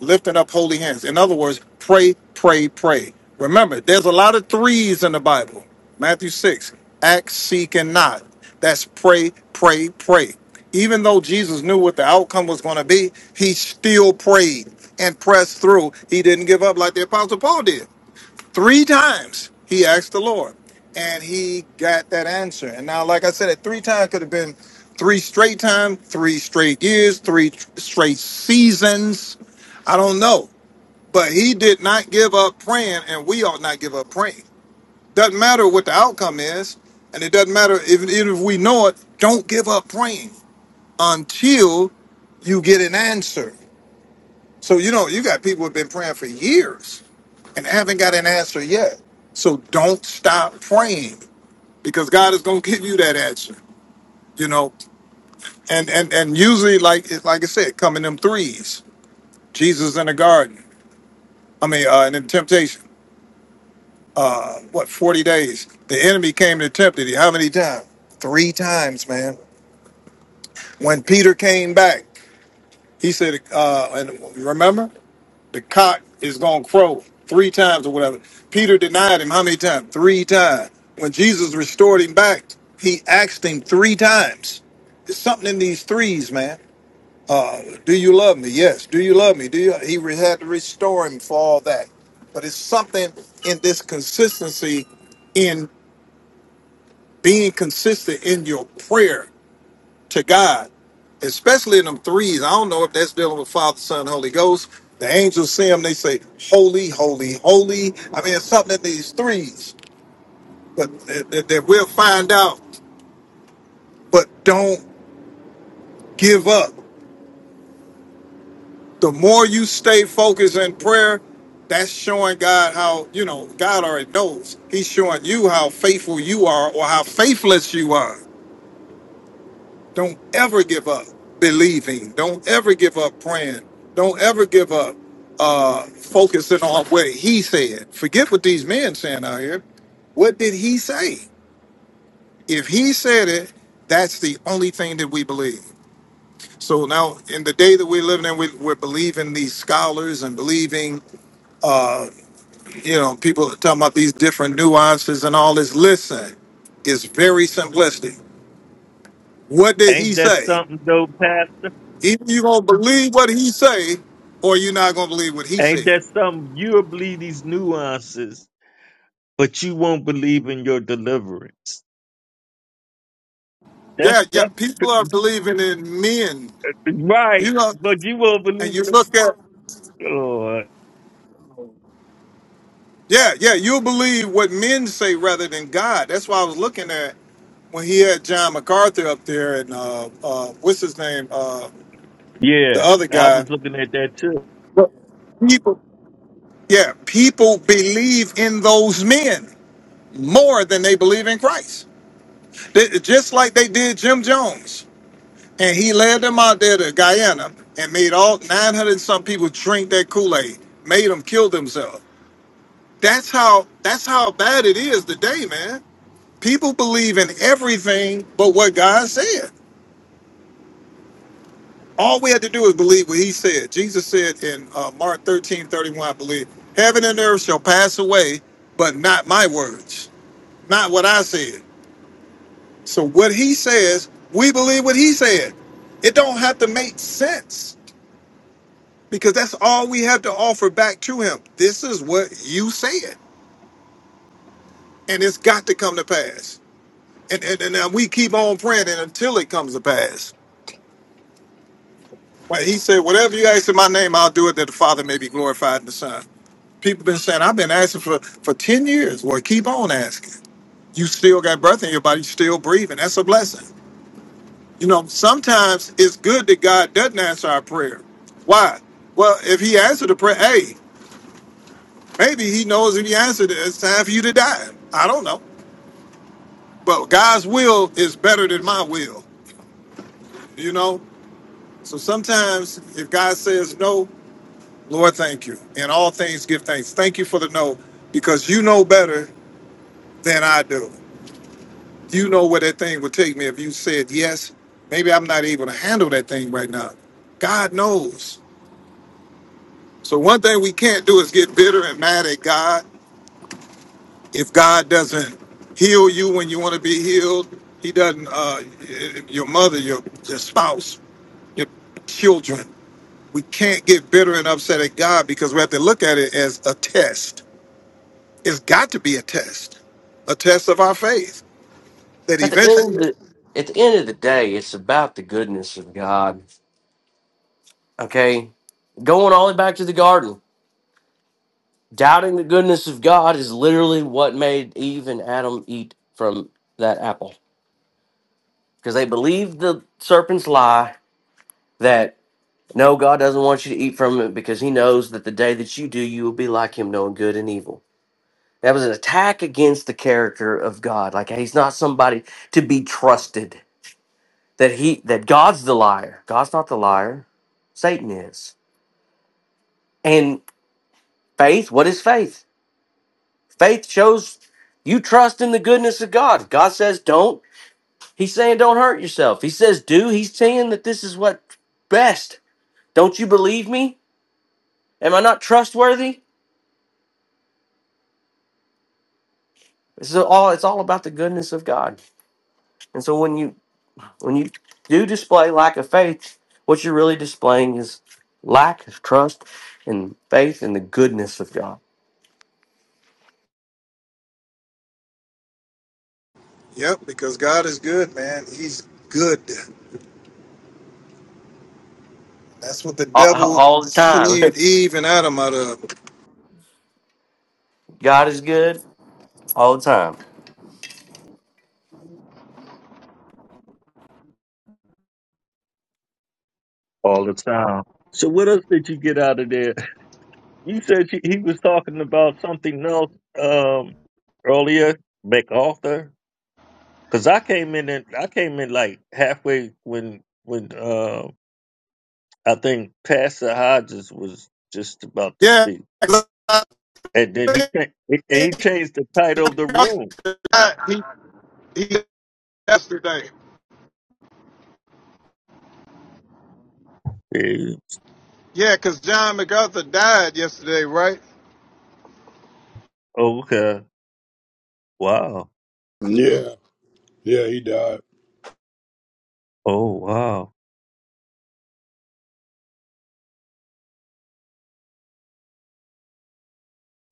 [SPEAKER 14] lifting up holy hands. In other words, pray, pray, pray. Remember, there's a lot of threes in the Bible. Matthew 6, act, seek, and not. That's pray, pray, pray. Even though Jesus knew what the outcome was going to be, he still prayed and pressed through. He didn't give up like the Apostle Paul did. Three times he asked the Lord, and he got that answer. And now, like I said, at three times could have been three straight times, three straight years, three tr- straight seasons. I don't know, but he did not give up praying, and we ought not give up praying. Doesn't matter what the outcome is, and it doesn't matter if, even if we know it. Don't give up praying until you get an answer. So you know, you got people who've been praying for years and haven't got an answer yet. So don't stop praying because God is going to give you that answer. You know, and and and usually, like like I said, come in them threes. Jesus in the garden. I mean, uh, in the temptation. What forty days? The enemy came and tempted you. How many times? Three times, man. When Peter came back. He said, uh, and remember, the cock is going to crow three times or whatever. Peter denied him how many times? Three times. When Jesus restored him back, he asked him three times. There's something in these threes, man. Do you love me? Yes. Do you love me? Do you? He re- had to restore him for all that. But it's something in this consistency, in being consistent in your prayer to God, especially in them threes. I don't know if that's dealing with Father, Son, Holy Ghost. The angels see them, they say, Holy, holy, holy. I mean, it's something in these threes, but that, that- that we'll find out. But don't give up. The more you stay focused in prayer, that's showing God how, you know, God already knows. He's showing you how faithful you are or how faithless you are. Don't ever give up believing. Don't ever give up praying. Don't ever give up uh, focusing on what he said. Forget what these men saying out here. What did he say? If he said it, that's the only thing that we believe. So now, in the day that we're living in, we, we're believing these scholars and believing, uh, you know, people are talking about these different nuances and all this. Listen, it's very simplistic. What did he
[SPEAKER 1] Ain't that
[SPEAKER 14] say?
[SPEAKER 1] something though, Pastor?
[SPEAKER 14] Either you gonna believe what he say, or you're not gonna believe what he
[SPEAKER 1] Ain't
[SPEAKER 14] said.
[SPEAKER 1] that something? You'll believe these nuances, but you won't believe in your deliverance. That's
[SPEAKER 14] Yeah, yeah.
[SPEAKER 1] that's
[SPEAKER 14] People are believing in men. You
[SPEAKER 1] right.
[SPEAKER 14] know,
[SPEAKER 1] But you won't
[SPEAKER 14] and
[SPEAKER 1] believe
[SPEAKER 14] you
[SPEAKER 1] in the
[SPEAKER 14] look at
[SPEAKER 1] Lord.
[SPEAKER 14] yeah, yeah. You'll believe what men say rather than God. That's why I was looking at when he had John MacArthur up there and uh, uh, what's his name, uh, the
[SPEAKER 1] Yeah.
[SPEAKER 14] other
[SPEAKER 1] I
[SPEAKER 14] guy.
[SPEAKER 1] was looking at that too.
[SPEAKER 14] But People, yeah, people believe in those men more than they believe in Christ. They- just like they did Jim Jones. And he led them out there to Guyana and made all 900 and some people drink that Kool-Aid, made them kill themselves. That's how that's how bad it is today, man. People believe in everything but what God said. All we had to do is believe what he said. Jesus said in uh, Mark 13 31, I believe, heaven and earth shall pass away, but not my words, not what I said. So what he says, we believe what he said. It don't have to make sense. because that's all we have to offer back to him. This is what you said, and it's got to come to pass. And and, and we keep on praying and until it comes to pass. But he said, "Whatever you ask in my name, I'll do it, that the Father may be glorified in the Son." People been saying, "I've been asking for for ten years." Well, keep on asking. You still got breath in your body, you still breathing. That's a blessing. You know, sometimes it's good that God doesn't answer our prayer. Why? Well, if He answered the prayer, hey, Maybe he knows if you answered it, it's time for you to die. I don't know. But God's will is better than my will, you know? So sometimes if God says no, Lord, thank you. In all things, give thanks. Thank you for the no, because you know better than I do. You know where that thing would take me if you said yes. Maybe I'm not able to handle that thing right now. God knows. So one thing we can't do is get bitter and mad at God if God doesn't heal you when you want to be healed, He doesn't. Uh, your mother, your, your spouse, your children. We can't get bitter and upset at God because we have to look at it as a test. It's got to be a test, a test of our faith. That
[SPEAKER 13] At the end of
[SPEAKER 14] eventually,
[SPEAKER 13] the at the end of the day, it's about the goodness of God. Okay? Going all the way back to the garden. Doubting the goodness of God is literally what made Eve and Adam eat from that apple. Because they believed the serpent's lie that no, God doesn't want you to eat from it because he knows that the day that you do, you will be like him, knowing good and evil. That was an attack against the character of God. Like he's not somebody to be trusted that he that God's the liar. God's not the liar. Satan is. And faith, what is faith? Faith shows you trust in the goodness of God. God says don't. He's saying don't hurt yourself. He says do. He's saying that this is what best. Don't you believe me? Am I not trustworthy? This is all it's all about the goodness of God. And so when you when you do display lack of faith, what you're really displaying is lack of trust and faith in the goodness of God.
[SPEAKER 14] yep, because God is good, man. He's good. That's what the
[SPEAKER 13] all,
[SPEAKER 14] devil
[SPEAKER 13] all the time.
[SPEAKER 14] deceived Eve and Adam out of.
[SPEAKER 13] God is good all the time.
[SPEAKER 1] all the time. So what else did you get out of there? You said you, he was talking about something else um, earlier, MacArthur. Because I came in and I came in like halfway when when uh, I think Pastor Hodges was just about to
[SPEAKER 14] Yeah,
[SPEAKER 1] speak, and then he cha- and he changed the title of the room.
[SPEAKER 14] he, he yesterday.
[SPEAKER 1] Yeah.
[SPEAKER 14] Yeah, because John MacArthur died yesterday, right?
[SPEAKER 1] Okay. Wow.
[SPEAKER 5] Yeah, yeah, he died.
[SPEAKER 1] Oh wow.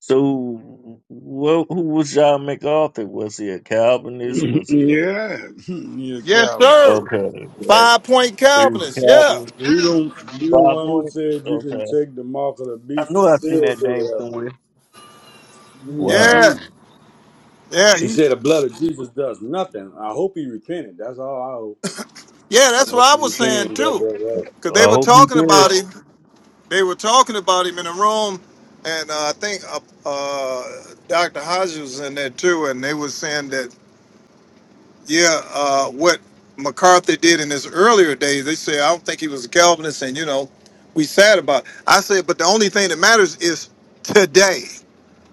[SPEAKER 1] So, wh- who was John MacArthur? Was he a Calvinist? Was he a
[SPEAKER 5] yeah, yeah,
[SPEAKER 14] Yes,
[SPEAKER 5] Calvin.
[SPEAKER 14] sir.
[SPEAKER 1] Okay. Yeah.
[SPEAKER 14] Five Point
[SPEAKER 1] He was a
[SPEAKER 14] Calvinist. yeah.
[SPEAKER 1] captain.
[SPEAKER 5] You don't, you the
[SPEAKER 1] Five
[SPEAKER 5] one who
[SPEAKER 1] points.
[SPEAKER 5] said you can
[SPEAKER 1] Okay.
[SPEAKER 5] take the mark of the
[SPEAKER 1] I
[SPEAKER 5] beast and
[SPEAKER 1] knew I seen
[SPEAKER 5] still
[SPEAKER 1] that
[SPEAKER 5] go
[SPEAKER 1] name
[SPEAKER 5] to
[SPEAKER 1] somewhere.
[SPEAKER 5] heaven.
[SPEAKER 1] Wow.
[SPEAKER 14] Yeah,
[SPEAKER 5] hmm
[SPEAKER 14] yeah,
[SPEAKER 5] He
[SPEAKER 14] he,
[SPEAKER 5] said the blood of Jesus does nothing. I hope he repented. That's all I hope.
[SPEAKER 14] yeah.
[SPEAKER 5] I
[SPEAKER 14] That's what
[SPEAKER 5] hope
[SPEAKER 14] I
[SPEAKER 5] he
[SPEAKER 14] was
[SPEAKER 5] repented
[SPEAKER 14] saying
[SPEAKER 5] and got
[SPEAKER 14] too,
[SPEAKER 5] that right.
[SPEAKER 14] because
[SPEAKER 1] I
[SPEAKER 14] they were
[SPEAKER 1] hope he
[SPEAKER 14] talking
[SPEAKER 1] did.
[SPEAKER 14] about him. They were talking about him in a room, and uh, I think uh, uh, Dr. Hodges was in there too, and they were saying that yeah, uh, what McCarthy did in his earlier days. They said I don't think he was a Calvinist, and you know, we sad about. It. I said, but the only thing that matters is today.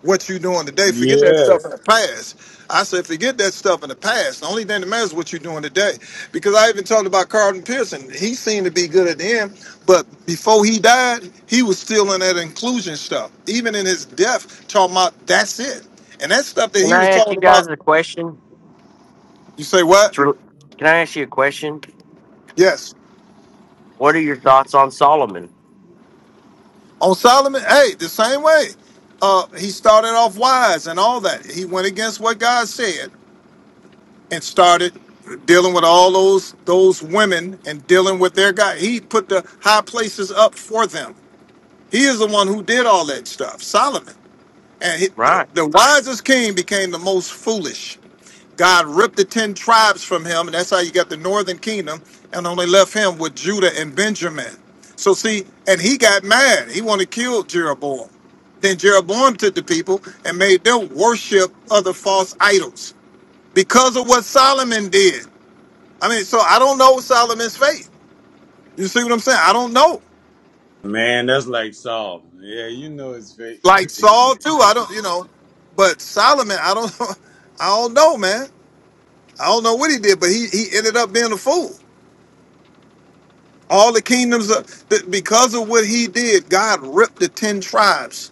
[SPEAKER 14] what you doing today. Forget that stuff
[SPEAKER 5] Yes,
[SPEAKER 14] in the past. I said, forget that stuff in the past. The only thing that matters is what you're doing today. Because I even talked about Carlton Pearson. He seemed to be good at the end, but before he died, he was still in that inclusion stuff. Even in his death, talking about that's it. And that stuff that
[SPEAKER 13] Can
[SPEAKER 14] he
[SPEAKER 13] I
[SPEAKER 14] was
[SPEAKER 13] ask you
[SPEAKER 14] talking
[SPEAKER 13] guys
[SPEAKER 14] about,
[SPEAKER 13] a question?
[SPEAKER 14] you say what?
[SPEAKER 13] It's really, can I ask you a question?
[SPEAKER 14] Yes.
[SPEAKER 13] What are your thoughts on Solomon?
[SPEAKER 14] On Solomon, hey, the same way. Uh, he started off wise and all that. He went against what God said. and started dealing with all those those women and dealing with their guy. He put the high places up for them. He is the one who did all that stuff, Solomon. And he, the,
[SPEAKER 13] Right.
[SPEAKER 14] the wisest king became the most foolish. God ripped the ten tribes from him, and that's how you got the northern kingdom, and only left him with Judah and Benjamin. So see, and he got mad. He wanted to kill Jeroboam. Then Jeroboam took the people and made them worship other false idols because of what Solomon did. I mean, so I don't know Solomon's faith. You see what I'm saying? I don't know.
[SPEAKER 5] man, that's like Saul. Yeah, you know it's fake.
[SPEAKER 14] Like Saul too, I don't, you know, but Solomon, I don't, I don't know, man. I don't know what he did, but he he ended up being a fool. All the kingdoms of th- because of what he did, God ripped the ten tribes,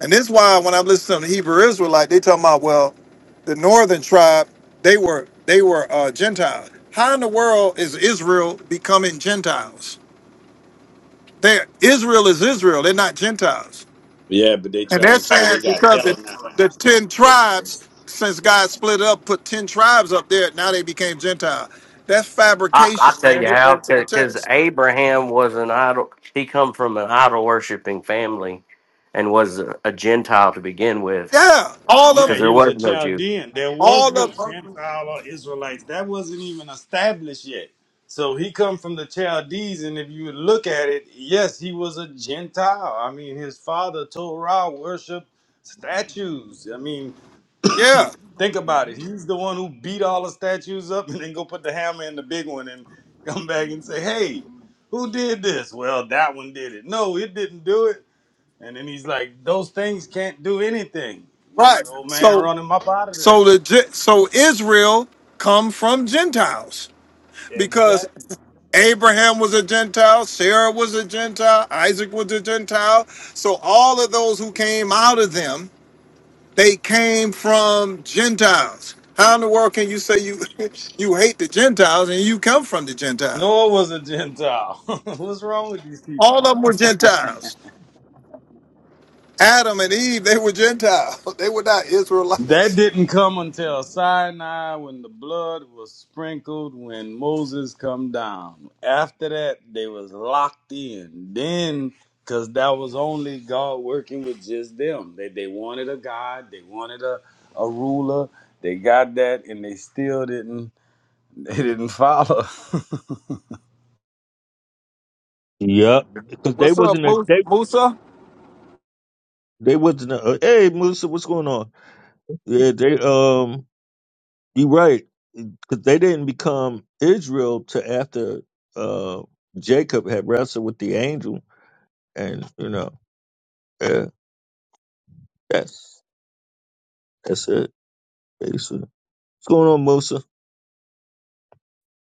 [SPEAKER 14] and this is why when I listen to the Hebrew Israelite, they talking about well, the northern tribe, they were they were uh, Gentiles. How in the world is Israel becoming Gentiles? They Israel is Israel. They're not Gentiles.
[SPEAKER 5] Yeah, but they
[SPEAKER 14] And
[SPEAKER 5] try
[SPEAKER 14] they're
[SPEAKER 5] and say
[SPEAKER 14] saying
[SPEAKER 5] they got
[SPEAKER 14] because the, the ten tribes, since God split it up, put ten tribes up there, now they became Gentile. That's
[SPEAKER 13] I,
[SPEAKER 14] fabrication,
[SPEAKER 13] I'll tell
[SPEAKER 14] man.
[SPEAKER 13] you
[SPEAKER 14] You're
[SPEAKER 13] how,
[SPEAKER 14] adding to the
[SPEAKER 13] because
[SPEAKER 14] text.
[SPEAKER 13] Abraham was an idol. He come from an idol worshiping family and was a, a Gentile to begin with
[SPEAKER 14] Yeah, all
[SPEAKER 13] because
[SPEAKER 5] Yeah,
[SPEAKER 14] of
[SPEAKER 13] there
[SPEAKER 5] he
[SPEAKER 14] them,
[SPEAKER 5] was
[SPEAKER 13] was
[SPEAKER 5] a
[SPEAKER 13] no Jew.
[SPEAKER 5] Chaldean. There was
[SPEAKER 14] all
[SPEAKER 5] no
[SPEAKER 14] of them.
[SPEAKER 5] Gentile or Israelites. That wasn't even established yet. So he come from the Chaldees, and if you look at it, yes, he was a Gentile. I mean, his father Torah worshiped statues. I mean,
[SPEAKER 14] Yeah,
[SPEAKER 5] think about it. He's the one who beat all the statues up and then go put the hammer in the big one and come back and say, Hey, who did this? Well, that one did it. No, it didn't do it. And then he's like, Those things can't do anything.
[SPEAKER 14] right.
[SPEAKER 5] old man
[SPEAKER 14] So,
[SPEAKER 5] running up out of there.
[SPEAKER 14] so the Gen- so Israel come from Gentiles because Abraham was a Gentile, Sarah was a Gentile, Isaac was a Gentile. So all of those who came out of them They came from Gentiles. How in the world can you say you you hate the Gentiles and you come from the Gentiles?
[SPEAKER 5] Noah was a Gentile. What's wrong with these people?
[SPEAKER 14] All of them were Gentiles. Adam and Eve, they were Gentiles. They were not
[SPEAKER 5] That
[SPEAKER 14] Israelites.
[SPEAKER 5] didn't come until Sinai when the blood was sprinkled when Moses come down. After that, they was locked in. Then, because that was only God working with just them. They, they wanted a God. They wanted a, a ruler. They got that, and they still didn't. They didn't follow.
[SPEAKER 1] Yep. Because they
[SPEAKER 14] What's up,
[SPEAKER 1] wasn't a
[SPEAKER 14] Mu-
[SPEAKER 1] they
[SPEAKER 14] Musa?
[SPEAKER 1] they wasn't a hey Musa, what's going on? Yeah, they um you right. Because they didn't become Israel to after uh Jacob had wrestled with the angel and you know, yeah, that's that's it. Basically. What's going on, Musa?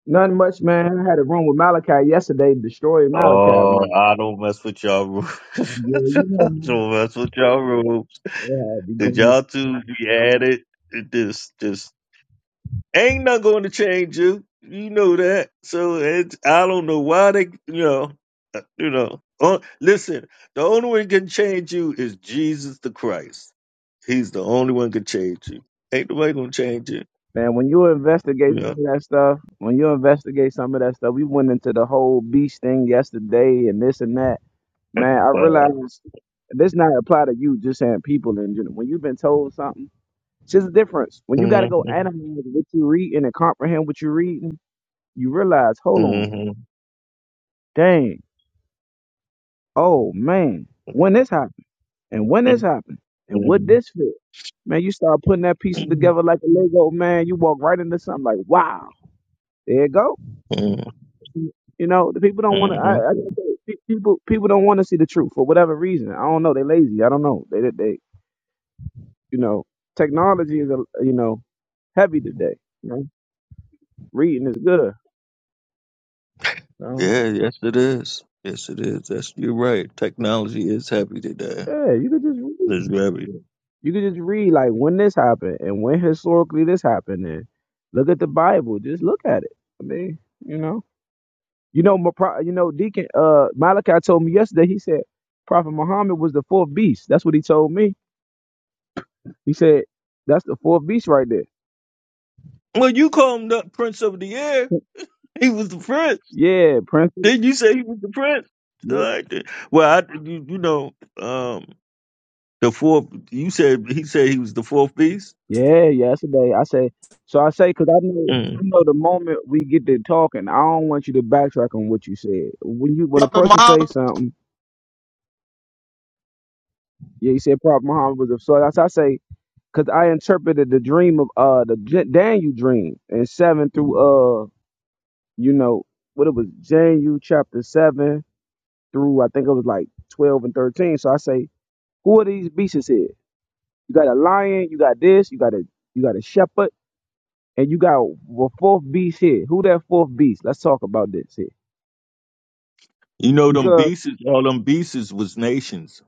[SPEAKER 15] Nothing much, man. I had a room with Malachi yesterday, destroyed Malachi,
[SPEAKER 1] Oh,
[SPEAKER 15] man.
[SPEAKER 1] I don't mess with y'all rules.
[SPEAKER 15] Yeah, you know,
[SPEAKER 1] I
[SPEAKER 15] man.
[SPEAKER 1] don't mess with y'all rules.
[SPEAKER 15] Yeah, I be
[SPEAKER 1] Did
[SPEAKER 15] going.
[SPEAKER 1] y'all two be at it? It Just, just ain't not going to change you. You know that. So it's, I don't know why they, you know, uh, you know. Oh, listen, the only one can change you is Jesus the Christ. He's the only one can change you. Ain't nobody gonna change you.
[SPEAKER 15] Man, when you investigate
[SPEAKER 1] You
[SPEAKER 15] some
[SPEAKER 1] know.
[SPEAKER 15] of that stuff, when you investigate some of that stuff, we went into the whole beast thing yesterday and this and that. Man, I
[SPEAKER 1] But,
[SPEAKER 15] realized this not apply to you, just saying people in general. When you've been told something, it's just a difference. When you got to go
[SPEAKER 1] mhm,
[SPEAKER 15] analyze what you reading and comprehend what you're reading, you realize, hold on,
[SPEAKER 1] mhm,
[SPEAKER 15] dang, oh man, when this happened. And when this happened, and what
[SPEAKER 1] mhm,
[SPEAKER 15] this fit, man, you start putting that piece
[SPEAKER 1] mhm,
[SPEAKER 15] together like a Lego, man. You walk right into something like, wow, there it go.
[SPEAKER 1] mhm.
[SPEAKER 15] You know, the people don't want to. I,
[SPEAKER 1] mhm.
[SPEAKER 15] I gotta say, pe- people people don't want to see the truth for whatever reason. I don't know. They lazy. I don't know. They they, they you know, technology is a you know heavy today. You know, reading is good. You know?
[SPEAKER 1] Yeah, yes it is. Yes it is. That's you're right. Technology is happy today.
[SPEAKER 15] Yeah, you could just read.
[SPEAKER 1] It's happy.
[SPEAKER 15] You could just read like when this happened and when historically this happened. And look at the Bible. Just look at it. I mean, you know. You know, my pro- you know, Deacon uh, Malachi told me yesterday. He said Prophet Muhammad was the fourth beast. That's what he told me. He said that's the fourth beast right there.
[SPEAKER 1] Well you call him the Prince of the Air. He was the prince.
[SPEAKER 15] Yeah, Prince.
[SPEAKER 1] Didn't you say he was the prince? All
[SPEAKER 15] Yeah,
[SPEAKER 1] right. then. Well I you, you know, um the fourth you said he said he was the fourth beast?
[SPEAKER 15] yeah, yesterday I say. So I say because I know I
[SPEAKER 1] Mm.
[SPEAKER 15] know the moment we get to talking, I don't want you to backtrack on what you said. When you when a
[SPEAKER 14] Up in
[SPEAKER 15] person says
[SPEAKER 14] Muhammad.
[SPEAKER 15] something, yeah, he said Prophet Muhammad was the so that's I say because I interpreted the dream of uh the J- Daniel dream in seven through uh, you know, what it was, James chapter 7 through I think it was like 12 and 13. So I say, who are these beasts here? You got a lion, you got this, you got a you got a shepherd, and you got a fourth beast here. Who that fourth beast? Let's talk about this here.
[SPEAKER 1] You know them
[SPEAKER 15] Because
[SPEAKER 1] beasts all them beasts was nations,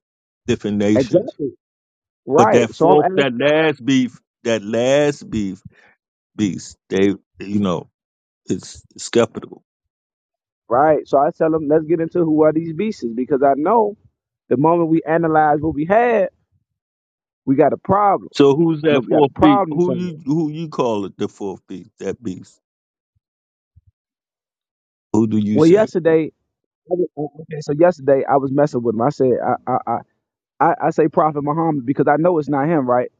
[SPEAKER 1] different nations.
[SPEAKER 15] exactly.
[SPEAKER 1] But
[SPEAKER 15] Right.
[SPEAKER 1] that
[SPEAKER 15] So I'm
[SPEAKER 1] fourth
[SPEAKER 15] asking
[SPEAKER 1] that last beef that last beef beast, they you know, it's skeptical.
[SPEAKER 15] right. So I tell them, let's get into who are these beasts because I know the moment we analyze what we had, we got a problem.
[SPEAKER 1] So who's
[SPEAKER 15] You know,
[SPEAKER 1] that
[SPEAKER 15] we got a
[SPEAKER 1] fourth beast?
[SPEAKER 15] problem
[SPEAKER 1] Who
[SPEAKER 15] somewhere.
[SPEAKER 1] you who you call it the fourth beast? That beast. Who do you
[SPEAKER 15] Well,
[SPEAKER 1] say?
[SPEAKER 15] yesterday I was- okay, so yesterday I was messing with him. I said, I, I I, I say Prophet Muhammad because I know it's not him, right?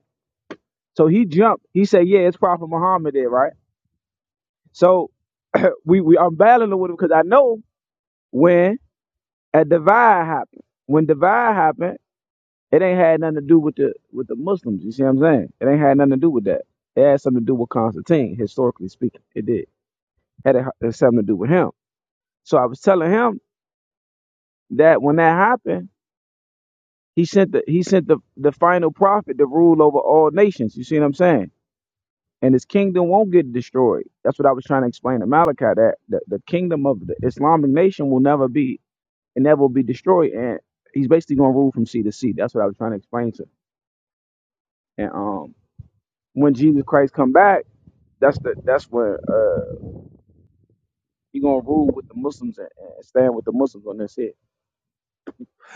[SPEAKER 15] So he jumped. He said, "Yeah, it's Prophet Muhammad there, right?" So we we I'm battling with him because I know when a divide happened. When divide happened, it ain't had nothing to do with the with the Muslims. You see what I'm saying? It ain't had nothing to do with that. It had something to do with Constantine, historically speaking. It did. Had it had something to do with him. So I was telling him that when that happened, he sent the he sent the the final prophet to rule over all nations. You see what I'm saying? and his kingdom won't get destroyed. That's what I was trying to explain to Malachi that the, the kingdom of the Islamic nation will never be and never will be destroyed. And he's basically going to rule from sea to sea. That's what I was trying to explain to. him. And um, when Jesus Christ come back, that's the that's when uh he gonna rule with the Muslims and, and stand with the Muslims on this it.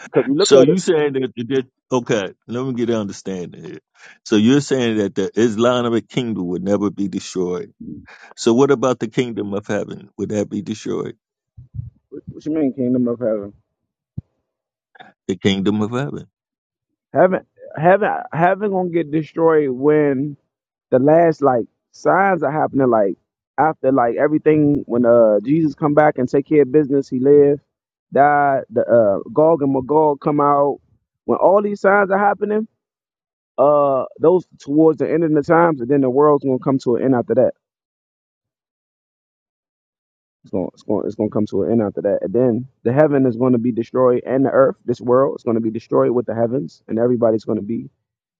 [SPEAKER 15] Because you look
[SPEAKER 1] So
[SPEAKER 15] at
[SPEAKER 1] you saying that, that okay? Let me get an understanding here. So you're saying that the Islamic kingdom would never be destroyed.
[SPEAKER 15] it,
[SPEAKER 1] So what about the kingdom of heaven? Would that be destroyed?
[SPEAKER 15] what you mean kingdom of heaven?
[SPEAKER 1] The kingdom of heaven.
[SPEAKER 15] Heaven, heaven, heaven gonna get destroyed when the last like signs are happening like after like everything when uh Jesus come back and take care of business, he lived, died, the uh Gog and Magog come out. When all these signs are happening, uh those towards the end of the times and then the world's gonna come to an end after that. It's gonna it's gonna it's gonna come to an end after that. And then the heaven is gonna be destroyed and the earth, this world is gonna be destroyed with the heavens and everybody's gonna be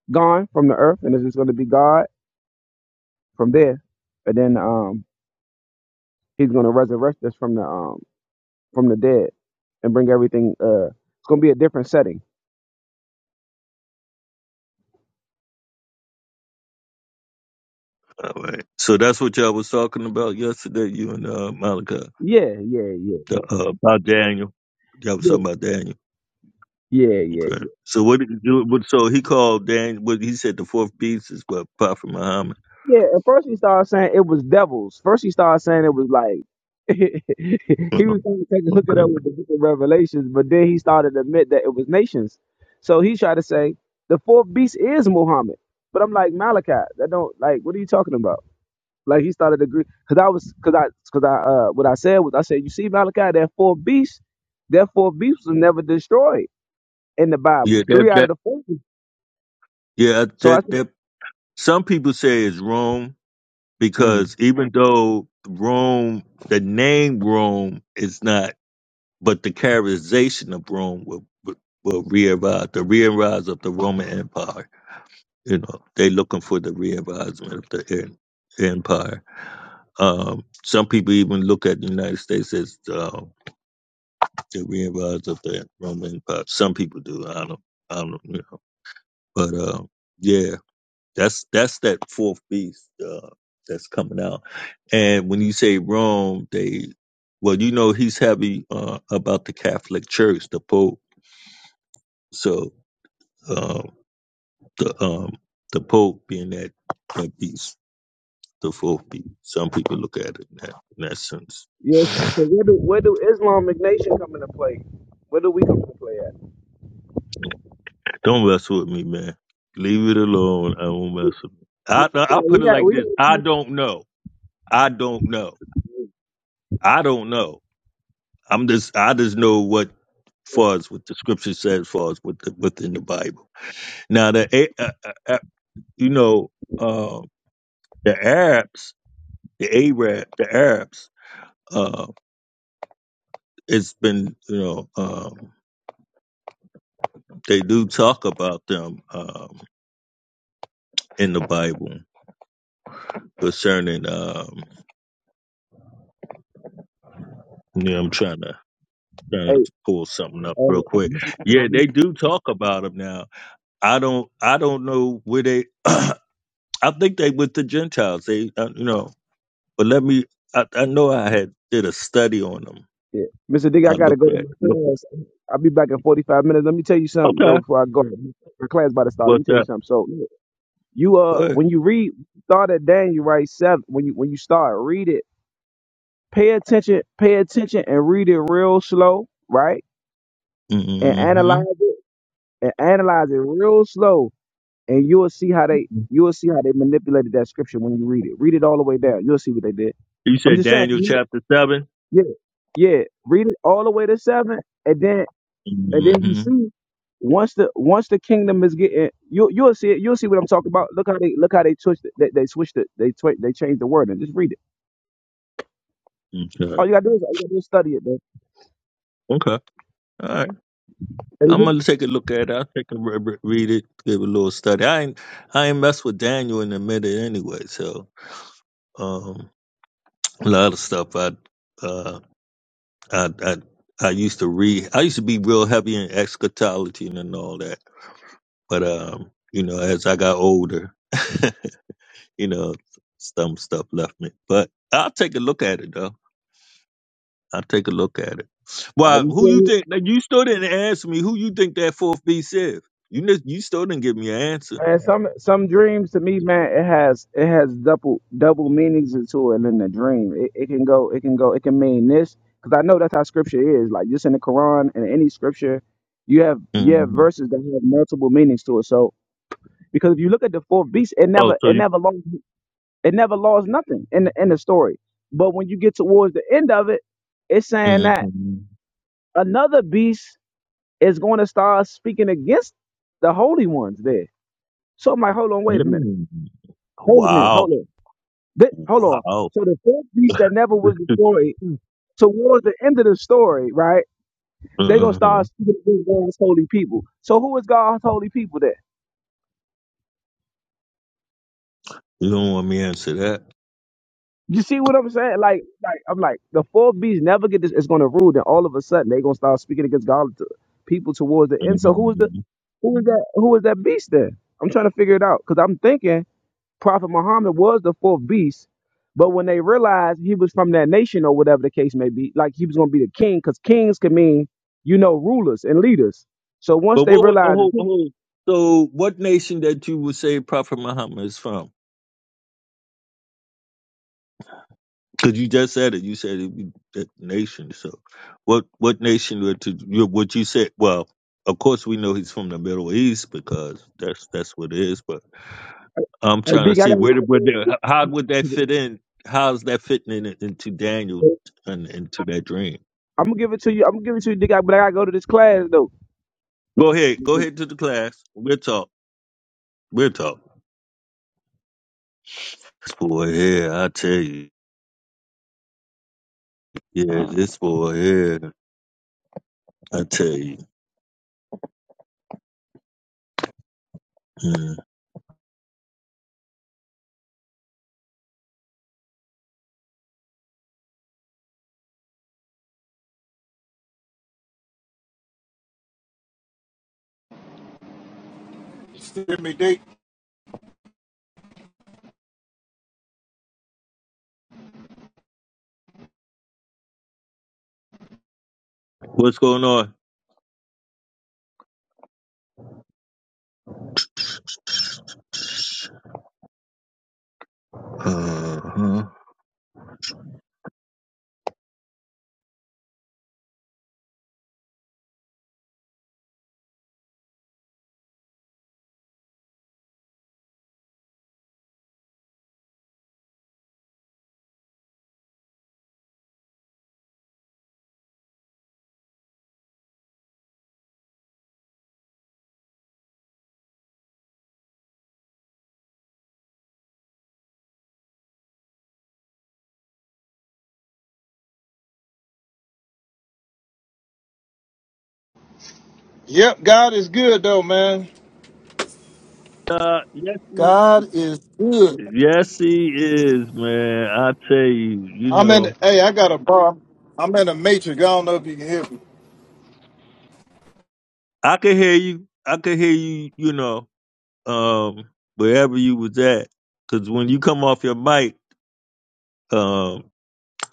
[SPEAKER 15] gone from the earth and it's just gonna be God from there. And then um he's gonna resurrect us from the um from the dead and bring everything. Uh, it's gonna be a different setting.
[SPEAKER 1] All right. So that's what y'all was talking about yesterday. You and uh, Malachi
[SPEAKER 15] Yeah, yeah, yeah,
[SPEAKER 1] the, uh, about Daniel. Y'all was
[SPEAKER 15] yeah,
[SPEAKER 1] talking about Daniel.
[SPEAKER 15] yeah, yeah.
[SPEAKER 1] Okay. So what did you do? What, so he called Daniel. What he said the fourth beast is what Prophet Muhammad.
[SPEAKER 15] Yeah. At first he started saying it was devils. First he started saying it was like
[SPEAKER 1] Okay.
[SPEAKER 15] he was trying to take a hook it up with the Book of Revelations, but then he started to admit that it was nations. So he tried to say the fourth beast is Muhammad. But I'm like Malachi. That don't like. What are you talking about? Like he started to agree because I was because I because I uh what I said was I said you see Malachi that fourth beast that fourth beast was never destroyed in the
[SPEAKER 1] Yeah,
[SPEAKER 15] Bible.
[SPEAKER 1] that
[SPEAKER 15] Three out of
[SPEAKER 1] that
[SPEAKER 15] the four.
[SPEAKER 1] yeah
[SPEAKER 15] So I
[SPEAKER 1] that
[SPEAKER 15] said,
[SPEAKER 1] that some people say it's Rome
[SPEAKER 15] Mm.
[SPEAKER 1] because even though Rome, the name Rome is not, but the characterization of Rome will will, will re-arise, the re-arise of the Roman Empire. You know, they looking for the re-arisement of the en- empire. Um, some people even look at the United States as uh, the re-arise of the Roman Empire. Some people do. I don't. I don't. You know, but. Uh, yeah. That's that's that fourth beast uh, that's coming out. And when you say Rome, they well, you know, he's happy uh, about the Catholic Church, the Pope. So um, the um, the Pope being that that beast, the fourth beast. Some people look at it in that, in that sense.
[SPEAKER 15] yes. So where do where do Islamic nation come into play? Where do we come into play at?
[SPEAKER 1] Don't mess with me, man. Leave it alone. I won't mess with. me. I I I'll
[SPEAKER 15] We
[SPEAKER 1] put it
[SPEAKER 15] got
[SPEAKER 1] like
[SPEAKER 15] we.
[SPEAKER 1] this. I don't know. I don't know. I don't know. I'm just I just know what far as what the scripture says far as with the, within the Bible. Now the A- uh, uh, uh, you know uh, the Arabs, the Arab, the Arabs. Uh, it's been you know um, they do talk about them um, in the Bible concerning. Um, yeah, I'm trying to trying
[SPEAKER 15] Hey,
[SPEAKER 1] to pull something up
[SPEAKER 15] uh,
[SPEAKER 1] real quick.
[SPEAKER 15] Mr.
[SPEAKER 1] Yeah,
[SPEAKER 15] Dick,
[SPEAKER 1] they do talk about them now. I don't I don't know where they. I think they with the Gentiles. They uh, you know But let me. I, I know I had did a study on them.
[SPEAKER 15] yeah. Mr. Dick,
[SPEAKER 1] I
[SPEAKER 15] I gotta
[SPEAKER 1] look
[SPEAKER 15] go to
[SPEAKER 1] at
[SPEAKER 15] my
[SPEAKER 1] look at.
[SPEAKER 15] class. I'll be back in forty five minutes. Let me tell you something though
[SPEAKER 1] Okay,
[SPEAKER 15] before I go. My class about to start. Let me
[SPEAKER 1] what's
[SPEAKER 15] tell you
[SPEAKER 1] that?
[SPEAKER 15] something. So you uh
[SPEAKER 1] Good.
[SPEAKER 15] when you read start at Daniel right seven when you when you start read it, pay attention, pay attention and read it real slow, right? And
[SPEAKER 1] Mm-hmm.
[SPEAKER 15] analyze. and analyze it real slow, and you'll see how they you'll see how they manipulated that scripture when you read it. Read it all the way down. You'll see what they did.
[SPEAKER 1] You
[SPEAKER 15] I'm
[SPEAKER 1] said
[SPEAKER 15] just saying, for
[SPEAKER 1] Daniel
[SPEAKER 15] me,
[SPEAKER 1] chapter seven.
[SPEAKER 15] yeah, yeah. Read it all the way to seven, and then and then you
[SPEAKER 1] Mm-hmm.
[SPEAKER 15] see once the once the kingdom is getting you you'll see it. You'll see what I'm talking about. Look how they look how they twist it. They, they switched it. They twi- they changed the word and just read it. All
[SPEAKER 1] Okay.
[SPEAKER 15] you gotta do is all you gotta do is study it, man.
[SPEAKER 1] Okay. All right.
[SPEAKER 15] And
[SPEAKER 1] I'm
[SPEAKER 15] you-
[SPEAKER 1] gonna take a look at it. I'll take a re- re- read it, give a little study. I ain't I ain't mess with Daniel in a minute anyway. So um, a lot of stuff I uh I I I used to read. I used to be real heavy in eschatology and all that But um, you know, as I got older, you know, some stuff left me. But I'll take a look at it though. I'll take a look at it.
[SPEAKER 15] Are
[SPEAKER 1] Well,
[SPEAKER 15] you
[SPEAKER 1] who you
[SPEAKER 15] serious?
[SPEAKER 1] think? Like, you still didn't answer me. Who you think that fourth beast is? You kn- you still didn't give me an answer.
[SPEAKER 15] And some some dreams to me, man, it has it has double double meanings into it in the dream. It, it can go, it can go, it can mean this because I know that's how scripture is. Like just in the Quran and any scripture, you have you have
[SPEAKER 1] hmm
[SPEAKER 15] verses that have multiple meanings to it. So because if you look at the fourth beast, it
[SPEAKER 1] Oh,
[SPEAKER 15] never
[SPEAKER 1] so
[SPEAKER 15] it
[SPEAKER 1] you.
[SPEAKER 15] never lost it never lost nothing in the, in the story. But when you get towards the end of it, it's saying that
[SPEAKER 1] hmm
[SPEAKER 15] another beast is going to start speaking against the holy ones there. So I'm like, hold on, wait a minute, hold a minute,
[SPEAKER 1] Wow.
[SPEAKER 15] hold on. Th- hold on.
[SPEAKER 1] Wow.
[SPEAKER 15] So the fourth beast that never was destroyed, so towards the end of the story, right? They're gonna
[SPEAKER 1] Uh-huh.
[SPEAKER 15] start speaking against God's holy people. So who is God's holy people then?
[SPEAKER 1] You don't want me to answer that.
[SPEAKER 15] You see what I'm saying? Like, like I'm like the fourth beast never get this. It's gonna rule. Then all of a sudden they're gonna start speaking against God to people towards the end. So who is the
[SPEAKER 1] Mhm.
[SPEAKER 15] who is that who is that beast then? I'm trying to figure it out because I'm thinking. Prophet Muhammad was the fourth beast, but when they realized he was from that nation or whatever the case may be, like he was going to be the king, because kings can mean, you know, rulers and leaders. So once
[SPEAKER 1] But
[SPEAKER 15] they
[SPEAKER 1] what was the
[SPEAKER 15] realized,
[SPEAKER 1] whole, whole so what nation that you would say Prophet Muhammad is from? Because you just said it. You said it, you- that nation. So what what nation would to you what you said well, of course we know he's from the Middle East because that's that's what it is, but I'm
[SPEAKER 15] hey,
[SPEAKER 1] trying to
[SPEAKER 15] Dig, I
[SPEAKER 1] see
[SPEAKER 15] got
[SPEAKER 1] where would
[SPEAKER 15] to
[SPEAKER 1] how would that fit in? How's that fitting in, into Daniel and into that dream?
[SPEAKER 15] I'm gonna give it to you. I'm gonna give it to you, Dig, but I gotta go to this class though.
[SPEAKER 1] Go ahead. Go ahead to the class. We'll talk. We'll talk. This boy here, I tell you. Yeah, this boy here, I tell you. Mm.
[SPEAKER 14] Give me deep.
[SPEAKER 1] What's going on? Uh-huh.
[SPEAKER 14] Yep, God is good though, man.
[SPEAKER 1] Uh, yes, he,
[SPEAKER 14] God is good.
[SPEAKER 1] yes, he is, man. I tell you, you
[SPEAKER 14] I'm in.
[SPEAKER 1] know,
[SPEAKER 14] Hey, I got a bar. I'm in a matrix. I don't know if you can hear me.
[SPEAKER 1] I could hear you. I could hear you, you know, um, wherever you was at. Because when you come off your mic, um,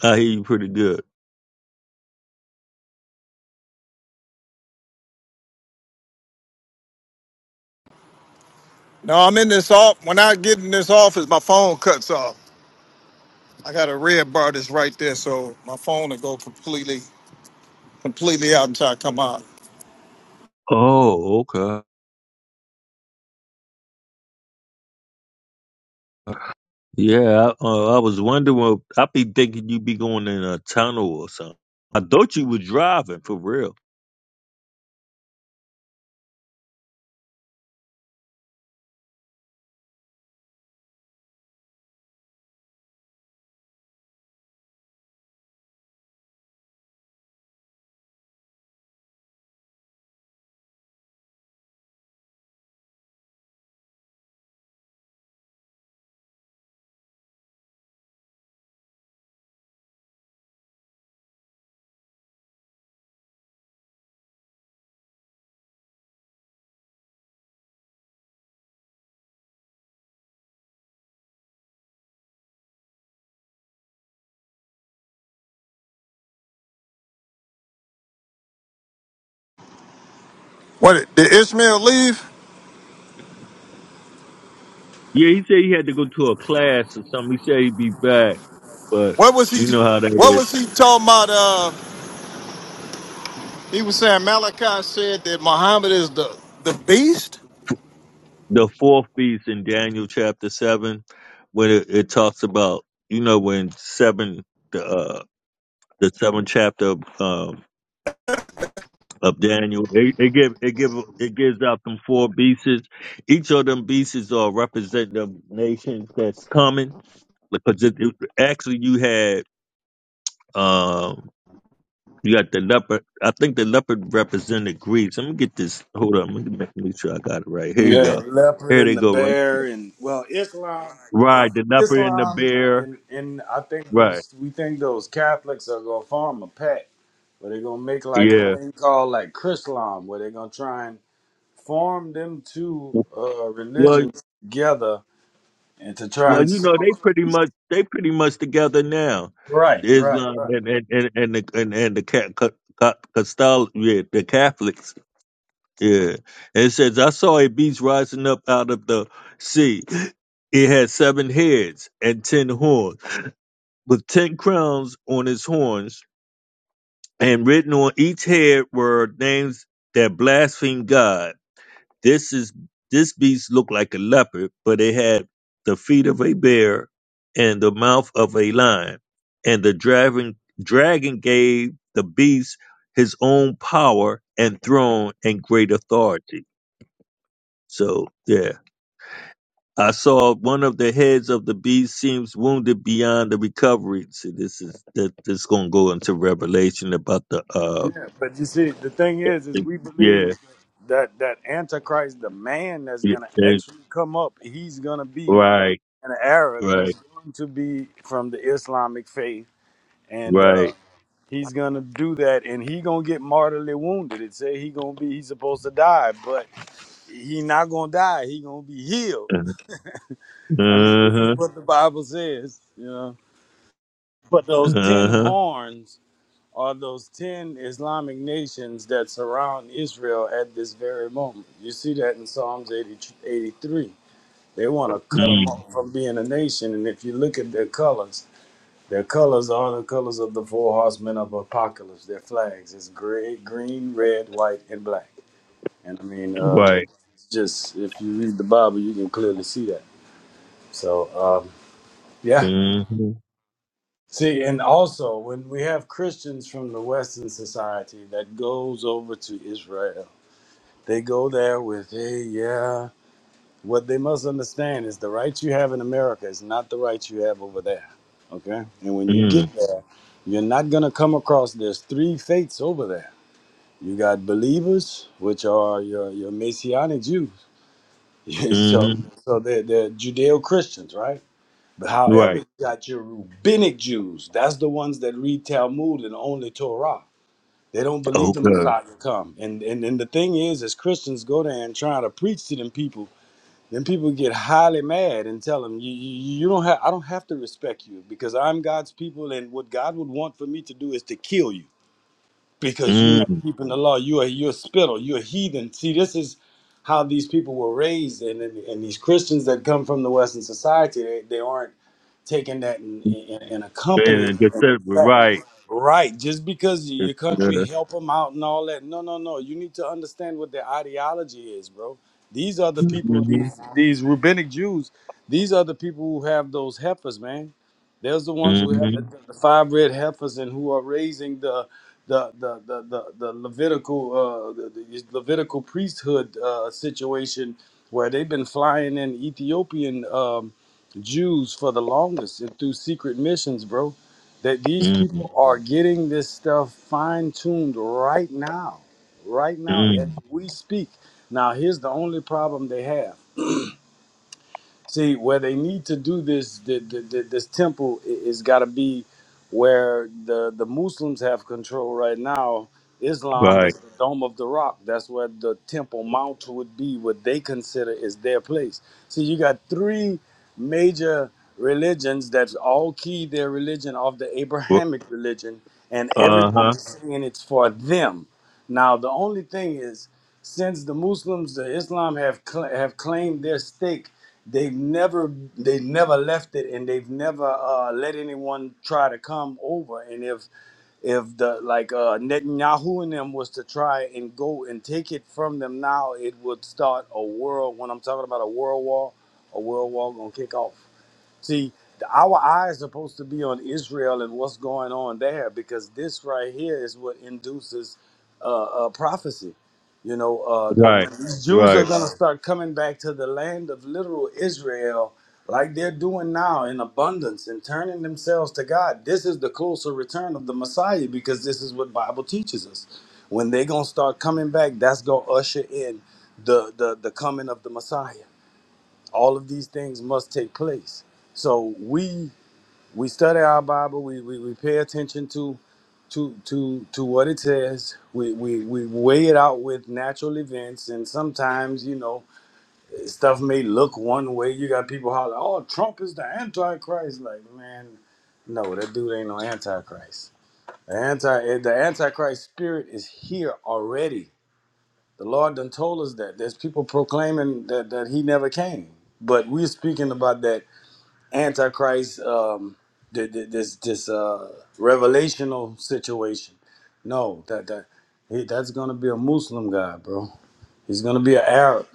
[SPEAKER 1] I hear you pretty good.
[SPEAKER 14] No, I'm in this off. When I get in this office, my phone cuts off. I got a red bar that's right there, so my phone will go completely, completely out until I come out.
[SPEAKER 1] Oh, okay. Yeah, I, uh, I was wondering. I be thinking you be going in a tunnel or something. I thought you were driving for real.
[SPEAKER 14] What did Ishmael leave?
[SPEAKER 1] Yeah, he said he had to go to a class or something. He said he'd be back, but
[SPEAKER 14] What was he?
[SPEAKER 1] you know how that
[SPEAKER 14] What
[SPEAKER 1] is.
[SPEAKER 14] was he talking about? Uh, he was saying Malachi said that Muhammad is the the beast.
[SPEAKER 1] The fourth beast in Daniel chapter seven, when it, it talks about you know when seven the uh, the seventh chapter of um, of Daniel. It, it give it give it gives out them four beasts. Each of them beasts are representative nations that's coming because it, it- actually you had um you got the leopard. I think the leopard represented Greece. Let me get this. Hold on. Let me make, make sure I got it right. Here
[SPEAKER 5] You
[SPEAKER 1] you
[SPEAKER 5] got
[SPEAKER 1] go.
[SPEAKER 5] the leopard
[SPEAKER 1] Here they
[SPEAKER 5] and the
[SPEAKER 1] go. Right.
[SPEAKER 5] bear, and well, Islam.
[SPEAKER 1] Right. The leopard and the
[SPEAKER 5] Islam
[SPEAKER 1] bear.
[SPEAKER 5] and and I think
[SPEAKER 1] Right.
[SPEAKER 5] those we think those Catholics are gonna form a pact, but they're gonna make like a
[SPEAKER 1] Yeah.
[SPEAKER 5] thing called like Chrislam, where they're gonna try and form them two uh,
[SPEAKER 1] Well,
[SPEAKER 5] religions together and to try
[SPEAKER 1] Well,
[SPEAKER 5] and
[SPEAKER 1] you know,
[SPEAKER 5] solve
[SPEAKER 1] they
[SPEAKER 5] a
[SPEAKER 1] pretty much they pretty much together now.
[SPEAKER 5] right, right,
[SPEAKER 1] Islam
[SPEAKER 5] right.
[SPEAKER 1] and and and and the and, and the ca- ca- ca- Castol- yeah, the Catholics. Yeah, it says I saw a beast rising up out of the sea. It had seven heads and ten horns, with ten crowns on its horns, and written on each head were names that blaspheme God. This is this beast looked like a leopard, but it had the feet of a bear and the mouth of a lion. And the dragon dragon gave the beast his own power and throne and great authority. So yeah. I saw one of the heads of the beast seems wounded beyond the recovery. See, this is that this is gonna go into revelation about the uh
[SPEAKER 5] Yeah, but you see, the thing is, is we believe
[SPEAKER 1] yeah,
[SPEAKER 5] that that Antichrist, the man that's
[SPEAKER 1] yeah,
[SPEAKER 5] gonna
[SPEAKER 1] yeah
[SPEAKER 5] actually come up, he's gonna be
[SPEAKER 1] right,
[SPEAKER 5] an Arab. He's
[SPEAKER 1] right,
[SPEAKER 5] going to be from the Islamic faith, and uh,
[SPEAKER 1] right.
[SPEAKER 5] he's gonna do that and he gonna get mortally wounded it say he gonna be he's supposed to die but he not gonna die he gonna be healed i mean this
[SPEAKER 1] Uh-huh.
[SPEAKER 5] is what the bible says you know but those 10
[SPEAKER 1] Uh-huh.
[SPEAKER 5] horns are those 10 islamic nations that surround israel at this very moment you see that in psalms 80, 83 they want to cut them
[SPEAKER 1] Mm.
[SPEAKER 5] off from being a nation and if you look at their colors Their colors are the colors of the four horsemen of apocalypse. Their flags is gray, green, red, white, and black. And I mean, uh,
[SPEAKER 1] Right.
[SPEAKER 5] it's just if you read the Bible, you can clearly see that. So um, yeah.
[SPEAKER 1] Mm-hmm.
[SPEAKER 5] See, and also when we have Christians from the Western society that goes over to Israel, they go there with, hey, yeah. What they must understand is the rights you have in America is not the rights you have over there. Okay? And when you
[SPEAKER 1] Mm.
[SPEAKER 5] get there, you're not going to come across there's three faiths over there. You got believers, which are your, your Messianic Jews. Yeah, so
[SPEAKER 1] Mm-hmm.
[SPEAKER 5] so they're, they're Judeo Christians, right? But however,
[SPEAKER 1] Right.
[SPEAKER 5] you got your rabbinic Jews. That's the ones that read Talmud and only Torah. They don't believe the
[SPEAKER 1] Okay.
[SPEAKER 5] Messiah will come. And, and and the thing is, as Christians go there and try to preach to them people then people get highly mad and tell them you, you, you don't have i don't have to respect you because i'm god's people and what god would want for me to do is to kill you because you're not
[SPEAKER 1] Mm.
[SPEAKER 5] keeping the law you're you're a spittle you're a heathen see this is how these people were raised and, and, and these christians that come from the western society they, they aren't taking that and, and, and accompanying
[SPEAKER 1] And just said we're
[SPEAKER 5] it.
[SPEAKER 1] right.
[SPEAKER 5] Right. Just because your
[SPEAKER 1] It's,
[SPEAKER 5] country
[SPEAKER 1] uh,
[SPEAKER 5] help them out and all that. No, no, no. You need to understand what their ideology is, bro. These are the people,
[SPEAKER 1] mm-hmm.
[SPEAKER 5] these these rabbinic Jews, these are the people who have those heifers, man there's the ones who have
[SPEAKER 1] Mm-hmm.
[SPEAKER 5] the, the five red heifers and who are raising the the the the, the, the Levitical uh, the, the Levitical priesthood uh, situation where they've been flying in Ethiopian um, Jews for the longest and through secret missions, bro. That these people
[SPEAKER 1] Mm-hmm.
[SPEAKER 5] are getting this stuff fine tuned right now, right now as
[SPEAKER 1] Mm.
[SPEAKER 5] we speak. Now here's the only problem they have See, where they need to do this, the, the, the, this temple i- is got to be where the the Muslims have control right now. Islam
[SPEAKER 1] Right.
[SPEAKER 5] is the Dome of the Rock. That's where the Temple Mount would be, what they consider is their place. So you got three major religions That's all key their religion of the
[SPEAKER 1] Wh-
[SPEAKER 5] Abrahamic religion, and
[SPEAKER 1] Uh-huh.
[SPEAKER 5] everybody's saying it's for them. Now, the only thing is, since the Muslims, the Islam have cl- have claimed their stake, they've never they've never left it, and they've never uh, let anyone try to come over. And if if the like uh, Netanyahu and them was to try and go and take it from them now, it would start a world. When I'm talking about a world war, a world war gonna kick off. See, our eyes supposed to be on Israel and what's going on there because this right here is what induces uh, uh, prophecy. You know, uh, the,
[SPEAKER 1] Right.
[SPEAKER 5] when these Jews are
[SPEAKER 1] Right.
[SPEAKER 5] going to start coming back to the land of literal Israel, like they're doing now in abundance and turning themselves to God, this is the closer return of the Messiah because this is what Bible teaches us. When they're going to start coming back, that's going to usher in the, the the coming of the Messiah all of these things must take place so we we study our bible we we, we pay attention to to to to what it says we, we we weigh it out with natural events and sometimes you know stuff may look one way you got people holler oh trump is the antichrist like man no that dude ain't no antichrist the anti the antichrist spirit is here already the lord done told us that there's people proclaiming that that he never came but we're speaking about that antichrist um th- th- this this uh revelational situation no that that he, that's gonna be a muslim guy bro he's gonna be an arab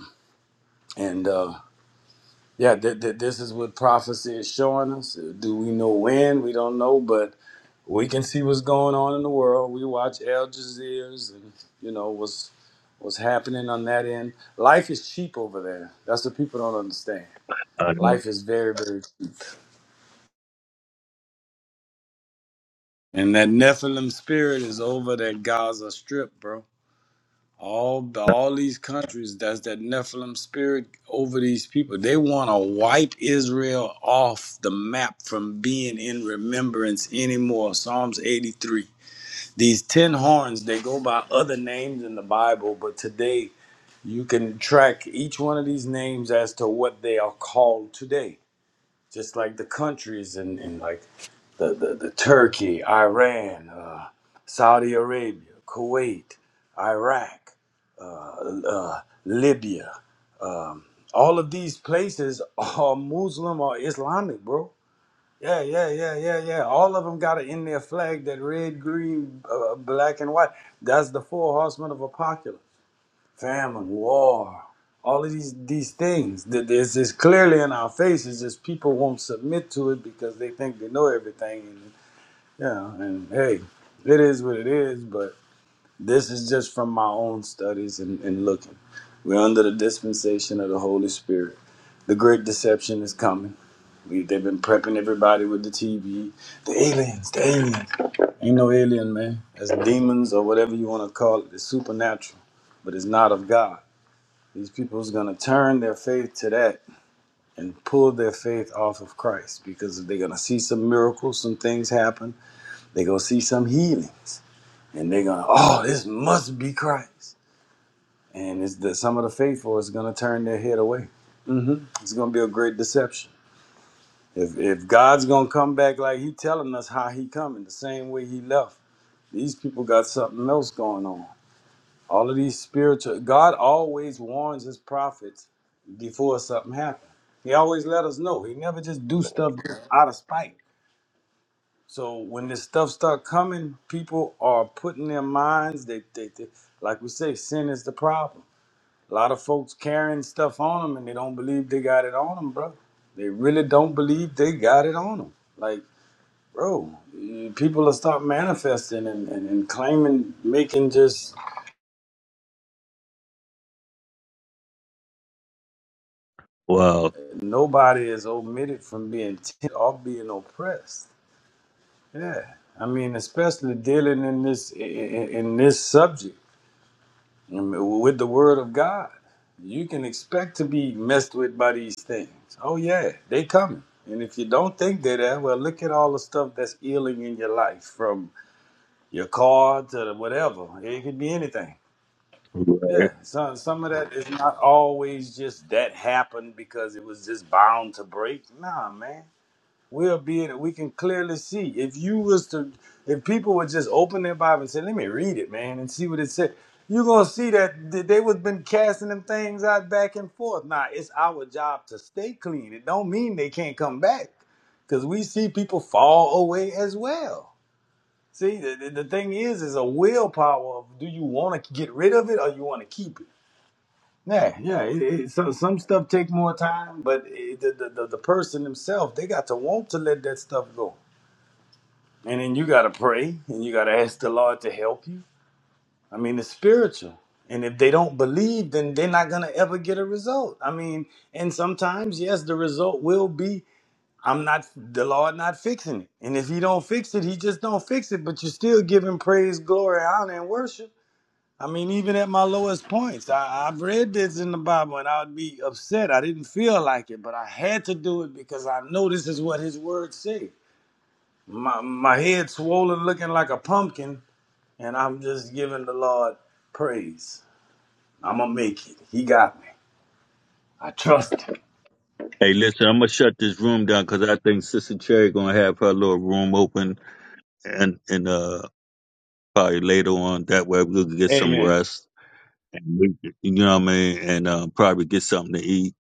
[SPEAKER 5] and uh yeah th- th- this is what prophecy is showing us do we know when we don't know but we can see what's going on in the world we watch al jazeera's and you know what's what's happening on that end life is cheap over there that's what people don't understand
[SPEAKER 1] I know.
[SPEAKER 5] life is very very And that Nephilim spirit is over that Gaza Strip, bro. All the, all these countries, that's that Nephilim spirit over these people. They want to wipe Israel off the map from being in remembrance anymore. Psalms 83. These ten horns, they go by other names in the Bible, but today you can track each one of these names as to what they are called today. Just like the countries and, and like the, the, the Turkey, Iran, uh, Saudi Arabia, Kuwait, Iraq, uh, uh, Libya. Um, all of these places are Muslim or Islamic, bro. Yeah, yeah, yeah, yeah, yeah. All of them got it in their flag that red, green, uh, black, and white. That's the four horsemen of apocalypse: famine, war, all of these these things. Th- It's just clearly in our faces. Just people won't submit to it because they think they know everything yeah, and hey, it is what it is, but this is just from my own studies and, and looking. We're under the dispensation of the Holy Spirit. The great deception is coming. We, they've been prepping everybody with the TV. The aliens, the aliens. Ain't no alien, man. That's demons or whatever you want to call it. It's supernatural, but it's not of God. These people's gonna turn their faith to that and pull their faith off of Christ because they're gonna see some miracles, some things happen. They're gonna see some healings and they're gonna, oh, this must be Christ. And it's the some of the faithful is gonna turn their head away. hmm It's gonna be a great deception. If if God's gonna come back like He telling us how He coming, the same way He left, these people got something else going on. All of these spiritual, God always warns His prophets before something happens. He always let us know. He never just do stuff just out of spite. So when this stuff start coming, people are putting their minds. They, they, they like we say, sin is the problem. A lot of folks carrying stuff on them, and they don't believe they got it on them, bro. They really don't believe they got it on them. Like, bro, eh, people will start manifesting and, and, and claiming, making just
[SPEAKER 1] Wow.
[SPEAKER 5] nobody is omitted from being t- or being oppressed. Yeah, I mean, especially dealing in this in, in this subject With the word of God, you can expect to be messed with by these things. Oh yeah, they coming. And if you don't think they're there, well, look at all the stuff that's ailing in your life, from your car to whatever. It could be anything. Yeah, some some of that is not always just that happened because it was just bound to break. Nah, man we'll be that we can clearly see. If you was to, if people would just open their Bible and say, "Let me read it, man," and see what it said, you're gonna see that th- they was been casting them things out back and forth. Now it's our job to stay clean. It don't mean they can't come back, because we see people fall away as well. See, the, the, the thing is, is a willpower of do you want to get rid of it or you want to keep it. Yeah, yeah. It, it, so, some stuff take more time, but it, the, the the the person themselves they got to want to let that stuff go. And then you got to pray and you got to ask the Lord to help you. I mean, it's spiritual. And if they don't believe, then they're not going to ever get a result. I mean, and sometimes, yes, the result will be I'm not, the Lord not fixing it. And if He don't fix it, He just don't fix it, but you still give Him praise, glory, honor, and worship. I mean, even at my lowest points, I, I've read this in the Bible and I would be upset. I didn't feel like it, but I had to do it because I know this is what His Word says my my head swollen looking like a pumpkin and i'm just giving the lord praise i'm gonna make it he got me i trust him
[SPEAKER 1] Hey, listen, I'm gonna shut this room down because I think Sister Cherry gonna have her little room open and and uh probably later on that way we can get some
[SPEAKER 5] amen
[SPEAKER 1] rest and we, you know what I mean and uh, probably get something to eat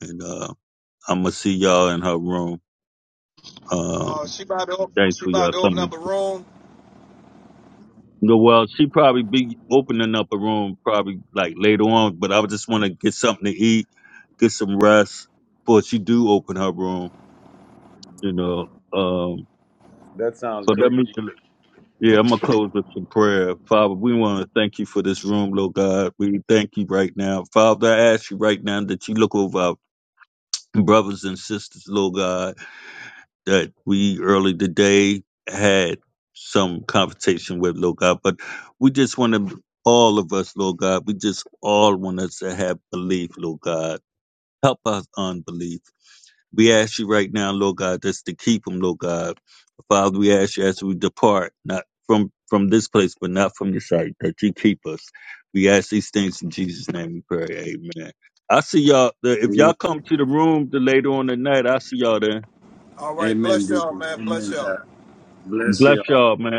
[SPEAKER 1] And uh, I'm gonna see y'all in her room.
[SPEAKER 14] Uh,
[SPEAKER 1] Um,
[SPEAKER 14] she about to op-
[SPEAKER 1] thanks
[SPEAKER 14] she
[SPEAKER 1] for y'all
[SPEAKER 14] about to open up
[SPEAKER 1] coming.
[SPEAKER 14] a room.
[SPEAKER 1] No, well, she probably be opening up a room probably like later on, but I just want to get something to eat, get some rest before she do open her room. You know. Um, but let me. Yeah, I'm gonna close with some prayer. Father, we want to thank you for this room, Lord God. We thank you right now, Father. I ask you right now that you look over our brothers and sisters, Lord God that we early today had some conversation with, Lord God, but we just want to, all of us, Lord God, we just all want us to have belief, Lord God. Help us unbelief. We ask you right now, Lord God, just to keep them, Lord God. Father, we ask you as we depart, not from from this place, but not from your sight, that you keep us. We ask these things in Jesus' name we pray. Amen. I see y'all. If y'all
[SPEAKER 5] amen,
[SPEAKER 1] come to the room the later on tonight, I see y'all there.
[SPEAKER 14] All right,
[SPEAKER 5] amen
[SPEAKER 14] bless y'all,
[SPEAKER 5] deacon
[SPEAKER 14] man.
[SPEAKER 5] amen
[SPEAKER 14] Bless y'all.
[SPEAKER 5] Pastor. bless
[SPEAKER 1] Bless
[SPEAKER 5] you all
[SPEAKER 1] y'all, man.